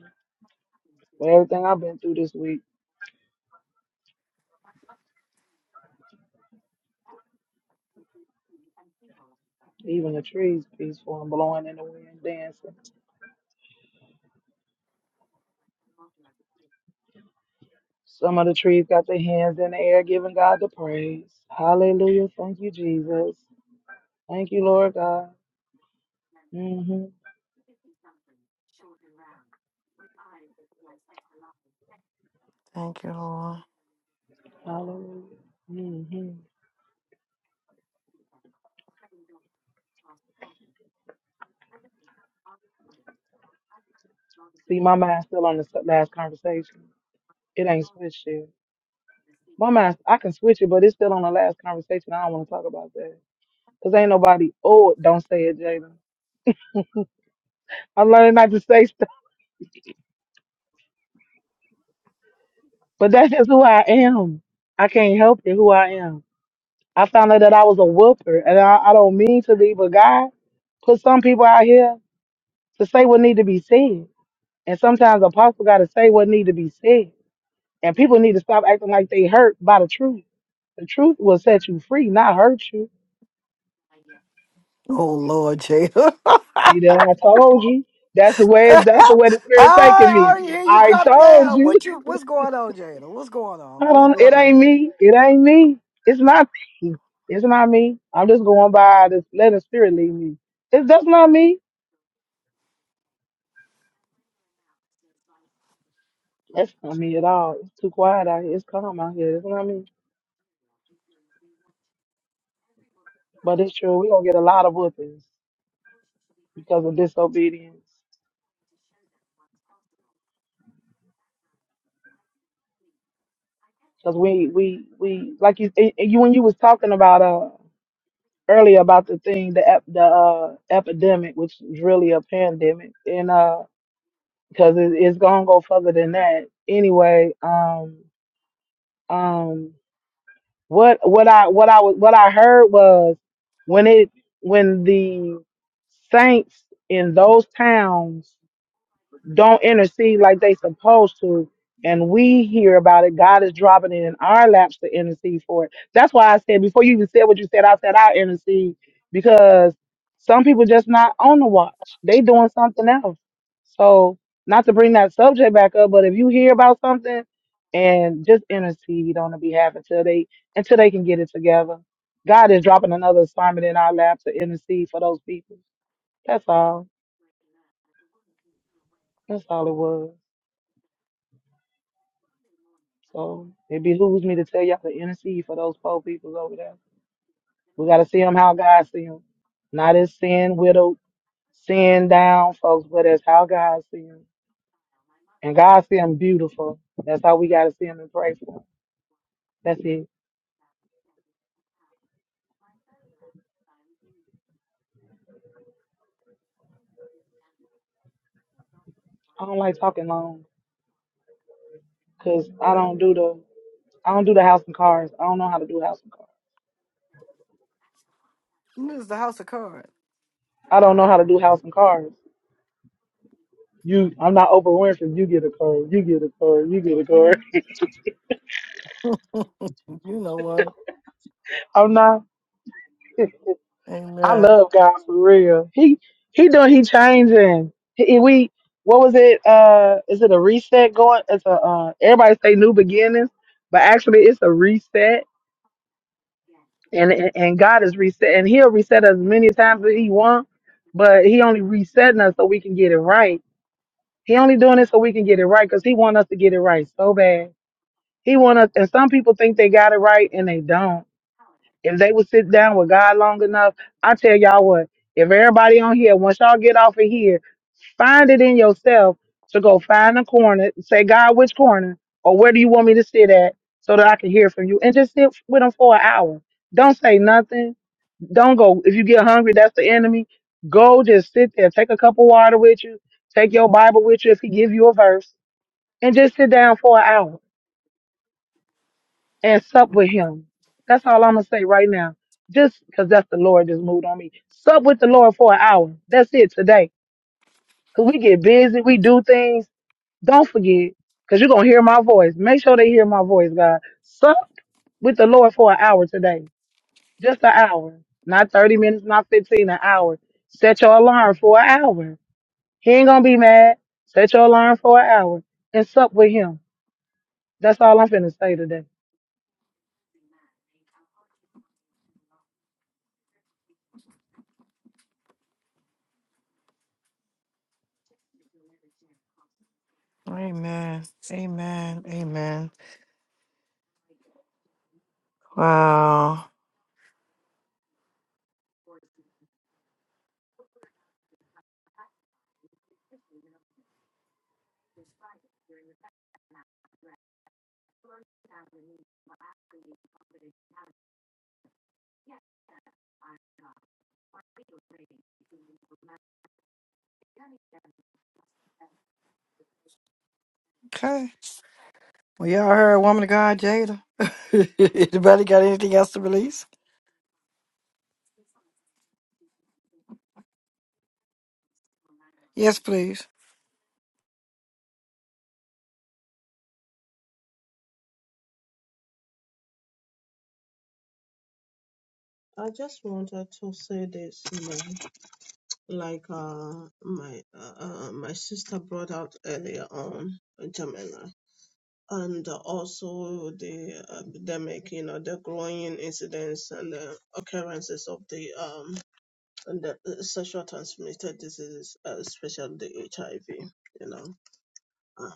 But everything I've been through this week, even the trees peaceful and blowing in the wind, dancing. Some of the trees got their hands in the air, giving God the praise. Hallelujah. Thank you, Jesus. Thank you, Lord God. hmm Thank you, Lord. Hallelujah. hmm See, my mind's still on this last conversation. It ain't switched yet. My mind, I can switch it, but it's still on the last conversation. I don't want to talk about that. Because ain't nobody, oh, don't say it, Jada. I learned not to say stuff, but that's just who I am. I can't help it, who I am. I found out that I was a whooper, and I, I don't mean to be, but God put some people out here to say what need to be said. And sometimes apostle got to say what need to be said. And people need to stop acting like they hurt by the truth. The truth will set you free, not hurt you. Oh Lord, Jada. See that I told you. That's the way that's the way the spirit taking I me. already hear you I come told down. you. What you what's going on, Jada? What's going on? I What's don't it ain't going me. It ain't me. It's not me. It's not me. I'm just going by this let the spirit lead me. It's that's not me. That's not me at all. It's too quiet out here. It's calm out here. It's not me. But it's true. we gonna get a lot of whoopings because of disobedience. Because we we we like you and you when you was talking about uh, earlier about the thing, the ep, the uh, epidemic, which is really a pandemic, and uh, because it, it's gonna go further than that anyway. Um, um, what what I what I was what I heard was when it when the saints in those towns don't intercede like they supposed to and we hear about it god is dropping it in our laps to intercede for it that's why i said before you even said what you said i said i intercede because some people just not on the watch they doing something else so not to bring that subject back up but if you hear about something and just intercede on the behalf until they until they can get it together god is dropping another assignment in our lap to intercede for those people that's all that's all it was So it behooves me to tell y'all to intercede for those poor people over there. We got to see them how God see them. Not as sin, widowed, sin down folks, but as how God see them. And God see them beautiful. That's how we got to see them and pray for 'em. That's it. I don't like talking long because I don't do the, I don't do the house and cars. I don't know how to do house and cars. on? This is the house of cards. I don't know how to do house and cars. You, I'm not Oprah Winfrey. You get a car. You get a car. You get a car. You know what? I'm not. I Amen. love God for real. He he doing he changing. He, we what was it? Uh, is it a reset going? It's a uh, everybody say new beginnings, but actually it's a reset, and and and God is reset, and He'll reset us many times that He wants, but He only resetting us so we can get it right. He only doing it so we can get it right because He want us to get it right so bad. He want us, and some people think they got it right and they don't. If they would sit down with God long enough, I tell y'all what, if everybody on here, once y'all get off of here, find it in yourself to go find a corner, say, God, which corner or where do you want me to sit at so that I can hear from you? And just sit with them for an hour. Don't say nothing. Don't go. If you get hungry, that's the enemy. Go just sit there. Take a cup of water with you. Take your Bible with you if he give you a verse and just sit down for an hour and sup with him. That's all I'm gonna say right now. Just because that's the Lord just moved on me. Sup with the Lord for an hour. That's it today. Cause we get busy, we do things. Don't forget, cause you're gonna hear my voice. Make sure they hear my voice, God. Sup with the Lord for an hour today. Just an hour. Not 30 minutes, not 15, an hour. Set your alarm for an hour. He ain't gonna be mad. Set your alarm for an hour and sup with him. That's all I'm finna say today. Amen. Amen. Amen. Wow. Okay. Well, y'all heard Woman of God, Jada. Anybody got anything else to release? Yes, please. I just wanted to say this, you know, like uh, my uh, uh, my sister brought out earlier on, Jamila, and also the epidemic, you know, the growing incidence and the occurrences of the um and the uh, sexual transmitted diseases, uh, especially the HIV, you know. Uh,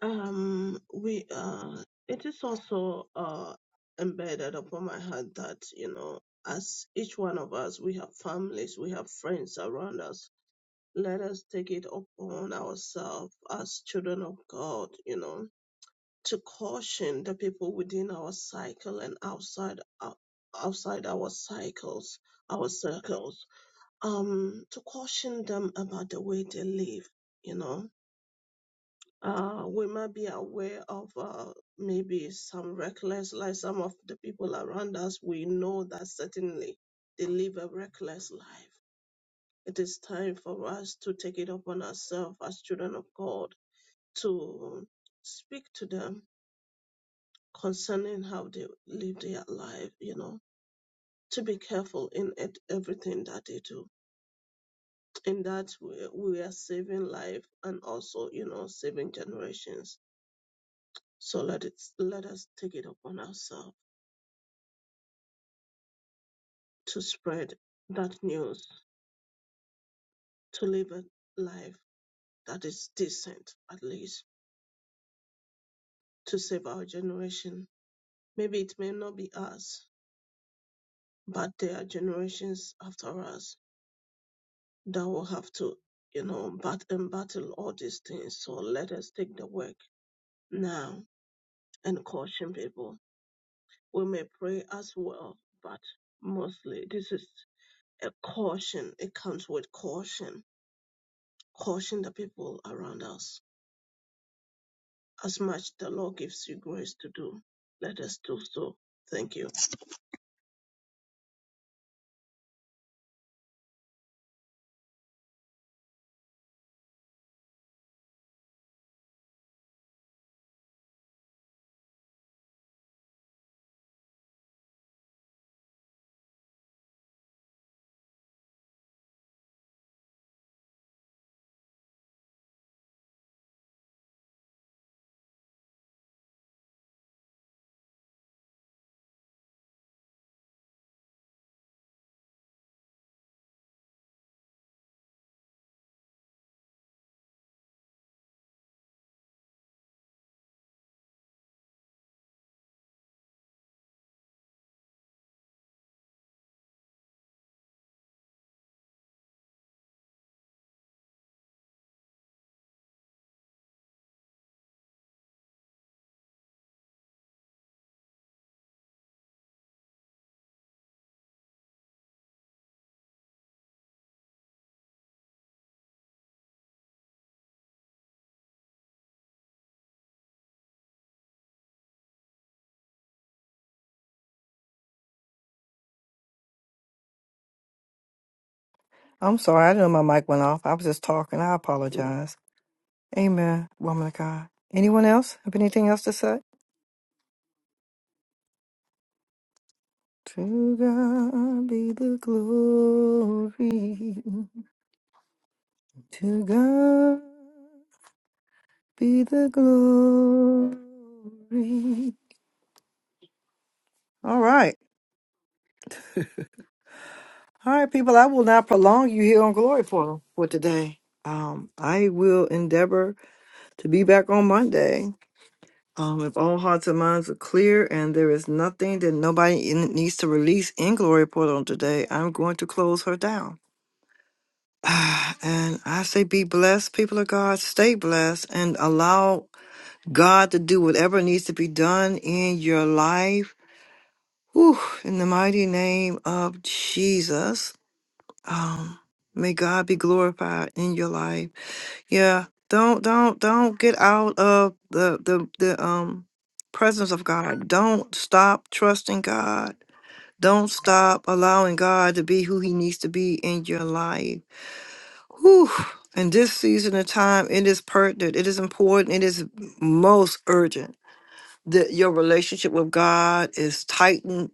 Um, we uh, it is also uh embedded upon my heart that you know, as each one of us, we have families, we have friends around us. Let us take it upon ourselves as children of God, you know, to caution the people within our cycle and outside ou- outside our cycles, our circles, um, to caution them about the way they live, you know uh, we might be aware of uh, maybe some reckless, like some of the people around us, we know that certainly they live a reckless life. It is time for us to take it upon ourselves as children of God to speak to them concerning how they live their life, you know, to be careful in it, everything that they do. In that we, we are saving life and also, you know, saving generations. So let it let us take it upon ourselves to spread that news, to live a life that is decent, at least, to save our generation. Maybe it may not be us, but there are generations after us that will have to, you know, bat- battle all these things. So let us take the work now and caution people. We may pray as well, but mostly this is a caution. It comes with caution. Caution the people around us as much the Lord gives you grace to do, let us do so. Thank you. I'm sorry. I didn't know my mic went off. I was just talking. I apologize. Amen, Woman of God. Anyone else have anything else to say? To God be the glory. To God be the glory. All right. All right, people, I will not prolong you here on Glory Portal for today. Um, I will endeavor to be back on Monday. Um, if all hearts and minds are clear and there is nothing that nobody in, needs to release in Glory Portal today, I'm going to close her down. Ah, And I say, be blessed, people of God, stay blessed, and allow God to do whatever needs to be done in your life. Whew, in the mighty name of Jesus. um may god be glorified in your life yeah don't don't don't get out of the the, the um presence of god don't stop trusting god don't stop allowing god to be who he needs to be in your life Whew. in this season of time it is pertinent it is important it is most urgent that your relationship with god is tightened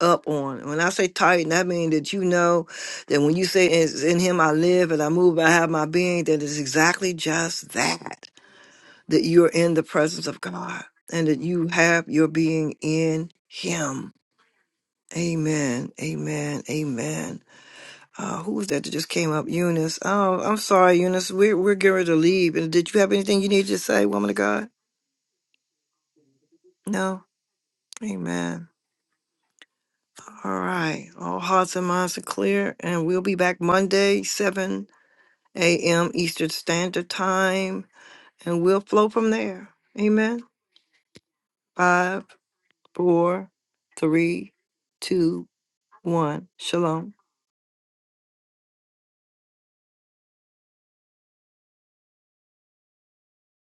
up on. When I say tighten, that means that you know that when you say it's in him I live and I move, I have my being, that is exactly just that. That you're in the presence of God and that you have your being in him. Amen. Amen. Amen. Uh, who was that that just came up? Eunice. Oh, I'm sorry, Eunice. We're we're getting ready to leave. And did you have anything you needed to say, woman of God? No. Amen. All right. All hearts and minds are clear, and we'll be back Monday, 7 a.m. Eastern Standard Time, and we'll flow from there. Amen. Five, four, three, two, one. Shalom.